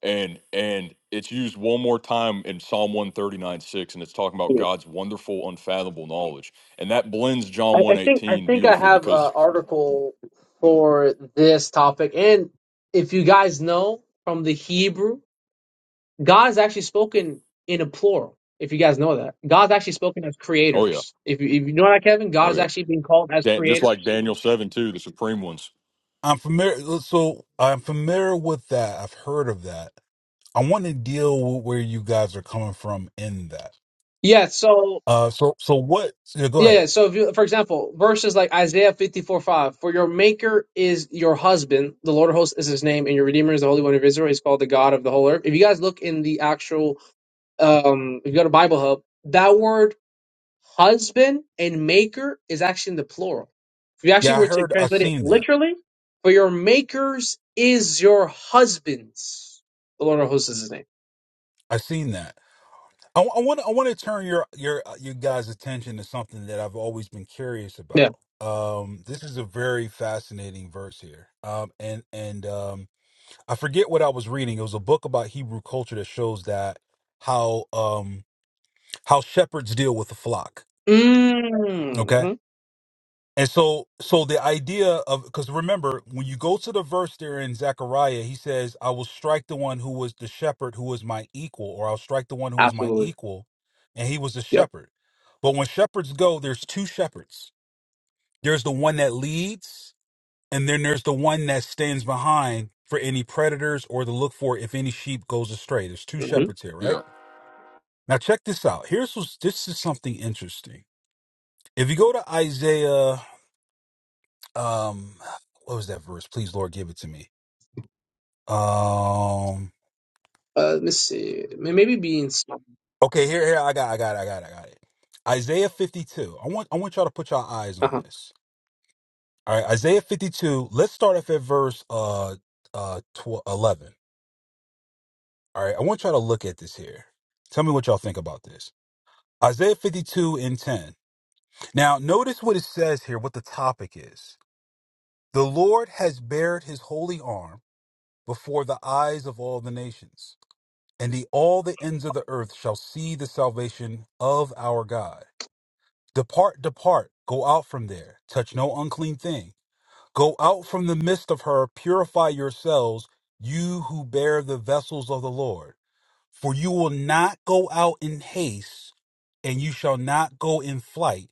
Speaker 7: and and it's used one more time in Psalm one thirty nine six, and it's talking about God's wonderful, unfathomable knowledge, and that blends John
Speaker 10: I,
Speaker 7: one
Speaker 10: I think I
Speaker 7: eighteen
Speaker 10: think I
Speaker 7: beautifully
Speaker 10: have an
Speaker 7: because
Speaker 10: article for this topic, and if you guys know from the Hebrew, God is actually spoken in a plural. If you guys know that, God's actually spoken as
Speaker 7: oh yeah,
Speaker 10: creators. If you, if you know that, Kevin, God
Speaker 7: oh
Speaker 10: is
Speaker 7: yeah,
Speaker 10: actually being called as
Speaker 7: Dan, just like
Speaker 10: creators.
Speaker 7: Daniel seven too, the supreme ones.
Speaker 3: I'm familiar. So I'm familiar with that. I've heard of that. I want to deal with where you guys are coming from in that.
Speaker 10: Yeah. So
Speaker 3: Uh, so so what? Yeah, go
Speaker 10: yeah.
Speaker 3: ahead.
Speaker 10: yeah, So if you, for example, verses like Isaiah fifty four five, for your Maker is your husband, the Lord of hosts is his name, and your Redeemer is the Holy One of Israel. He's called the God of the whole earth. If you guys look in the actual um, if you go to Bible Hub, that word husband and maker is actually in the plural. If you actually
Speaker 3: Yeah, I
Speaker 10: were to
Speaker 3: heard. I
Speaker 10: translate it
Speaker 3: seen that.
Speaker 10: literally, for your makers is your husbands. The Lord of hosts is his name.
Speaker 3: I seen that. I want. I want to turn your your uh, you guys' attention to something that I've always been curious
Speaker 10: Yeah.
Speaker 3: about. Um, this is a very fascinating verse here. Um, and and um, I forget what I was reading. It was a book about Hebrew culture that shows that how um how shepherds deal with the flock.
Speaker 10: Mm,
Speaker 3: Okay.
Speaker 10: hmm
Speaker 3: And so, so the idea of because remember when you go to the verse there in Zechariah, he says, "I will strike the one who was the shepherd, who was my equal, or I'll strike the one who was my
Speaker 10: Absolutely.
Speaker 3: equal," and he was the
Speaker 10: Yep.
Speaker 3: shepherd. But when shepherds go, there's two shepherds. There's the one that leads, and then there's the one that stands behind for any predators or to look for if any sheep goes astray. There's two
Speaker 10: hmm
Speaker 3: shepherds here, right?
Speaker 7: Yeah.
Speaker 3: Now check this out. Here's what's, this is something interesting. If you go to Isaiah. um what was that verse please lord give it to me um
Speaker 10: Uh, let me see. May- Maybe beings.
Speaker 3: okay here here i got i got i got i got it isaiah 52 i want i want y'all to put y'all eyes
Speaker 10: Uh
Speaker 3: on
Speaker 10: huh.
Speaker 3: this all right isaiah 52 let's start off at verse uh uh tw- 11 all right i want y'all to look at this here tell me what y'all think about this isaiah 52 and 10 now notice what it says here what the topic is the lord has bared his holy arm before the eyes of all the nations and the all the ends of the earth shall see the salvation of our God. Depart, depart, go out from there, touch no unclean thing. Go out from the midst of her, purify yourselves, you who bear the vessels of the Lord. For you will not go out in haste, and you shall not go in flight,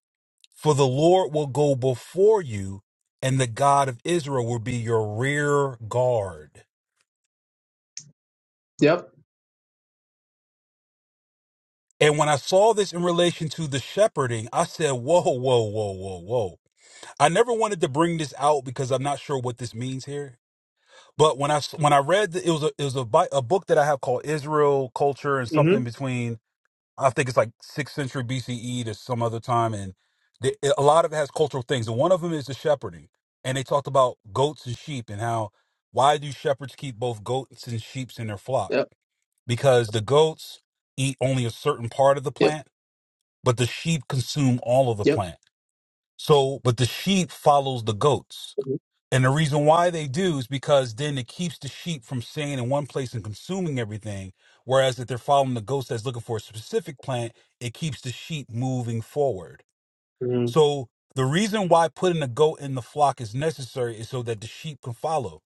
Speaker 3: for the Lord will go before you, and the God of Israel will be your rear guard.
Speaker 10: Yep.
Speaker 3: And when I saw this in relation to the shepherding, I said, whoa, whoa, whoa, whoa, whoa. I never wanted to bring this out because I'm not sure what this means here. But when I s- when I read the, it was a it was a, bi- a book that I have called Israel Culture and
Speaker 10: hmm
Speaker 3: something between I think it's like sixth century BCE to some other time and the, a lot of it has cultural things and one of them is the shepherding and they talked about goats and sheep and how why do shepherds keep both goats and sheep in their flock
Speaker 10: Yep.
Speaker 3: because the goats eat only a certain part of the
Speaker 10: Yep.
Speaker 3: plant but the sheep consume all of the
Speaker 10: Yep.
Speaker 3: plant. So, but the sheep follows the goats. And the reason why they do is because then it keeps the sheep from staying in one place and consuming everything. Whereas if they're following the goats that's looking for a specific plant, it keeps the sheep moving forward.
Speaker 10: hmm
Speaker 3: So the reason why putting a goat in the flock is necessary is so that the sheep can follow.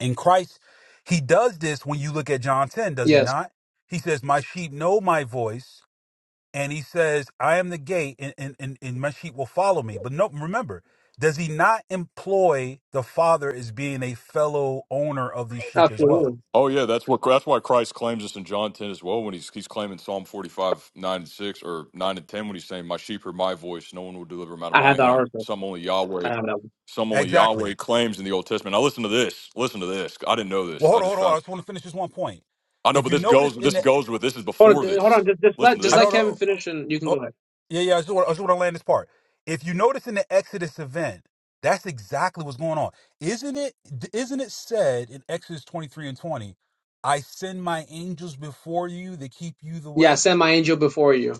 Speaker 3: In Christ, he does this when you look at John 10, does he
Speaker 10: Yes.
Speaker 3: not? He says, My sheep know my voice and he says, I am the gate and, and, and, and my sheep will follow me. But no, remember, does he not employ the father as being a fellow owner of these sheep as well?
Speaker 10: Absolutely.
Speaker 7: Oh yeah, that's what that's why Christ claims us in John ten as well when he's he's claiming Psalm forty five nine and six or nine and ten when he's saying, "My sheep hear my voice; no one will deliver them out of
Speaker 10: I had
Speaker 7: my
Speaker 10: that
Speaker 7: hand."
Speaker 10: article.
Speaker 7: Some only
Speaker 10: I
Speaker 7: Yahweh,
Speaker 10: have that one.
Speaker 7: some only Yahweh
Speaker 3: Exactly.
Speaker 7: claims in the Old Testament. Now listen to this. Listen to this. I didn't know this.
Speaker 3: Well,
Speaker 7: I
Speaker 3: hold on,
Speaker 7: just
Speaker 3: hold on.
Speaker 7: found.
Speaker 3: I just want to finish this one point.
Speaker 7: I know,
Speaker 3: If
Speaker 7: but
Speaker 3: you
Speaker 7: this
Speaker 3: notice
Speaker 7: goes.
Speaker 3: in
Speaker 7: This
Speaker 3: the,
Speaker 7: goes with. This is
Speaker 10: Hold
Speaker 7: before
Speaker 10: on, hold on.
Speaker 7: this.
Speaker 10: Just, just let
Speaker 7: Listen to
Speaker 10: just
Speaker 3: I
Speaker 10: let
Speaker 3: don't
Speaker 7: this.
Speaker 10: Kevin
Speaker 3: know.
Speaker 10: finish, and you can go
Speaker 3: Oh,
Speaker 10: ahead.
Speaker 3: yeah, yeah, I just, want, I just want to land this part. If you notice in the Exodus event, that's exactly what's going on. Isn't it, isn't it said in Exodus 23 and 20, I send my angels before you they keep you the
Speaker 10: Yeah,
Speaker 3: way?
Speaker 10: send my angel before you.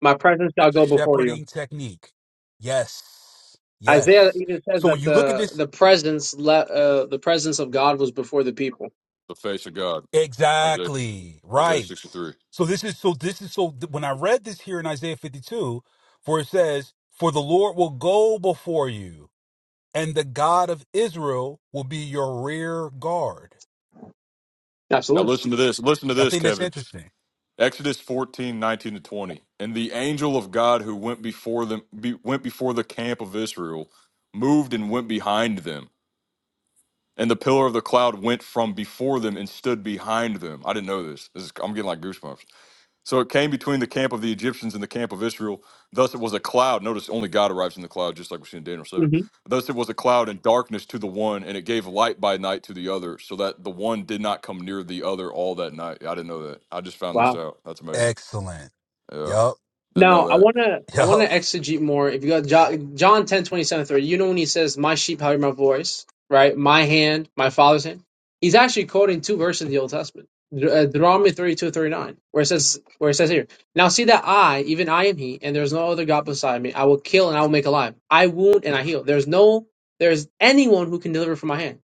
Speaker 10: My presence shall go before you.
Speaker 3: shepherding technique. Yes.
Speaker 10: Isaiah
Speaker 3: Yes.
Speaker 10: even says
Speaker 3: So when
Speaker 10: that
Speaker 3: you look at
Speaker 10: the
Speaker 3: this,
Speaker 10: the presence le- uh, the presence of God was before the people.
Speaker 7: The face of God. Isaiah
Speaker 3: exactly
Speaker 7: Isaiah
Speaker 3: right.
Speaker 7: sixty three.
Speaker 3: So this is so this is so th- when I read this here in Isaiah 52, for it says, For the Lord will go before you, and the God of Israel will be your rear guard.
Speaker 7: Now
Speaker 10: Absolutely.
Speaker 7: listen to this. Listen to
Speaker 3: I
Speaker 7: this,
Speaker 3: think that's
Speaker 7: Kevin.
Speaker 3: interesting.
Speaker 7: Exodus 14 19 to 20. And the angel of God who went before them be, went before the camp of Israel moved and went behind them. And the pillar of the cloud went from before them and stood behind them. I didn't know this. this is, I'm getting like goosebumps. So it came between the camp of the Egyptians and the camp of Israel. Thus it was a cloud. Notice only God arrives in the cloud, just like we see in Daniel 7.
Speaker 10: hmm
Speaker 7: Thus it was a cloud and darkness to the one, and it gave light by night to the other, so that the one did not come near the other all that night. I didn't know that. I just found
Speaker 10: Wow.
Speaker 7: this out. That's amazing.
Speaker 3: Excellent.
Speaker 7: Yeah,
Speaker 3: Yup.
Speaker 7: didn't
Speaker 10: Now,
Speaker 7: know
Speaker 10: I
Speaker 7: that.
Speaker 10: wanna I wanna
Speaker 3: Yup.
Speaker 10: exegete more. If you got John, John ten twenty seven thirty, you know when he says, "My sheep hear my voice," right? My hand, my Father's hand. He's actually quoting two verses of the Old Testament, De- uh, Deuteronomy thirty two thirty nine, where it says where it says here, "Now see that I, even I am He, and there is no other God beside me. I will kill and I will make alive. I wound and I heal. There's no there's anyone who can deliver from my hand.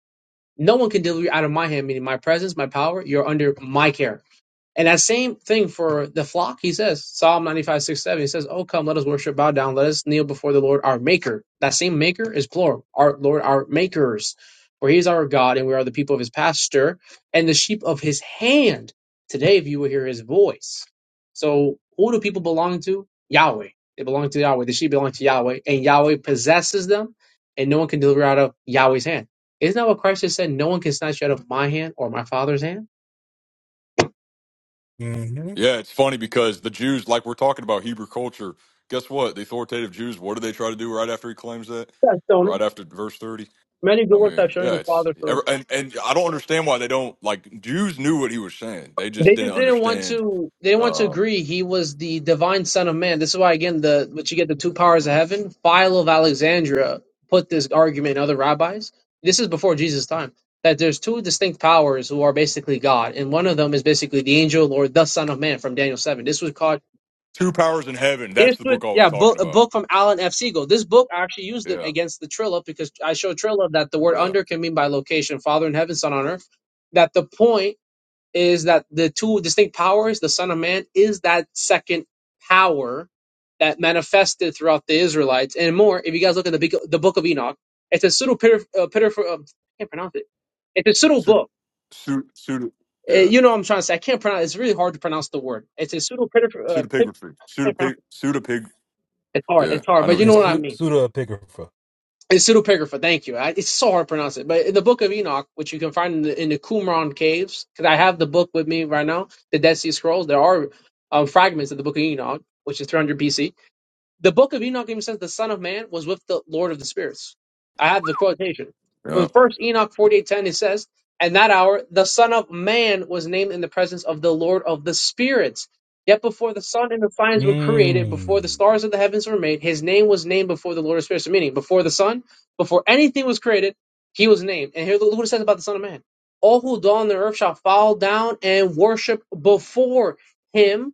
Speaker 10: No one can deliver you out of my hand, meaning my presence, my power. You're under my care." And that same thing for the flock, he says, Psalm 95, 6, 7. he says, Oh, come, let us worship, bow down, let us kneel before the Lord our Maker. That same Maker is plural, our Lord, our Makers, for he is our God, and we are the people of his pasture and the sheep of his hand. Today, if you will hear his voice. So, who do people belong to? Yahweh. They belong to Yahweh. The sheep belong to Yahweh, and Yahweh possesses them, and no one can deliver out of Yahweh's hand. Isn't that what Christ has said? No one can snatch you out of my hand or my Father's hand?
Speaker 3: Mm-hmm.
Speaker 7: Yeah, it's funny because the Jews, like we're talking about Hebrew culture, guess what? The authoritative Jews, what do they try to do right after he claims that?
Speaker 10: Yeah, Tony.
Speaker 7: Right after verse 30?
Speaker 10: Many good
Speaker 7: I
Speaker 10: works
Speaker 7: mean,
Speaker 10: have shown
Speaker 7: yeah,
Speaker 10: the
Speaker 7: it's
Speaker 10: Father through.
Speaker 7: ever and, and I don't understand why they don't like Jews knew what he was saying. They just
Speaker 10: They
Speaker 7: didn't
Speaker 10: just didn't want
Speaker 7: understand
Speaker 10: to. They didn't want to
Speaker 7: uh,
Speaker 10: agree. He was the divine Son of Man. This is why, again, the what you get the two powers of
Speaker 7: yeah.
Speaker 10: heaven. Philo of Alexandria put this argument. in Other rabbis. This is before Jesus' time. That there's two distinct powers who are basically God, and one of them is basically the angel or the Son of Man from Daniel seven. This was called
Speaker 7: two powers in heaven. That's
Speaker 10: This
Speaker 7: the
Speaker 10: was
Speaker 7: book I was
Speaker 10: yeah,
Speaker 7: talking
Speaker 10: book, a
Speaker 7: about.
Speaker 10: book from Alan F. Siegel. This book I actually used it
Speaker 7: Yeah,
Speaker 10: against the Trilla because I showed Trilla that the word
Speaker 7: yeah.
Speaker 10: under can mean by location, Father in heaven, Son on earth. That the point is that the two distinct powers, the Son of Man, is that second power that manifested throughout the Israelites and more. If you guys look at the big, the Book of Enoch, it's a pseudo pitter uh, pitif, uh, I can't pronounce it. It's a pseudo
Speaker 7: Pseudo,
Speaker 10: book.
Speaker 7: pseudo, pseudo
Speaker 10: Uh,
Speaker 7: yeah.
Speaker 10: you know what I'm trying to say. I can't pronounce. It's really hard to pronounce the word. It's a pseudo pitter uh, pit-
Speaker 7: Pseudepigraphy.
Speaker 10: can't
Speaker 7: Pseudopig,
Speaker 10: pronounce it.
Speaker 7: pseudopig.
Speaker 10: It's hard.
Speaker 7: Yeah,
Speaker 10: It's hard.
Speaker 7: I know
Speaker 10: But you
Speaker 7: what
Speaker 10: know
Speaker 7: you're
Speaker 3: It's
Speaker 10: what I
Speaker 7: talking
Speaker 3: Su-
Speaker 10: mean
Speaker 3: Suda Epigrapha.
Speaker 10: It's pseudepigrapha. Thank you. I, it's so hard to pronounce it. But in the Book of Enoch, which you can find in the, in the Qumran caves, because I have the book with me right now, the Dead Sea Scrolls. There are um, fragments of the Book of Enoch, which is 300 BC. The book of Enoch even says the Son of Man was with the Lord of the Spirits. I have the quotation. From
Speaker 7: about.
Speaker 10: first Enoch forty eight ten it says, And that hour the Son of Man was named in the presence of the Lord of the Spirits. Yet before the sun and the signs were created, before the
Speaker 3: Mm.
Speaker 10: stars of the heavens were made, his name was named before the Lord of Spirits. Meaning, before the sun, before anything was created, he was named. And here look what it says about the Son of Man. All who dwell on the earth shall fall down and worship before him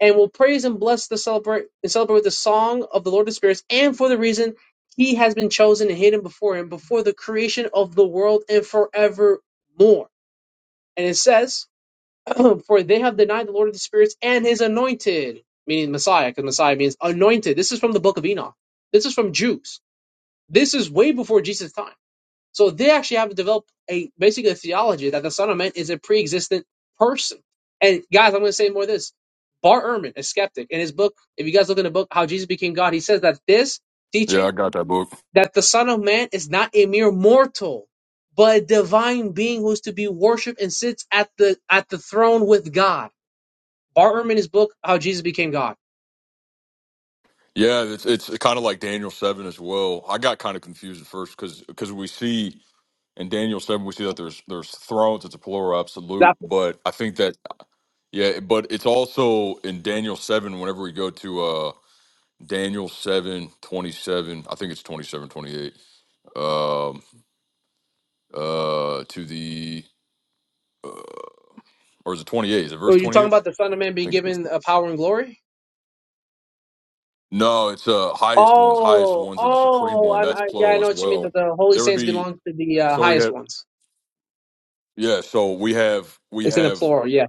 Speaker 10: and will praise and bless the celebrate and celebrate with the song of the Lord of spirits, and for the reason he has been chosen and hidden before him, before the creation of the world and forevermore. And it says, For they have denied the Lord of the spirits and his anointed, meaning Messiah, because Messiah means anointed. This is from the book of Enoch. This is from Jews. This is way before Jesus' time. So they actually have developed a basically a theology that the Son of Man is a pre-existent person. And guys, I'm going to say more of this. Bart Ehrman, a skeptic, in his book, if you guys look in the book How Jesus Became God, he says that this
Speaker 7: Yeah, yeah, I
Speaker 10: teaching
Speaker 7: got that book.
Speaker 10: that the Son of Man is not a mere mortal, but a divine being who is to be worshipped and sits at the at the throne with God. Bart Ehrman, his book How Jesus Became God.
Speaker 7: Yeah, it's it's kind of like Daniel seven as well. I got kind of confused at first because because we see in Daniel seven we see that there's there's thrones. It's a plural absolute,
Speaker 10: That,
Speaker 7: but I think that yeah, but it's also in Daniel seven. Whenever we go to uh Daniel seven twenty seven, I think it's 27 28 Um, uh, to the or is it twenty eight? Is it
Speaker 10: are
Speaker 7: verse
Speaker 10: you
Speaker 7: twenty
Speaker 10: talking
Speaker 7: eight?
Speaker 10: about
Speaker 7: I
Speaker 10: the Son of Man being
Speaker 7: think it's verse
Speaker 10: given
Speaker 7: 28.
Speaker 10: uh, power and glory?
Speaker 7: no. It's uh highest ones. Highest
Speaker 10: Oh,
Speaker 7: ones are the supreme
Speaker 10: oh,
Speaker 7: one.
Speaker 10: I,
Speaker 7: That's
Speaker 10: I, yeah, I
Speaker 7: plural
Speaker 10: know
Speaker 7: as
Speaker 10: what you mean.
Speaker 7: well.
Speaker 10: That the holy
Speaker 7: There would
Speaker 10: saints
Speaker 7: be
Speaker 10: belong to the uh,
Speaker 7: so we
Speaker 10: highest
Speaker 7: have.
Speaker 10: ones.
Speaker 7: Yeah, so we have we
Speaker 10: It's in the
Speaker 7: have
Speaker 10: plural. Yeah,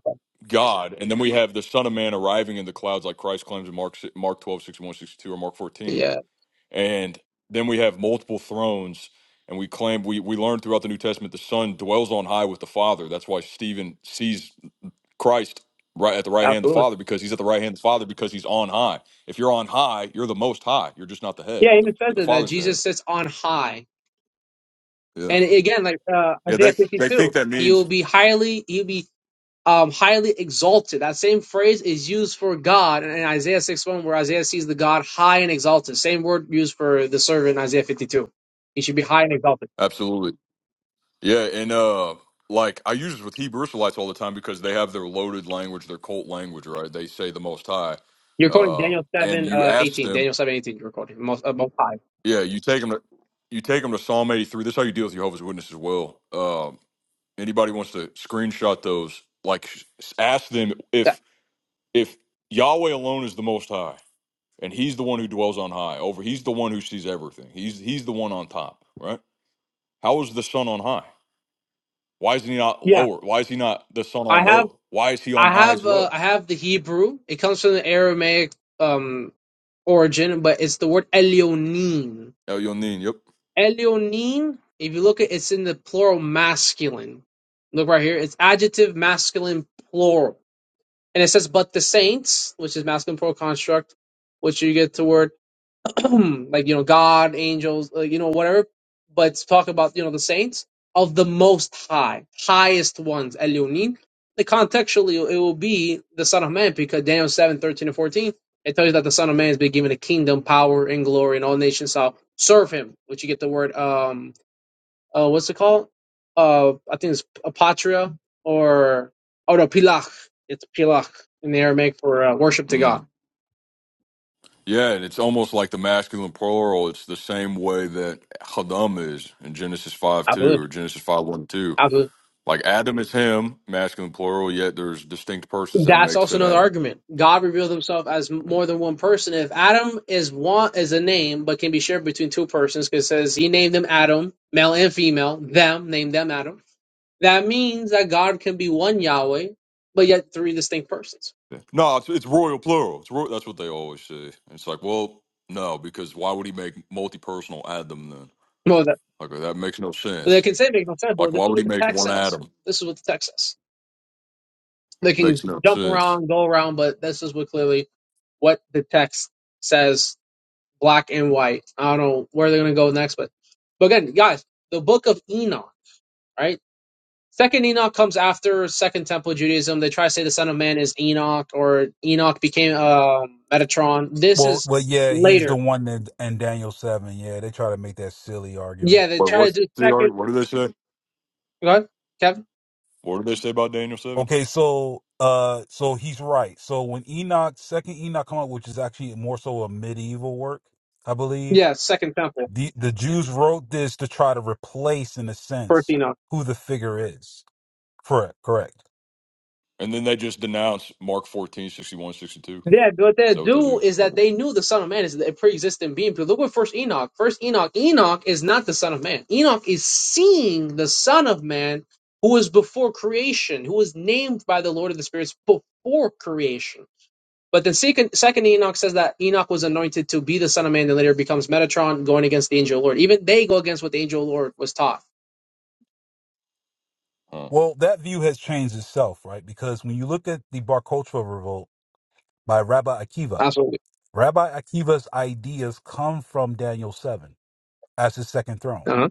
Speaker 7: God, and then we have the Son of Man arriving in the clouds, like Christ claims in Mark si- Mark 12 61 62 or Mark 14.
Speaker 10: yeah,
Speaker 7: And then we have multiple thrones, and we claim we we learn throughout the New Testament the Son dwells on high with the Father. That's why Stephen sees Christ right at the right hand of the
Speaker 10: absolutely.
Speaker 7: Father, because he's at the right hand of the Father because he's on high. If you're on high, you're the most high. You're just not the
Speaker 10: Yeah,
Speaker 7: head.
Speaker 10: and
Speaker 7: The,
Speaker 10: it
Speaker 7: the
Speaker 10: says it, that
Speaker 7: Father's the head.
Speaker 10: Jesus sits on high.
Speaker 7: Yeah.
Speaker 10: And again, like uh,
Speaker 7: Yeah, they
Speaker 10: Isaiah
Speaker 7: they think
Speaker 10: fifty-two,
Speaker 7: that
Speaker 10: he will
Speaker 7: means
Speaker 10: be highly, he'll be um highly exalted. That same phrase is used for God in Isaiah six one, where Isaiah sees the God high and exalted. Same word used for the servant in Isaiah fifty-two. He should be high and exalted.
Speaker 7: absolutely. Yeah, and uh like I use this with Hebrew Israelites all the time because they have their loaded language, their cult language, right? They say the Most High,
Speaker 10: You're quoting
Speaker 7: um,
Speaker 10: Daniel
Speaker 7: and
Speaker 10: seven
Speaker 7: you
Speaker 10: uh,
Speaker 7: ask
Speaker 10: eighteen.
Speaker 7: them,
Speaker 10: Daniel seven eighteen. You're quoting most, uh, most high.
Speaker 7: yeah, you take them to you take them to Psalm eighty three. This is how you deal with Jehovah's Witnesses. as Well, um, anybody wants to screenshot those, like s- ask them
Speaker 10: Yeah.
Speaker 7: if if Yahweh alone is the Most High, and He's the one who dwells on high. Over, He's the one who sees everything. He's He's the one on top, right? How is the sun on high? Why is he not
Speaker 10: Yeah.
Speaker 7: lower? Why is he not the sun
Speaker 10: I
Speaker 7: on
Speaker 10: have
Speaker 7: low? Why is he on
Speaker 10: I
Speaker 7: high as
Speaker 10: have uh,
Speaker 7: well?
Speaker 10: I have the Hebrew. It comes from the Aramaic um origin, but it's the word Elyonin.
Speaker 7: El Yonin, yep.
Speaker 10: Elyonin, if you look at it's in the plural masculine. Look right here, it's adjective masculine plural. And it says but the saints, which is masculine plural construct, which you get the word like you know god angels uh, you know whatever but talk about you know the saints of the most high highest ones elyonin like contextually it will be the son of man because daniel 7 13 and 14 it tells you that the son of man has been given a kingdom power and glory and all nations shall serve him which you get the word um uh what's it called uh i think it's apatria or oh no pilach it's pilach in the aramaic for uh, worship to god
Speaker 7: Mm. Yeah, and it's almost like the masculine plural. It's the same way that Adam is in Genesis 5
Speaker 10: i
Speaker 7: 2
Speaker 10: believe
Speaker 7: or Genesis five one two. Like Adam is him, masculine plural, yet there's distinct persons that
Speaker 10: That's
Speaker 7: make
Speaker 10: also
Speaker 7: said
Speaker 10: another
Speaker 7: Adam.
Speaker 10: argument. God revealed himself as more than one person. If Adam is one is a name but can be shared between two persons, because it says he named them Adam, male and female, them, named them Adam. That means that God can be one Yahweh, but yet three distinct persons.
Speaker 7: Yeah. No, it's, it's royal plural. It's ro- that's what they always say. It's like, well, no, because why would he make multi personal Adam then?
Speaker 10: Well that
Speaker 7: Like, that makes no
Speaker 10: well, they
Speaker 7: sense.
Speaker 10: can say it makes no sense, but
Speaker 7: Like, why
Speaker 10: this is
Speaker 7: would
Speaker 10: what
Speaker 7: he
Speaker 10: the
Speaker 7: make
Speaker 10: text
Speaker 7: one
Speaker 10: says.
Speaker 7: Adam?
Speaker 10: This is what the text says. They
Speaker 7: Makes
Speaker 10: can
Speaker 7: no
Speaker 10: jump
Speaker 7: sense.
Speaker 10: around, go around, but this is what clearly what the text says black and white. I don't know where they're gonna go next, but but again, guys, the book of Enoch, right? Second Enoch comes after Second Temple Judaism. They try to say the Son of Man is Enoch or Enoch became um Metatron. This
Speaker 3: Well,
Speaker 10: is
Speaker 3: well, yeah, he's the
Speaker 10: later.
Speaker 3: one that in Daniel seven. Yeah, they try to make that silly
Speaker 10: Yeah,
Speaker 3: argument.
Speaker 10: they
Speaker 7: What
Speaker 10: try to
Speaker 7: what's
Speaker 10: do
Speaker 7: the
Speaker 10: second.
Speaker 7: ar- what do they say?
Speaker 10: Go ahead, Kevin.
Speaker 7: What do they say about Daniel seven?
Speaker 3: Okay, so uh, so he's right. So when Enoch, second Enoch, come out, which is actually more so a medieval work, I believe.
Speaker 10: Yeah, Second Temple,
Speaker 3: The the Jews wrote this to try to replace, in a
Speaker 10: first
Speaker 3: sense,
Speaker 10: Enoch.
Speaker 3: who the figure is. Correct, correct.
Speaker 7: And then they just denounce Mark 14 61 62.
Speaker 10: Yeah, what they
Speaker 7: Is that what they
Speaker 10: do
Speaker 7: do?
Speaker 10: is that
Speaker 7: Okay.
Speaker 10: they knew the Son of Man is a pre existent being. But look at First Enoch. First Enoch. Enoch is not the Son of Man. Enoch is seeing the Son of Man, who was before creation, who was named by the Lord of the Spirits before creation. But then second, second Enoch says that Enoch was anointed to be the Son of Man, and later becomes Metatron, going against the angel Lord. Even they go against what the angel Lord was taught.
Speaker 7: Huh.
Speaker 3: Well, that view has changed itself, right? Because when you look at the Bar Kochva revolt by Rabbi Akiva,
Speaker 10: Absolutely.
Speaker 3: Rabbi Akiva's ideas come from Daniel seven as his second throne.
Speaker 10: Uh-huh.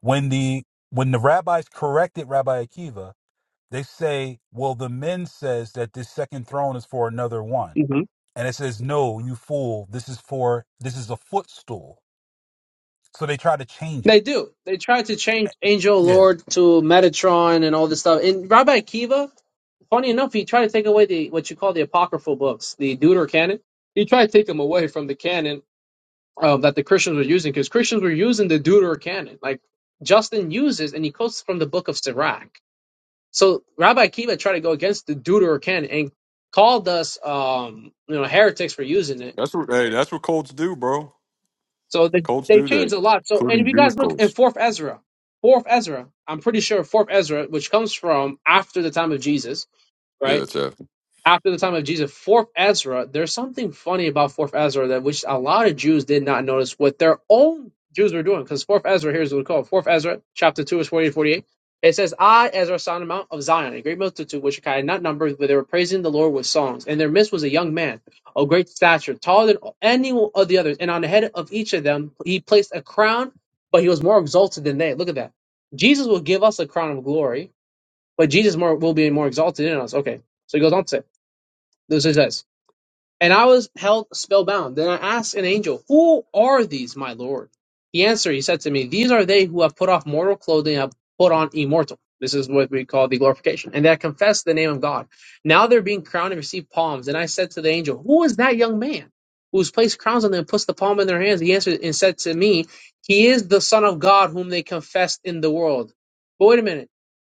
Speaker 3: when the when the rabbis corrected Rabbi Akiva, they say, "Well, the men says that this second throne is for another one,"
Speaker 10: hmm
Speaker 3: and it says, "No, you fool! This is for this is a footstool." So they try to change
Speaker 10: They
Speaker 3: it.
Speaker 10: do. They try to change angel
Speaker 3: Yeah.
Speaker 10: Lord to Metatron and all this stuff. And Rabbi Akiva Funny enough, he tried to take away the what you call the apocryphal books, the Deuterocanon. He tried to take them away from the canon um, that the Christians were using, because Christians were using the Deuterocanon. Like Justin uses, and he quotes from the Book of Sirach. So Rabbi Akiva tried to go against the Deuterocanon and called us, um, you know, heretics for using it.
Speaker 7: That's what hey, that's what Colts do, bro.
Speaker 10: So they
Speaker 7: Colts
Speaker 10: they
Speaker 7: do that,
Speaker 10: changed a lot. So and if
Speaker 7: including
Speaker 10: you guys
Speaker 7: Jewish
Speaker 10: look in
Speaker 7: Colts.
Speaker 10: Fourth Ezra, Fourth Ezra, I'm pretty sure Fourth Ezra, which comes from after the time of Jesus,
Speaker 7: Yeah,
Speaker 10: right?
Speaker 7: it's after.
Speaker 10: after the time of Jesus, Fourth Ezra, there's something funny about Fourth Ezra that which a lot of Jews did not notice what their own Jews were doing. Because Fourth Ezra, here's what we call it. Fourth Ezra, chapter 2, is 48 48. It says, I, Ezra, saw on the Mount of Zion, a great multitude which I had not numbered, but they were praising the Lord with songs. And their midst was a young man, of great stature, taller than any of the others. And on the head of each of them, he placed a crown, but he was more exalted than they. Look at that. Jesus will give us a crown of glory, but Jesus more, will be more exalted in us. Okay. So he goes on to say, this it says, and I was held spellbound. Then I asked an angel, Who are these, my Lord? He answered, He said to me, These are they who have put off mortal clothing and have put on immortal. This is what we call the glorification. And they have confessed the name of God. Now they're being crowned and receive palms. And I said to the angel, Who is that young man who's placed crowns on them and puts the palm in their hands? He answered and said to me, He is the Son of God whom they confessed in the world. But wait a minute.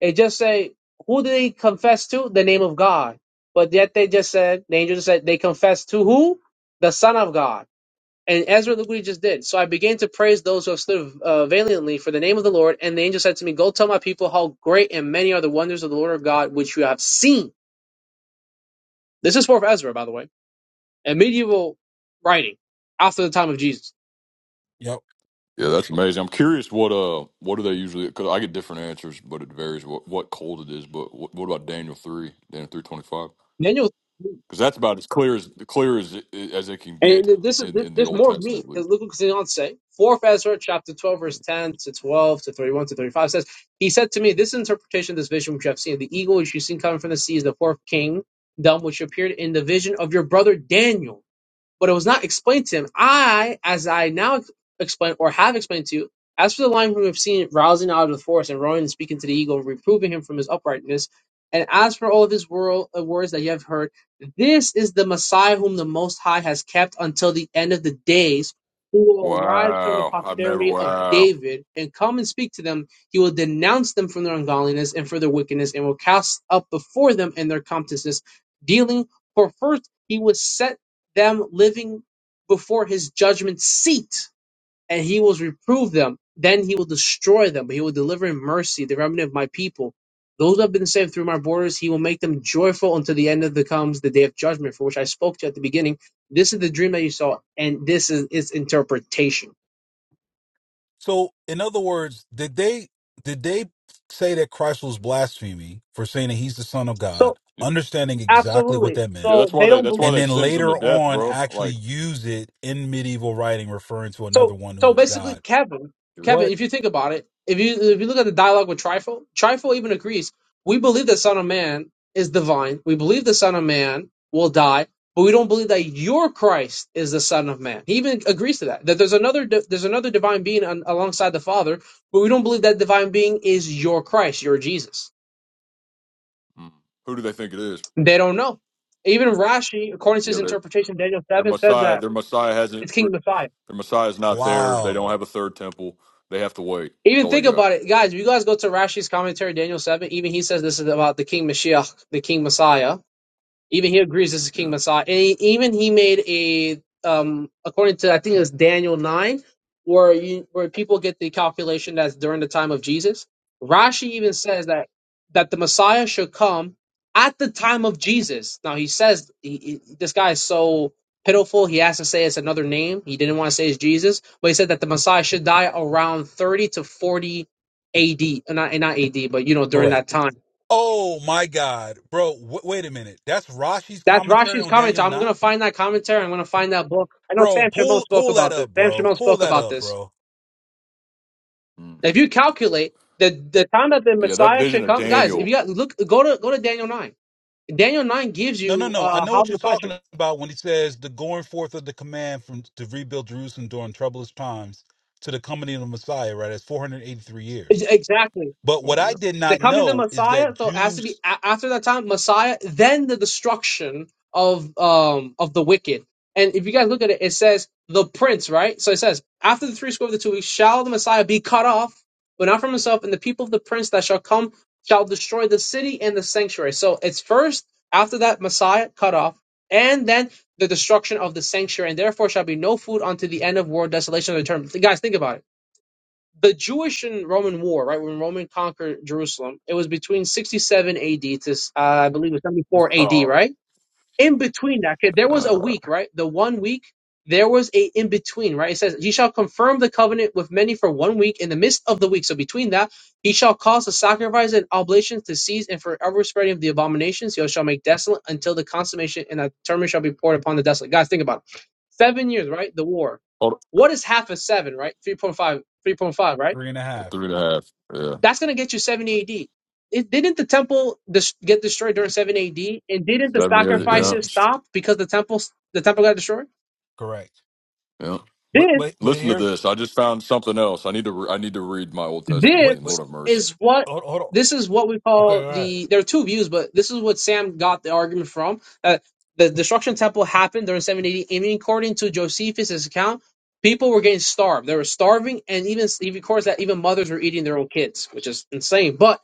Speaker 10: It just say, Who do they confess to? The name of God. But yet they just said, the angel just said, they confessed to who? The Son of God. And Ezra, look what he just did. So I began to praise those who have stood uh, valiantly for the name of the Lord. And the angel said to me, Go tell my people how great and many are the wonders of the Lord of God, which you have seen. This is for Ezra, by the way, a medieval writing after the time of Jesus.
Speaker 3: Yep.
Speaker 7: Yeah, that's amazing. I'm curious what uh what do they usually? Because I get different answers, but it varies what what cold it is. But what, what about Daniel three, Daniel three twenty five?
Speaker 10: Daniel.
Speaker 7: Because that's about as clear as clear as as it can
Speaker 10: And
Speaker 7: get
Speaker 10: this is
Speaker 7: in
Speaker 10: this,
Speaker 7: in the
Speaker 10: there's
Speaker 7: Old
Speaker 10: more
Speaker 7: Testament.
Speaker 10: meat
Speaker 7: at
Speaker 10: because
Speaker 7: least.
Speaker 10: look what Zion say. Fourth Ezra chapter twelve, verse ten to twelve to thirty-one to thirty-five says, He said to me, This interpretation of this vision which you have seen, the eagle which you seen coming from the sea is the fourth kingdom which appeared in the vision of your brother Daniel but it was not explained to him. I, as I now explain or have explained to you, as for the lion whom we have seen rousing out of the forest and roaring and speaking to the eagle, reproving him from his uprightness, and as for all of his world, uh, words that you have heard, this is the Messiah whom the Most High has kept until the end of the days, who will arise from the
Speaker 7: Wow, I've never
Speaker 10: posterity of
Speaker 7: wow.
Speaker 10: David and come and speak to them. He will denounce them from their ungodliness and for their wickedness, and will cast up before them in their comptiousness, dealing for first he was set them living before his judgment seat, and he will reprove them. Then he will destroy them, but he will deliver in mercy the remnant of my people. Those who have been saved through my borders, he will make them joyful until the end of the comes the day of judgment, for which I spoke to you at the beginning. This is the dream that you saw, and this is its interpretation.
Speaker 3: So, in other words, did they did they say that Christ was blaspheming for saying that he's the Son of
Speaker 10: So
Speaker 3: God, understanding exactly what
Speaker 10: absolutely.
Speaker 3: that
Speaker 7: Yeah,
Speaker 3: meant,
Speaker 10: So
Speaker 7: that's why
Speaker 10: they
Speaker 7: they
Speaker 10: don't believe.
Speaker 7: that's why
Speaker 3: and
Speaker 7: they
Speaker 3: then
Speaker 7: sentence them to
Speaker 3: later
Speaker 7: death,
Speaker 3: on
Speaker 7: bro.
Speaker 3: actually
Speaker 7: Like,
Speaker 3: use it in medieval writing, referring to another
Speaker 10: So
Speaker 3: one who
Speaker 10: so
Speaker 3: is
Speaker 10: basically,
Speaker 3: God?
Speaker 10: Kevin,
Speaker 7: you
Speaker 10: Kevin,
Speaker 3: What?
Speaker 7: know,
Speaker 10: if you think about it, if you if you look at the dialogue with Trifle, Trifle even agrees. We believe the Son of Man is divine. We believe the Son of Man will die, but we don't believe that your Christ is the Son of Man. He even agrees to that. That there's another di- there's another divine being on, alongside the Father, but we don't believe that divine being is your Christ, your Jesus.
Speaker 7: who do they think it is?
Speaker 10: They don't know. Even Rashi, according to
Speaker 7: Yeah,
Speaker 10: his
Speaker 7: their
Speaker 10: interpretation, Daniel
Speaker 7: their
Speaker 10: seven says
Speaker 7: Messiah,
Speaker 10: that
Speaker 7: their Messiah hasn't,
Speaker 10: it's
Speaker 7: their
Speaker 10: King Messiah.
Speaker 7: Messiah is not there. They don't
Speaker 3: Wow.
Speaker 7: have a third temple. They have to wait. That's
Speaker 10: Even
Speaker 7: all they
Speaker 10: think
Speaker 7: got.
Speaker 10: about it, guys. If you guys go to Rashi's commentary, Daniel seven, even he says this is about the King Mashiach, the King Messiah. Even he agrees this is King
Speaker 7: Yeah,
Speaker 10: Messiah. And he, even he made a um according to I think it was Daniel nine, where you where people get the calculation that's during the time of Jesus. Rashi even says that that the Messiah should come at the time of Jesus. Now he says he, he- this guy is so pitiful. He has to say it's another name. He didn't want to say it's Jesus, but he said that the Messiah should die around thirty to forty A.D. uh, Not not A.D. But you know during
Speaker 3: Correct.
Speaker 10: that time
Speaker 3: Oh my God, bro. W- wait a minute. That's Rashi's
Speaker 10: That's
Speaker 3: commentary
Speaker 10: Rashi's
Speaker 3: on
Speaker 10: comments.
Speaker 3: Daniel
Speaker 10: I'm gonna
Speaker 3: nine,
Speaker 10: find that commentary. I'm gonna find that book. I know
Speaker 3: bro.
Speaker 10: Sam Shimon
Speaker 3: Pull
Speaker 10: spoke
Speaker 3: pull that
Speaker 10: about this.
Speaker 3: up,
Speaker 10: Sam
Speaker 3: bro.
Speaker 10: Shimon
Speaker 3: Pull
Speaker 10: spoke
Speaker 3: that
Speaker 10: about
Speaker 3: up,
Speaker 10: this.
Speaker 3: bro.
Speaker 7: Mm.
Speaker 10: If you calculate the the time that the
Speaker 7: yeah. That
Speaker 10: Messiah
Speaker 7: vision
Speaker 10: should
Speaker 7: of
Speaker 10: come, guys, if
Speaker 7: Daniel.
Speaker 10: you got look, go to go to Daniel nine. Daniel nine gives
Speaker 3: No, no,
Speaker 10: you
Speaker 3: no. I
Speaker 10: uh,
Speaker 3: know
Speaker 10: how
Speaker 3: what
Speaker 10: the
Speaker 3: you're
Speaker 10: Messiah
Speaker 3: talking
Speaker 10: should,
Speaker 3: about when he says the going forth of the command from to rebuild Jerusalem during troublous times to the coming of the Messiah. Right, that's 483
Speaker 10: is-
Speaker 3: years.
Speaker 10: exactly.
Speaker 3: But
Speaker 7: for
Speaker 3: what
Speaker 7: me,
Speaker 3: I
Speaker 7: Yeah.
Speaker 3: did
Speaker 10: They're
Speaker 3: not
Speaker 10: coming to
Speaker 3: know is that
Speaker 10: Messiah, so it has to be
Speaker 3: Jews
Speaker 10: a- after that time Messiah, then the destruction of um of the wicked. And if you guys look at it, it says the prince, right? So it says after the three score of the two weeks, shall the Messiah be cut off, but not from himself, and the people of the prince that shall come shall destroy the city and the sanctuary. So it's first after that Messiah cut off, and then the destruction of the sanctuary, and therefore shall be no food unto the end of world desolation of the term. Guys, think about it the Jewish and Roman War, right, when Roman conquered Jerusalem, it was between 67 AD to, uh, I believe, it was 74 AD,
Speaker 7: Oh,
Speaker 10: right? In between that, okay, there was a
Speaker 7: uh,
Speaker 10: week, right? The one week, there was a in between, right? It says, He shall confirm the covenant with many for one week in the midst of the week. So between that, he shall cause the sacrifice and oblations to cease and forever spreading of the abominations. He shall make desolate until the consummation and a term shall be poured upon the desolate. Guys, think about it. Seven years, right? The war.
Speaker 7: hold-
Speaker 10: What is half of seven, right? 3.5, 3.5, right?
Speaker 3: three and a half.
Speaker 7: three and a half. Yeah,
Speaker 10: That's going to get you 70 AD. It, didn't the temple dis- get destroyed during 7 AD? And didn't the
Speaker 7: seventy eight.
Speaker 3: It
Speaker 7: Yeah,
Speaker 3: did
Speaker 10: sacrifices stop because the temple the temple got destroyed?
Speaker 3: correct.
Speaker 7: yeah.
Speaker 3: But
Speaker 10: Did.
Speaker 3: but but
Speaker 7: Listen to
Speaker 3: here's
Speaker 7: this. I just found something else. I need to. Re- I need to read my Old Testament
Speaker 3: what
Speaker 7: again.
Speaker 3: but
Speaker 7: Lord
Speaker 10: This
Speaker 7: have mercy.
Speaker 10: is
Speaker 7: It's
Speaker 10: what
Speaker 3: hold, hold on.
Speaker 10: this is what we
Speaker 3: Okay,
Speaker 10: call
Speaker 3: all right.
Speaker 10: the. There are two views, but this is what Sam got the argument from. Uh, the destruction temple happened during 780, and according to Josephus' account, people were getting starved. They were starving, and even he records that even mothers were eating their own kids, which is insane. But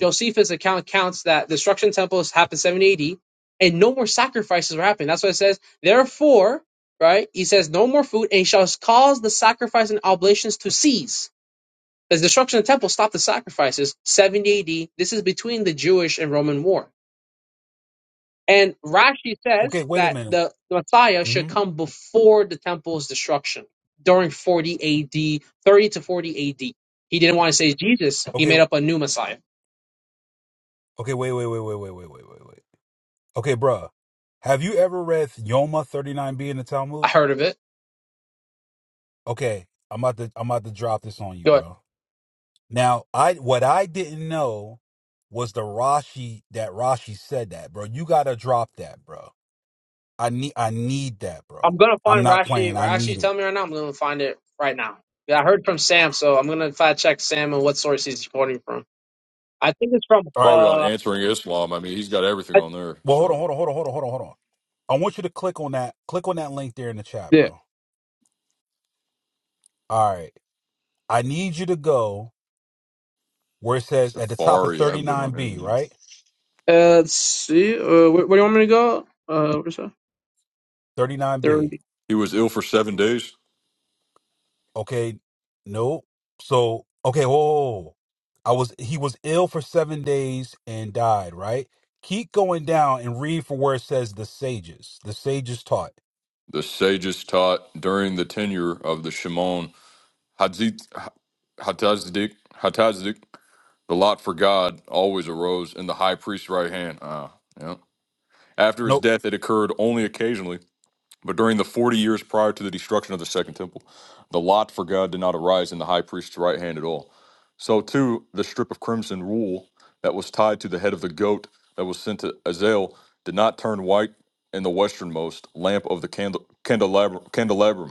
Speaker 10: Josephus' account counts that destruction temples happened 780, and no more sacrifices were happening. That's what it says. Therefore, right? He says no more food, and he shall cause the sacrifice and oblations to cease the destruction of the temple stopped the sacrifices, 70 AD, this is between the Jewish and Roman war. And Rashi says
Speaker 3: Okay, wait a
Speaker 10: that
Speaker 3: minute.
Speaker 10: the Messiah
Speaker 3: Mm-hmm.
Speaker 10: should come before the temple's destruction, during 40 AD, 30 to 40 AD. He didn't want to say Jesus. He
Speaker 3: Okay,
Speaker 10: made up a new Messiah.
Speaker 3: okay, wait, wait, wait, wait, wait, wait, wait, wait, wait. Okay, bruh. Have you ever read Yoma 39b in the
Speaker 10: I
Speaker 3: Talmud?
Speaker 10: heard of it.
Speaker 3: Okay, I'm about to I'm about to drop this on you,
Speaker 10: Good.
Speaker 3: bro. Now, I what I didn't know was the Rashi that Rashi said that, bro. You gotta drop that, bro. I need I need that,
Speaker 10: I'm
Speaker 3: bro.
Speaker 10: going to
Speaker 3: I'm
Speaker 10: find
Speaker 3: not
Speaker 10: Rashi.
Speaker 3: playing. I
Speaker 10: Rashi,
Speaker 3: need it.
Speaker 10: tell me right now. I'm going to find it right now. Yeah, I heard from Sam, so I'm going to fact check Sam and what source he's quoting from. I think it's from,
Speaker 3: All right.
Speaker 7: probably on
Speaker 10: uh,
Speaker 7: answering Islam. I mean, he's got everything on
Speaker 10: I,
Speaker 7: there.
Speaker 3: Well, hold
Speaker 7: So.
Speaker 3: on, hold on, hold on, hold on, hold on, hold on. I want you to click on that. Click on that link there in the chat, bro. All right. I need you to go where it says at the top of
Speaker 7: Safari. I haven't been on his.
Speaker 3: 39b,
Speaker 7: in
Speaker 3: right?
Speaker 10: Uh, let's see. Uh, where, where do you want me to go? Uh, where's that?
Speaker 3: 39b.
Speaker 10: 30.
Speaker 7: He was ill for seven days.
Speaker 3: Okay, no. So, okay, whoa. I was he was ill for seven days and died, right? Keep going down and read for where it says the sages. The sages taught.
Speaker 7: The sages taught during the tenure of the Shimon Hatzit- Hatazdik. Hatazdik. The lot for God always arose in the high priest's right hand. Ah, yeah. After his
Speaker 3: No,
Speaker 7: death, it occurred only occasionally. But during the 40 years prior to the destruction of the Second Temple, the lot for God did not arise in the high priest's right hand at all. So, too, the strip of crimson wool that was tied to the head of the goat that was sent to Azazel did not turn white in the westernmost lamp of the candle, candelabrum, candelabrum,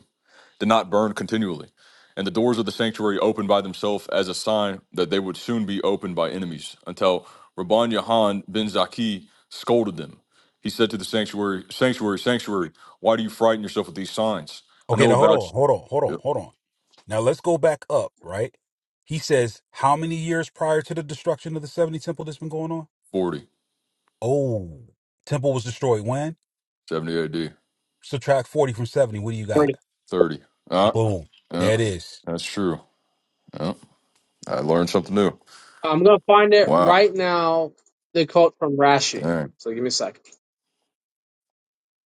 Speaker 7: did not burn continually, and the doors of the sanctuary opened by themselves as a sign that they would soon be opened by enemies, until Rabban Yahan ben Zaki scolded them. He said to the sanctuary, Sanctuary, sanctuary, why do you frighten yourself with these signs? I
Speaker 3: okay,
Speaker 7: know
Speaker 3: now hold
Speaker 7: about
Speaker 3: on,
Speaker 7: you.
Speaker 3: hold on, hold on,
Speaker 7: Yep,
Speaker 3: hold on. Now let's go back up, right? He says, how many years prior to the destruction of the 70 temple that's been going on?
Speaker 7: 40,
Speaker 3: Oh, temple was destroyed when?
Speaker 7: AD,
Speaker 3: Subtract 40 from 70. What do you got?
Speaker 10: 30.
Speaker 7: 30. Uh,
Speaker 3: Boom.
Speaker 7: yeah,
Speaker 3: There it is.
Speaker 7: that's true. Yeah, I learned something new.
Speaker 10: I'm gonna find it
Speaker 7: Wow.
Speaker 10: right now. They call it from Rashi.
Speaker 7: Dang.
Speaker 10: So give me a second,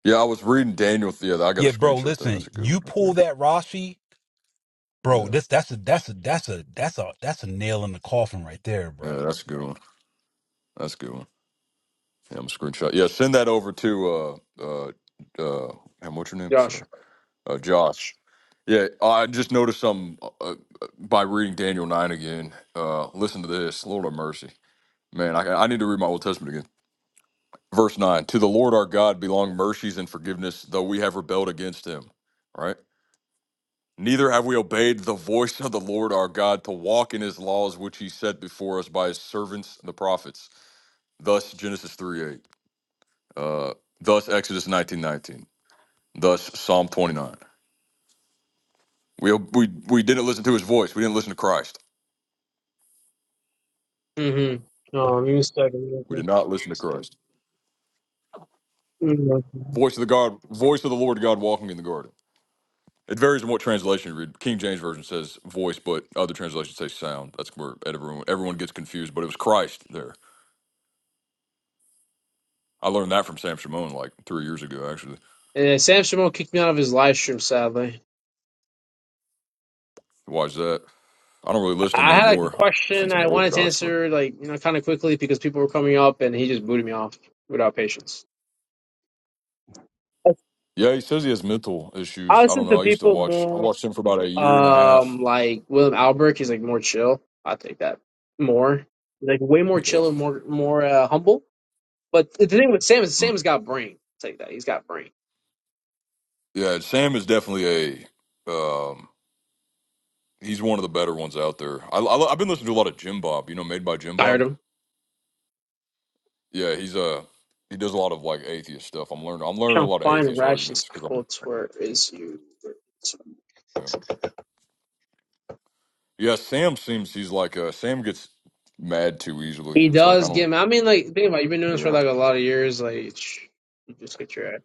Speaker 7: Yeah, I was reading Daniel. Yeah, I got a
Speaker 3: Yeah, bro,
Speaker 7: screenshot That That's
Speaker 3: listen,
Speaker 7: a good one
Speaker 3: you
Speaker 7: right there.
Speaker 3: pull that Rashi bro.
Speaker 7: Yeah,
Speaker 3: This that's a that's a that's a that's a that's a nail in the coffin right there, bro.
Speaker 7: yeah, that's a good one. That's a good one. Yeah, I'm a screenshot. Yeah, send that over to uh uh uh and what's your name? Sorry,
Speaker 10: Josh.
Speaker 7: uh, Josh. Yeah, I just noticed something uh, uh, by reading Daniel nine again. Uh, listen to this, Lord of mercy, man. I I need to read my Old Testament again. Verse nine: To the Lord our God belong mercies and forgiveness, though we have rebelled against Him. Right. Neither have we obeyed the voice of the Lord our God to walk in His laws, which He set before us by His servants the prophets. Thus Genesis three eight. Uh, thus Exodus nineteen nineteen. Thus, Psalm 29. We, we, we didn't listen to his voice. We didn't listen to Christ.
Speaker 10: Mm-hmm. Oh, give me a second.
Speaker 7: We did not listen to Christ.
Speaker 10: Mhm.
Speaker 7: Voice of the God, voice of the Lord God walking in the garden. It varies on what translation you read. King James version says voice, but other translations say sound. That's where everyone everyone gets confused. But it was Christ there. I learned that from Sam Shimon like three years ago. Actually,
Speaker 10: Yeah, Sam Shimon kicked me out of his live stream. Sadly,
Speaker 7: why is that? I don't really listen to him
Speaker 10: I had like a
Speaker 7: anymore
Speaker 10: question
Speaker 7: since I'm
Speaker 10: I wanted to
Speaker 7: Orthodox. But
Speaker 10: answer, like you know, kind of quickly because people were coming up, and he just booted me off without patience.
Speaker 7: yeah, he says he has mental
Speaker 10: I
Speaker 7: issues. I don't
Speaker 10: listen to
Speaker 7: know. I used to
Speaker 10: people
Speaker 7: watch. I
Speaker 10: more.
Speaker 7: watched him for about a year and a half.
Speaker 10: Um, like William Albrecht, he's like more chill. I take that more. He's like way more
Speaker 7: Yeah.
Speaker 10: chill and more more uh, humble. But the thing with Sam is
Speaker 7: Mm.
Speaker 10: Sam's got brain. I'll take that. He's got brain.
Speaker 7: Yeah, Sam is definitely a um he's one of the better ones out there. I, I have been listening to a lot of Jim Bob, you know, made by Jim Bob.
Speaker 10: Tired him.
Speaker 7: Yeah, he's uh he does a lot of like atheist stuff. I'm learning I'm learning a
Speaker 10: Trying to
Speaker 7: lot of
Speaker 10: find
Speaker 7: atheist
Speaker 10: Rashid's
Speaker 7: arguments cuz I'm
Speaker 10: quotes. Where is you?
Speaker 7: yeah. yeah, Sam seems he's like uh Sam gets mad too easily.
Speaker 10: He
Speaker 7: It's like I
Speaker 10: does give
Speaker 7: don't
Speaker 10: him. I mean, like think about it, you've been doing this for
Speaker 7: yeah.
Speaker 10: like a lot of years. Like you just get your ass.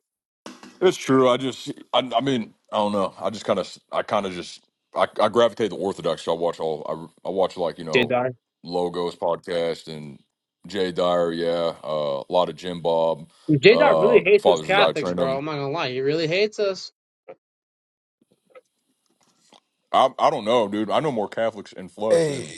Speaker 7: It's true. I just, I, I mean, I don't know. I just kind of, I kind of just, I, I gravitate to Orthodox. So I watch all, I, I watch like, you
Speaker 10: J
Speaker 7: know,
Speaker 10: Dot.
Speaker 7: Logos podcast and Jay Dyer. Yeah. Uh, a lot of Jim Bob,
Speaker 10: J Dot
Speaker 7: uh,
Speaker 10: really hates us
Speaker 7: Fathers as I
Speaker 10: Catholics,
Speaker 7: train
Speaker 10: bro.
Speaker 7: them.
Speaker 10: I'm not gonna lie. He really hates us.
Speaker 7: I, I don't know, dude. I know more Catholics in flush
Speaker 3: Hey,
Speaker 7: than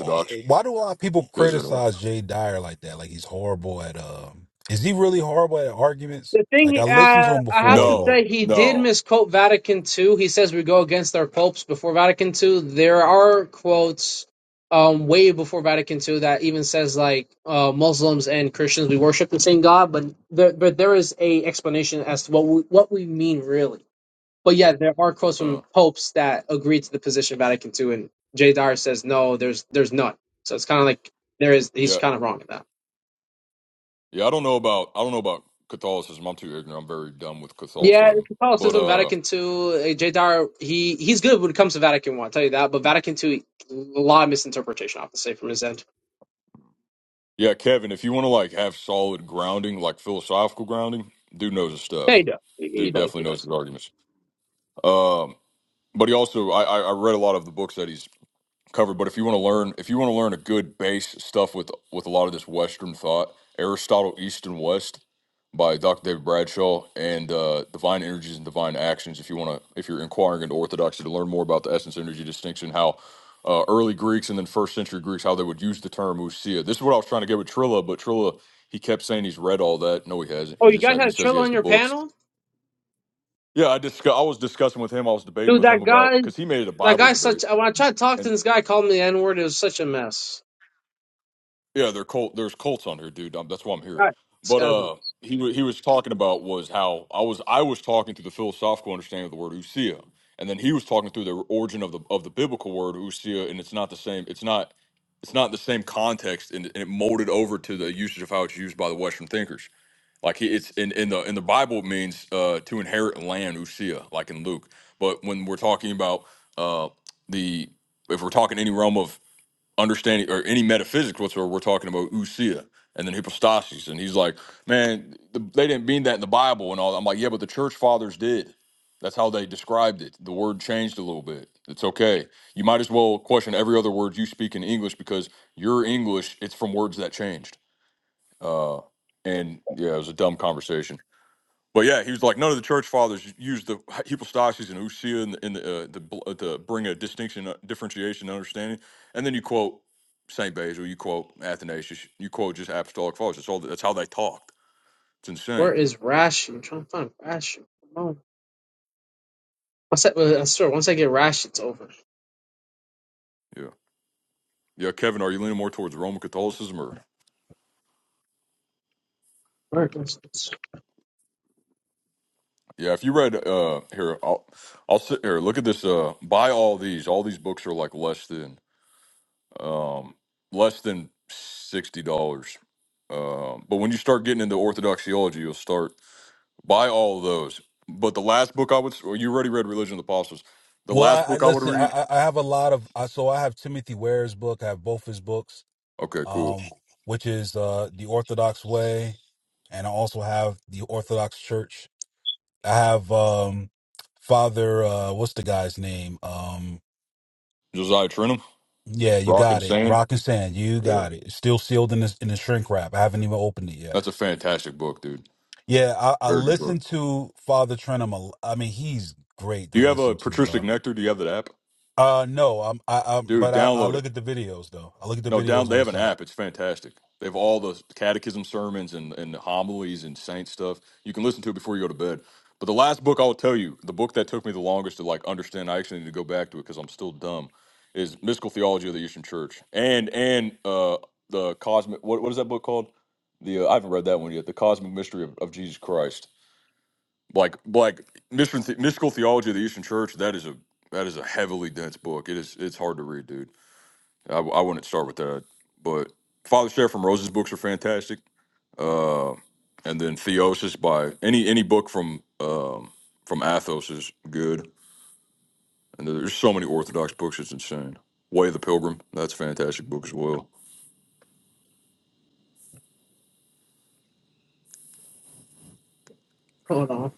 Speaker 3: oh, why do a lot of people
Speaker 7: because, uh,
Speaker 3: criticize Jay Dyer like that? Like he's horrible at um is he really horrible at arguments?
Speaker 10: The
Speaker 3: Like I
Speaker 10: thing uh,
Speaker 3: listened to
Speaker 10: I
Speaker 3: him
Speaker 10: have
Speaker 3: before,
Speaker 10: to
Speaker 3: but
Speaker 7: no,
Speaker 10: say, he did
Speaker 7: no.
Speaker 10: misquote Vatican II. He says we go against our popes before Vatican II. There are quotes um, way before Vatican II that even says like uh, Muslims and Christians we worship the same God, but there, but there is a explanation as to what we, what we mean really. But yeah, there are quotes
Speaker 7: Uh,
Speaker 10: from popes that agree to the position of Vatican II, and Jay Dyer says no, there's there's none. So it's kind of like there is he's
Speaker 7: yeah.
Speaker 10: kind of wrong in that.
Speaker 7: Yeah. I don't know about, I don't know about Catholicism. I'm too ignorant. I'm very dumb with
Speaker 10: Yeah, it's
Speaker 7: Catholicism. But,
Speaker 10: Catholicism,
Speaker 7: uh,
Speaker 10: Vatican II, uh, Jadar, he he's good when it comes to Vatican One, I'll tell you that. But Vatican II, a lot of misinterpretation, I have to say, from his end.
Speaker 7: Yeah, Kevin, if you want to like have solid grounding, like philosophical grounding, dude knows his
Speaker 10: Yeah, he
Speaker 7: stuff.
Speaker 10: does. He, he
Speaker 7: Dude
Speaker 10: does.
Speaker 7: definitely
Speaker 10: He
Speaker 7: knows
Speaker 10: does.
Speaker 7: his arguments. Um, but he also, I, I I read a lot of the books that he's covered. But if you want to learn, if you want to learn a good base stuff with with a lot of this Western thought, Aristotle East and West by Dr. David Bradshaw and uh, Divine Energies and Divine Actions. If you want to, if you're inquiring into Orthodoxy to learn more about the essence energy distinction, how uh, early Greeks and then first century Greeks how they would use the term usia. This is what I was trying to get with Trilla, but Trilla he kept saying he's read all that. No, he hasn't.
Speaker 10: Oh,
Speaker 7: He
Speaker 10: you
Speaker 7: just
Speaker 10: guys
Speaker 7: ha- he
Speaker 10: had
Speaker 7: says he
Speaker 10: Trilla
Speaker 7: has
Speaker 10: on
Speaker 7: the
Speaker 10: your
Speaker 7: books.
Speaker 10: panel,
Speaker 7: Yeah, I discuss. I was discussing with him. I was debating
Speaker 10: dude.
Speaker 7: with him
Speaker 10: That
Speaker 7: about
Speaker 10: guy,
Speaker 7: because he made it a
Speaker 10: that
Speaker 7: Bible
Speaker 10: guy, such.
Speaker 7: debate.
Speaker 10: When I tried to talk to this guy, called me the N word. It was such a mess.
Speaker 7: Yeah, they're Colt. There's Colts on here, dude. Um, that's why I'm here.
Speaker 10: God, this
Speaker 7: But
Speaker 10: guy's. a mess.
Speaker 7: uh, he wa- he was talking about was how I was I was talking through the philosophical understanding of the word usia, and then he was talking through the origin of the of the biblical word usia, and it's not the same. It's not it's not the same context, and, and it molded over to the usage of how it's used by the Western thinkers. Like he, it's in in the in the Bible it means uh, to inherit land usia, like in Luke. But when we're talking about uh, the if we're talking any realm of understanding or any metaphysics whatsoever. We're talking about usia and then hypostasis, and he's like, man, the, they didn't mean that in the Bible and all. that." I'm like, yeah, but the church fathers did. That's how they described it. The word changed a little bit. It's okay. You might as well question every other word you speak in English because your English it's from words that changed. Uh, and yeah, it was a dumb conversation. But yeah, he was like none of the church fathers used the hypostasis and ousia in the, in the, uh, the bl- uh, to bring a distinction, uh, differentiation, and understanding. And then you quote Saint Basil, you quote Athanasius, you quote just apostolic fathers. That's all. That's how they talked. It's
Speaker 10: Where
Speaker 7: insane.
Speaker 10: is Rashi? I'm trying to find Rashi. Come on. Once I, well, I swear, once I get Rashi, it's over.
Speaker 7: Yeah, yeah. Kevin, are you leaning more towards Roman Catholicism or?
Speaker 10: Where is this?
Speaker 7: Yeah, if you read uh, here, I'll I'll sit here. Look at this. Uh, buy all these. All these books are like less than um, less than sixty dollars. Um, but when you start getting into Orthodox theology, you'll start. Buy all of those. But the last book I would, s- well, you already read Religion of the Apostles. The
Speaker 3: well,
Speaker 7: last
Speaker 3: I, I
Speaker 7: book I would
Speaker 3: listen. I,
Speaker 7: read.
Speaker 3: I I have a lot of I, so I have Timothy Ware's book. I have both his books,
Speaker 7: Okay, cool.
Speaker 3: um, which is uh, the Orthodox Way, and I also have the Orthodox Church. I have um, Father. Uh, what's the guy's name? Um,
Speaker 7: Josiah Trenum,
Speaker 3: Yeah, you
Speaker 7: Rock and
Speaker 3: got it.
Speaker 7: Sand.
Speaker 3: Rock and sand, you
Speaker 7: Yeah.
Speaker 3: got it. It's Still sealed in the in the shrink wrap. I haven't even opened it yet.
Speaker 7: That's a fantastic book, dude.
Speaker 3: Yeah, I, I
Speaker 7: Very good book.
Speaker 3: listened to Father Trenum. a l- I mean, he's great
Speaker 7: Do
Speaker 3: to
Speaker 7: you have a
Speaker 3: listen to,
Speaker 7: Patristic
Speaker 3: bro.
Speaker 7: Nectar? Do you have that app?
Speaker 3: Uh, no, I'm I, I'm,
Speaker 7: Dude,
Speaker 3: but I, I
Speaker 7: download it.
Speaker 3: look at the videos though. I look at the
Speaker 7: No, down
Speaker 3: videos
Speaker 7: they
Speaker 3: on the
Speaker 7: have an
Speaker 3: site.
Speaker 7: app. It's fantastic. They have all the catechism sermons and, and homilies and saint stuff. You can listen to it before you go to bed. But the last book I will tell you, the book that took me the longest to like understand, I actually need to go back to it because I'm still dumb, is Mystical Theology of the Eastern Church and and uh the cosmic what what is that book called? The uh, I haven't read that one yet. The Cosmic Mystery of, of Jesus Christ. Like like mystical mystical theology of the Eastern Church. That is a that is a heavily dense book. It is it's hard to read, dude. I, I wouldn't start with that, but Father Share from Rose's books are fantastic. Uh, and then Theosis by any any book from um, from Athos is good. And there's so many Orthodox books, it's insane. Way of the Pilgrim, that's a fantastic book as well.
Speaker 10: Hold on.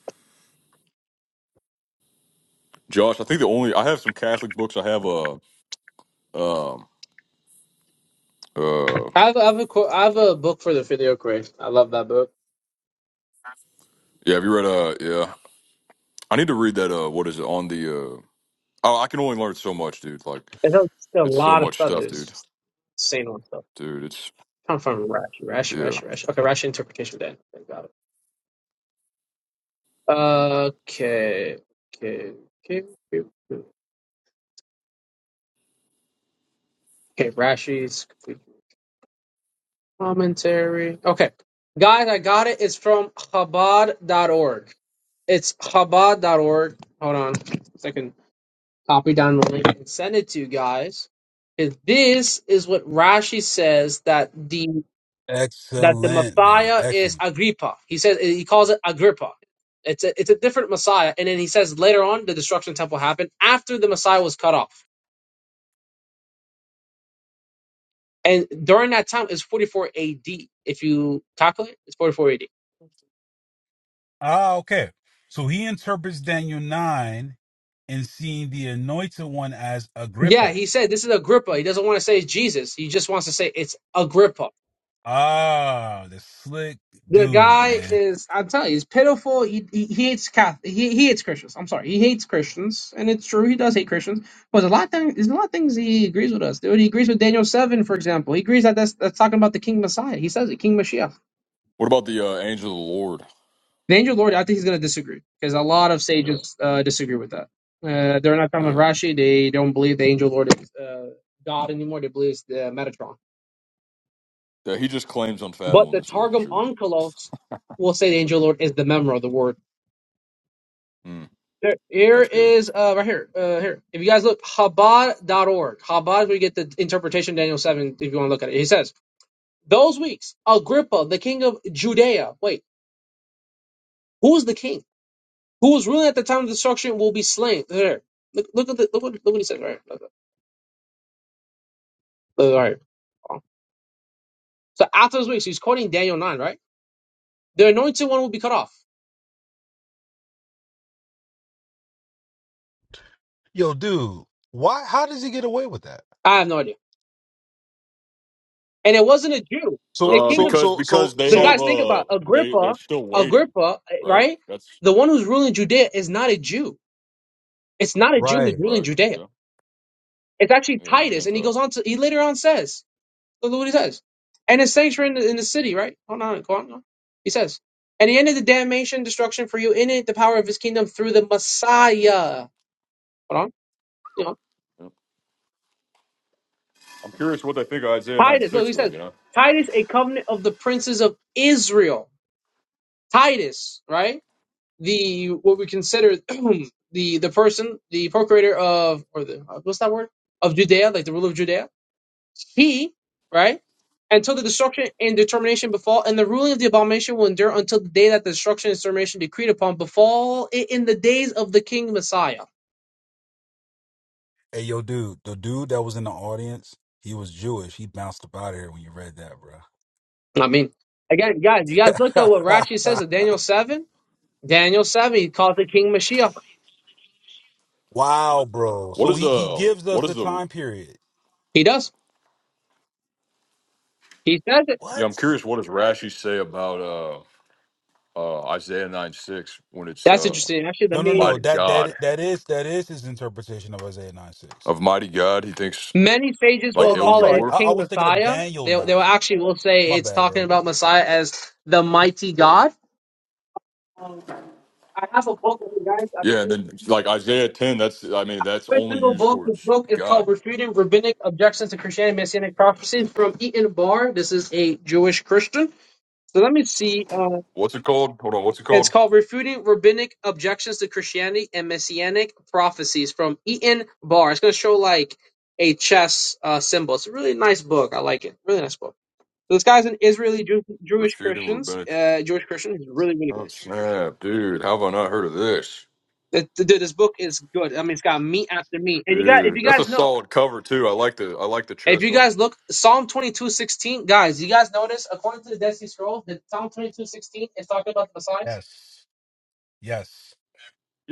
Speaker 7: Josh, I think the only I have some Catholic books. I have a um uh
Speaker 10: I have, I have a qu- I have a book for the video quiz. I love that book.
Speaker 7: yeah. Have you read uh yeah? I need to read that uh what is it on the uh oh I can only learn so much, dude. Like
Speaker 10: There's still a
Speaker 7: it's so
Speaker 10: lot of
Speaker 7: much
Speaker 10: stuff.
Speaker 7: stuff, dude.
Speaker 10: There's insane on stuff.
Speaker 7: Dude, it's
Speaker 10: Come from Rashi, Rashi,
Speaker 7: yeah.
Speaker 10: Rashi, Rashi. Okay, Rashi interpretation then. Okay, Got it. Okay, okay, okay, okay. okay, Okay, Rashi's complete commentary. Okay, guys, I got it. It's from Chabad.org. It's Chabad.org. Hold on, so I can copy down the link and send it to you guys. If This is what Rashi says that the that the
Speaker 3: Excellent, man.
Speaker 10: Messiah is
Speaker 3: Excellent.
Speaker 10: Agrippa. He says he calls it Agrippa. It's a it's a different Messiah. And then he says later on the destruction of the temple happened after the Messiah was cut off. And during that time it's 44 AD. If you calculate, it's 44 AD.
Speaker 3: Ah, okay. So he interprets Daniel nine and seeing the Anointed One as
Speaker 10: Yeah,
Speaker 3: Agrippa.
Speaker 10: he said this is Agrippa. He doesn't want to say it's Jesus. He just wants to say it's Agrippa.
Speaker 3: Ah, the slick
Speaker 10: The
Speaker 3: dude,
Speaker 10: guy
Speaker 3: man.
Speaker 10: is, I'm telling you, he's pitiful. He he, he hates Cath. He, he hates Christians. I'm sorry, he hates Christians, and it's true. He does hate Christians, but there's a lot of things. There's a lot of things he agrees with us. Dude, he agrees with Daniel seven, for example. He agrees that that's that's talking about the King Messiah. He says it, King Mashiach.
Speaker 7: What about the uh, Angel of the Lord?
Speaker 10: The angel Lord. I think he's going to disagree because a lot of
Speaker 7: Yeah.
Speaker 10: sages uh, disagree with that. Uh, they're not talking about
Speaker 7: Yeah.
Speaker 10: Rashi. They don't believe the angel Lord is uh, God anymore. They believe it's the Metatron.
Speaker 7: Yeah, he just claims
Speaker 10: But the
Speaker 7: unfathomableness though,
Speaker 10: Targum
Speaker 7: sure.
Speaker 10: Onkelos will say the angel Lord is the memra, the word.
Speaker 7: Mm,
Speaker 10: There, here
Speaker 7: that's good.
Speaker 10: is uh, right here. Uh, here, if you guys look, Chabad.org. Chabad, is where you get the interpretation of Daniel seven. If you want to look at it, he says those weeks, Agrippa, the king of Judea. Wait, who was the king? Who was ruling at the time of destruction will be slain. There, look, look at the look what look what he says right. Here. Look, all right. So after those weeks, he's quoting Daniel nine, right? The anointed one will be cut off.
Speaker 3: Yo, dude, why? How does he get away with that?
Speaker 10: I have no idea. And it wasn't a Jew.
Speaker 3: So,
Speaker 10: The
Speaker 7: Uh
Speaker 10: king
Speaker 3: so,
Speaker 10: of
Speaker 7: because
Speaker 3: so, so,
Speaker 7: because they
Speaker 10: the
Speaker 7: have
Speaker 10: guys
Speaker 3: so.
Speaker 10: think
Speaker 7: uh
Speaker 10: about
Speaker 7: they they're
Speaker 10: Agrippa,
Speaker 7: still waiting,
Speaker 10: Agrippa,
Speaker 7: right?
Speaker 10: right?
Speaker 7: That's
Speaker 10: The one who's ruling Judea is not a Jew It's not a Jew
Speaker 3: Right.
Speaker 10: who's ruling
Speaker 7: right.
Speaker 10: Judea.
Speaker 7: Yeah.
Speaker 10: It's actually
Speaker 7: Yeah, he's a
Speaker 10: Titus, and he
Speaker 7: Gentile.
Speaker 10: goes on to he later on says, look what he says, and his saints were in the, in the
Speaker 7: Yeah.
Speaker 10: city, right? Hold on, go on, go on. He says, and he ended the damnation, destruction for you in it, the power of his kingdom through the Messiah. Hold on, you know,
Speaker 7: yeah. I'm curious what they think of Isaiah 9
Speaker 10: Titus. Look,
Speaker 7: 6
Speaker 10: he
Speaker 7: though,
Speaker 10: says,
Speaker 7: you know.
Speaker 10: Titus, a covenant of the princes of Israel. Titus, right? The what we consider the the person, the procurator of or the what's that word of Judea, like the ruler of Judea He, right, until the destruction and determination befall, and the ruling of the abomination will endure until the day that the destruction and determination decreed upon befall it in the days of the king Messiah.
Speaker 3: Hey, yo, dude, the dude that was in the audience, he was Jewish. He bounced up out of here when you read that,
Speaker 10: I mean, again, guys, you guys look at what Rashi
Speaker 3: bro.
Speaker 10: says in Daniel 7. Daniel 7, he calls it King Mashiach.
Speaker 3: wow, bro.
Speaker 7: What
Speaker 3: So
Speaker 7: is
Speaker 3: he, he
Speaker 7: the
Speaker 3: gives us
Speaker 7: what is
Speaker 3: the
Speaker 7: the
Speaker 3: time period.
Speaker 10: He does. He says it.
Speaker 7: yeah,
Speaker 3: What?
Speaker 7: I'm curious what does Rashi say about uh uh Isaiah 9 6 when it's
Speaker 10: That's
Speaker 7: uh
Speaker 10: interesting. Actually, I
Speaker 3: No, no, no.
Speaker 10: mean,
Speaker 7: mighty
Speaker 3: That
Speaker 7: God.
Speaker 3: that that is that is his interpretation of Isaiah 9 6.
Speaker 7: Of mighty God, he thinks
Speaker 10: many sages
Speaker 3: Oh
Speaker 7: like
Speaker 3: no,
Speaker 10: will
Speaker 3: no,
Speaker 7: El
Speaker 3: I'm
Speaker 10: call it
Speaker 3: sorry.
Speaker 10: it's
Speaker 7: Gibor.
Speaker 3: I, I
Speaker 10: King
Speaker 3: was thinking of
Speaker 10: Messiah.
Speaker 3: Daniel
Speaker 10: They,
Speaker 3: 9.
Speaker 10: they will actually will say
Speaker 3: My
Speaker 10: it's
Speaker 3: bad,
Speaker 10: talking
Speaker 3: bro.
Speaker 10: about Messiah as the mighty God. Um, I have a book with you
Speaker 7: Yeah, and
Speaker 10: guys.
Speaker 7: then like Isaiah 10, that's I mean, that's
Speaker 10: Every
Speaker 7: only
Speaker 10: single
Speaker 7: used
Speaker 10: book, this
Speaker 7: towards
Speaker 10: book is
Speaker 7: God.
Speaker 10: called Refuting Rabbinic Objections to Christianity and Messianic Prophecies from Eaton Bar. This is a Jewish Christian. So let me see. Uh,
Speaker 7: What's it called? Hold on. What's it
Speaker 10: it's
Speaker 7: called?
Speaker 10: called Refuting Rabbinic Objections to Christianity and Messianic Prophecies from Eaton Bar. It's going to show like a chess uh, symbol. It's a really nice book. I like it. Really nice book. So this guy's an Israeli Jew- Jewish
Speaker 7: Refuting
Speaker 10: Christians,
Speaker 7: rabbinic.
Speaker 10: uh, Jewish Christian. He's really, really good.
Speaker 7: Oh snap, dude! How have I not heard of this,
Speaker 10: Th- th- Dude, this book is good. I mean, it's got meat after meat. And you got, if
Speaker 7: dude?
Speaker 10: you
Speaker 7: That's a
Speaker 10: guys know,
Speaker 7: solid cover too. I like the I like the
Speaker 10: If
Speaker 7: chess
Speaker 10: you
Speaker 7: on.
Speaker 10: guys look, Psalm twenty two sixteen, guys, you guys notice, according to the Dead Sea Scrolls, that Psalm twenty two sixteen is talking about the Messiah?
Speaker 3: Yes. Yes.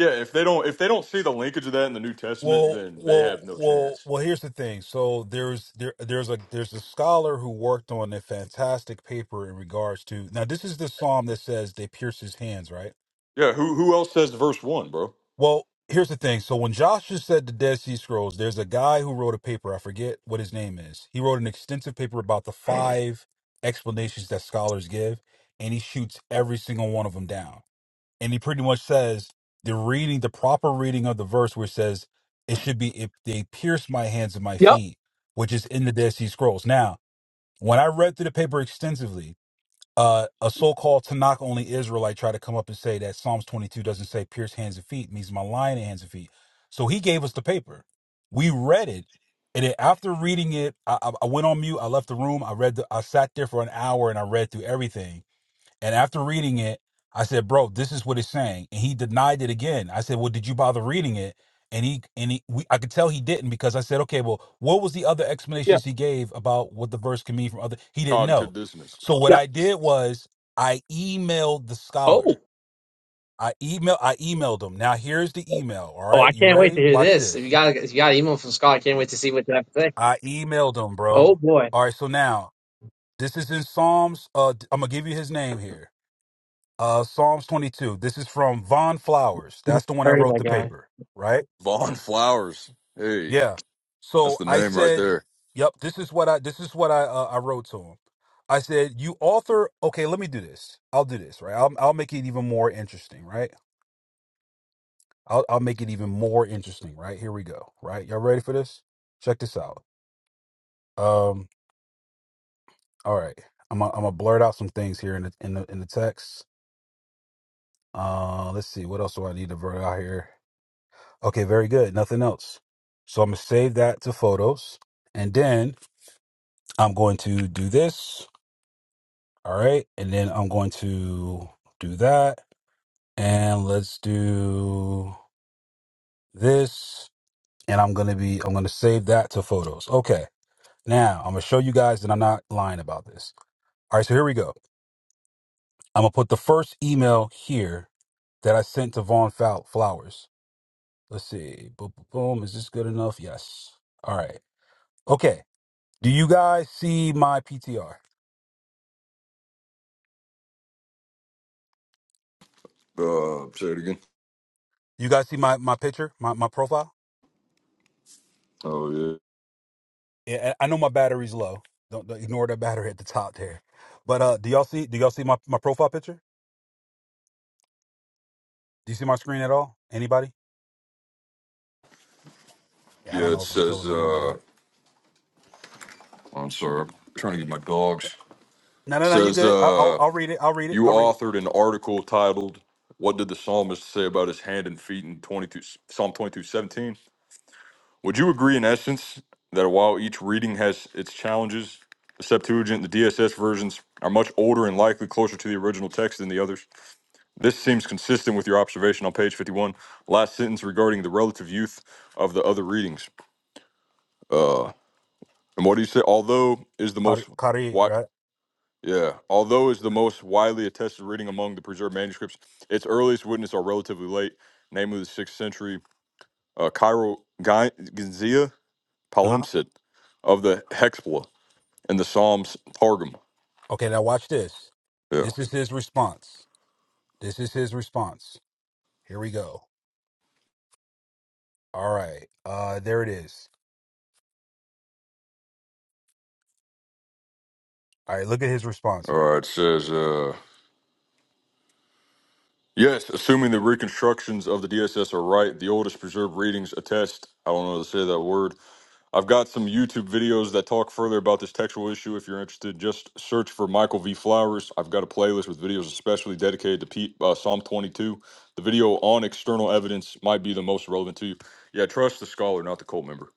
Speaker 7: Yeah, if they don't if they don't see the linkage of that in the New Testament,
Speaker 3: Well,
Speaker 7: then they
Speaker 3: well,
Speaker 7: have no
Speaker 3: well,
Speaker 7: chance.
Speaker 3: well. Here's the thing. So there's there there's a there's a scholar who worked on a fantastic paper in regards to now. This is the psalm that says they pierce his hands, right?
Speaker 7: Yeah, who who else says verse one, bro?
Speaker 3: Well, here's the thing. So when Joshua said the Dead Sea Scrolls, there's a guy who wrote a paper. I forget what his name is. He wrote an extensive paper about the five explanations that scholars give, and he shoots every single one of them down and he pretty much says the reading, the proper reading of the verse, where it says it should be if they pierce my hands and my
Speaker 10: Yep.
Speaker 3: feet, which is in the Dead Sea Scrolls. Now, when I read through the paper extensively, uh, a so-called Tanakh only Israelite tried to come up and say that Psalms 22 doesn't say pierce hands and feet, it means my lion and hands and feet. So he gave us the paper. We read it. And then after reading it, I, I I went on mute. I left the room. I read. The, I sat there for an hour and I read through everything and after reading it, I said, "Bro, this is what it's saying." And he denied it again. I said, "Well, did you bother reading it?" And he and he, we, I could tell he didn't because I said, "Okay, well, what was the other
Speaker 10: Yeah.
Speaker 3: explanations he gave about what the verse can mean from other?" He didn't
Speaker 7: Cognitive
Speaker 3: know.
Speaker 7: dissonance.
Speaker 3: So what
Speaker 10: Yeah.
Speaker 3: I did was I emailed the
Speaker 10: Oh,
Speaker 3: scholar. I email I emailed him. Now here's the email. All
Speaker 10: oh,
Speaker 3: right,
Speaker 10: I
Speaker 3: you
Speaker 10: can't wait to
Speaker 3: ready?
Speaker 10: hear
Speaker 3: Watch
Speaker 10: this. If you
Speaker 3: this.
Speaker 10: got if you got an email from Scott, I can't wait to see what you have to say.
Speaker 3: I emailed him,
Speaker 10: Oh
Speaker 3: bro.
Speaker 10: boy,
Speaker 3: All right, so now this is in Psalms. Uh, I'm gonna give you his name here. Uh, Psalms 22. This is from Von Flowers. That's the one that
Speaker 10: heard of
Speaker 3: wrote
Speaker 10: that
Speaker 3: the
Speaker 10: guy.
Speaker 3: paper, right?
Speaker 7: Vaughn Flowers. Hey,
Speaker 3: Yeah.
Speaker 7: that's
Speaker 3: So
Speaker 7: the
Speaker 3: I
Speaker 7: name right
Speaker 3: said,
Speaker 7: there.
Speaker 3: "Yep, this is what I this is what I uh, I wrote to him." I said, "You author, okay, let me do this. I'll do this, right? I'll I'll make it even more interesting, right? I'll I'll make it even more interesting, right? Here we go, right? Y'all ready for this? Check this out. Um, all right, I'm i I'm gonna blurt out some things here in the in the in the text. Uh, let's see, what else do I need to blurt out here? Okay, very good. Nothing else. So I'm gonna save that to photos, and then I'm going to do this. All right, and then I'm going to do that, and let's do this. And I'm gonna be, I'm gonna save that to photos. Okay. Now I'm gonna show you guys that I'm not lying about this. All right, so here we go. I'm gonna put the first email here that I sent to Vaughn Fou- Flowers. Let's see. Boom, boom, boom. Is this good enough? Yes. All right. Okay. Do you guys see my PTR?
Speaker 7: Uh, say it again.
Speaker 3: You guys see my my picture, my my profile?
Speaker 7: Oh yeah,
Speaker 3: Yeah, I I know my battery's low. Don't, don't ignore that battery at the top there. But uh, do y'all see? Do y'all see my my profile picture? Do you see my screen at all? Anybody? Yeah, I
Speaker 7: yeah.
Speaker 3: don't
Speaker 7: It
Speaker 3: know if I'm still
Speaker 7: says.
Speaker 3: in the room or
Speaker 7: uh
Speaker 3: not.
Speaker 7: I'm sorry. I'm trying to get my dogs.
Speaker 3: No,
Speaker 7: It
Speaker 3: no, no. You
Speaker 7: says.
Speaker 3: good? I, I'll
Speaker 7: uh
Speaker 3: I'll read it. I'll read it.
Speaker 7: You
Speaker 3: I'll read it.
Speaker 7: authored an article titled "What Did the Psalmist Say About His Hand and Feet" in 22, Psalm 22:17. Would you agree, in essence, that while each reading has its challenges, the Septuagint, the DSS versions are much older and likely closer to the original text than the others. This seems consistent with your observation on page 51, last sentence regarding the relative youth of the other readings. Uh, and what do you say? Although is the
Speaker 3: Kari,
Speaker 7: most
Speaker 3: Kari
Speaker 7: wi-
Speaker 3: right?
Speaker 7: Yeah, although it's the most widely attested reading among the preserved manuscripts, its earliest witnesses are relatively late, namely the 6th century uh, Cairo Gy- Gizia
Speaker 3: Uh huh.
Speaker 7: palimpsest of the Hexpla and the Psalms Targum.
Speaker 3: Okay, now watch this.
Speaker 7: Yeah.
Speaker 3: This is his response. This is his response. Here we go. All right. Uh, there it is. All right. Look at his response
Speaker 7: All
Speaker 3: here.
Speaker 7: right, it says, uh, yes, assuming the reconstructions of the DSS are right, the oldest preserved readings attest, I don't know how to say that word, I've got some YouTube videos that talk further about this textual issue. If you're interested, just search for Michael V. Flowers. I've got a playlist with videos especially dedicated to Pete, uh, Psalm 22. The video on external evidence might be the most relevant to you. Yeah, trust the scholar, not the cult member.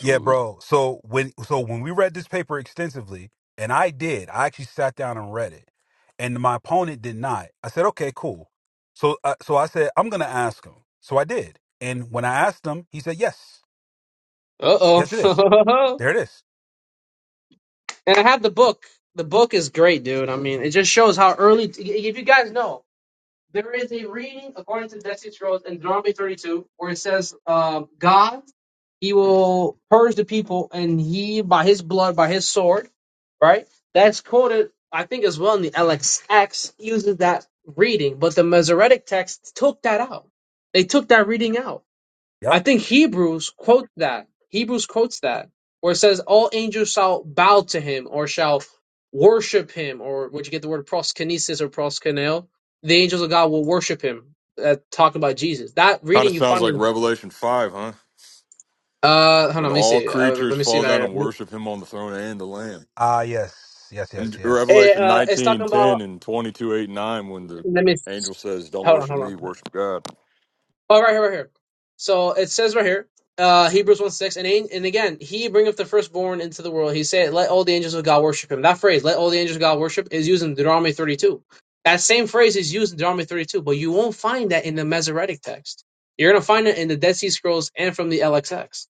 Speaker 3: Yeah, bro. So when so when we read this paper extensively, and I did, I actually sat down and read it, and my opponent did not. I said, okay, cool. So uh, so I said, I'm gonna ask him. So I did, and when I asked him, he said, yes,
Speaker 10: Uh
Speaker 3: yes, it is.
Speaker 10: oh.
Speaker 3: There it is.
Speaker 10: and I have the book. The book is great, dude. I mean, it just shows how early. If you guys know, there is a reading according to the Dead Sea Scrolls in Deuteronomy thirty two where it says, um, "God." He will purge the people, and he by his blood, by his sword, right? That's quoted, I think, as well in the LXX uses that reading, but the Masoretic text took that out. They took that reading out.
Speaker 3: Yep.
Speaker 10: I think Hebrews quote that. Hebrews quotes that, where it says, "All angels shall bow to him, or shall worship him," or would you get the word proskinesis or proskuneo? The angels of God will worship him. Uh, talking about Jesus. That
Speaker 7: Kind of
Speaker 10: reading you
Speaker 7: sounds
Speaker 10: find.
Speaker 7: like Revelation 5, huh?
Speaker 10: Uh, hold on,
Speaker 7: When
Speaker 10: let me
Speaker 7: all
Speaker 10: see. Uh, let
Speaker 7: creatures
Speaker 10: me see
Speaker 7: fall down
Speaker 10: right
Speaker 7: and
Speaker 10: here.
Speaker 7: worship him on the throne and the Lamb.
Speaker 3: Ah, yes, yes,
Speaker 7: And
Speaker 3: yes, yes.
Speaker 10: It,
Speaker 7: Revelation
Speaker 10: uh, it's
Speaker 7: 19:10
Speaker 10: talking about.
Speaker 7: and 22, 8, and 9, when the
Speaker 10: Let me.
Speaker 7: angel says, Don't
Speaker 10: Hold on,
Speaker 7: worship
Speaker 10: hold
Speaker 7: me,
Speaker 10: on.
Speaker 7: worship God.
Speaker 10: Oh, right here, right here. So it says right here, uh, Hebrews one six, and an- and again, he bringeth the firstborn into the world. He said, "Let all the angels of God worship him." That phrase, "Let all the angels of God worship," is used in Deuteronomy thirty two. That same phrase is used in Deuteronomy thirty two, but you won't find that in the Masoretic text. You're gonna find it in the Dead Sea Scrolls and from the LXX.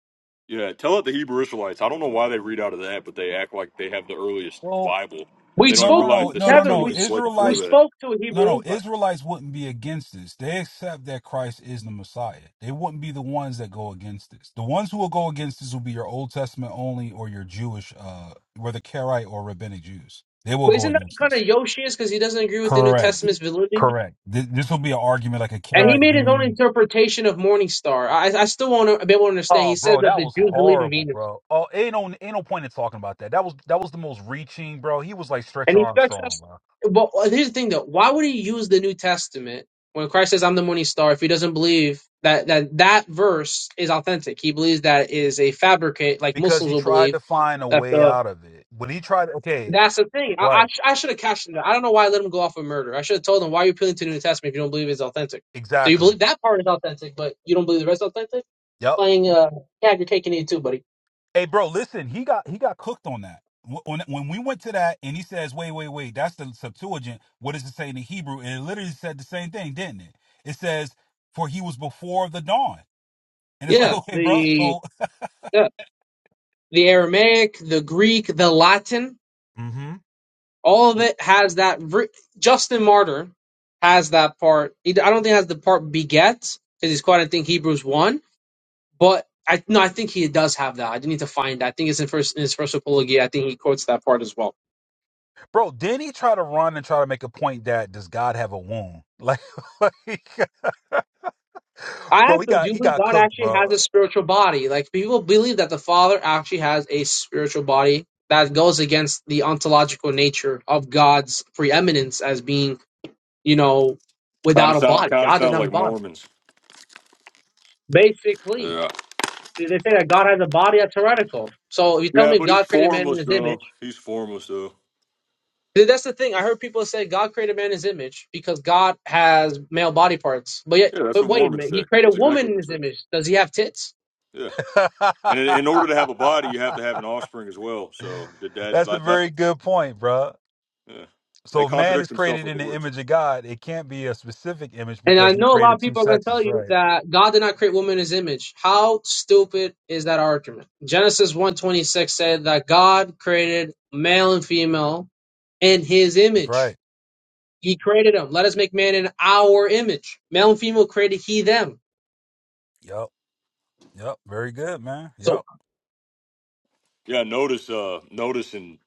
Speaker 7: Yeah, tell it the Hebrew Israelites. I don't know why they read out of that, but they act like they have the earliest
Speaker 3: Well,
Speaker 7: Bible, and
Speaker 10: We
Speaker 7: they don't
Speaker 3: no,
Speaker 7: even
Speaker 3: no,
Speaker 10: spoke,
Speaker 7: realize
Speaker 3: no,
Speaker 7: the
Speaker 3: no, no,
Speaker 10: Kevin.
Speaker 3: no.
Speaker 10: We
Speaker 7: Septuagint's
Speaker 10: s-
Speaker 7: way
Speaker 10: we
Speaker 7: before
Speaker 3: Israelites
Speaker 7: that.
Speaker 10: spoke to a
Speaker 3: No,
Speaker 10: Hebrew
Speaker 3: no,
Speaker 10: Israelite.
Speaker 3: Israelites wouldn't be against this. They accept that Christ is the Messiah. They wouldn't be the ones that go against this. The ones who will go against this will be your Old Testament only or your Jewish, uh, whether Karaite or Rabbinic Jews. They will
Speaker 10: But
Speaker 3: go
Speaker 10: isn't that
Speaker 3: against
Speaker 10: kind
Speaker 3: this.
Speaker 10: of Yoshi's because he doesn't agree with the New
Speaker 3: Correct.
Speaker 10: Testament's validity?
Speaker 3: Correct. Th- this will be an argument like a
Speaker 10: And he
Speaker 3: Karaite
Speaker 10: made his own
Speaker 3: Jew.
Speaker 10: interpretation of Morning Star. I, I still won't be able to understand.
Speaker 3: Oh,
Speaker 10: He says
Speaker 3: bro,
Speaker 10: that
Speaker 3: that
Speaker 10: the
Speaker 3: was
Speaker 10: Jews believe in
Speaker 3: horrible,
Speaker 10: Venus,
Speaker 3: bro. Oh, ain't no, ain't no point in talking about that. That was that was the most reaching, bro. He was like Stretch
Speaker 10: and he expects
Speaker 3: Armstrong,
Speaker 10: us.
Speaker 3: bro,
Speaker 10: But well, here's the thing, though: why would he use the New Testament when Christ says, "I'm the Morning Star"? If he doesn't believe that that that verse is authentic, he believes that is a fabricate, like
Speaker 3: because
Speaker 10: Muslims
Speaker 3: he
Speaker 10: will
Speaker 3: tried
Speaker 10: believe
Speaker 3: to find a
Speaker 10: that
Speaker 3: way
Speaker 10: the
Speaker 3: out of it. When he tried, okay,
Speaker 10: That's the thing. I, I,
Speaker 3: right,
Speaker 10: I should have cashed it. out. I don't know why I let him go off with murder. I should have told him, why are you appealing to the New Testament if you don't believe it's authentic? So you
Speaker 3: exactly.
Speaker 10: believe that part is authentic, but you don't believe the rest is authentic?
Speaker 3: Yep.
Speaker 10: Playing, uh, yeah, you're taking it too, buddy.
Speaker 3: Hey, bro, listen. He got he got cooked on that. Wh- When when we went to that, and he says, "Wait, wait, wait. That's the Septuagint. What does it say in the Hebrew?" And it literally said the same thing, didn't it? It says, "For he was before the dawn." And it's like,
Speaker 10: Yeah,
Speaker 3: okay, bro.
Speaker 10: the
Speaker 3: So,
Speaker 10: yeah, the Aramaic, the Greek, the Latin,
Speaker 3: hmm
Speaker 10: all of it has that. Ver- Justin Martyr has that part. He, I don't think it has the part beget because he's quite. I think Hebrews one, but. I, no, I think he does have that. I didn't need to find that. I think it's in first in his first apology. I think he quotes that part as well.
Speaker 3: bro, didn't he try to run and try to make a point that does God have a womb? Like, like
Speaker 10: I
Speaker 3: bro, he
Speaker 10: asked them, do
Speaker 3: got he
Speaker 10: you believe
Speaker 3: got
Speaker 10: God
Speaker 3: cooked,
Speaker 10: actually has
Speaker 3: bro.
Speaker 10: a spiritual body? Like people believe that the Father actually has a spiritual body that goes against the ontological nature of God's preeminence as being, you know,
Speaker 7: Kind of
Speaker 10: without a
Speaker 7: sound,
Speaker 10: body.
Speaker 7: kind of
Speaker 10: God doesn't
Speaker 7: sounds
Speaker 10: have a
Speaker 7: like
Speaker 10: body.
Speaker 7: Mormons.
Speaker 10: Basically,
Speaker 7: Yeah,
Speaker 10: they say that God has a body. That's heretical. So if you tell
Speaker 7: yeah,
Speaker 10: me
Speaker 7: but he's
Speaker 10: God created man in
Speaker 7: formless
Speaker 10: His
Speaker 7: though.
Speaker 10: image,
Speaker 7: He's formless though.
Speaker 10: th- that's the thing. I heard people say God created man in His image because God has male body parts. But yet,
Speaker 7: Yeah, that's
Speaker 10: but
Speaker 7: what
Speaker 10: wait a
Speaker 7: Mormons
Speaker 10: minute, He
Speaker 7: say.
Speaker 10: created a
Speaker 7: That's
Speaker 10: woman
Speaker 7: exactly what
Speaker 10: in His
Speaker 7: they say.
Speaker 10: image. Does He have tits?
Speaker 7: Yeah, and in, in order to have a body, you have to have an offspring as well. So did that?
Speaker 3: That's a
Speaker 7: Like, that's
Speaker 3: very
Speaker 7: what-
Speaker 3: good point, bro.
Speaker 7: yeah. They
Speaker 3: So if man
Speaker 7: contradict
Speaker 3: is
Speaker 7: themselves
Speaker 3: created
Speaker 7: with the
Speaker 3: in the
Speaker 7: words.
Speaker 3: image of God, it can't be a specific image
Speaker 10: And
Speaker 3: because
Speaker 10: I
Speaker 3: he
Speaker 10: know a lot
Speaker 3: created
Speaker 10: of
Speaker 3: two
Speaker 10: people are going to tell
Speaker 3: sexes,
Speaker 10: you
Speaker 3: right?
Speaker 10: that God did not create woman in his image. How stupid is that argument? Genesis one twenty six said that God created male and female in his
Speaker 3: That's right.
Speaker 10: image. He created them. Let us make man in our image. Male and female created he them.
Speaker 3: Yep. Yep. Very good, man.
Speaker 10: So
Speaker 3: Yep.
Speaker 7: Yeah, notice, uh notice in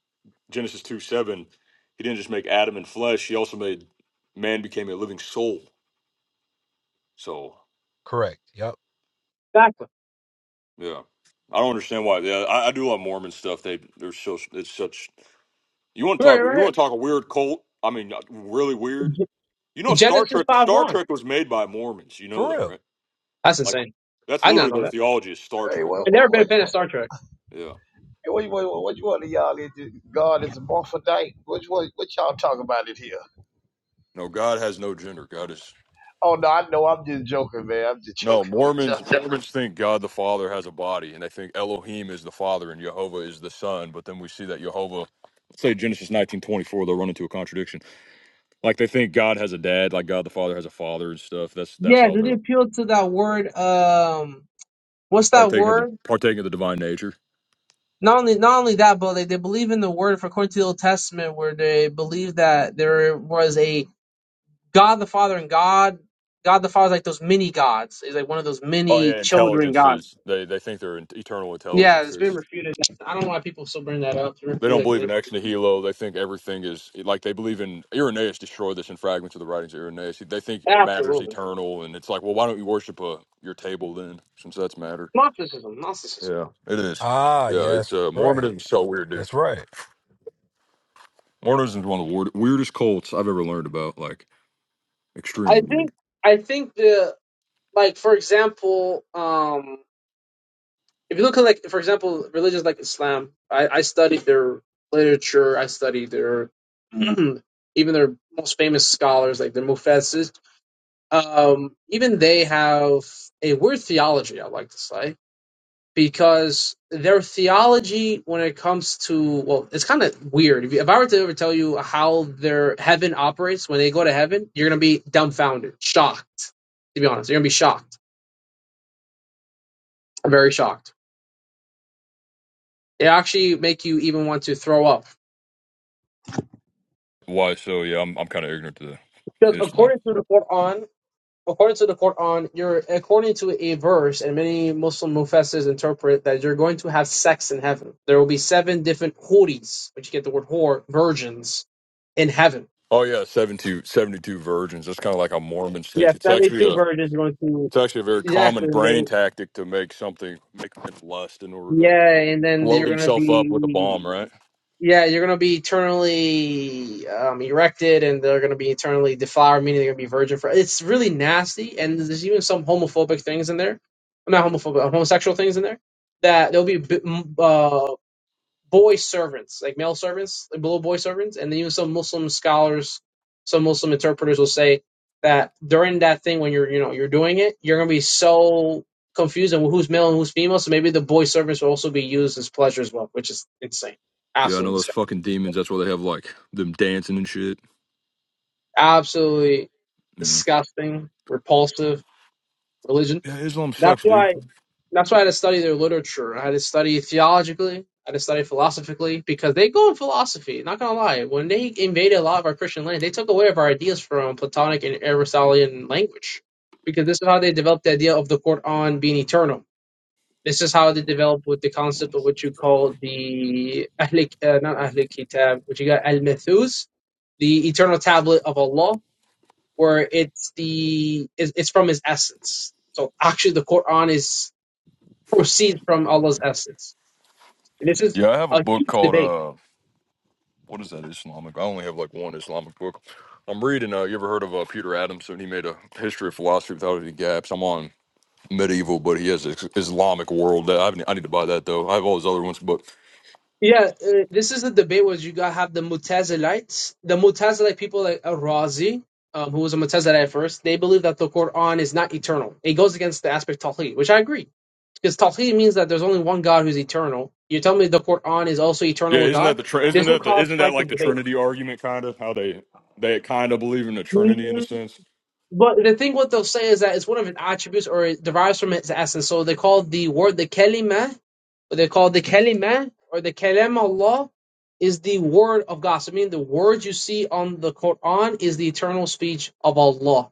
Speaker 7: Genesis two seven, he didn't just make Adam and flesh. He also made man became a living soul. So
Speaker 3: Correct. Yep.
Speaker 10: exactly.
Speaker 7: yeah, I don't understand why. Yeah, I, I do love Mormon stuff. They they're so it's such. You want to
Speaker 10: Right,
Speaker 7: talk? You
Speaker 10: right
Speaker 7: want to talk a weird cult? I mean, not- really weird. You know,
Speaker 10: here.
Speaker 7: Star
Speaker 10: Genesis
Speaker 7: Trek.
Speaker 10: five
Speaker 7: Star
Speaker 10: one.
Speaker 7: Trek was made by Mormons. You know
Speaker 3: For
Speaker 7: that,
Speaker 3: real.
Speaker 7: right?
Speaker 10: That's
Speaker 7: Like
Speaker 10: insane.
Speaker 7: that's
Speaker 10: I did not
Speaker 7: literally
Speaker 10: know
Speaker 7: their
Speaker 10: that.
Speaker 7: theology is Star
Speaker 9: Hey,
Speaker 7: Trek.
Speaker 9: what?
Speaker 10: I've never been a
Speaker 9: What?
Speaker 10: fan
Speaker 9: what,
Speaker 10: of Star Trek.
Speaker 7: Yeah.
Speaker 9: What Which one, which one of y'all is it? God is a Morphodite? Which one, what y'all talking about it here?
Speaker 7: No, God has no gender. God is
Speaker 9: Oh, no, I know. I'm just joking, man. I'm just joking
Speaker 7: no
Speaker 9: with y'all.
Speaker 7: Mormons. Mormons think God the Father has a body, and they think Elohim is the Father and Jehovah is the Son. But then we see that Jehovah. Say Genesis nineteen twenty four. They'll run into a contradiction Like they think God has a dad, like God the Father has a father and stuff. That's that's
Speaker 10: Yeah,
Speaker 7: how
Speaker 10: did it
Speaker 7: they're
Speaker 10: appeal to that word um what's that
Speaker 7: partaking of the
Speaker 10: word?
Speaker 7: partaking of the divine nature.
Speaker 10: not only not only that, but like they believe in the word for according to the Old Testament, where they believe that there was a God the Father and God God the Father is like those mini gods. Is like one of those
Speaker 7: Oh
Speaker 10: mini
Speaker 7: yeah,
Speaker 10: children gods.
Speaker 7: intelligences. They they think they're in- eternal
Speaker 10: Yeah, it's been
Speaker 7: intelligences.
Speaker 10: refuted. I don't know why people still bring that up to
Speaker 7: They don't
Speaker 10: refute
Speaker 7: believe
Speaker 10: like
Speaker 7: in ex
Speaker 10: they-
Speaker 7: nihilo. They think everything is like they believe in Irenaeus destroyed this in fragments of the writings of Irenaeus. They think matter's
Speaker 10: absolutely
Speaker 7: eternal, and it's like, well, why don't you worship uh your table then, since that's matter?
Speaker 10: Gnosticism. Gnosticism.
Speaker 7: Yeah, it is.
Speaker 3: Ah,
Speaker 7: Yeah, it's
Speaker 3: yes.
Speaker 7: uh,
Speaker 3: Right.
Speaker 7: Mormonism's so weird, dude.
Speaker 3: That's right.
Speaker 7: Mormonism is one of the weird, weirdest cults I've ever learned about. Like, extremely
Speaker 10: I
Speaker 7: weird.
Speaker 10: think I think the like for example, um if you look at like for example religions like islam i, I studied their literature i studied their even their most famous scholars like the mufassis um, even they have a weird theology i like to say because their theology when it comes to well it's kind of weird if, you, if i were to ever tell you how their heaven operates when they go to heaven you're going to be dumbfounded shocked to be honest you're going to be shocked very shocked they actually make you even want to throw up
Speaker 7: Why? So yeah, I'm I'm kind of ignorant to
Speaker 10: Because
Speaker 7: Islam.
Speaker 10: according to the Quran, according to the Quran, you're according to a verse, and many Muslim mufassirs interpret that you're going to have sex in heaven. There will be seven different huris, which you get the word whore, virgins, in heaven.
Speaker 7: Oh yeah, 72, seventy-two virgins. That's kind of like a Mormon thing.
Speaker 10: Yeah,
Speaker 7: It's actually
Speaker 10: seventy-two
Speaker 7: a it's
Speaker 10: virgins are going to
Speaker 7: actually a very common
Speaker 10: exactly. And
Speaker 7: brain
Speaker 10: they
Speaker 7: tactic to make something make men lust in order to
Speaker 10: yeah, and then
Speaker 7: blow
Speaker 10: you're going to
Speaker 7: themselves up with a
Speaker 10: be.
Speaker 7: bomb, right?
Speaker 10: Yeah, you're gonna be eternally um, erected, and they're gonna be eternally deflowered, meaning they're gonna be virgin for. It's really nasty, and there's even some homophobic things in there. Well, Not homophobic, uh, homosexual things in there. That there'll be uh, boy servants, like male servants, like little boy servants, and then even some Muslim scholars, some Muslim interpreters will say that during that thing when you're, you know, you're doing it, you're gonna be so confused on who's male and who's female. So maybe the boy servants will also be used as pleasure as well, which is insane,
Speaker 7: Yeah, I know
Speaker 10: absolutely
Speaker 7: those
Speaker 10: disgusting.
Speaker 7: fucking demons. That's why they have like them dancing and shit.
Speaker 10: absolutely
Speaker 7: Yeah.
Speaker 10: disgusting, repulsive religion.
Speaker 7: Yeah, Islam
Speaker 10: That's
Speaker 7: sucks, dude.
Speaker 10: why that's why I had to study their literature. I had to study theologically, I had to study philosophically, because they go in philosophy, not gonna lie. When they invaded a lot of our Christian land, they took away of our ideas from Platonic and Aristotelian language. Because this is how they developed the idea of the Quran being eternal. This is how they developed with the concept of what you call the Ahl, uh, not Ahl Kitab, what you got Al Methus, the eternal tablet of Allah where it's the it's, it's from his essence. So actually, the Quran is proceeds from Allah's essence. And this is
Speaker 7: Yeah, I have a
Speaker 10: a
Speaker 7: book
Speaker 10: huge
Speaker 7: called
Speaker 10: debate.
Speaker 7: uh, what is that Islamic? I only have like one Islamic book. I'm reading. Uh, you ever heard of uh, Peter Adamson? He made a history of philosophy without any gaps. I'm on medieval, but he has this Islamic world. That I, haven't- I need to buy that though. I have all his other ones, but
Speaker 10: Yeah, uh, this is the debate where you got have the Mutazilites, the Mutazilite people like Razi, um, who was a Mutazilite at first. They believe that the Quran is not eternal. It goes against the aspect of Tawheed, which I agree. Because Tawheed means that there's only one God who's eternal. You tell me the Quran is also eternal
Speaker 7: yeah,
Speaker 10: with
Speaker 7: isn't that
Speaker 10: God?
Speaker 7: the tr- isn't
Speaker 10: This would
Speaker 7: that the
Speaker 10: cause
Speaker 7: isn't that
Speaker 10: fight
Speaker 7: like
Speaker 10: of
Speaker 7: the
Speaker 10: debate.
Speaker 7: Trinity argument kind of how they they kind of believe in the Trinity in a sense?
Speaker 10: But the thing what they'll say is that it's one of its attributes or it derives from its essence. So they call the word the kalima, or they call the kalima or the kalam Allah is the word of God. So meaning the words you see on the Quran is the eternal speech of Allah.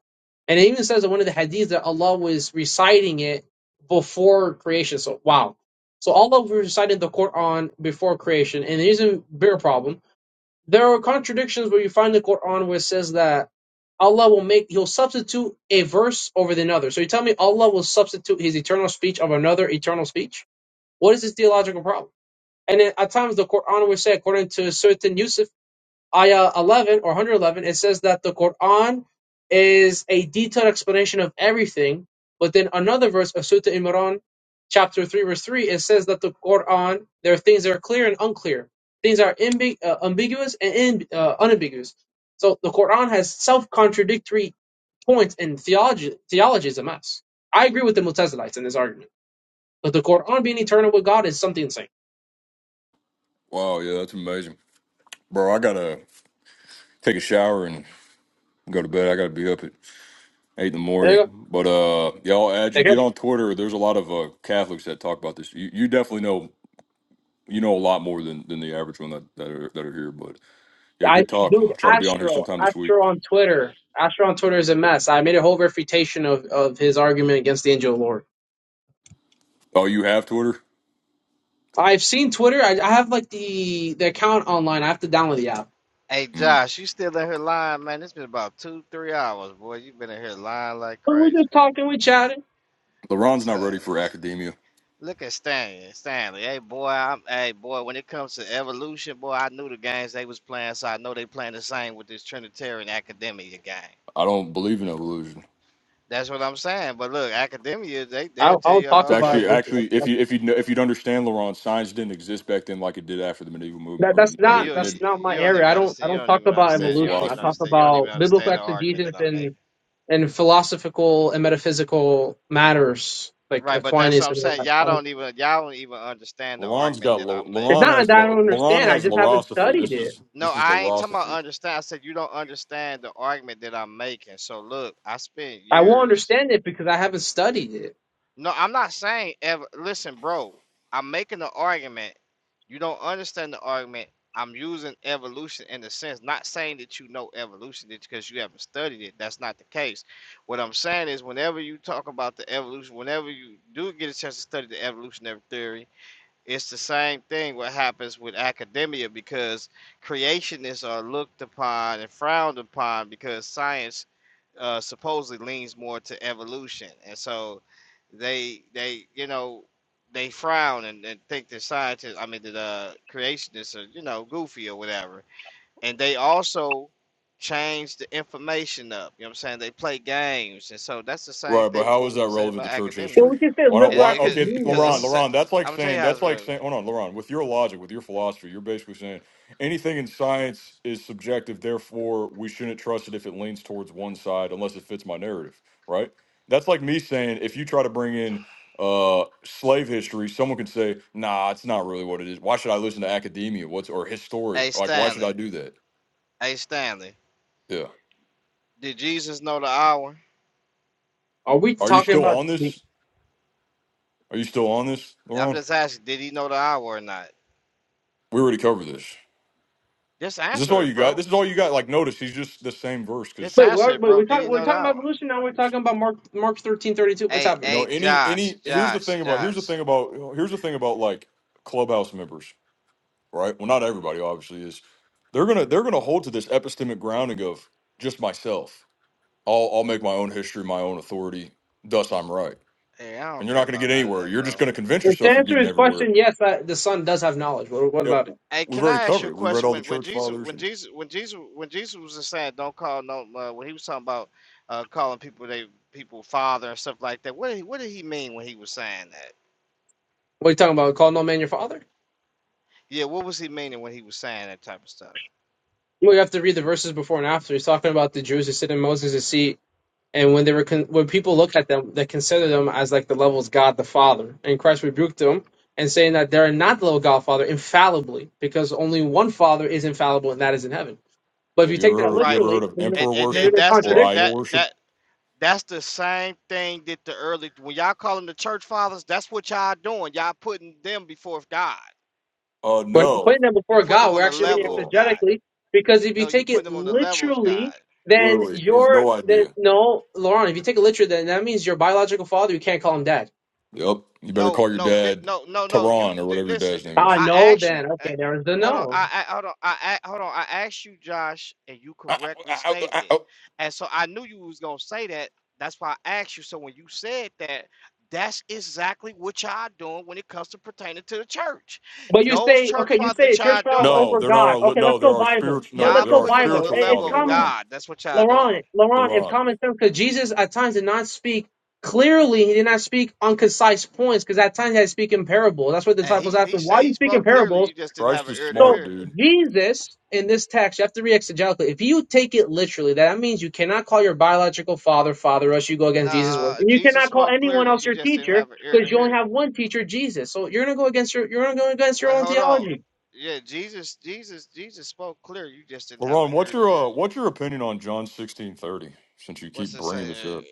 Speaker 10: And it even says in one of the hadiths that Allah was reciting it before creation. So wow. So Allah was reciting the Quran before creation. And there's a bigger problem there are contradictions where you find the Quran where it says that Allah will make He'll substitute a verse over the another. So you tell me Allah will substitute His eternal speech of another eternal speech? What is this theological problem? And then at times the Quran will say, according to certain Yusuf, ayah 11 or 111, it says that the Quran is a detailed explanation of everything. But then another verse of Surah Imran, chapter 3, verse 3, it says that the Quran, there are things that are clear and unclear. Things are ambi- uh, ambiguous and in, uh, unambiguous. So the Quran has self contradictory points, and theology, theology is a mess. I agree with the Mutazilites in this argument. But the Quran being eternal with God is something insane.
Speaker 7: Wow, yeah, that's amazing, bro. I gotta take a shower and go to bed. I gotta be up at eight in the
Speaker 10: There
Speaker 7: morning.
Speaker 10: you
Speaker 7: But uh, yeah, I'll add
Speaker 10: go.
Speaker 7: you. Get on Twitter. There's a lot of uh, Catholics that talk about this. You, you definitely know. You know a lot more than, than the average one that, that are that are here, but yeah,
Speaker 10: I
Speaker 7: good talk.
Speaker 10: dude
Speaker 7: I'll try to be on here
Speaker 10: Astro
Speaker 7: sometime this week.
Speaker 10: Astro on Twitter Astro on Twitter is a mess. I made a whole refutation of, of his argument against the Angel Lord.
Speaker 7: Oh, you have Twitter?
Speaker 10: I've seen Twitter. I, I have like the the account online. I have to download the app.
Speaker 6: Hey
Speaker 7: Hmm.
Speaker 6: Josh, you still in here lying, man? It's been about two, three hours, boy. You've been in here lying like
Speaker 10: But we're
Speaker 6: crazy.
Speaker 10: just talking. We chatting.
Speaker 7: LeBron's
Speaker 6: What's
Speaker 7: not
Speaker 6: up?
Speaker 7: ready for academia.
Speaker 6: Look at Stanley. Stanley, hey boy, I'm hey boy, when it comes to evolution, boy, I knew the games they was playing, so I know they playing the same with this Trinitarian Academia game.
Speaker 7: I don't believe in evolution.
Speaker 6: That's what I'm saying. But look, academia, they they'll
Speaker 10: I'll,
Speaker 6: tell
Speaker 10: I'll
Speaker 6: you
Speaker 10: talk
Speaker 7: It's
Speaker 6: all
Speaker 10: about
Speaker 7: actually
Speaker 6: day.
Speaker 10: evolution.
Speaker 7: actually
Speaker 10: That's,
Speaker 7: if
Speaker 10: that's,
Speaker 7: you if you kn- if you'd understand LeBron, science didn't exist back then like it did after the medieval
Speaker 10: that,
Speaker 7: movement or
Speaker 10: that's
Speaker 7: the
Speaker 6: Bro,
Speaker 10: not
Speaker 7: mid
Speaker 6: you
Speaker 10: that's
Speaker 7: mid
Speaker 10: not my
Speaker 6: you don't
Speaker 10: area.
Speaker 6: even
Speaker 10: I don't I
Speaker 6: understand you
Speaker 10: don't
Speaker 6: don't
Speaker 10: talk
Speaker 6: even
Speaker 10: about
Speaker 7: mid
Speaker 6: understand you don't
Speaker 10: evolution. I
Speaker 6: even
Speaker 7: philosophy.
Speaker 10: talk
Speaker 6: understand you don't even
Speaker 10: about biblical
Speaker 6: understand the argument that
Speaker 10: exegesis
Speaker 6: I'm making.
Speaker 10: and and philosophical and metaphysical matters like
Speaker 6: Right, but that's what
Speaker 10: Aquinas
Speaker 6: I'm
Speaker 10: and
Speaker 6: saying.
Speaker 10: whatnot.
Speaker 6: Y'all
Speaker 10: I don't.
Speaker 6: don't even y'all don't even understand the
Speaker 7: LeBron's
Speaker 6: argument
Speaker 7: got
Speaker 6: that
Speaker 7: Le-
Speaker 6: I'm
Speaker 10: It's
Speaker 7: LeBron
Speaker 6: making.
Speaker 10: not
Speaker 7: has
Speaker 10: that I don't
Speaker 7: Le- LeBron
Speaker 10: understand. I
Speaker 7: has
Speaker 10: just haven't
Speaker 7: LaRosophy.
Speaker 10: studied
Speaker 7: This
Speaker 10: it.
Speaker 7: is
Speaker 6: No,
Speaker 7: this is
Speaker 6: I ain't talking about
Speaker 7: LaRosophy.
Speaker 6: understand. I said you don't understand the argument that I'm making. So look, I spent
Speaker 10: I won't
Speaker 6: years.
Speaker 10: understand it because I haven't studied it.
Speaker 6: No, I'm not saying ever. Listen, bro, I'm making the argument. You don't understand the argument. I'm using evolution in the sense, not saying that you know evolution because you haven't studied it. That's not the case. What I'm saying is, whenever you talk about the evolution, whenever you do get a chance to study the evolutionary theory, it's the same thing what happens with academia because creationists are looked upon and frowned upon because science uh, supposedly leans more to evolution, and so they they you know they frown and, and think that scientists, I mean that uh, creationists are you know goofy or whatever, and they also change the information up. You know what I'm saying? They play games, and so that's the same
Speaker 7: Right, but
Speaker 6: thing
Speaker 7: how
Speaker 6: what
Speaker 7: is
Speaker 6: we
Speaker 7: that
Speaker 6: can say
Speaker 7: relevant
Speaker 6: about
Speaker 7: to church
Speaker 6: academia.
Speaker 10: And
Speaker 7: history?
Speaker 10: we can say
Speaker 7: Why don't
Speaker 10: liberal
Speaker 7: why
Speaker 6: Because it,
Speaker 7: okay,
Speaker 6: because it's
Speaker 10: academia.
Speaker 7: Laron,
Speaker 6: the sa-
Speaker 7: Laron, that's like
Speaker 6: I'm gonna tell you
Speaker 7: saying
Speaker 6: how it's
Speaker 7: that's like
Speaker 6: real.
Speaker 7: saying hold on, Laron, with your logic, with your philosophy, you're basically saying anything in science is subjective, therefore we shouldn't trust it if it leans towards one side unless it fits my narrative, right? That's like me saying if you try to bring in uh slave history, someone could say, nah, it's not really what it is. Why should I listen to academia? What's or history?
Speaker 6: Hey
Speaker 7: Like, why should I
Speaker 6: Stanley,
Speaker 7: do that?
Speaker 6: hey Stanley,
Speaker 7: Yeah.
Speaker 6: did Jesus know the hour?
Speaker 10: Are we
Speaker 7: Are you
Speaker 10: talking
Speaker 7: still
Speaker 10: about?
Speaker 7: on
Speaker 10: The,
Speaker 7: this? Are you still on this,
Speaker 6: I'm
Speaker 7: Laron?
Speaker 6: just asking, did he know the hour or not?
Speaker 7: We already covered this.
Speaker 6: Just
Speaker 7: Is this
Speaker 6: answer
Speaker 7: all
Speaker 6: it,
Speaker 7: you got?
Speaker 6: bro.
Speaker 7: This is all you got. Like, notice he's just the same verse
Speaker 6: Just
Speaker 7: because
Speaker 10: but
Speaker 6: answer
Speaker 10: we're,
Speaker 6: it,
Speaker 10: but
Speaker 6: bro.
Speaker 10: we're
Speaker 6: Did he
Speaker 10: talking we're
Speaker 6: know the
Speaker 10: talking about
Speaker 6: hour?
Speaker 10: evolution now. We're talking about Mark Mark thirteen thirty two. What's
Speaker 6: Hey,
Speaker 7: you
Speaker 10: happening?
Speaker 7: know
Speaker 6: hey,
Speaker 7: any
Speaker 6: Josh,
Speaker 7: any. Here's the
Speaker 6: Josh,
Speaker 7: thing about here's the
Speaker 6: Josh.
Speaker 7: thing about here's the thing about like clubhouse members, right? Well, not everybody obviously is. They're gonna they're gonna hold to this epistemic grounding of just myself. I'll I'll make my own history, my own authority. Thus, I'm right.
Speaker 6: Hey, I don't
Speaker 7: And you're
Speaker 6: care
Speaker 7: not gonna
Speaker 6: about
Speaker 7: get
Speaker 6: none of
Speaker 7: anywhere.
Speaker 6: that,
Speaker 7: You're just
Speaker 6: bro.
Speaker 7: gonna convince
Speaker 10: If to
Speaker 7: yourself you're
Speaker 10: answer
Speaker 7: getting
Speaker 10: his
Speaker 7: everywhere.
Speaker 10: question, yes, I, the son does have knowledge. What, what
Speaker 7: Yep.
Speaker 10: about it?
Speaker 6: Hey,
Speaker 7: We've
Speaker 6: can
Speaker 7: already
Speaker 6: I ask you
Speaker 7: covered
Speaker 6: a
Speaker 7: it. We read
Speaker 6: question?
Speaker 7: all the
Speaker 6: When when
Speaker 7: church
Speaker 6: Jesus
Speaker 7: fathers.
Speaker 6: when
Speaker 7: And
Speaker 6: Jesus when Jesus when Jesus was just saying don't call no uh, when he was talking about uh, calling people they people father and stuff like that, what did he, what did he mean when he was saying that?
Speaker 10: What are you talking about? Call no man your father.
Speaker 6: Yeah, what was he meaning when he was saying that type of stuff?
Speaker 10: Well, you have to read the verses before and after. He's talking about the Jews who sit in Moses' seat And when they were con- when people look at them, they consider them as like the levels God the Father. And Christ rebuked them and saying that they're not the level God the Father infallibly, because only one Father is infallible, and that is in heaven. But
Speaker 7: yeah,
Speaker 10: if
Speaker 7: have
Speaker 10: you
Speaker 7: you
Speaker 10: take
Speaker 7: ever
Speaker 10: that
Speaker 7: heard you
Speaker 6: Right.
Speaker 7: ever heard
Speaker 10: literally,
Speaker 7: of
Speaker 10: then
Speaker 6: And,
Speaker 7: emperor
Speaker 6: and
Speaker 10: they're going
Speaker 6: and
Speaker 7: worship
Speaker 10: to
Speaker 6: that's the
Speaker 7: or
Speaker 10: contradict.
Speaker 7: idol
Speaker 6: that
Speaker 7: worship?
Speaker 6: that that's the same thing that the early when y'all call them the church fathers, that's what y'all doing. Y'all putting them before God.
Speaker 7: Uh,
Speaker 10: When we're
Speaker 7: no,
Speaker 10: putting them
Speaker 6: You
Speaker 10: before
Speaker 6: putting them
Speaker 10: God,
Speaker 6: on
Speaker 10: we're
Speaker 6: the
Speaker 10: actually
Speaker 7: not at
Speaker 10: reading
Speaker 6: level
Speaker 7: all.
Speaker 6: of God.
Speaker 10: exegetically, because if
Speaker 6: No,
Speaker 10: you
Speaker 6: you
Speaker 10: take
Speaker 6: putting
Speaker 10: it
Speaker 6: them on the level of
Speaker 10: literally,
Speaker 6: God.
Speaker 10: then
Speaker 7: Literally, he has
Speaker 10: your
Speaker 7: no
Speaker 10: then
Speaker 7: idea.
Speaker 10: no, Lauren, if you take it literally, then that means your biological father, you can't call him dad.
Speaker 7: Yep. You better
Speaker 6: No,
Speaker 7: call your
Speaker 6: no, di-
Speaker 7: dad,
Speaker 6: no, no, no. You
Speaker 7: Tehran, or
Speaker 6: di-
Speaker 7: whatever your
Speaker 6: listen.
Speaker 7: dad's name
Speaker 10: Ah,
Speaker 7: is.
Speaker 6: I
Speaker 10: no,
Speaker 6: asked you.
Speaker 10: then
Speaker 6: Uh,
Speaker 10: okay, there's the
Speaker 6: hold on.
Speaker 10: no.
Speaker 6: I, I hold on. I, I hold on. I asked you, Josh, and you
Speaker 7: I,
Speaker 6: correctly
Speaker 7: I, I,
Speaker 6: stated
Speaker 7: I,
Speaker 6: it. And so I knew you was gonna say that. That's why I asked you. So when you said that, that's exactly what y'all doing when it comes to pertaining to the church.
Speaker 10: But you
Speaker 6: Those
Speaker 10: say,
Speaker 6: church
Speaker 10: okay, you
Speaker 6: fathers
Speaker 10: say
Speaker 6: that y'all
Speaker 10: church power
Speaker 6: doing,
Speaker 7: no,
Speaker 10: over
Speaker 7: they're not
Speaker 10: God.
Speaker 7: our. li-
Speaker 10: Okay,
Speaker 7: No,
Speaker 10: let's
Speaker 7: they're
Speaker 10: go
Speaker 7: our
Speaker 10: Bible.
Speaker 7: spiritual.
Speaker 10: But
Speaker 7: No,
Speaker 6: y'all
Speaker 10: let's
Speaker 7: they're
Speaker 10: go
Speaker 7: our
Speaker 6: putting them on
Speaker 10: Bible.
Speaker 6: the
Speaker 7: spiritual
Speaker 10: I- It's
Speaker 6: level
Speaker 7: father,
Speaker 6: of
Speaker 10: common,
Speaker 7: Laron.
Speaker 6: God. That's what y'all doing.
Speaker 10: Laurent. Laurent, it's
Speaker 7: Laron.
Speaker 10: common sense because Jesus at times did not speak clearly. He did not speak on concise points because at times he had to speak in parables. That's what the
Speaker 6: And
Speaker 7: Yeah.
Speaker 6: he
Speaker 10: disciples asked
Speaker 6: he
Speaker 10: him.
Speaker 6: said
Speaker 10: Why do
Speaker 6: he
Speaker 10: you speak in
Speaker 6: spoke clearly.
Speaker 10: parables?
Speaker 6: You just didn't have
Speaker 7: Christ
Speaker 6: an
Speaker 7: is
Speaker 6: ear to
Speaker 10: So
Speaker 7: smart,
Speaker 6: hear.
Speaker 7: dude.
Speaker 10: Jesus in this text, you have to read exegetically. If you take it literally, that means you cannot call your biological father father, or else you go against Jesus'
Speaker 6: Nah,
Speaker 10: word. And you
Speaker 6: Jesus
Speaker 10: cannot call
Speaker 6: spoke
Speaker 10: anyone
Speaker 6: clearly.
Speaker 10: else
Speaker 6: You
Speaker 10: your
Speaker 6: just didn't
Speaker 10: teacher
Speaker 6: have an ear to
Speaker 10: because you only
Speaker 6: hear.
Speaker 10: have one teacher, Jesus. So you're gonna go against your you're gonna go against your
Speaker 6: Wait,
Speaker 10: own
Speaker 6: hold on.
Speaker 10: theology.
Speaker 6: Yeah, Jesus, Jesus, Jesus spoke clear. You just didn't have an
Speaker 7: Laron, what's
Speaker 6: ear to
Speaker 7: your
Speaker 6: hear.
Speaker 7: uh, what's your opinion on John sixteen thirty? Since you
Speaker 6: What's
Speaker 7: keep
Speaker 6: it say?
Speaker 7: bringing this
Speaker 6: Uh,
Speaker 7: up,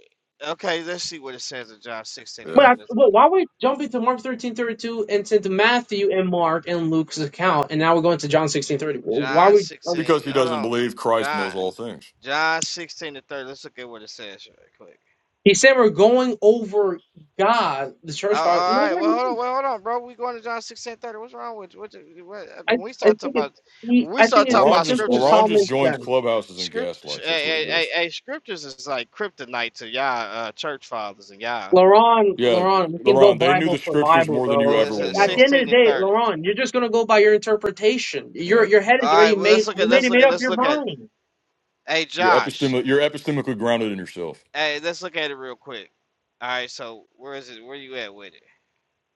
Speaker 6: Okay, let's see what it says in John 16 and
Speaker 10: But,
Speaker 7: yeah,
Speaker 10: I,
Speaker 6: 30. Let's go
Speaker 10: but
Speaker 6: to
Speaker 10: why we jump into Mark thirteen thirty two and to Matthew and Mark and Luke's account, and now we're going to John
Speaker 6: J-
Speaker 10: sixteen thirty? Well, Why
Speaker 6: John
Speaker 10: we? um,
Speaker 6: 16.
Speaker 7: because he
Speaker 6: Hold
Speaker 7: doesn't
Speaker 6: on.
Speaker 7: believe Christ
Speaker 6: John
Speaker 7: knows all things.
Speaker 6: John 16 and 30. Let's look at what it says right quick.
Speaker 10: he said we're going over God, the
Speaker 6: Oh,
Speaker 10: church father.
Speaker 6: all
Speaker 10: No,
Speaker 6: right.
Speaker 10: we're
Speaker 6: Well,
Speaker 10: not.
Speaker 6: hold on. Well, hold on, bro. We going to John 16 and 30. What's wrong with you? What, you- what,
Speaker 10: I,
Speaker 6: when we
Speaker 10: I
Speaker 6: start talking
Speaker 10: think it's
Speaker 6: about
Speaker 10: he,
Speaker 6: when we
Speaker 10: I think
Speaker 6: start
Speaker 10: it's
Speaker 6: talking
Speaker 10: just
Speaker 7: Laron
Speaker 6: about
Speaker 7: just
Speaker 10: simple
Speaker 6: scriptures, it's,
Speaker 7: Laron just
Speaker 6: it's,
Speaker 10: common
Speaker 6: it's-
Speaker 7: joins
Speaker 10: sense.
Speaker 7: clubhouses and
Speaker 6: script, hey,
Speaker 7: gaslights. That's what he
Speaker 6: hey, hey,
Speaker 7: does.
Speaker 6: hey, scriptures is like kryptonite to y'all uh, church fathers and y'all.
Speaker 10: Laron,
Speaker 7: Yeah,
Speaker 10: Laron, we can go
Speaker 7: Laron, they knew the
Speaker 10: Bible for
Speaker 7: scriptures
Speaker 10: Bible,
Speaker 7: more than
Speaker 6: It
Speaker 7: you
Speaker 10: bro.
Speaker 7: ever
Speaker 6: was
Speaker 7: will
Speaker 6: uh,
Speaker 10: At the
Speaker 7: know.
Speaker 10: end of
Speaker 6: sixteen
Speaker 10: the
Speaker 6: to
Speaker 10: day,
Speaker 6: thirty.
Speaker 10: Laron, you're just gonna go by your interpretation.
Speaker 7: Yeah.
Speaker 10: Your your head is
Speaker 6: All right.
Speaker 10: already
Speaker 6: Well, let's
Speaker 10: made.
Speaker 6: look
Speaker 10: You
Speaker 6: at
Speaker 10: made
Speaker 6: let's
Speaker 10: it
Speaker 6: look
Speaker 10: made
Speaker 6: at
Speaker 10: up
Speaker 6: let's
Speaker 10: your
Speaker 6: look at.
Speaker 10: mind.
Speaker 6: Hey,
Speaker 7: You're
Speaker 6: Josh.
Speaker 7: epistemic. You're epistemically grounded in yourself.
Speaker 6: Hey, let's look at it real quick. All right. So where is it? Where you at with it?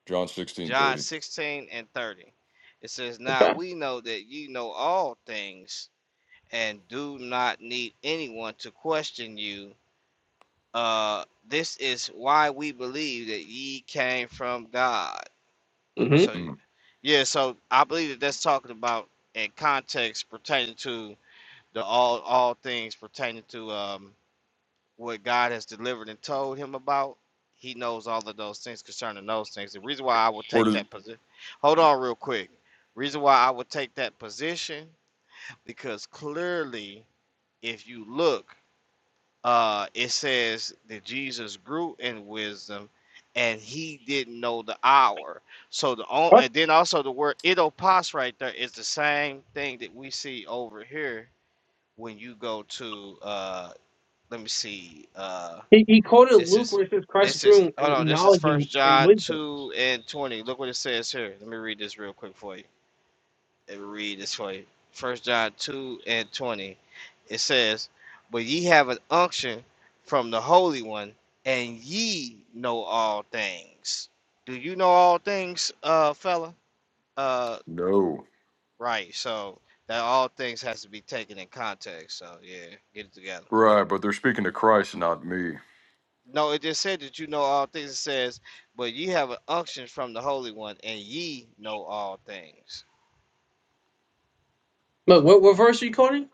Speaker 7: John sixteen
Speaker 6: John
Speaker 7: thirty.
Speaker 6: sixteen and thirty. It says, "Now
Speaker 10: Okay.
Speaker 6: we know that you know all things, and do not need anyone to question you. Uh, this is why we believe that ye came from God."
Speaker 10: Mm-hmm.
Speaker 6: So,
Speaker 7: Mm.
Speaker 6: yeah. So I believe that that's talking about in context pertaining to the all all things pertaining to um, what God has delivered and told him about. He knows all of those things concerning those things. The reason why I would
Speaker 7: Where
Speaker 6: take
Speaker 7: does
Speaker 6: that position, hold on real quick. Reason why I would take that position because clearly, if you look, uh, it says that Jesus grew in wisdom, and he didn't know the hour. So the on, and then also the word idos right there is the same thing that we see over here when you go to uh, let me see. Uh,
Speaker 10: He, he quoted
Speaker 6: this
Speaker 10: Luke
Speaker 6: is
Speaker 10: where it says Christ
Speaker 6: this is
Speaker 10: grew
Speaker 6: oh
Speaker 10: in
Speaker 6: no, this is
Speaker 10: knowledge and,
Speaker 6: First
Speaker 10: and
Speaker 6: John
Speaker 10: wisdom.
Speaker 6: two and twenty. Look what it says here. Let me read this real quick for you. Let me read this for you. First John two and twenty. It says, "But ye have an unction from the Holy One, and ye know all things." Do you know all things, uh, fella? Uh,
Speaker 7: no
Speaker 6: right. So that all things has to be taken in context. So yeah, get it together.
Speaker 7: right? But they're speaking to Christ, not me.
Speaker 6: No, it just said that you know all things. It says, but ye have an unction from the Holy One, and ye know all things.
Speaker 10: But what, what verse are you quoting?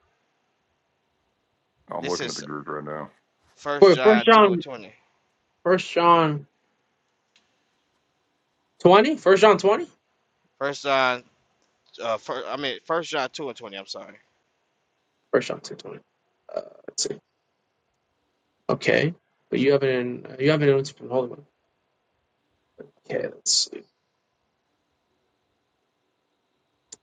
Speaker 7: I'm
Speaker 6: This
Speaker 7: looking at the
Speaker 6: is
Speaker 7: group right now.
Speaker 6: First
Speaker 10: For First
Speaker 6: John two and
Speaker 10: John,
Speaker 6: twenty.
Speaker 10: First John twenty, First John twenty,
Speaker 6: First John, uh, first, I mean First John two and twenty. I'm sorry.
Speaker 10: First John two twenty. Uh, let's see. Okay, but you have it in uh, you have it in from Holy One. Okay, let's see.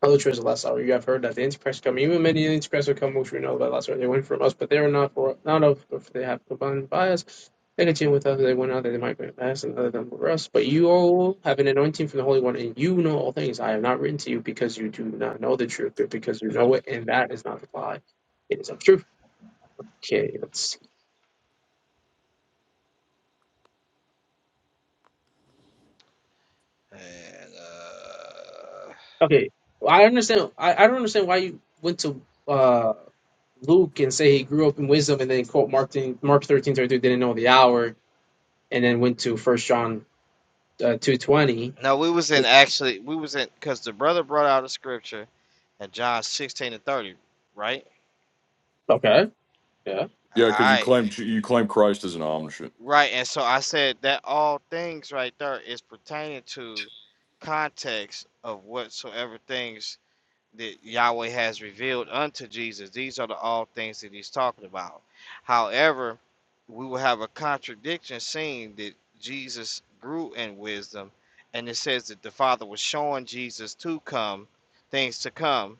Speaker 10: Other churches of the last hour, you have heard that the Antichrist come, even many Antichrists will come, which we know by last hour. They went from us, but they were not for not of, for they have combined by us. They continue with us, they went out, that they might bring us, and other than for us. But you all have an anointing from the Holy One, and you know all things. I have not written to you because you do not know the truth, but because you know it, and that is not the lie. It is of truth. Okay, let's see.
Speaker 6: And uh,
Speaker 10: okay. Well, I understand. I, I don't understand why you went to uh Luke and say he grew up in wisdom, and then quote Mark 13, Mark thirteen thirty two didn't know the hour and then went to First John uh, two twenty.
Speaker 6: no, we was in actually we was in because the brother brought out a scripture at John sixteen and thirty, right?
Speaker 10: Okay. Yeah.
Speaker 7: Yeah,
Speaker 6: All
Speaker 7: because you
Speaker 6: right,
Speaker 7: claim you claim Christ as an omniscient.
Speaker 6: right. And so I said that all things right there is pertaining to context of whatsoever things that Yahweh has revealed unto Jesus. These are the all things that he's talking about. However, we will have a contradiction seeing that Jesus grew in wisdom, and it says that the Father was showing Jesus to come, things to come,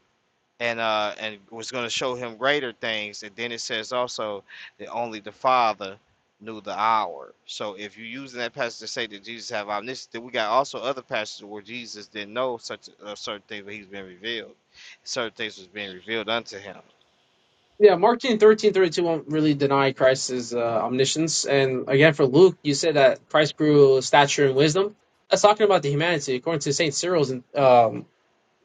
Speaker 6: and uh and was going to show him greater things and then it says also that only the father knew the hour so if you're using that passage to say that jesus have omniscience then we got also other passages where jesus didn't know such uh, certain things but he's been revealed certain things was being revealed unto him
Speaker 10: Yeah, Mark thirteen thirty-two won't really deny Christ's uh, omniscience. And again, for Luke, you said that Christ grew stature and wisdom. That's talking about the humanity. According to St. Cyril's um,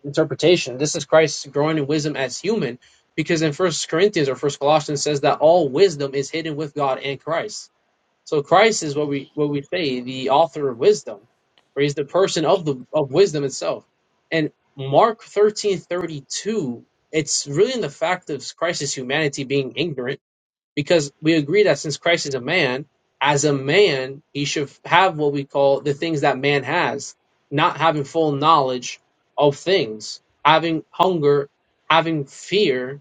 Speaker 10: interpretation, this is Christ growing in wisdom as human because in First Corinthians or First Colossians says that all wisdom is hidden with God and Christ. So Christ is what we what we say, the author of wisdom, or he's the person of the of wisdom itself. And Mark thirteen thirty two, it's really in the fact of Christ's humanity being ignorant, because we agree that since Christ is a man, as a man, he should have what we call the things that man has, not having full knowledge of things, having hunger, having fear,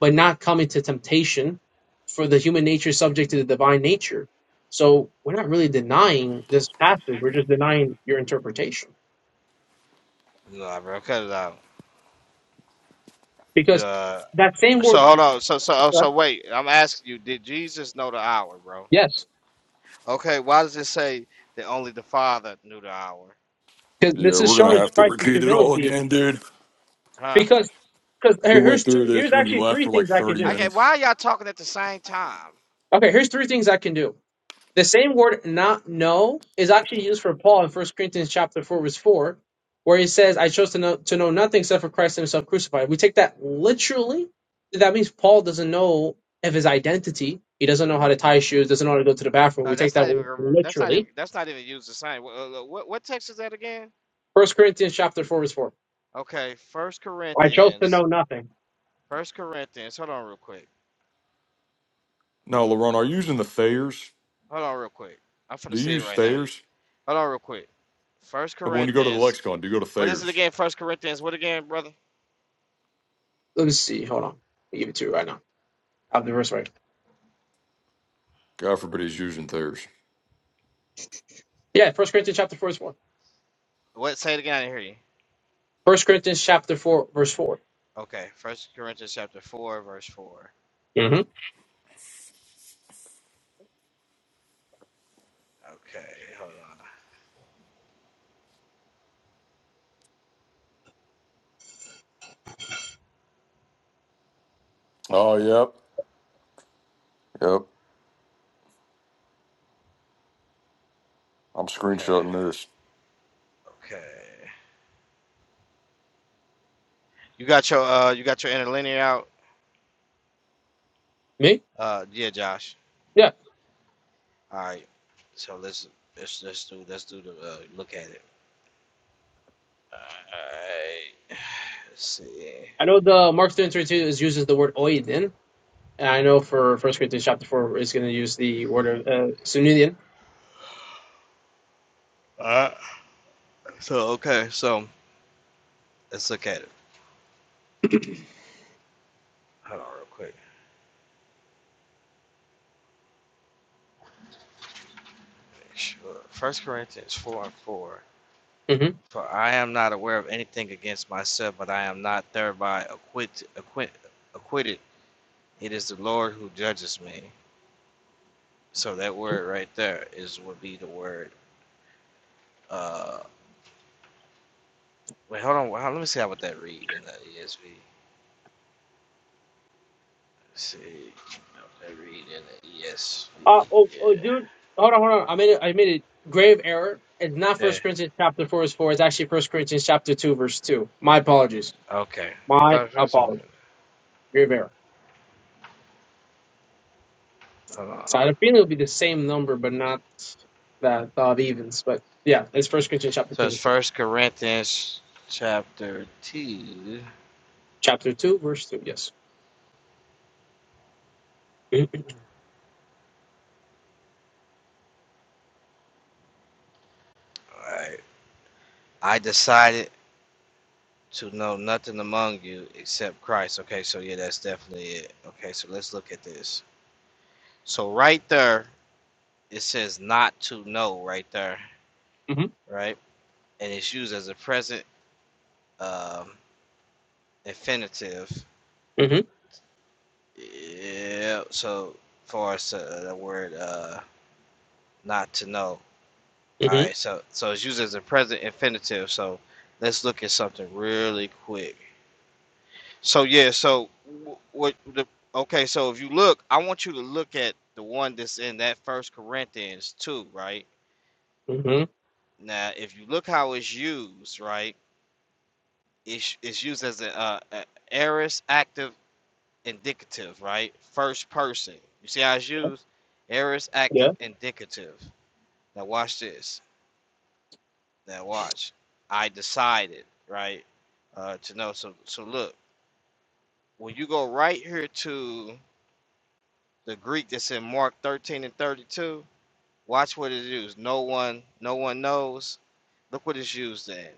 Speaker 10: but not come into temptation for the human nature is subject to the divine nature. So we're not really denying this passage. We're just denying your interpretation
Speaker 6: you know I cut it out you
Speaker 10: because
Speaker 6: uh
Speaker 10: that same
Speaker 6: so
Speaker 10: word,
Speaker 6: hold on so so oh,
Speaker 10: uh,
Speaker 6: so wait i'm asking you did jesus know the hour bro
Speaker 10: yes,
Speaker 6: okay why does it say that only the father knew the hour
Speaker 10: because
Speaker 7: Yeah,
Speaker 10: this is
Speaker 7: we're gonna
Speaker 10: showing
Speaker 7: have to
Speaker 10: Christ's
Speaker 7: repeat it all
Speaker 10: humility
Speaker 7: again, dude.
Speaker 6: huh
Speaker 10: because, because
Speaker 7: We
Speaker 10: here-
Speaker 7: went
Speaker 10: here's
Speaker 7: through
Speaker 10: two, here's
Speaker 7: this when you
Speaker 10: actually
Speaker 7: left
Speaker 10: three
Speaker 7: for like
Speaker 10: things I can
Speaker 7: thirty
Speaker 10: do.
Speaker 6: okay why
Speaker 7: minutes.
Speaker 6: are y'all talking at the same time
Speaker 10: Okay. Here's three things I can do. The same word not know is actually used for Paul in First Corinthians chapter 4 verse 4 where he says I chose to know to know nothing except for Christ himself crucified. We take that literally. That means Paul doesn't know of his identity. He doesn't know how to tie shoes, doesn't know how to go to the bathroom.
Speaker 6: Uh,
Speaker 10: We take
Speaker 6: that's
Speaker 10: that
Speaker 6: not even. That's not even.
Speaker 10: literally.
Speaker 6: That's not even used the same. What, what what text is that again?
Speaker 10: First Corinthians chapter 4 verse 4.
Speaker 6: Okay, First
Speaker 10: I chose to
Speaker 6: Corinthians.
Speaker 10: know nothing.
Speaker 6: First Corinthians. Hold on real quick.
Speaker 7: No, Laron, are you using the Thayers?
Speaker 6: Hold on real quick. I'm finna
Speaker 7: Do you
Speaker 6: see it
Speaker 7: use
Speaker 6: right now.
Speaker 7: Thayers?
Speaker 6: Hold on real quick. First
Speaker 7: No, But when you go to the
Speaker 6: Corinthians.
Speaker 7: lexicon, do you go to
Speaker 6: What is it
Speaker 7: Thayers?
Speaker 6: again? First Corinthians. What again, brother?
Speaker 10: Let me see. Hold on. I'll give it to you right now. I have the verse right.
Speaker 7: God forbid he's using Thayers.
Speaker 10: Yeah, First Corinthians chapter 4 verse 4.
Speaker 6: What? Say it again. I didn't hear you.
Speaker 10: First Corinthians chapter 4 verse 4.
Speaker 6: Okay. First Corinthians chapter four, verse four.
Speaker 10: hmm
Speaker 6: Okay. Hold on.
Speaker 7: Oh, yep, yep. I'm
Speaker 6: Okay.
Speaker 7: screenshotting this.
Speaker 6: Okay. You got your uh. You got your interlinear out.
Speaker 10: Me?
Speaker 6: Uh. Yeah, Josh.
Speaker 10: Yeah.
Speaker 6: All right. So let's let's let's do let's do the uh, look at it. Alright. Let's see.
Speaker 10: I know the Mark 13 is uses the word oidin, and I know for First Corinthians chapter four is going to use the word of uh, sunidin.
Speaker 6: Alright. So okay, so let's look at it. Hold on real quick. Make sure. First Corinthians four and four.
Speaker 10: hmm
Speaker 6: For I am not aware of anything against myself, but I am not thereby acquit, acquit, acquitted. It is the Lord who judges me. So that word right there is would be the word. Uh, wait, hold on. Well, let me see how would that read in the ESV. Let's see how would that read in the ESV.
Speaker 10: Uh, oh,
Speaker 6: Yeah.
Speaker 10: oh, dude, hold on, hold on. I made it. I made a grave error. It's not
Speaker 6: Yeah.
Speaker 10: First Corinthians chapter four is four. It's actually First Corinthians chapter two verse two. My apologies.
Speaker 6: Okay. I
Speaker 10: My
Speaker 6: thought for some-
Speaker 10: apologies. Grave error.
Speaker 6: Hold
Speaker 10: So
Speaker 6: on.
Speaker 10: I think it'll be the same number, but not that of evens. But yeah, it's First Corinthians chapter
Speaker 6: So
Speaker 10: two,
Speaker 6: it's
Speaker 10: verse two.
Speaker 6: First Corinthians chapter two.
Speaker 10: chapter two, verse two. Yes. hmm
Speaker 6: Alright. I decided to know nothing among you except Christ. Okay, so yeah, that's definitely it. Okay, so let's look at this. So right there, it says not to know right there, right? And it's used as a present um, infinitive.
Speaker 10: hmm
Speaker 6: Yeah. So for us, uh, the word uh, not to know. All
Speaker 10: hmm
Speaker 6: right, so so it's used as a present infinitive. So let's look at something really quick. So yeah, so what the okay? So if you look, I want you to look at the one that's in that First Corinthians two, right?
Speaker 10: hmm
Speaker 6: Now, if you look how it's used, right, it's it's used as a, uh a aorist active indicative, right? First person. You see how it's used? Aorist active
Speaker 10: Yeah.
Speaker 6: indicative. Now watch this. Now watch. I decided, right, uh, to know. So, so look, when you go right here to the Greek that's in Mark 13 and 32, watch what it is. No one, no one knows. Look what it's used in.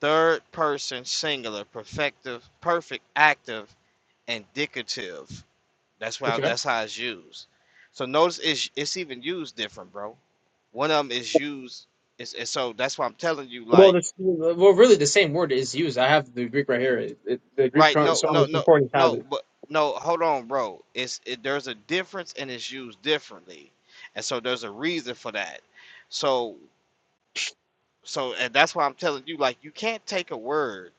Speaker 6: Third person singular, perfective, perfect, active, and indicative. That's why.
Speaker 10: Okay.
Speaker 6: That's how it's used. So notice it's it's even used different, bro. One of them is used. It's, it's so that's why I'm telling you,
Speaker 10: Well,
Speaker 6: like
Speaker 10: this, well, really, the same word is used. I have the Greek right here. It, it- the Greek
Speaker 6: Right.
Speaker 10: con-
Speaker 6: No,
Speaker 10: song
Speaker 6: no,
Speaker 10: is
Speaker 6: no,
Speaker 10: concordance have
Speaker 6: no,
Speaker 10: it.
Speaker 6: but no, hold on, bro. It's it, there's a difference and it's used differently. And so there's a reason for that. So so and that's why I'm telling you, like, you can't take a word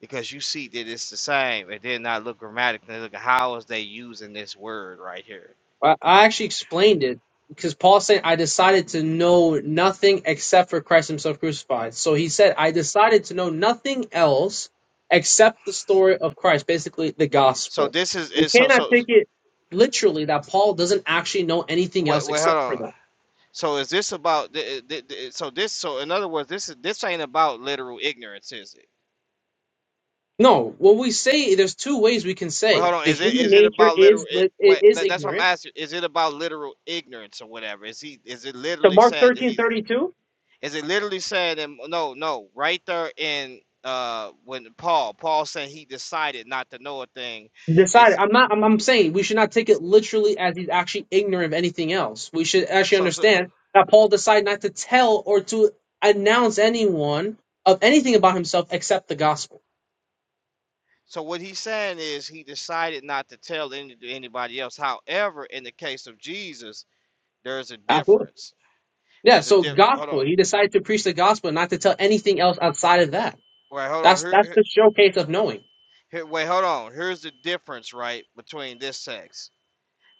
Speaker 6: because you see that it's the same and then not look grammatically look how is they using this word right here.
Speaker 10: I, I actually explained it because Paul said, "I decided to know nothing except for Christ Himself crucified." So he said, "I decided to know nothing else except the story of Christ, basically the
Speaker 6: So
Speaker 10: gospel."
Speaker 6: this is
Speaker 10: You
Speaker 6: is so
Speaker 10: cannot
Speaker 6: so
Speaker 10: take it literally that Paul doesn't actually know anything
Speaker 6: what
Speaker 10: else
Speaker 6: wait, hold
Speaker 10: except for
Speaker 6: on.
Speaker 10: that.
Speaker 6: So is this about the, the, so this so in other words this is this ain't about literal ignorance is it?
Speaker 10: No, what we say, there's two ways we can
Speaker 6: Well,
Speaker 10: say
Speaker 6: hold on.
Speaker 10: the
Speaker 6: Is it
Speaker 10: human
Speaker 6: is it
Speaker 10: nature
Speaker 6: about literal?
Speaker 10: is
Speaker 6: It,
Speaker 10: lit-
Speaker 6: wait,
Speaker 10: it is
Speaker 6: that, that's what I'm
Speaker 10: ignorant.
Speaker 6: asking. Is it about literal ignorance or whatever? Is he? Is it
Speaker 10: So
Speaker 6: literally
Speaker 10: Mark
Speaker 6: said that
Speaker 10: thirteen
Speaker 6: he's?
Speaker 10: thirty two.
Speaker 6: Is it literally said in no, no, right there in uh when Paul Paul said he decided not to know a thing, is
Speaker 10: decided i'm not I'm, I'm saying we should not take it literally as he's actually ignorant of anything else we should actually
Speaker 6: so so
Speaker 10: understand that paul decided not to tell or to announce anyone of anything about himself except the gospel
Speaker 6: so what he's saying is he decided not to tell any to anybody else. However, in the case of Jesus, there's a
Speaker 10: absolutely
Speaker 6: difference.
Speaker 10: yeah
Speaker 6: There's a
Speaker 10: so
Speaker 6: diff. Hold on.
Speaker 10: gospel he decided to preach the gospel not to tell anything else outside of that
Speaker 6: Wait, hold on.
Speaker 10: that's
Speaker 6: Here,
Speaker 10: that's
Speaker 6: here,
Speaker 10: the showcase of knowing
Speaker 6: here- wait, hold on. Here's the difference, right, between this text.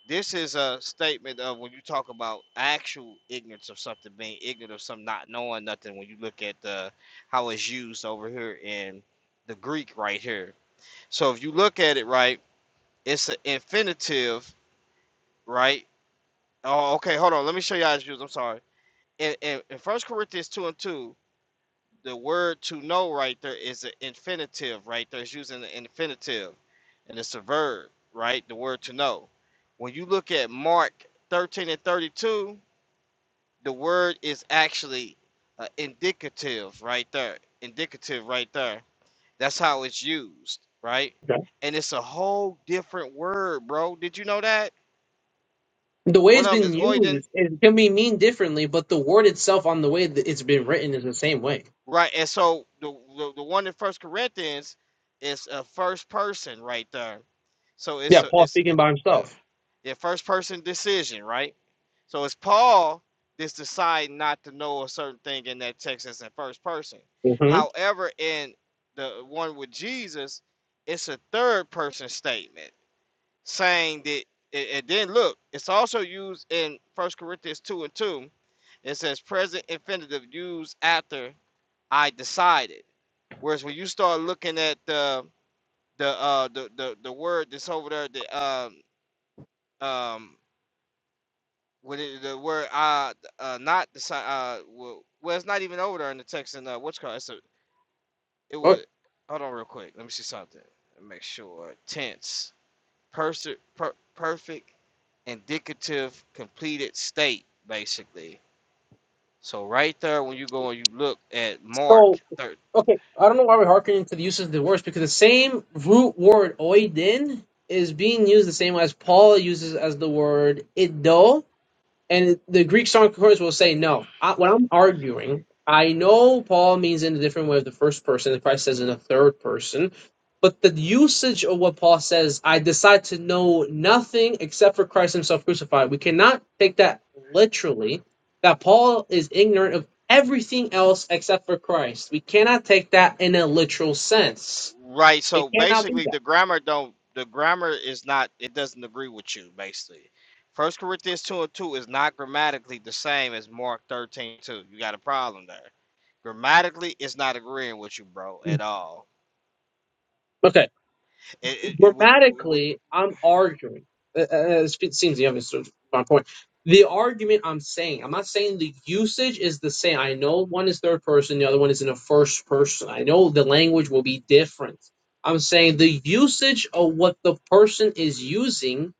Speaker 6: This is a statement of when you talk about actual ignorance of something, being ignorant of something, not knowing nothing. When you look at the how it's used over here in the Greek, right here. So if you look at it right, it's an infinitive, right? Oh, okay. Hold on. Let me show you how it's used. I'm sorry. In, in, in 1 Corinthians 2 and 2, the word to know right there is an infinitive right there. It's using the infinitive and it's a verb, right? The word to know. When you look at Mark 13 and 32, the word is actually uh, indicative right there. Indicative right there. That's how it's used, right?
Speaker 10: Okay.
Speaker 6: And it's a whole different word, bro. Did you know that?
Speaker 10: the way
Speaker 6: What
Speaker 10: it's
Speaker 6: um
Speaker 10: been
Speaker 6: is Oyden?
Speaker 10: used it can be mean differently but the word itself on the way that it's been written is the same way
Speaker 6: Right, and so the the, the one in First Corinthians is a first person right there. So it's
Speaker 10: yeah
Speaker 6: a
Speaker 10: paul
Speaker 6: it's
Speaker 10: speaking by
Speaker 6: uh,
Speaker 10: himself
Speaker 6: the first person decision, right? So it's Paul that's deciding not to know a certain thing in that text as in first person.
Speaker 10: hmm
Speaker 6: However, in the one with Jesus, it's a third person statement saying that. And and then look, it's also used in First Corinthians two and two. It says present infinitive used after I decided. Whereas when you start looking at the the uh the the, the word that's over there, the um um with it, the word uh uh not the si- uh well, well it's not even over there in the text and uh what's called it's a, it would hold on real quick let me see something Let me make sure tense perse per, perfect indicative completed state basically so right there when you go and you look at
Speaker 10: So,
Speaker 6: Mark thir
Speaker 10: okay, I don't know why we're harkening to the use of divorce because the same root word oidin is being used the same as Paul uses as the word iddo And the Greek song chorus will say, no, I, when I'm arguing, I know Paul means in a different way of the first person, and Christ says in the third person, but the usage of what Paul says, I decide to know nothing except for Christ himself crucified. We cannot take that literally, that Paul is ignorant of everything else except for Christ. We cannot take that in a literal sense.
Speaker 6: Right.
Speaker 10: It
Speaker 6: So
Speaker 10: cannot be
Speaker 6: basically,
Speaker 10: that.
Speaker 6: the grammar don't. The grammar is not. It doesn't agree with you. Basically, First Corinthians two and two is not grammatically the same as Mark thirteen two. You got a problem there. Grammatically, it's not agreeing with you, bro, at all.
Speaker 10: Okay.
Speaker 6: It, it, it- when you when-
Speaker 10: grammatically, I'm arguing. Uh, uh, uh, It seems you understood my point. The argument I'm saying, I'm not saying the usage is the same. I know one is third person, the other one is in a first person. I know the language will be different. I'm saying the usage of what the person is using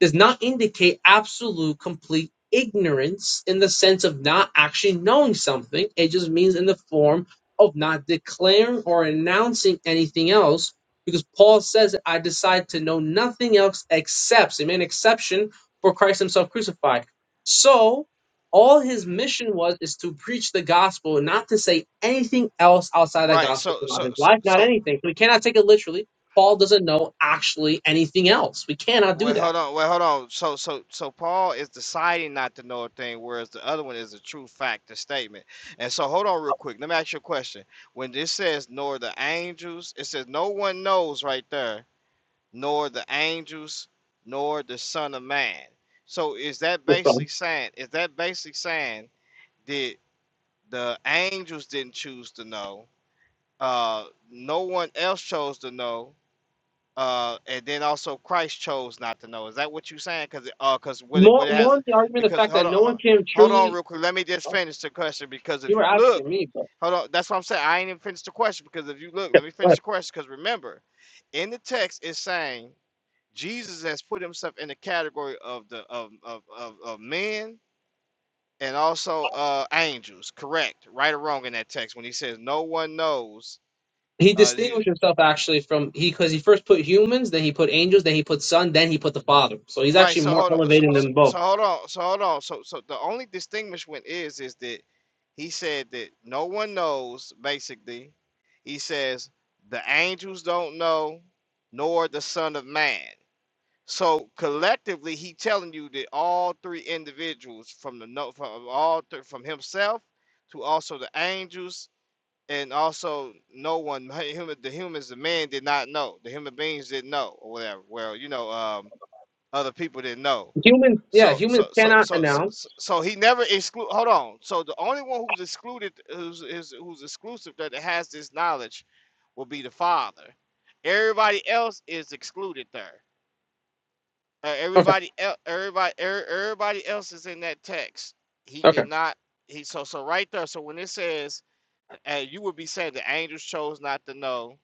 Speaker 10: does not indicate absolute complete ignorance in the sense of not actually knowing something. It just means in the form of not declaring or announcing anything else. Because Paul says, I decide to know nothing else except, he made an exception for Christ himself crucified. So all his mission was is to preach the gospel not to say anything else outside that
Speaker 6: right.
Speaker 10: gospel.
Speaker 6: So
Speaker 10: So not
Speaker 6: so
Speaker 10: his
Speaker 6: so
Speaker 10: life, not
Speaker 6: so
Speaker 10: anything. So we cannot take it literally. Paul doesn't know actually anything else. We cannot do
Speaker 6: Well,
Speaker 10: that.
Speaker 6: hold on. Well, hold on. So, so, so Paul is deciding not to know a thing, whereas the other one is a true fact, a statement. And so, hold on real quick. Let me ask you a question. When this says nor the angels, it says no one knows right there, nor the angels, nor the Son of Man. So, is that
Speaker 10: the
Speaker 6: basically
Speaker 10: Son.
Speaker 6: saying? Is that basically saying that the angels didn't choose to know? Uh, no one else chose to know uh and then also christ chose not to know is that what you are saying because uh because what it
Speaker 10: More,
Speaker 6: what it
Speaker 10: more
Speaker 6: has
Speaker 10: on the argument of the
Speaker 6: because
Speaker 10: fact that
Speaker 6: hold on
Speaker 10: no one
Speaker 6: ho-
Speaker 10: can
Speaker 6: hold on
Speaker 10: truly.
Speaker 6: real quick let me just
Speaker 10: oh,
Speaker 6: finish the question because if
Speaker 10: You were
Speaker 6: you look
Speaker 10: asking me, but
Speaker 6: hold on that's what i'm saying i ain't even finished the question because if you look let me finish
Speaker 10: right.
Speaker 6: the question because remember in the text it's saying jesus has put himself in the category of the of of of, of men and also uh angels correct right or wrong in that text when he says no one knows
Speaker 10: he
Speaker 6: Uh, he,
Speaker 10: distinguished himself actually from he because he first put humans, then he put angels, then he put Son, then he put the Father. So he's
Speaker 6: Right.
Speaker 10: actually
Speaker 6: So
Speaker 10: more
Speaker 6: hold on. So,
Speaker 10: elevating
Speaker 6: so,
Speaker 10: them
Speaker 6: so
Speaker 10: both.
Speaker 6: hold on. So hold on. So so the only distinguishment is is that he said that no one knows. Basically, he says the angels don't know, nor the Son of Man. So collectively, he telling you that all three individuals from the no from all th- from himself to also the angels and also no one human the humans the man did not know the human beings didn't know or whatever. Well, you know um, other people didn't know.
Speaker 10: Humans, yeah,
Speaker 6: So
Speaker 10: humans
Speaker 6: so so
Speaker 10: cannot
Speaker 6: so so
Speaker 10: announce.
Speaker 6: so so he never exclude. Hold on. So the only one who's excluded, who's is, who's exclusive that has this knowledge, will be the father. Everybody else is excluded there. Uh,
Speaker 10: Okay,
Speaker 6: everybody el- everybody er, everybody else is in that text. He
Speaker 10: okay,
Speaker 6: did not. He so so right there. So when it says and you would be saying the angels chose not to know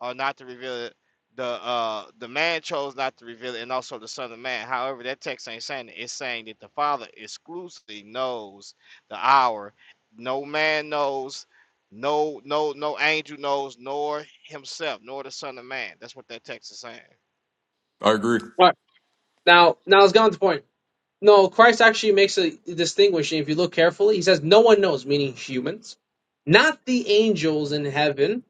Speaker 6: or not to reveal it. The uh the man chose not to reveal it, and also the son of man. However, that text ain't saying it. It's saying that the father exclusively knows the hour. No man knows, no no no angel knows, nor himself, nor the son of man. That's what that text is saying.
Speaker 7: I agree.
Speaker 10: all right. Now, now let's get on to the point. No, Christ actually makes a distinguishing. If you look carefully, he says no one knows, meaning humans, not the angels in heaven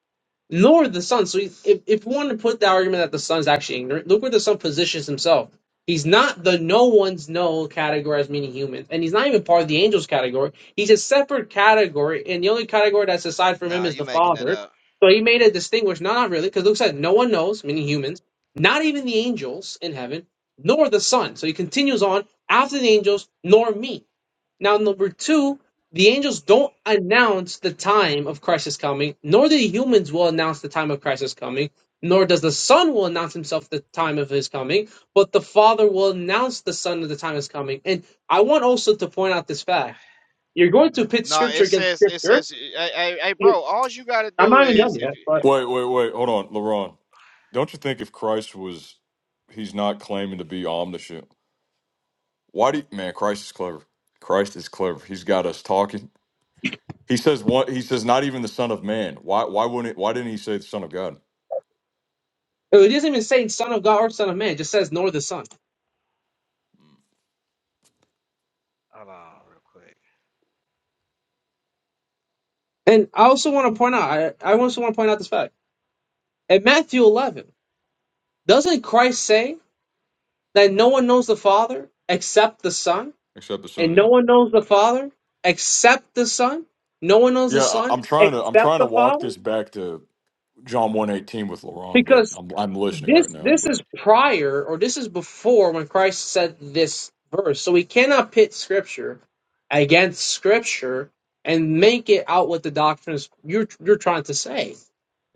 Speaker 10: nor the Son. So he- if, if we want to put the argument that the Son is actually ignorant, look where the Son positions himself. He's not the no one's no category as meaning humans, and he's not even part of the angels category. He's a separate category, and the only category that's aside from him
Speaker 6: Nah,
Speaker 10: is
Speaker 6: you
Speaker 10: the
Speaker 6: making that
Speaker 10: Father.
Speaker 6: up.
Speaker 10: So he made a distinguish, no, not really, because Luke said no one knows, meaning humans, not even the angels in heaven, nor the Son. So he continues on after the angels, nor me. Now, number two, the angels don't announce the time of Christ's coming, nor the humans will announce the time of Christ's coming, nor does the Son will announce himself the time of his coming, but the Father will announce the Son of the time is coming. And I want also to point out this fact. You're going to pit
Speaker 6: No, it
Speaker 10: scripture against
Speaker 6: says it
Speaker 10: scripture.
Speaker 6: says hey, hey, hey bro, all you gotta
Speaker 10: I'm
Speaker 6: do
Speaker 10: not even done
Speaker 6: is if
Speaker 10: yet,
Speaker 6: you
Speaker 10: but
Speaker 7: Wait, wait, wait. Hold on, LaRon. Don't you think if Christ was, he's not claiming to be omniscient? Why do you, man? Christ is clever. Christ is clever. He's got us talking. He says what? He says not even the Son of Man. Why? Why wouldn't? Why didn't he say the Son of God?
Speaker 10: it doesn't even say Son of God or Son of Man, it just says nor the Son.
Speaker 6: hold on real quick.
Speaker 10: And I also want to point out, I, I also want to point out this fact. In Matthew 11, doesn't Christ say that no one knows the Father except the Son,
Speaker 7: Except the Son.
Speaker 10: and
Speaker 7: Yeah.
Speaker 10: no one knows the Father except the Son. No one knows the
Speaker 7: Yeah. I,
Speaker 10: Son
Speaker 7: I'm trying to. I'm
Speaker 10: except
Speaker 7: trying to
Speaker 10: the
Speaker 7: walk
Speaker 10: Father,
Speaker 7: this back to John 1:18 with LaRon, but
Speaker 10: because
Speaker 7: I'm I'm listening
Speaker 10: This
Speaker 7: right now.
Speaker 10: this
Speaker 7: But
Speaker 10: is prior or this is before when Christ said this verse. So we cannot pit scripture against scripture and make it out what the doctrine is you're you're trying to say.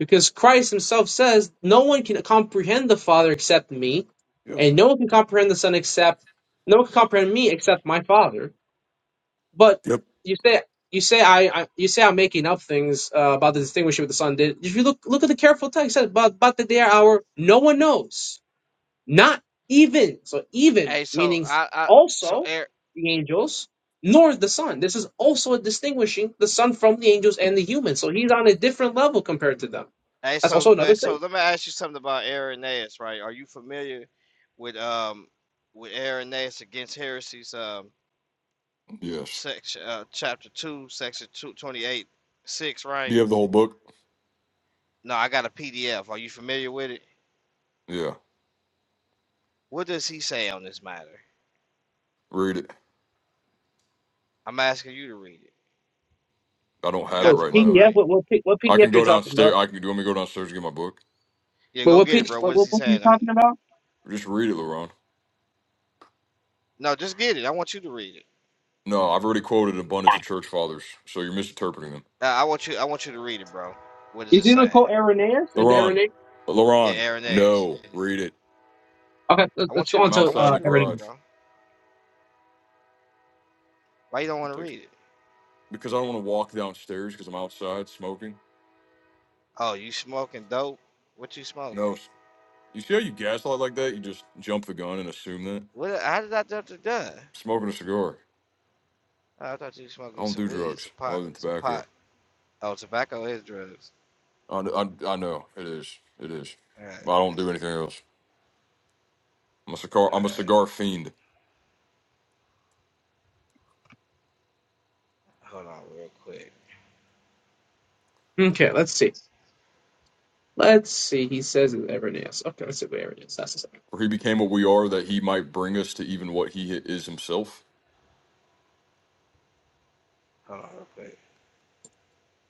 Speaker 10: Because Christ himself says, No one can comprehend the Father except me,
Speaker 7: yep.
Speaker 10: and no one can comprehend the Son except no one can comprehend me except my Father. But
Speaker 7: Yep.
Speaker 10: you say you say I, I you say I'm making up things uh, about the distinguishing what the son did. If you look look at the careful text it says about about the day or hour, no one knows, not even so even
Speaker 6: Hey, so
Speaker 10: meaning
Speaker 6: I I so
Speaker 10: also
Speaker 6: Eric.
Speaker 10: the angels nor the son. This is also distinguishing the son from the angels and the humans. So he's on a different level compared to them.
Speaker 6: Hey,
Speaker 10: That's
Speaker 6: so
Speaker 10: also
Speaker 6: uh,
Speaker 10: another
Speaker 6: so
Speaker 10: thing.
Speaker 6: let me ask you something about Irenaeus, right? Are you familiar with um with Irenaeus against heresies, um
Speaker 7: Yes.
Speaker 6: section uh, chapter two, section two twenty eight six,
Speaker 7: Do
Speaker 6: right?
Speaker 7: you have the whole book?
Speaker 6: No, I got a PDF. Are you familiar with it?
Speaker 7: Yeah.
Speaker 6: What does he say on this matter?
Speaker 7: Read it.
Speaker 6: I'm asking you to read it.
Speaker 7: I don't
Speaker 6: You
Speaker 7: have it
Speaker 6: got
Speaker 10: Wait,
Speaker 6: the
Speaker 7: right
Speaker 6: book,
Speaker 7: now.
Speaker 10: PDF?
Speaker 6: right?
Speaker 10: What what, P- what
Speaker 7: I can
Speaker 10: PDF you're
Speaker 7: go
Speaker 10: talking
Speaker 7: downstairs.
Speaker 10: about?
Speaker 7: I can. Do you want me to go downstairs and get my book?
Speaker 6: Yeah,
Speaker 10: But
Speaker 6: go
Speaker 10: what
Speaker 6: get it,
Speaker 10: PDF?
Speaker 6: bro.
Speaker 10: what
Speaker 6: What is
Speaker 10: what
Speaker 6: he
Speaker 10: book are you
Speaker 6: saying on it?
Speaker 10: talking about?
Speaker 7: Just read it, LaRon.
Speaker 6: No, just get it. I want you to read it.
Speaker 7: No, I've already quoted an abundance of church fathers, so you're misinterpreting them.
Speaker 6: Uh, I want you. I want you to read it, bro. What is
Speaker 10: Is
Speaker 6: it
Speaker 10: it
Speaker 6: saying?
Speaker 10: called Irenaeus? Is it
Speaker 7: LaRon,
Speaker 10: Irenaeus?
Speaker 6: Yeah,
Speaker 7: LaRon,
Speaker 6: Irenaeus.
Speaker 7: no, read it.
Speaker 10: Okay, let's
Speaker 6: I
Speaker 10: let's
Speaker 6: want
Speaker 10: go
Speaker 6: you.
Speaker 10: on
Speaker 7: I'm
Speaker 6: I
Speaker 10: to
Speaker 7: outside
Speaker 6: want
Speaker 7: in
Speaker 10: uh,
Speaker 6: you
Speaker 7: the
Speaker 6: to read
Speaker 10: Irenaeus.
Speaker 6: it,
Speaker 7: garage.
Speaker 6: bro. Why you don't want to
Speaker 7: Text-
Speaker 6: read it?
Speaker 7: Because I don't want to walk downstairs because I'm outside smoking.
Speaker 6: Oh, you smoking dope? What you smoking?
Speaker 7: No, s- you see how you gaslight like that? You just jump the gun and assume that.
Speaker 6: What? How did I jump to gun?
Speaker 7: Smoking a cigar.
Speaker 6: Oh, I thought you were
Speaker 7: I
Speaker 6: smoking
Speaker 7: don't
Speaker 6: some
Speaker 7: do
Speaker 6: weed,
Speaker 7: drugs
Speaker 6: some pot,
Speaker 7: other than
Speaker 6: some
Speaker 7: tobacco.
Speaker 6: pot. Oh, tobacco is drugs.
Speaker 7: I, I, I know it is. It is.
Speaker 6: All right,
Speaker 7: But I don't do anything else. I'm a cigar.
Speaker 6: all
Speaker 7: I'm a
Speaker 6: right.
Speaker 7: cigar fiend.
Speaker 6: Hold on, real quick.
Speaker 10: Okay, let's see. Let's see. He says it's Irenaeus. Okay, let's see where it is. That's the second.
Speaker 7: For he became what we are, that he might bring us to even what he is himself.
Speaker 6: Hold on, real quick.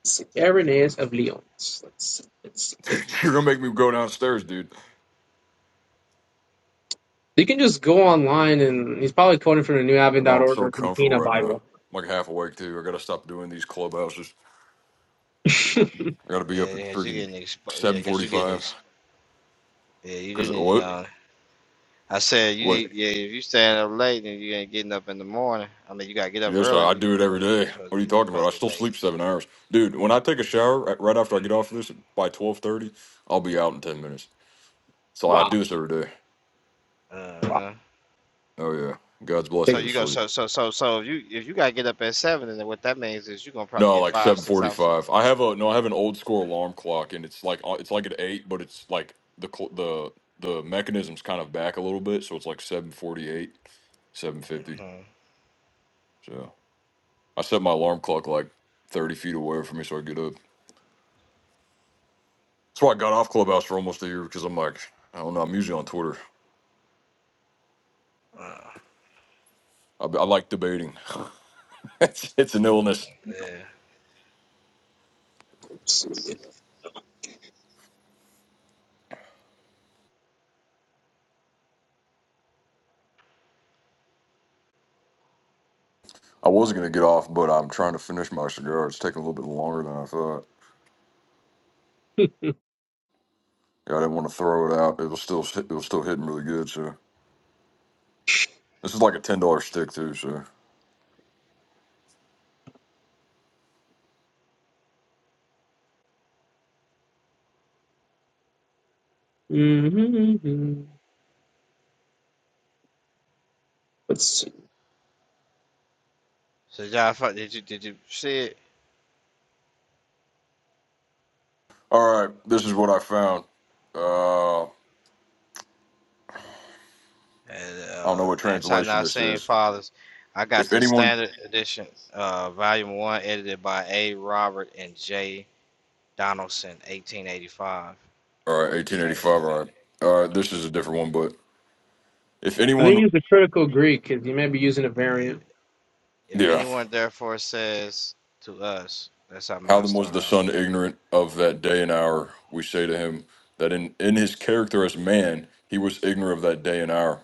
Speaker 10: Let's see. Irenaeus of Lyon. Let's see. Let's see.
Speaker 7: You're gonna make me go downstairs, dude.
Speaker 10: You can just go online and he's probably quoting from the New
Speaker 7: I know I'm
Speaker 10: newaven.org
Speaker 7: so
Speaker 10: or
Speaker 7: comfortable
Speaker 10: Contina
Speaker 7: right now. I'm
Speaker 10: Bible.
Speaker 7: like half awake too. I gotta stop doing these clubhouses. I gotta be up
Speaker 6: Yeah,
Speaker 7: at
Speaker 6: yeah, cause you
Speaker 7: freaking
Speaker 6: getting expo- Yeah,
Speaker 7: seven
Speaker 6: cause you getting
Speaker 7: forty-five.
Speaker 6: ex- Yeah, you do
Speaker 7: Cause
Speaker 6: need to
Speaker 7: what?
Speaker 6: go. on. I said you
Speaker 7: What?
Speaker 6: need. Yeah, if you staying up late and you ain't getting up in the morning, I mean you gotta get up
Speaker 7: Yes,
Speaker 6: early.
Speaker 7: I I
Speaker 6: You,
Speaker 7: do it
Speaker 6: you
Speaker 7: every
Speaker 6: supposed to, you
Speaker 7: day.
Speaker 6: supposed
Speaker 7: What
Speaker 6: to
Speaker 7: are you
Speaker 6: be you
Speaker 7: talking about? I
Speaker 6: supposed to be
Speaker 7: still
Speaker 6: late.
Speaker 7: sleep seven hours, dude. When I take a shower right right after I get off of this by twelve thirty, I'll be out in ten minutes. So I
Speaker 10: wow.
Speaker 7: do this every day.
Speaker 6: Uh
Speaker 10: Wow.
Speaker 6: huh.
Speaker 7: Oh yeah, God's blessed
Speaker 10: Let's
Speaker 6: So
Speaker 7: me with
Speaker 6: you go.
Speaker 7: sleep.
Speaker 6: So so so so if you if you gotta get up at seven, and then what that means is you are gonna probably
Speaker 7: No,
Speaker 6: get
Speaker 7: like
Speaker 6: five
Speaker 7: seven
Speaker 6: six hours.
Speaker 7: forty-five. I have a no. I have an old school alarm clock, and it's like uh, it's like at eight, but it's like the cl- the the mechanism's kind of back a little bit, so it's like seven forty-eight, seven fifty. So I set my alarm clock like thirty feet away from me, so I get up. That's why I got off Clubhouse for almost a year because I'm like, I don't know. I'm usually on Twitter.
Speaker 6: Uh,
Speaker 7: I, I like debating. it's, it's an illness.
Speaker 6: yeah.
Speaker 10: see.
Speaker 7: I was gonna get off, but I'm trying to finish my cigar. It's taking a little bit longer than I thought. Yeah, I didn't want to throw it out. It was still it was still hitting really good, so. This is like a ten dollar stick too. So,
Speaker 10: Mm-hmm. Let's see.
Speaker 6: So John, Fa- did you did you see it?
Speaker 7: all right, this is what I found. Uh, I
Speaker 6: And
Speaker 7: don't know
Speaker 6: uh,
Speaker 7: what
Speaker 6: Anti
Speaker 7: translation this
Speaker 6: Nicene
Speaker 7: is.
Speaker 6: Fathers. I got
Speaker 7: If
Speaker 6: the
Speaker 7: anyone,
Speaker 6: standard edition, uh, volume one, edited by A. Robert and J. Donaldson, 1885.
Speaker 7: all right, eighteen eighty
Speaker 6: Standard. e-
Speaker 7: five. All right, all right, this is a different one. But if
Speaker 10: i think going
Speaker 7: anyone,
Speaker 10: use the critical Greek because you may be using a variant.
Speaker 6: If
Speaker 7: yeah,
Speaker 6: anyone therefore says to us, that's how
Speaker 7: how
Speaker 6: mine
Speaker 7: then was
Speaker 6: start
Speaker 7: the
Speaker 6: out.
Speaker 7: son ignorant of that day and hour? We say to him that in in his character as man, he was ignorant of that day and hour,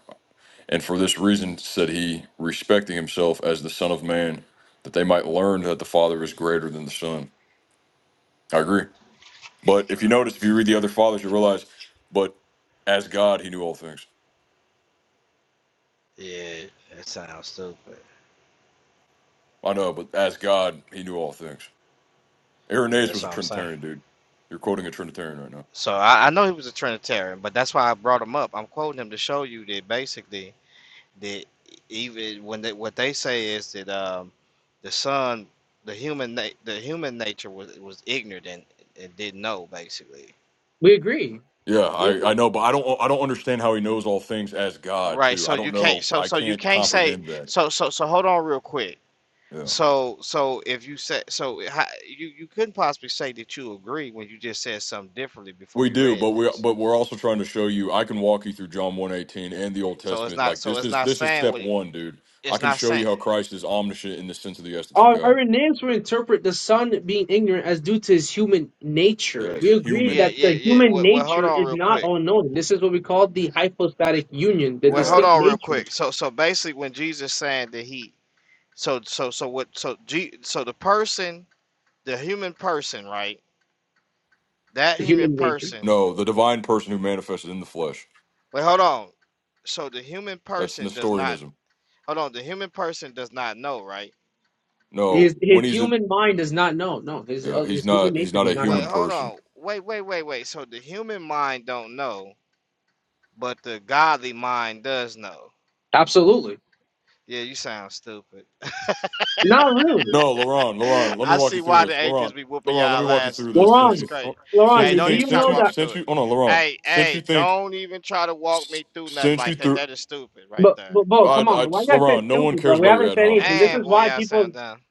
Speaker 7: and for this reason said he, respecting himself as the son of man, that they might learn that the father is greater than the son. I agree. But if you notice, if you read the other fathers, you realize, but as God, he knew all things.
Speaker 6: Yeah, that sounds stupid.
Speaker 7: I know, but as God, he knew all things.
Speaker 6: See,
Speaker 7: Irenaeus
Speaker 6: that's
Speaker 7: was a
Speaker 6: what I'm saying.
Speaker 7: Trinitarian, dude. You're quoting a Trinitarian right now.
Speaker 6: So I, I know he was a Trinitarian, but that's why I brought him up. I'm quoting him to show you that basically They even when they what they say is that um, the son, the human na- the human nature was was ignorant and, and didn't know basically.
Speaker 10: We agree.
Speaker 7: Yeah, I, I know, but I don't I don't understand how he knows all things as God
Speaker 6: Right.
Speaker 7: too.
Speaker 6: So
Speaker 7: I
Speaker 6: you
Speaker 7: don't
Speaker 6: can't.
Speaker 7: know.
Speaker 6: So
Speaker 7: I
Speaker 6: so you
Speaker 7: can't
Speaker 6: can't say.
Speaker 7: comprehend that.
Speaker 6: So so so hold on real quick.
Speaker 7: Yeah,
Speaker 6: So so if you said so, how, you you couldn't possibly say that you agree when you just said something differently before
Speaker 7: we
Speaker 6: we
Speaker 7: do,
Speaker 6: read
Speaker 7: but we
Speaker 6: this.
Speaker 7: but we're also trying to show you. I can walk you through John one eighteen and the Old
Speaker 6: So it's
Speaker 7: Testament.
Speaker 6: not.
Speaker 7: Like
Speaker 6: So
Speaker 7: this
Speaker 6: it's
Speaker 7: is
Speaker 6: not
Speaker 7: this is
Speaker 6: saying
Speaker 7: step
Speaker 6: what
Speaker 7: one, dude. I
Speaker 6: it's
Speaker 7: can
Speaker 6: not
Speaker 7: show
Speaker 6: saying.
Speaker 7: you how Christ is omniscient in the sense of the essence of
Speaker 10: Our,
Speaker 7: God.
Speaker 10: our names will interpret the son being ignorant as due to his human nature.
Speaker 7: Yes,
Speaker 10: We agree
Speaker 6: Yeah
Speaker 10: that
Speaker 7: human.
Speaker 6: yeah
Speaker 10: the
Speaker 6: yeah.
Speaker 10: human
Speaker 6: Well, well hold
Speaker 10: nature
Speaker 6: on
Speaker 10: is
Speaker 6: real
Speaker 10: not
Speaker 6: quick.
Speaker 10: all knowing. This is what we call the hypostatic union, the
Speaker 6: Well
Speaker 7: Yeah.
Speaker 6: hold
Speaker 10: distinct
Speaker 6: on real
Speaker 10: natures,
Speaker 6: quick. So so basically when Jesus saying that he So so so what so G so the person, the human person, right? That
Speaker 10: the
Speaker 6: human
Speaker 10: human nature.
Speaker 6: person.
Speaker 7: No, the divine person who manifested in the flesh.
Speaker 6: Wait, hold on. So the human
Speaker 7: That's
Speaker 6: person does not
Speaker 7: Nestorianism.
Speaker 6: hold on, the human person does not know, right?
Speaker 7: No,
Speaker 10: His, his
Speaker 7: when he's in,
Speaker 10: human mind does not know. No, his,
Speaker 7: yeah,
Speaker 10: uh,
Speaker 7: he's
Speaker 10: his human
Speaker 7: not. He's
Speaker 10: nature
Speaker 7: not
Speaker 10: does
Speaker 7: a
Speaker 10: not know.
Speaker 6: Wait,
Speaker 7: human
Speaker 6: hold
Speaker 7: person.
Speaker 6: on. Wait, wait, wait, wait. So the human mind don't know, but the godly mind does know.
Speaker 10: Absolutely.
Speaker 6: Yeah, you sound stupid.
Speaker 10: Not really.
Speaker 7: No, Laurent, Laurent, let me
Speaker 6: I
Speaker 7: walk
Speaker 6: see
Speaker 7: you through
Speaker 6: why the
Speaker 7: this.
Speaker 6: atheists
Speaker 7: Laurent,
Speaker 6: be whooping
Speaker 7: Laurent. let me
Speaker 6: y'all
Speaker 7: walk you
Speaker 6: asses
Speaker 7: through
Speaker 6: with this
Speaker 7: this.
Speaker 6: stuff.
Speaker 7: Since
Speaker 6: This
Speaker 7: you,
Speaker 10: Laurent,
Speaker 6: crazy.
Speaker 7: oh, since
Speaker 10: Laurent,
Speaker 6: Hey,
Speaker 7: you
Speaker 6: don't
Speaker 10: do
Speaker 7: think,
Speaker 6: even
Speaker 10: you
Speaker 6: try to
Speaker 7: since
Speaker 10: know
Speaker 7: you,
Speaker 6: walk me
Speaker 10: that?
Speaker 6: through
Speaker 7: since
Speaker 6: it.
Speaker 7: you, oh no, Laurent,
Speaker 6: Hey,
Speaker 7: since you
Speaker 6: hey,
Speaker 7: think,
Speaker 6: don't even try to walk
Speaker 7: s-
Speaker 6: me through nothing
Speaker 7: since you
Speaker 6: like that.
Speaker 7: through,
Speaker 6: That is stupid right
Speaker 10: But,
Speaker 6: there.
Speaker 10: but, bro,
Speaker 7: I,
Speaker 10: come on,
Speaker 7: I,
Speaker 10: bro. Why you gotta say
Speaker 7: Laron, no one
Speaker 10: stupid, bro?
Speaker 7: cares
Speaker 10: We
Speaker 7: about your
Speaker 10: haven't
Speaker 7: ad
Speaker 10: said anything.
Speaker 7: hominems,
Speaker 10: This
Speaker 6: Dang,
Speaker 7: dude.
Speaker 10: is
Speaker 6: boy,
Speaker 10: why
Speaker 6: y'all
Speaker 10: people
Speaker 6: sound dumb.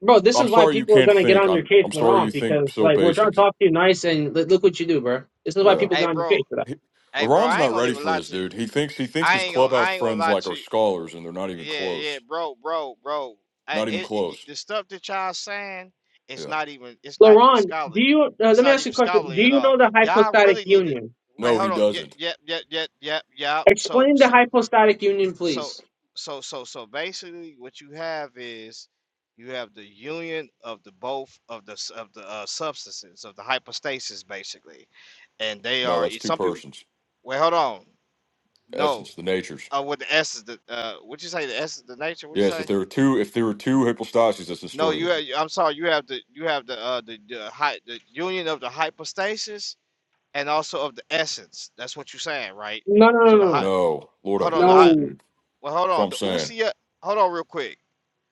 Speaker 10: Bro, this
Speaker 7: I'm
Speaker 10: is why
Speaker 7: sorry you
Speaker 10: people are
Speaker 7: can't
Speaker 10: gonna get
Speaker 7: think.
Speaker 10: on your
Speaker 7: I'm,
Speaker 10: case
Speaker 7: I'm
Speaker 10: when they're
Speaker 7: sorry you
Speaker 10: on
Speaker 7: think
Speaker 10: because
Speaker 7: so
Speaker 10: like we're trying
Speaker 7: basic.
Speaker 10: to talk to you nice and li- look what you do, bro. This is why
Speaker 7: Yeah.
Speaker 10: people
Speaker 6: Hey,
Speaker 10: get on your
Speaker 6: bro.
Speaker 10: case for that.
Speaker 7: He-
Speaker 6: Hey, bro.
Speaker 7: LeBron's
Speaker 6: I ain't
Speaker 7: not
Speaker 6: gonna
Speaker 7: ready
Speaker 6: even
Speaker 7: for
Speaker 6: lie
Speaker 7: this,
Speaker 6: to you.
Speaker 7: dude. He thinks he thinks
Speaker 6: I
Speaker 7: his
Speaker 6: ain't gonna.
Speaker 7: clubhouse
Speaker 6: I ain't gonna
Speaker 7: friends
Speaker 6: lie
Speaker 7: like
Speaker 6: to
Speaker 7: are
Speaker 6: you.
Speaker 7: scholars, and they're not even
Speaker 6: Yeah, yeah,
Speaker 7: close.
Speaker 6: bro, bro, bro. I,
Speaker 7: Not even
Speaker 6: it, it-
Speaker 7: close.
Speaker 6: the stuff that y'all saying is
Speaker 7: Yeah.
Speaker 6: not even. It's not even
Speaker 10: Laron, do
Speaker 6: scholarly.
Speaker 10: you? Uh,
Speaker 6: It's
Speaker 10: let me
Speaker 6: not
Speaker 10: ask you
Speaker 6: even
Speaker 10: a question. Do
Speaker 6: scholarly at
Speaker 10: you
Speaker 6: all.
Speaker 10: know the
Speaker 6: Y'all
Speaker 10: hypostatic
Speaker 6: really need to.
Speaker 10: union?
Speaker 6: Wait,
Speaker 7: No,
Speaker 6: hold
Speaker 7: he
Speaker 6: on. Yep,
Speaker 7: doesn't.
Speaker 6: yep, yep, yep, yep, yep. So,
Speaker 10: Explain the
Speaker 6: so
Speaker 10: hypostatic union,
Speaker 6: So,
Speaker 10: please.
Speaker 6: so, so, so basically, what you have is you have the union of the both of the s- of the uh, substances of the hypostasis, basically, and they
Speaker 7: No,
Speaker 6: are
Speaker 7: that's two
Speaker 6: some people.
Speaker 7: persons.
Speaker 6: Wait, hold on. No,
Speaker 7: Essence, the natures.
Speaker 6: uh, with the essence, the uh, what you say, the essence, the nature. What you
Speaker 7: Yes, if
Speaker 6: say?
Speaker 7: there were two, if there were two hypostases, that's the
Speaker 6: No,
Speaker 7: story.
Speaker 6: you.
Speaker 7: That,
Speaker 6: ha- I'm sorry. You have the you have the uh the the, hy- the union of the hypostasis and also of the essence. That's what you're saying, right?
Speaker 10: No, no, no,
Speaker 6: So the
Speaker 10: no,
Speaker 6: hot.
Speaker 7: no, Lord have
Speaker 6: Hold on.
Speaker 10: no.
Speaker 6: The
Speaker 7: mercy,
Speaker 6: hot.
Speaker 10: No.
Speaker 7: dude.
Speaker 6: Well, hold
Speaker 7: That's what
Speaker 6: on.
Speaker 7: I'm
Speaker 6: The
Speaker 7: saying.
Speaker 6: usia. Hold on, real quick.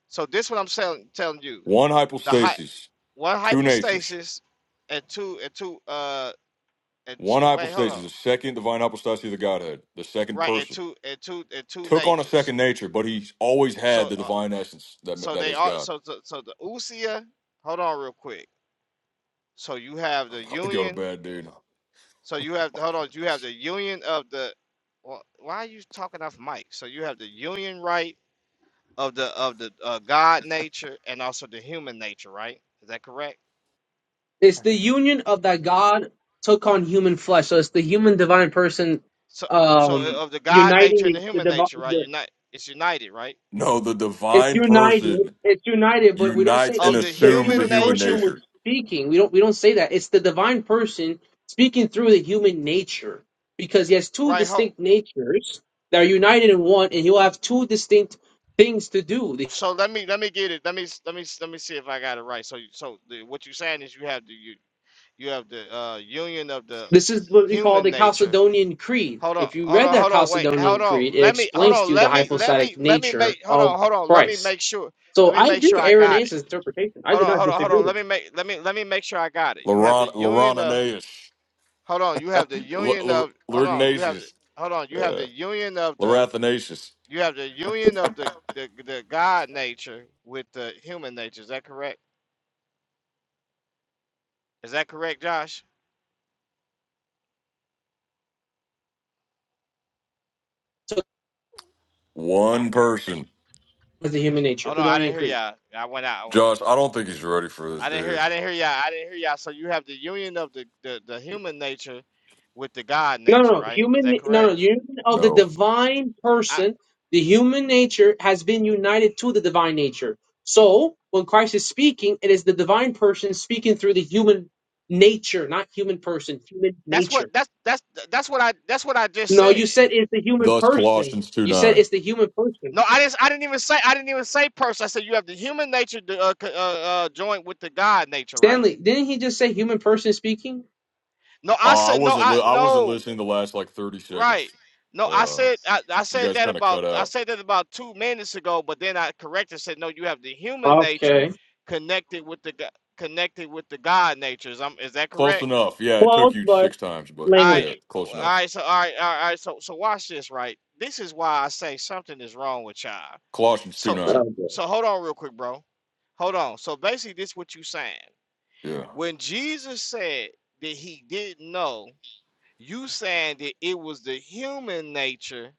Speaker 6: So this is what I'm telling telling you.
Speaker 7: One
Speaker 6: The hy
Speaker 7: hypostasis,
Speaker 6: one
Speaker 7: two natures.
Speaker 6: hypostasis and two and two uh and two,
Speaker 7: One
Speaker 6: wait hold on
Speaker 7: hypostasis, the second divine hypostasis of the Godhead, the second
Speaker 6: right and
Speaker 7: person.
Speaker 6: two and two and two
Speaker 7: Took on a
Speaker 6: natures.
Speaker 7: second nature, but he's always had
Speaker 6: So
Speaker 7: the
Speaker 6: uh,
Speaker 7: divine essence that
Speaker 6: so
Speaker 7: that
Speaker 6: they
Speaker 7: is
Speaker 6: are
Speaker 7: God.
Speaker 6: so so, so the usia. Hold on real quick. So you have
Speaker 7: I'm
Speaker 6: the
Speaker 7: about to go to
Speaker 6: union.
Speaker 7: bed, dude.
Speaker 6: So you have hold on. You have the union of the. Well, Why are you talking off mic? So you have the union right of the of the uh, God nature and also the human nature, right? Is that correct?
Speaker 10: It's the union of that God took on human flesh. So it's the human divine person
Speaker 6: So, so
Speaker 10: um
Speaker 6: uh, of the God
Speaker 10: uniting
Speaker 6: nature
Speaker 10: the,
Speaker 6: and the
Speaker 10: the
Speaker 6: human
Speaker 10: divine.
Speaker 6: nature, right?
Speaker 10: The,
Speaker 6: Unite, it's united, right?
Speaker 7: No, the
Speaker 10: it's
Speaker 7: divine
Speaker 10: united.
Speaker 7: person
Speaker 10: It's united, but we don't say
Speaker 7: unites and
Speaker 6: Of
Speaker 10: a,
Speaker 6: the
Speaker 10: the
Speaker 7: assumes the
Speaker 6: human
Speaker 10: human
Speaker 7: human
Speaker 10: person
Speaker 6: nature,
Speaker 10: was
Speaker 7: nature.
Speaker 10: speaking. We don't. We don't say that. It's the divine person speaking through the human nature because he has two
Speaker 6: right? Ho-
Speaker 10: distinct natures that are united in one, and he'll have two distinct things to do.
Speaker 6: so let me let me get it. Let me s- let me s- let me see if I got it right. So, you- so the, what you're saying is you have the you you have the uh, union of the
Speaker 10: This is what we call
Speaker 6: human
Speaker 10: the
Speaker 6: nature.
Speaker 10: Chalcedonian Creed.
Speaker 6: Hold on,
Speaker 10: If you
Speaker 6: hold
Speaker 10: read
Speaker 6: on,
Speaker 10: that
Speaker 6: hold on, wait, hold
Speaker 10: Chalcedonian
Speaker 6: on.
Speaker 10: Creed, it
Speaker 6: Let me hold
Speaker 10: explains
Speaker 6: on.
Speaker 10: to you the
Speaker 6: Let me let me
Speaker 10: hypostatic
Speaker 6: let me
Speaker 10: nature
Speaker 6: make. Hold
Speaker 10: of
Speaker 6: on, hold on. Let me
Speaker 10: Christ.
Speaker 6: make sure.
Speaker 10: So
Speaker 6: Let me
Speaker 10: I
Speaker 6: make
Speaker 10: agree
Speaker 6: sure
Speaker 10: with
Speaker 6: I got
Speaker 10: Irenaeus'
Speaker 6: it.
Speaker 10: interpretation. I
Speaker 6: Hold
Speaker 10: do
Speaker 6: on,
Speaker 10: not
Speaker 6: hold on, hold
Speaker 10: disagree
Speaker 6: on. Let
Speaker 10: with
Speaker 6: me
Speaker 10: it.
Speaker 6: make let me let me make sure I got it. You have the
Speaker 7: Laron
Speaker 6: union of
Speaker 7: Laroninaeus.
Speaker 6: hold on, you have the union of hold on, you have the
Speaker 7: Lurgnatius.
Speaker 6: hold on, you have
Speaker 7: Uh
Speaker 6: the union of the
Speaker 7: Larathinaceous.
Speaker 6: you have the union of the the, the God nature with the human nature. Is that correct? Is that correct, Josh?
Speaker 10: So
Speaker 7: One person.
Speaker 10: is the human nature,
Speaker 6: Hold on, I didn't
Speaker 10: Chalcedonian
Speaker 6: hear
Speaker 10: Creed.
Speaker 6: y'all. I went out. I went-
Speaker 7: Josh, I don't think he's ready for
Speaker 6: I
Speaker 7: this,
Speaker 6: didn't hear.
Speaker 7: dude.
Speaker 6: I didn't hear y'all. I didn't hear y'all. So you have the union of the, the, the human nature with the God
Speaker 10: No, no,
Speaker 6: nature,
Speaker 10: no.
Speaker 6: right? Is
Speaker 10: human,
Speaker 6: that
Speaker 10: no,
Speaker 6: correct?
Speaker 10: no, union of the
Speaker 7: No.
Speaker 10: divine
Speaker 6: I,
Speaker 10: person, the human nature has been united to the divine nature. So when Christ is speaking, it is the divine person speaking through the human nature, not human person, human
Speaker 6: that's what
Speaker 10: nature.
Speaker 6: that's that's that's what I that's what I just
Speaker 10: No,
Speaker 6: said.
Speaker 10: you said it's the human
Speaker 7: Thus
Speaker 10: person.
Speaker 7: Colossians two
Speaker 10: You said
Speaker 7: nine.
Speaker 10: it's the human person.
Speaker 6: No, I didn't. I didn't even say. I didn't even say person. I said you have the human nature to, uh, co- uh, uh, joint with the God nature, right?
Speaker 10: Stanley, didn't he just say human person speaking?
Speaker 6: No, I
Speaker 7: Uh, I
Speaker 6: said no.
Speaker 7: wasn't
Speaker 6: I
Speaker 7: li- I wasn't
Speaker 6: no
Speaker 7: listening the last like thirty seconds.
Speaker 6: right. No, I
Speaker 7: Uh
Speaker 6: said I, I
Speaker 7: you
Speaker 6: said
Speaker 7: guys
Speaker 6: that
Speaker 7: kinda
Speaker 6: about
Speaker 7: cut
Speaker 6: I
Speaker 7: out.
Speaker 6: said that about two minutes ago, but then I corrected said no. You have the human nature
Speaker 10: Okay.
Speaker 6: connected with the go- connected with the God natures. Um, is that
Speaker 7: Close
Speaker 6: correct?
Speaker 7: enough. Yeah, it took
Speaker 10: Close,
Speaker 7: you
Speaker 10: but
Speaker 7: six times, but
Speaker 6: I
Speaker 7: yeah,
Speaker 10: language.
Speaker 7: close
Speaker 6: all
Speaker 7: enough.
Speaker 6: right. So all right, all right. all right, So so watch this. Right. This is why I say something is wrong with y'all.
Speaker 7: Colossians two
Speaker 6: So so,
Speaker 10: Oh,
Speaker 7: nine.
Speaker 10: boy.
Speaker 6: so hold on real quick, bro. Hold on. So basically, this what you saying
Speaker 7: Yeah.
Speaker 6: when Jesus said that he didn't know You saying that it was the human nature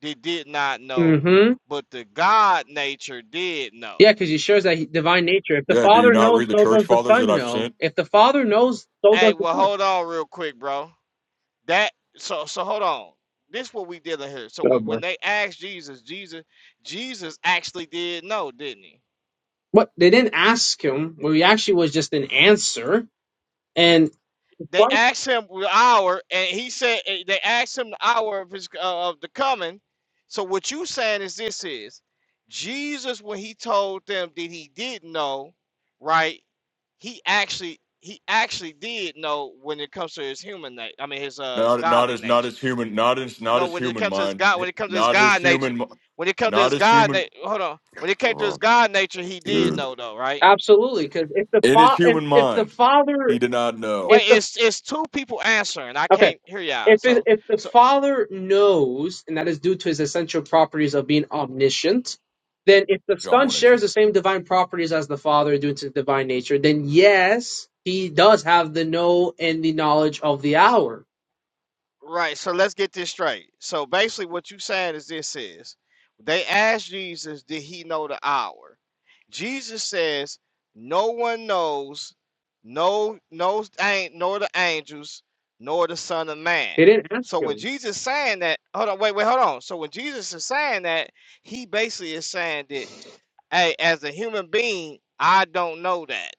Speaker 6: that did not know,
Speaker 10: Mm-hmm.
Speaker 6: but the God nature did know.
Speaker 10: Yeah, because he shows that he, divine nature. If the
Speaker 7: Yeah, do you
Speaker 10: Father
Speaker 7: not read
Speaker 10: knows,
Speaker 7: the
Speaker 10: so
Speaker 7: church
Speaker 10: does the
Speaker 7: fathers that
Speaker 10: Son
Speaker 7: I've sent?
Speaker 10: know. If the Father knows, so
Speaker 6: Hey,
Speaker 10: does the
Speaker 6: well,
Speaker 10: Son.
Speaker 6: hold on real quick, bro. That so so hold on. This what we dealing here. So
Speaker 10: Oh,
Speaker 6: when,
Speaker 10: boy.
Speaker 6: when they asked Jesus, Jesus, Jesus actually did know, didn't he?
Speaker 10: What? They didn't ask him. Well, he actually was just an answer. And
Speaker 6: They
Speaker 10: Right.
Speaker 6: asked him the hour, and he said eh, they asked him the hour of his uh, of the coming. So what you saying is this is Jesus when he told them that he didn't know, right? He actually he actually did know when it comes to his human nature. I mean his uh
Speaker 7: Not not
Speaker 6: godly
Speaker 7: his not
Speaker 6: nature.
Speaker 7: his human not his not
Speaker 6: No,
Speaker 7: his
Speaker 6: when it
Speaker 7: human
Speaker 6: comes to his
Speaker 7: mind.
Speaker 6: God, when it comes to his
Speaker 7: Not his
Speaker 6: God nature,
Speaker 7: human mi-
Speaker 6: when it comes to
Speaker 7: not
Speaker 6: his
Speaker 7: his
Speaker 6: God
Speaker 7: human
Speaker 6: nature, hold on. When it came to his
Speaker 7: wrong.
Speaker 6: God nature, he did
Speaker 7: Dude.
Speaker 6: know though, right?
Speaker 10: absolutely, because if the
Speaker 7: In his
Speaker 10: fa- if,
Speaker 7: human
Speaker 10: if the
Speaker 7: mind,
Speaker 10: Father,
Speaker 7: he did not know.
Speaker 6: Wait,
Speaker 10: if the
Speaker 6: it's it's two people answering. I
Speaker 10: okay.
Speaker 6: can't hear y'all.
Speaker 10: if it,
Speaker 6: So.
Speaker 10: if the
Speaker 6: so
Speaker 10: Father knows, and that is due to his essential properties of being omniscient, then if the
Speaker 7: John
Speaker 10: Son shares
Speaker 7: 118.
Speaker 10: the same divine properties as the Father due to his divine nature, then yes, he does have the know and the knowledge of the hour.
Speaker 6: Right. So let's get this straight. So basically, what you saying is this is they asked Jesus, did he know the hour? Jesus says, no one knows, no knows ain't nor the angels, nor the Son of Man.
Speaker 10: They didn't ask
Speaker 6: So when
Speaker 10: him.
Speaker 6: Jesus saying that, hold on, wait, wait, hold on. So when Jesus is saying that, he basically is saying that, hey, as a human being, I don't know that.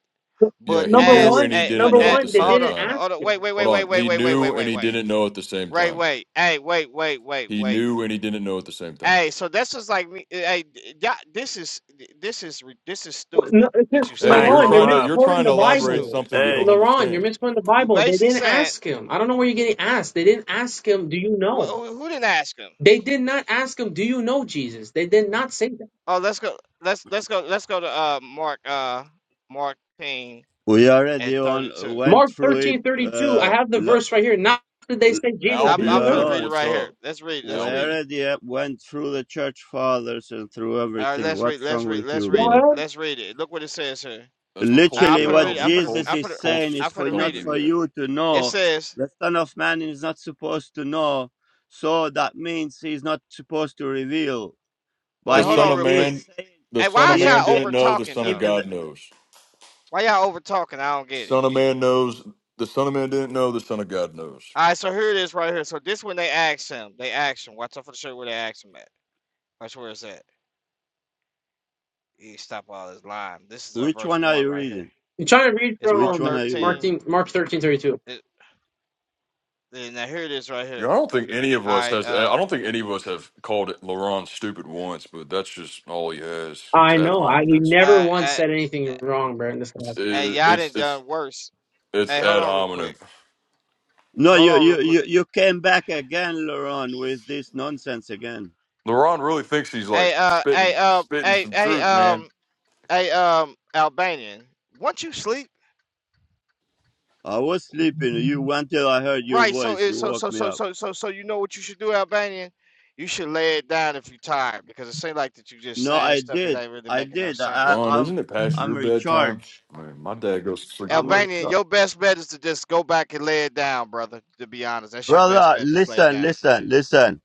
Speaker 7: Yeah,
Speaker 6: But
Speaker 7: he
Speaker 10: Number
Speaker 7: knew
Speaker 6: as
Speaker 10: one,
Speaker 7: and he
Speaker 6: a,
Speaker 7: didn't
Speaker 6: but
Speaker 10: number
Speaker 7: know
Speaker 6: a,
Speaker 7: at
Speaker 10: one,
Speaker 7: the
Speaker 10: they
Speaker 6: but
Speaker 7: same
Speaker 6: hold on,
Speaker 10: didn't
Speaker 7: time.
Speaker 10: ask
Speaker 6: hold on,
Speaker 10: him.
Speaker 6: wait, wait, wait,
Speaker 7: Hold
Speaker 6: wait,
Speaker 7: on.
Speaker 6: wait,
Speaker 7: He
Speaker 6: wait, wait, wait,
Speaker 7: knew and
Speaker 6: wait,
Speaker 7: he
Speaker 6: wait.
Speaker 7: didn't know at the same
Speaker 6: Wait,
Speaker 7: time.
Speaker 6: wait, hey, wait, wait, wait,
Speaker 7: He
Speaker 6: wait.
Speaker 7: knew and he didn't know at the same time.
Speaker 6: Hey, so this is like me. Hey, yeah, this is this is re- this is
Speaker 10: What-
Speaker 6: stupid
Speaker 10: no, it's
Speaker 6: that
Speaker 10: just,
Speaker 6: you
Speaker 7: Hey,
Speaker 11: I ain't
Speaker 6: saying.
Speaker 7: you're
Speaker 10: Laurent,
Speaker 11: gonna
Speaker 10: you're
Speaker 7: trying to
Speaker 11: lie.
Speaker 7: you're
Speaker 10: misquoting
Speaker 7: trying to
Speaker 10: the
Speaker 6: It's just
Speaker 7: elaborate
Speaker 10: Bible.
Speaker 6: stupid.
Speaker 7: something you
Speaker 10: L-
Speaker 7: don't
Speaker 11: Hey,
Speaker 10: Laurent, you're
Speaker 7: understand.
Speaker 10: misquoting the
Speaker 6: You
Speaker 10: Bible. They
Speaker 6: basically
Speaker 10: didn't
Speaker 6: saying
Speaker 10: ask him. I don't know where you're getting asked. They didn't ask him. Do you
Speaker 6: wh-
Speaker 10: know?
Speaker 6: who, who didn't ask him?
Speaker 10: They did not ask him, Do you know Jesus? They did not say that.
Speaker 6: Oh, let's go. Let's let's go. Let's go to uh Mark uh Mark Payne
Speaker 1: We
Speaker 6: at
Speaker 1: already
Speaker 6: thirty
Speaker 1: on,
Speaker 6: two.
Speaker 1: went
Speaker 10: Mark
Speaker 1: through it,
Speaker 10: thirteen thirty two. I
Speaker 1: uh,
Speaker 10: have the
Speaker 1: L-
Speaker 10: verse right here. Not did they
Speaker 1: L-
Speaker 10: say, Jesus,
Speaker 6: I'm
Speaker 10: do
Speaker 6: I'm
Speaker 10: you
Speaker 7: Albion,
Speaker 6: going gonna
Speaker 7: what
Speaker 10: know?
Speaker 6: read it
Speaker 1: Laurent.
Speaker 7: what's
Speaker 6: right here.
Speaker 7: up?
Speaker 6: Let's read. it,
Speaker 1: We
Speaker 6: Let's read it.
Speaker 7: Albion.
Speaker 1: already uh, went through the church fathers and through
Speaker 6: All right,
Speaker 1: everything.
Speaker 6: let's read.
Speaker 1: What's
Speaker 6: Let's
Speaker 1: wrong
Speaker 6: read.
Speaker 1: with
Speaker 6: Let's
Speaker 1: you,
Speaker 10: Go
Speaker 6: read it.
Speaker 1: bro?
Speaker 10: ahead.
Speaker 6: Let's read it. Look what it says here.
Speaker 7: That's what
Speaker 6: I,
Speaker 7: Colts
Speaker 6: I'm
Speaker 1: Literally,
Speaker 7: do,
Speaker 6: to
Speaker 1: what
Speaker 6: read it. I'm
Speaker 7: Albion.
Speaker 6: gonna.
Speaker 1: Jesus
Speaker 6: I'm
Speaker 7: Colts
Speaker 1: is
Speaker 6: gonna.
Speaker 1: saying
Speaker 7: Colts
Speaker 6: I'm
Speaker 1: is for
Speaker 6: gonna
Speaker 7: don't
Speaker 1: not
Speaker 6: read it.
Speaker 1: for
Speaker 7: do that.
Speaker 1: you to
Speaker 6: It
Speaker 1: know.
Speaker 6: says.
Speaker 1: The Son of Man is not supposed to know, so that means he's not supposed to reveal.
Speaker 6: Wait,
Speaker 7: The
Speaker 1: But
Speaker 6: hold
Speaker 7: Son
Speaker 1: he
Speaker 6: on
Speaker 7: of
Speaker 6: real
Speaker 1: he is
Speaker 6: quick.
Speaker 7: Man,
Speaker 1: saying
Speaker 7: the
Speaker 6: Hey,
Speaker 7: Son
Speaker 6: why
Speaker 7: of
Speaker 6: is
Speaker 1: he is
Speaker 7: Man
Speaker 6: y'all
Speaker 7: didn't
Speaker 6: over
Speaker 1: saying
Speaker 7: know. The
Speaker 6: talking
Speaker 7: Son of
Speaker 6: though?
Speaker 1: even the-
Speaker 7: God knows.
Speaker 6: Why y'all over talking? I don't get it.
Speaker 7: Son of Man knows. The Son of Man didn't know. The Son of God knows.
Speaker 6: All right, so here it is right here. So this when they asked him. They asked him. Watch out for the shirt where they asked him at. Watch where it's at. He stop all this lying. This is uh,
Speaker 1: which
Speaker 6: verse
Speaker 1: one are
Speaker 6: one
Speaker 1: you
Speaker 6: right here.
Speaker 1: reading?
Speaker 10: I'm trying to read
Speaker 6: It's Mark
Speaker 1: Which one
Speaker 10: from
Speaker 1: are you reading?
Speaker 10: Mark,
Speaker 6: thirteen.
Speaker 10: Mark thirteen thirty two.
Speaker 6: It, now here it is right
Speaker 7: Yeah,
Speaker 6: here.
Speaker 7: I don't think any of
Speaker 6: All
Speaker 7: us
Speaker 6: right.
Speaker 7: has.
Speaker 6: Uh,
Speaker 7: I don't think any of us have called it Laurent stupid once, but that's just all he has. It's
Speaker 10: I
Speaker 7: ad
Speaker 10: know. I you
Speaker 7: hominem.
Speaker 10: never
Speaker 6: I,
Speaker 10: once
Speaker 6: I,
Speaker 10: said anything wrong, bro. in This
Speaker 7: It's
Speaker 10: class.
Speaker 6: I, hey,
Speaker 7: it,
Speaker 6: y'all done
Speaker 7: it's it's
Speaker 6: done worse.
Speaker 7: it's
Speaker 6: Hey, hold
Speaker 7: ad
Speaker 6: on real
Speaker 7: hominem.
Speaker 6: quick.
Speaker 1: No,
Speaker 6: Hold
Speaker 1: you
Speaker 6: on real
Speaker 1: you
Speaker 6: quick.
Speaker 1: you, you came back again, Laurent, with this nonsense again.
Speaker 7: Laurent really thinks he's like
Speaker 6: Hey, uh, hey,
Speaker 7: spitting
Speaker 6: uh,
Speaker 7: spitting
Speaker 6: hey,
Speaker 7: some
Speaker 6: hey,
Speaker 7: truth, man.
Speaker 6: um, hey, um, Albanian. Once you sleep.
Speaker 1: I was sleeping. You went till I heard your
Speaker 6: Right. So
Speaker 1: voice.
Speaker 6: it
Speaker 1: You
Speaker 6: so so
Speaker 1: woke me
Speaker 6: so
Speaker 1: up.
Speaker 6: so so so you know what you should do, Albanian? You should lay it down if you're tired because it seems like that you just
Speaker 1: No,
Speaker 6: saying
Speaker 1: I
Speaker 6: stuff that
Speaker 1: did.
Speaker 6: ain't really
Speaker 1: I
Speaker 6: making no
Speaker 1: did. I
Speaker 6: sense.
Speaker 7: Ron,
Speaker 1: I'm
Speaker 7: isn't it past your
Speaker 1: I'm
Speaker 7: bedtime?
Speaker 1: recharged.
Speaker 7: Man, my dad goes to sleep at
Speaker 1: I'm
Speaker 7: like
Speaker 6: Albanian,
Speaker 1: recharged.
Speaker 6: your best bet is to just go back and lay it down, brother. To be honest, that's your best
Speaker 1: Brother,
Speaker 6: bet. Just lay it
Speaker 1: listen,
Speaker 6: down.
Speaker 1: listen, listen.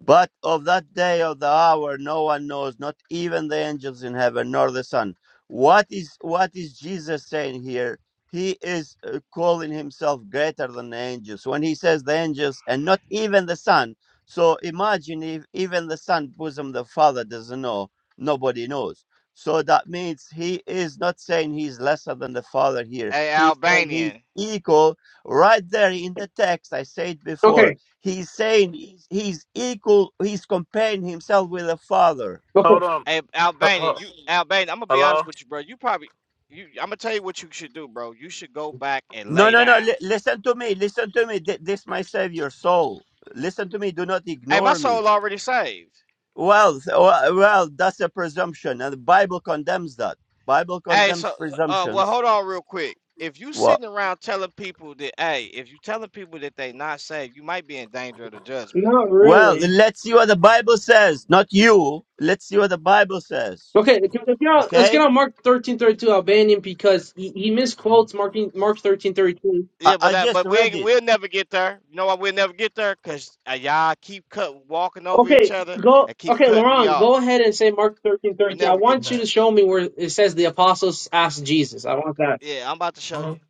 Speaker 1: But of that day of the hour no one knows, not even the angels in heaven nor the Son. What is what is Jesus saying here? He is uh, calling himself greater than the angels. When he says the angels and not even the Son, so imagine if even the Son bosom the Father doesn't know, nobody knows. So that means he is not saying he's lesser than the Father here.
Speaker 6: Hey,
Speaker 1: He's saying he's
Speaker 6: Albanian.
Speaker 1: equal right there in the text. I said before
Speaker 10: okay.
Speaker 1: He's saying he's he's equal. He's comparing himself with the Father.
Speaker 10: Okay.
Speaker 11: hold on.
Speaker 6: Hey,
Speaker 11: H-
Speaker 6: Albanian.
Speaker 11: h-
Speaker 6: You Albanian. I'm gonna be
Speaker 11: Hello.
Speaker 6: honest with you, bro. You probably you. I'm gonna tell you what you should do, bro. You should go back and
Speaker 1: No,
Speaker 6: lay
Speaker 1: no, no.
Speaker 6: down.
Speaker 1: li- listen to me. Listen to me. Th- this might save your soul. Listen to me. Do not
Speaker 6: Hey, my
Speaker 1: ignore me.
Speaker 6: soul already saved.
Speaker 1: Well, th- well, well, that's a presumption, and the Bible condemns that. Bible
Speaker 6: Hey, so
Speaker 1: condemns
Speaker 6: so, uh, well,
Speaker 1: presumptions.
Speaker 6: hold on real quick. If you
Speaker 1: Well,
Speaker 6: sitting around telling people that, hey, if you telling people that they not saved, you might be in danger of the judgment.
Speaker 10: Not
Speaker 1: well,
Speaker 10: really.
Speaker 1: let's see what the Bible says. Not you. Let's see what the Bible says.
Speaker 10: Okay, let's get on, let's get
Speaker 1: Okay?
Speaker 10: on Mark thirteen thirty two Albanian because he, he misquotes Mark Mark thirteen thirty two.
Speaker 1: I,
Speaker 6: Yeah, but
Speaker 1: I
Speaker 6: that,
Speaker 1: just
Speaker 6: but we
Speaker 1: read
Speaker 6: ain't,
Speaker 1: it.
Speaker 6: we'll never get there. You know why we'll never get there? Cause uh, y'all keep cut walking over each
Speaker 10: Okay,
Speaker 6: other
Speaker 10: go.
Speaker 6: and keep
Speaker 10: Okay,
Speaker 6: cutting me
Speaker 10: Laurent,
Speaker 6: off.
Speaker 10: go ahead and say Mark thirteen
Speaker 6: We'll
Speaker 10: thirteen. I
Speaker 6: never get
Speaker 10: want you to
Speaker 6: there.
Speaker 10: show me where it says the apostles asked Jesus. I want that.
Speaker 6: Yeah, I'm about to show you.
Speaker 11: Mhm.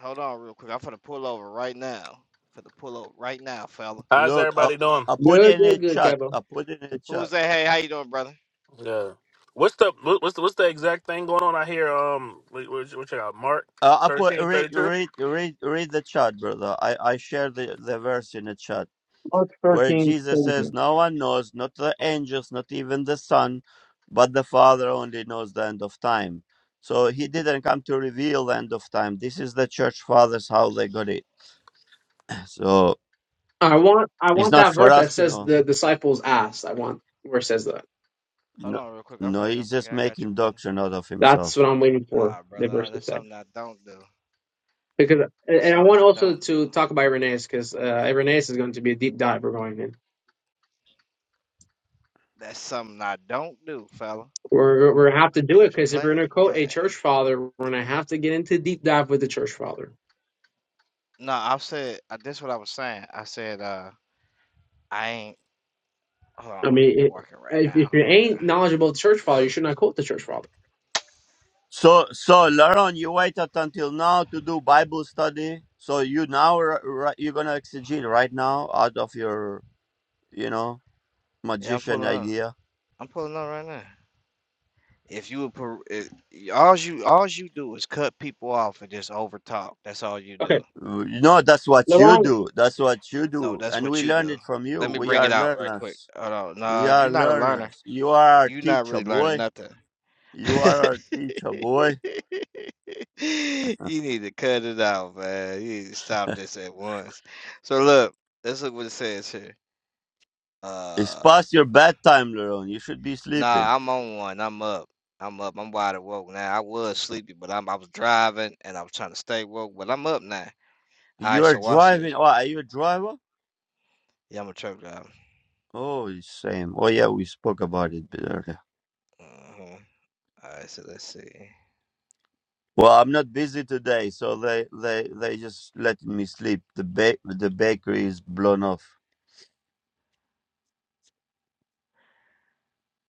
Speaker 6: Hold on real quick. I'm finna pull over right now. Finna pull over right now, fella.
Speaker 11: How's
Speaker 1: Look, I,
Speaker 11: everybody doing?
Speaker 1: I put it
Speaker 10: Good,
Speaker 1: in a
Speaker 10: good, good,
Speaker 1: chat.
Speaker 10: Kevo.
Speaker 1: I put it in a
Speaker 6: Who
Speaker 1: chat.
Speaker 6: is that? Hey, how you doing, brother?
Speaker 11: Yeah. What's the what- what's the, what's the exact thing going on out here? Um, what, what, what you got? Mark
Speaker 1: Uh, I put
Speaker 11: thirteen
Speaker 1: read
Speaker 11: thirty two.
Speaker 1: read read read the chat, brother. I I share the the verse in the chat
Speaker 10: Mark
Speaker 1: where
Speaker 10: thirteen
Speaker 1: Jesus says,
Speaker 10: thirteen.
Speaker 1: "No one knows, not the angels, not even the Son, but the Father only knows the end of time." So he didn't come to reveal the end of time. This is the church fathers how they got it. So
Speaker 10: I want. I
Speaker 1: it's
Speaker 10: want
Speaker 1: not
Speaker 10: that
Speaker 1: for
Speaker 10: verse that
Speaker 1: us to
Speaker 10: says
Speaker 1: know.
Speaker 10: the disciples asked. I want where it says that.
Speaker 6: Hold
Speaker 1: No,
Speaker 6: on real quick. I'm
Speaker 1: no
Speaker 6: finna, I'm
Speaker 1: he's
Speaker 6: finna,
Speaker 1: just
Speaker 6: I got you,
Speaker 1: making
Speaker 6: brother.
Speaker 1: doctrine out of himself.
Speaker 10: That's what I'm waiting for.
Speaker 6: Ah,
Speaker 10: The
Speaker 6: brother, ah,
Speaker 10: verse to
Speaker 6: that's
Speaker 10: say
Speaker 6: something I don't do.
Speaker 10: because,
Speaker 6: That's
Speaker 10: and I
Speaker 6: something
Speaker 10: want
Speaker 6: I
Speaker 10: also
Speaker 6: don't do.
Speaker 10: to talk about Irenaeus because uh, Irenaeus is going to be a deep dive we're going in.
Speaker 6: That's something I don't do, fella.
Speaker 10: We're we're gonna have to do it
Speaker 6: Is
Speaker 10: because if we're
Speaker 6: play
Speaker 10: gonna
Speaker 6: game.
Speaker 10: quote a church father, we're gonna have to get into deep dive with the church father.
Speaker 6: No, I said uh, this. What I was saying. I said uh, I ain't. Hold
Speaker 10: I
Speaker 6: on,
Speaker 10: mean, it,
Speaker 6: walking right
Speaker 10: if,
Speaker 6: now.
Speaker 10: if you
Speaker 6: Hold on,
Speaker 10: ain't
Speaker 6: yeah.
Speaker 10: knowledgeable of the church father, you should not quote the church father.
Speaker 1: So, so Laron, you waited until now to do Bible study. So you now r- r- you're gonna exegete right now out of your, you know,
Speaker 6: Yeah, I'm
Speaker 1: magician
Speaker 6: pulling up.
Speaker 1: idea.
Speaker 6: I'm pulling up right now. If you would, per- it, all you all you do is cut people off and just over talk. That's all you do.
Speaker 10: Okay,
Speaker 1: Uh, No, that's what you
Speaker 10: Laurent,
Speaker 1: do. That's what you
Speaker 6: No,
Speaker 1: do,
Speaker 6: that's
Speaker 1: and
Speaker 6: what
Speaker 1: we
Speaker 6: you
Speaker 1: learned
Speaker 6: do.
Speaker 1: it from you.
Speaker 6: Let me
Speaker 1: We
Speaker 6: bring
Speaker 1: are
Speaker 6: it out right quick.
Speaker 1: learners.
Speaker 6: Hold on.
Speaker 1: We
Speaker 6: No,
Speaker 1: are
Speaker 6: you're not a learner.
Speaker 1: learners. You are our
Speaker 6: you are not
Speaker 1: teacher,
Speaker 6: really learning
Speaker 1: boy.
Speaker 6: nothing.
Speaker 1: You are our teacher, boy.
Speaker 6: You need to cut it out, man. You need to stop this at once. So look, let's look what it says here.
Speaker 1: It's
Speaker 6: Uh,
Speaker 1: past your bedtime, Laron. You should be sleeping.
Speaker 6: nah, I'm on one. I'm up. I'm up. I'm wide awake now. I was sleepy, but I'm I was driving and I was trying to stay woke, but I'm up now. All right,
Speaker 1: You are
Speaker 6: so watch this.
Speaker 1: driving. Oh, are you a driver?
Speaker 6: Yeah, I'm a truck driver.
Speaker 1: Oh, same. Oh, yeah, we spoke about it earlier.
Speaker 6: Uh-huh. All right, so let's see.
Speaker 1: Well, I'm not busy today, so they they they just letting me sleep. The ba- the bakery is blown off.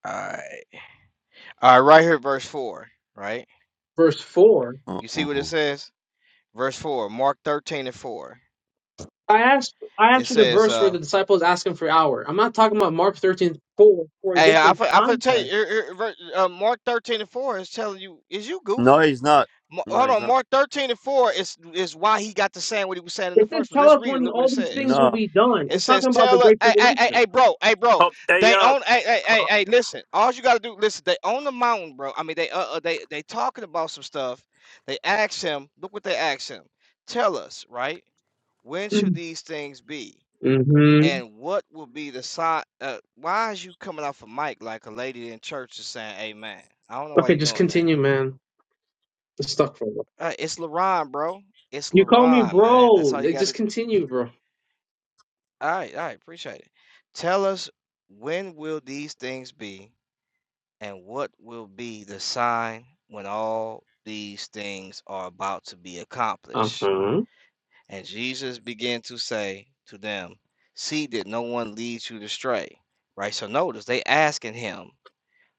Speaker 6: All right, all right, right here, verse four. Right,
Speaker 10: verse four.
Speaker 6: you see what it
Speaker 1: Uh-uh.
Speaker 6: says? Verse four, Mark thirteen and four.
Speaker 10: I asked, I
Speaker 6: It
Speaker 10: asked you the
Speaker 6: says,
Speaker 10: verse where
Speaker 6: uh.
Speaker 10: the disciples ask him for hour. I'm not talking about Mark 13 4 for a
Speaker 6: Hey, I
Speaker 10: different
Speaker 6: fin I finna tell
Speaker 10: context.
Speaker 6: you, er, er, ver- uh, Mark thirteen and four is telling you, is you
Speaker 1: No,
Speaker 6: goofy?
Speaker 1: it's not.
Speaker 6: Ma-
Speaker 1: No,
Speaker 6: Hold
Speaker 1: it's
Speaker 6: on,
Speaker 1: not.
Speaker 6: Mark thirteen and four is is why he got to saying what he was saying in the
Speaker 10: It says,
Speaker 6: first one.
Speaker 10: tell
Speaker 6: Let's
Speaker 10: us
Speaker 6: read it.
Speaker 10: when
Speaker 6: Look what it
Speaker 10: all these things
Speaker 6: says.
Speaker 10: will
Speaker 1: No,
Speaker 10: be done.
Speaker 6: It
Speaker 10: It's
Speaker 6: says,
Speaker 10: talking about the
Speaker 6: "Tell her,
Speaker 10: great
Speaker 6: hey, hey,
Speaker 10: tribulation.
Speaker 6: hey, hey, bro, hey, bro,
Speaker 11: Oh, hey
Speaker 6: they
Speaker 11: y'all.
Speaker 6: own, hey, hey, hey, hey, listen. All you gotta do, listen. They own the mountain, bro. I mean, they, uh, uh they, they talking about some stuff. They asked him. Look what they asked him. Tell us, right? When should these things be?
Speaker 10: hmm
Speaker 6: And what will be the sign? Uh, why is you coming off a mic like a lady in church is saying amen? I don't know why
Speaker 10: Okay,
Speaker 6: you
Speaker 10: just
Speaker 6: doing that.
Speaker 10: continue, man. It's stuck for a while.
Speaker 6: Uh, it's LaRon, bro. It's
Speaker 10: You call me
Speaker 6: LaRon, man. That's
Speaker 10: bro.
Speaker 6: all you
Speaker 10: They
Speaker 6: got to
Speaker 10: just
Speaker 6: do.
Speaker 10: continue, bro.
Speaker 6: All right, all right. Appreciate it. Tell us when will these things be and what will be the sign when all these things are about to be
Speaker 10: Uh
Speaker 6: accomplished?
Speaker 10: huh.
Speaker 6: And Jesus began to say to them, See that no one leads you astray. Right? So notice they asking him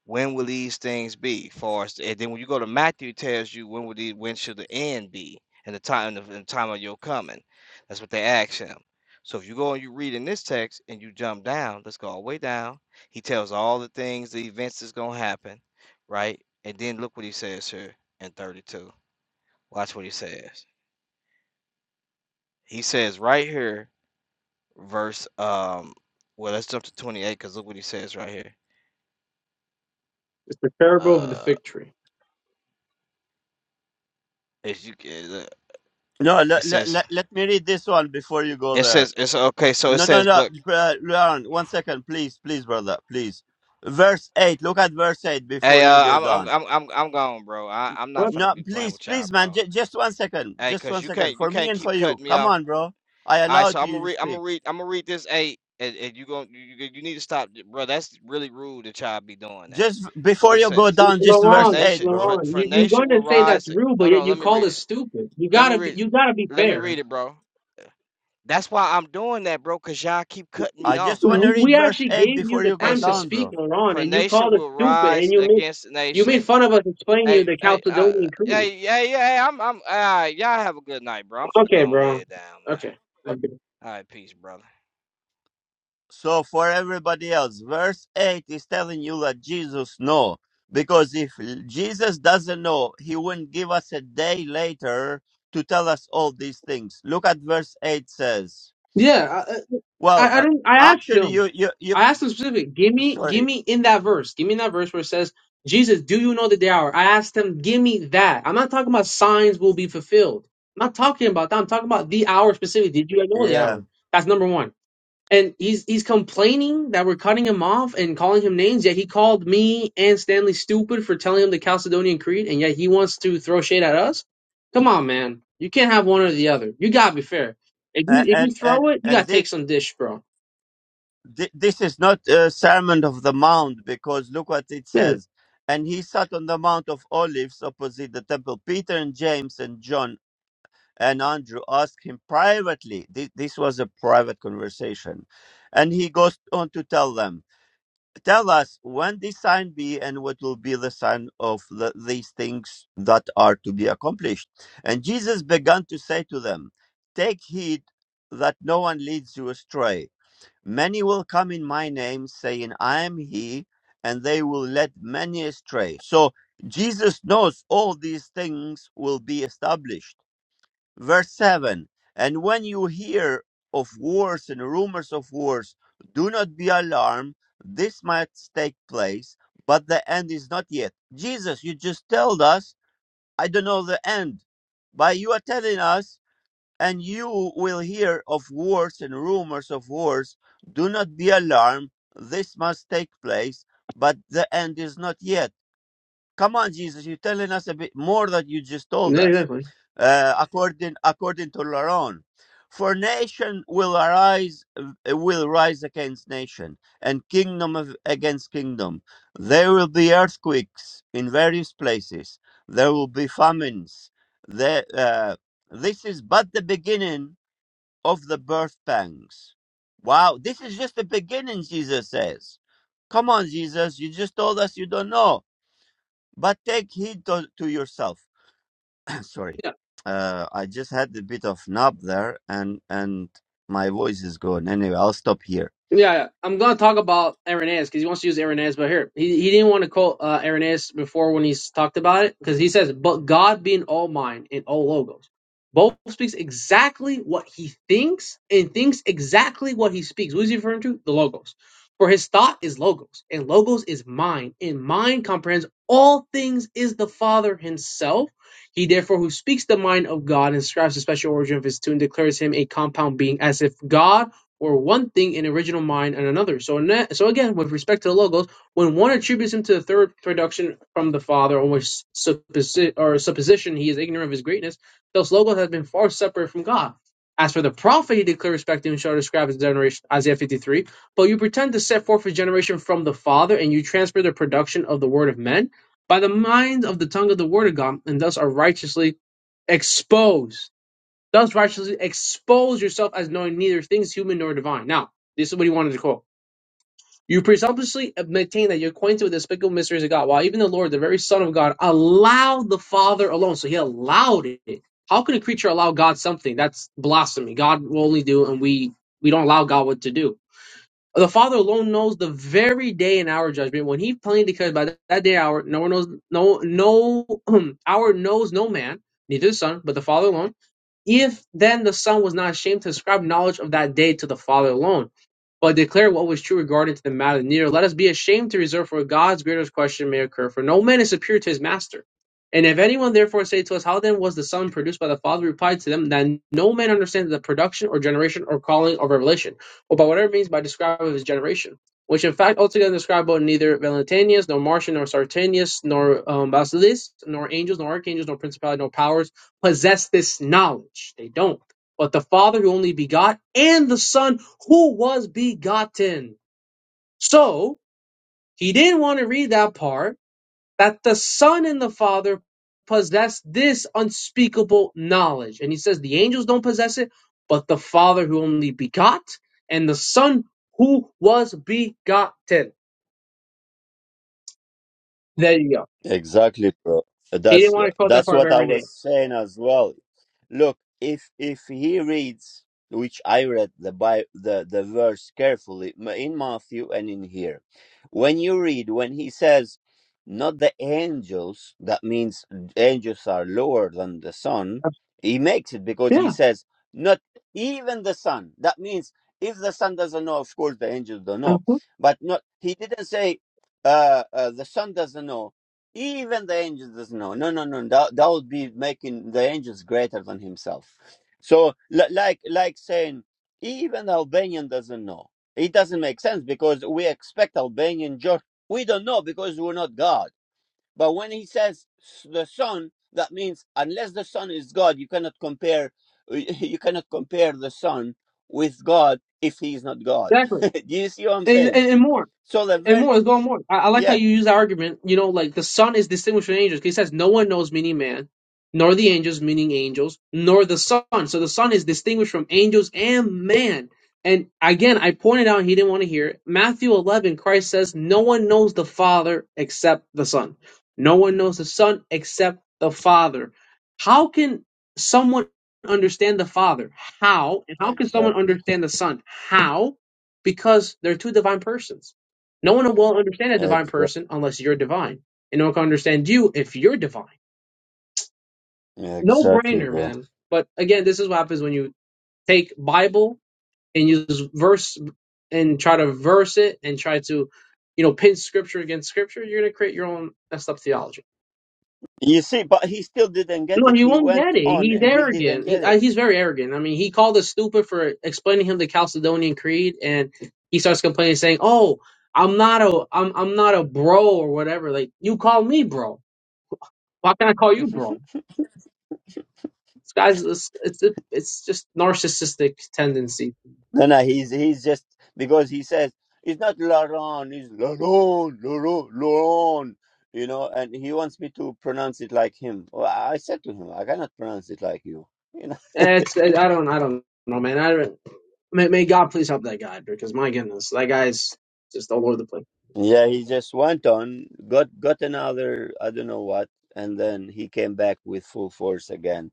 Speaker 6: when will these things be? For us, and then when you go to Matthew, it tells you when will the when should the end be, and the time of the and the time of your coming. That's what they ask him. So if you go and you read in this text and you jump down, let's go all the way down. He tells all the things, the events that's gonna happen, right? And then look what he says here in 32. Watch what he says. He says right here, verse um, well let's jump to 28 because look what he says right here.
Speaker 10: It's the parable of the
Speaker 6: Uh,
Speaker 10: fig tree.
Speaker 6: as you can,
Speaker 1: no.
Speaker 6: it
Speaker 1: Let, let,
Speaker 6: says.
Speaker 1: let, let me read this one before you go
Speaker 6: It
Speaker 1: there.
Speaker 6: says it's okay. So it
Speaker 1: No, no,
Speaker 6: says,
Speaker 1: no.
Speaker 6: but
Speaker 1: Uh, Leon, one second, please, please, brother, please. Verse eight. Look at verse eight before
Speaker 6: hey, uh,
Speaker 1: you go
Speaker 6: I'm I'm
Speaker 1: down.
Speaker 6: I'm I'm I'm gone, bro. I I'm not
Speaker 10: What?
Speaker 6: finna
Speaker 1: No,
Speaker 6: be playing
Speaker 1: please,
Speaker 6: with y'all,
Speaker 1: please, man.
Speaker 6: bro.
Speaker 1: J- just one second.
Speaker 6: Hey,
Speaker 1: Just
Speaker 6: cause
Speaker 1: one
Speaker 6: you
Speaker 1: second.
Speaker 6: can't you
Speaker 1: For me
Speaker 6: can't
Speaker 1: and for
Speaker 6: keep
Speaker 1: you.
Speaker 6: cutting me
Speaker 1: Come
Speaker 6: off.
Speaker 1: on, bro. I
Speaker 6: All right,
Speaker 1: allowed
Speaker 6: so I'm gonna
Speaker 1: you to
Speaker 6: read I'm gonna
Speaker 1: speak.
Speaker 6: read I'm gonna read this eight, and, and you going you you you need to stop, bro. That's really rude that y'all be doing that.
Speaker 1: Just
Speaker 6: Look
Speaker 1: before
Speaker 6: what it
Speaker 1: you go
Speaker 6: says.
Speaker 1: down, just
Speaker 6: For
Speaker 1: verse
Speaker 10: Laurent,
Speaker 6: nation
Speaker 1: eight, bro.
Speaker 6: for
Speaker 10: Laurent,
Speaker 6: for
Speaker 10: you you're
Speaker 6: nation
Speaker 10: going
Speaker 6: will
Speaker 10: to say that's
Speaker 6: rise.
Speaker 10: rude, but
Speaker 6: Hold
Speaker 10: yet
Speaker 6: on,
Speaker 10: you
Speaker 6: let me
Speaker 10: call
Speaker 6: read
Speaker 10: us
Speaker 6: it.
Speaker 10: stupid. You
Speaker 6: Let me
Speaker 10: gotta be,
Speaker 6: read.
Speaker 10: you gotta be
Speaker 6: Let me
Speaker 10: fair.
Speaker 6: read it, bro. That's why I'm doing that, bro. Cause y'all keep cutting me
Speaker 1: I
Speaker 6: off,
Speaker 1: just want to
Speaker 6: bro.
Speaker 10: W-
Speaker 1: read
Speaker 10: We
Speaker 1: verse
Speaker 10: actually
Speaker 1: 8
Speaker 10: gave you
Speaker 1: before
Speaker 10: the
Speaker 1: you
Speaker 6: Hey,
Speaker 1: go
Speaker 10: time to
Speaker 6: so
Speaker 1: down,
Speaker 10: speak,
Speaker 1: bro.
Speaker 10: Laurent,
Speaker 6: for
Speaker 10: and you
Speaker 6: nation
Speaker 10: called us
Speaker 6: will
Speaker 10: stupid,
Speaker 6: rise
Speaker 10: and you made
Speaker 6: against
Speaker 10: you
Speaker 6: nation
Speaker 10: made fun of us explaining you
Speaker 6: Hey,
Speaker 10: the
Speaker 6: hey, uh,
Speaker 10: Chalcedonian Creed.
Speaker 6: hey, hey, hey, I'm, I'm, uh, y'all have a good night, bro. I'm finna
Speaker 10: Okay,
Speaker 6: go and lay
Speaker 10: bro.
Speaker 6: it down, man.
Speaker 10: Okay. okay.
Speaker 6: All right, peace, brother.
Speaker 1: So, for everybody else, verse 8 is telling you that Jesus know. Because if Jesus doesn't know, he wouldn't give us a day later to tell us all these things. Look at verse 8 says.
Speaker 10: Yeah.
Speaker 1: Well,
Speaker 10: I, I
Speaker 1: uh,
Speaker 10: don't. I asked
Speaker 1: actually,
Speaker 10: him.
Speaker 1: you, you, you,
Speaker 10: I asked him specifically. Give me, give
Speaker 1: sorry.
Speaker 10: me in that verse. Give me in that verse where it says, "Jesus, do you know the day hour?" I asked him, "Give me that." I'm not talking about signs will be fulfilled. I'm not talking about that. I'm talking about the hour specifically. Did you know the
Speaker 1: Yeah.
Speaker 10: hour? That's number one. And he's he's complaining that we're cutting him off and calling him names. Yet he called me and Stanley stupid for telling him the Chalcedonian Creed, and yet he wants to throw shade at us. Come on, man. You can't have one or the other. You gotta be fair. If you
Speaker 1: And,
Speaker 10: if you
Speaker 1: and, and,
Speaker 10: throw it, you
Speaker 1: and
Speaker 10: gotta
Speaker 1: thi-
Speaker 10: take some dish, bro.
Speaker 1: Th- this is not a sermon of the mount because look what it
Speaker 10: Yeah,
Speaker 1: says and he sat on the mount of olives opposite the temple peter and james and john and andrew asked him privately thi- this was a private conversation and he goes on to tell them tell us when this sign be and what will be the sign of the, these things that are to be accomplished and jesus began to say to them take heed that no one leads you astray Many will come in my name, saying, I am he, and they will lead many astray. So Jesus knows all these things will be established. Verse 7 And when you hear of wars and rumors of wars, do not be alarmed. This might take place, but the end is not yet. Jesus, you just told us, I don't know the end. But you are telling us and you will hear of wars and rumors of wars. Do not be alarmed, this must take place, but the end is not yet. Come on, Jesus, you're telling us a bit more that you just told
Speaker 10: yeah,
Speaker 1: us.
Speaker 10: exactly.
Speaker 1: Uh, according according to Laron, for nation will arise uh, will rise against nation, and kingdom of, against kingdom. There will be earthquakes in various places. There will be famines. There, uh, this is but the beginning of the birth pangs. Wow, this is just the beginning, Jesus says. Come on, Jesus, you just told us you don't know. But take heed to, to yourself. Sorry,
Speaker 10: Yeah.
Speaker 1: uh, I just had a bit of nub there, and and my voice is gone. Anyway, I'll stop here.
Speaker 10: Yeah, yeah. I'm gonna talk about Irenaeus because he wants to use Irenaeus, but here he, he didn't want to quote uh, Irenaeus before when he's talked about it because he says, "But God being all mind and all logos, both speaks exactly what he thinks and thinks exactly what he speaks." What is he referring to? The logos, for his thought is logos, and logos is mind, and mind comprehends all things. Is the Father Himself? He therefore who speaks the mind of God and describes the special origin of His tune declares Him a compound being, as if God or one thing in original mind and another. So that, so again, with respect to the logos, when one attributes him to the third production from the Father, or which supposi- or supposition he is ignorant of his greatness, those logos have been far separate from God. As for the prophet, he declared respecting and shall describe his generation, Isaiah 53. But you pretend to set forth his generation from the Father, and you transfer the production of the word of men by the mind of the tongue of the word of God, and thus are righteously exposed Thus righteously expose yourself as knowing neither things human nor divine. Now, this is what he wanted to quote. You presumptuously maintain that you're acquainted with the despicable mysteries of God, while even the Lord, the very Son of God, allowed the Father alone. So he allowed it. How could a creature allow God something? That's blasphemy. God will only do, and we we don't allow God what to do. The Father alone knows the very day and hour of judgment when He plainly declares by that that day hour, no one knows, no no hour knows no man, neither the Son, but the Father alone if then the Son was not ashamed to ascribe knowledge of that day to the Father alone, but declare what was true regarding to the matter near, let us be ashamed to reserve for God's greatest question may occur, for no man is superior to his master. And if anyone therefore say to us, How then was the Son produced by the Father? Reply to them that no man understands the production or generation or calling or revelation, or by whatever means by describing his generation, which in fact altogether describe both neither Valentinius, nor Martian, nor Sartanius, nor um, Basileus, nor angels, nor archangels, nor principalities, nor powers possess this knowledge. They don't. But the Father who only begot and the Son who was begotten. So he didn't want to read that part that the Son and the Father possess this unspeakable knowledge. And he says the angels don't possess it, but the Father who only begot and the Son who was begotten. There you go.
Speaker 1: Exactly, bro.
Speaker 10: He didn't
Speaker 1: That's
Speaker 10: want to quote that
Speaker 1: that's
Speaker 10: part of
Speaker 1: what I
Speaker 10: every
Speaker 1: was
Speaker 10: name.
Speaker 1: saying as well. Look, if if he reads, which I read the by the the verse carefully m- in Matthew and in here, when you read when he says, "Not the angels," that means angels are lower than the sun. He makes it because he
Speaker 10: Yeah,
Speaker 1: says, "Not even the sun. That means if the sun doesn't know, of course the angels don't know,
Speaker 10: uh-huh,
Speaker 1: but not. He didn't say uh, uh, the sun doesn't know even the angels doesn't know. No, no, no. no. That, that would be making the angels greater than himself. So, li- like, like saying, even the Albanian doesn't know. It doesn't make sense because we expect Albanian George. We don't know because we're not God. But when he says s- the Son, that means unless the Son is God, you cannot compare. You cannot compare the Son with God if he is not God.
Speaker 10: exactly.
Speaker 1: Do you see what I'm
Speaker 10: And,
Speaker 1: saying?
Speaker 10: and, and more.
Speaker 1: So the
Speaker 10: And
Speaker 1: very
Speaker 10: more, let's go on more. I, I like how
Speaker 1: yeah,
Speaker 10: you use that argument. You know, like the Son is distinguished from the angels. 'cause He says, No one knows, meaning man, nor the angels, meaning angels, nor the Son. So the Son is distinguished from angels and man. And again, I pointed out he didn't want to hear it. Matthew 11, Christ says, No one knows the Father except the Son. No one knows the Son except the Father. How can someone understand the Father? How? And how can someone
Speaker 1: exactly,
Speaker 10: understand the Son? How? Because they're two divine persons. No one will understand a divine
Speaker 1: exactly.
Speaker 10: person unless you're divine. And no one can understand you if you're divine.
Speaker 1: Yeah,
Speaker 10: No
Speaker 1: exactly,
Speaker 10: brainer,
Speaker 1: bro.
Speaker 10: man. But again, this is what happens when you take Bible and use verse and try to verse it and try to, you know, pin scripture against scripture, you're gonna create your own messed up theology.
Speaker 1: You see, but he still didn't get
Speaker 10: No,
Speaker 1: it.
Speaker 10: he
Speaker 1: He
Speaker 10: won't
Speaker 1: went
Speaker 10: get it.
Speaker 1: on
Speaker 10: He's
Speaker 1: and he didn't
Speaker 10: arrogant.
Speaker 1: get
Speaker 10: He, I,
Speaker 1: it.
Speaker 10: he's very arrogant. I mean, he called us stupid for explaining him the Chalcedonian Creed, and he starts complaining, saying, "Oh, I'm not a, I'm, I'm not a bro or whatever. Like you call me bro. Why can't I call you bro? This guy's it's it's, it's just narcissistic tendency.
Speaker 1: No, no, he's he's just because he says it's not Laurent, it's Laurent, Laurent, Laurent. You know, and he wants me to pronounce it like him. Well, I said to him, I cannot pronounce it like you. You know.
Speaker 10: It's I don't I don't know, man. I don't. May, may God please help that guy because my goodness, that guy's just all over the place.
Speaker 1: Yeah, he just went on, got got another I don't know what, and then he came back with full force again,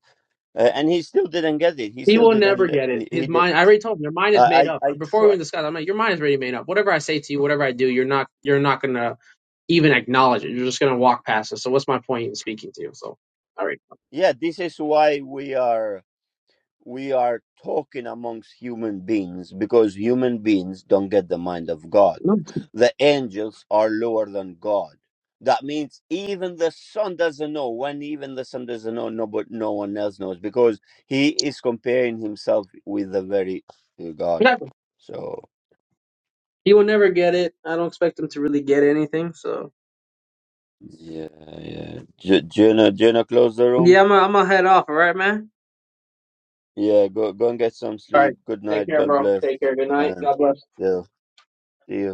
Speaker 1: uh, and he still didn't get it. He
Speaker 10: He
Speaker 1: still
Speaker 10: will never
Speaker 1: didn't.
Speaker 10: get it.
Speaker 1: li- He
Speaker 10: His
Speaker 1: did.
Speaker 10: mind. I already told him your mind is made
Speaker 1: I
Speaker 10: up.
Speaker 1: I, I
Speaker 10: Before we
Speaker 1: tried.
Speaker 10: even discussed, I'm like, your mind is already made up. Whatever I say to you, whatever I do, you're not you're not gonna even acknowledge it. You're just gonna walk past it. So what's my point in speaking to you? So all right,
Speaker 1: yeah this is why we are we are talking amongst human beings because human beings don't get the mind of god
Speaker 10: no,
Speaker 1: the angels are lower than god that means even the son doesn't know when even the son doesn't know no but no one else knows because he is comparing himself with the very uh, god
Speaker 10: nothing.
Speaker 1: so
Speaker 10: He will never get it. I don't expect him to really get anything. So.
Speaker 1: yeah yeah J- jenna jenna close the room
Speaker 10: Yeah, I'm gonna I'm gonna head off, all right, man?
Speaker 1: yeah go go and get some
Speaker 10: All right.
Speaker 1: sleep good
Speaker 10: Take
Speaker 1: night
Speaker 10: care,
Speaker 1: god
Speaker 10: bro.
Speaker 1: bless
Speaker 10: Take care. Good night.
Speaker 1: and
Speaker 10: God bless.
Speaker 1: yeah see you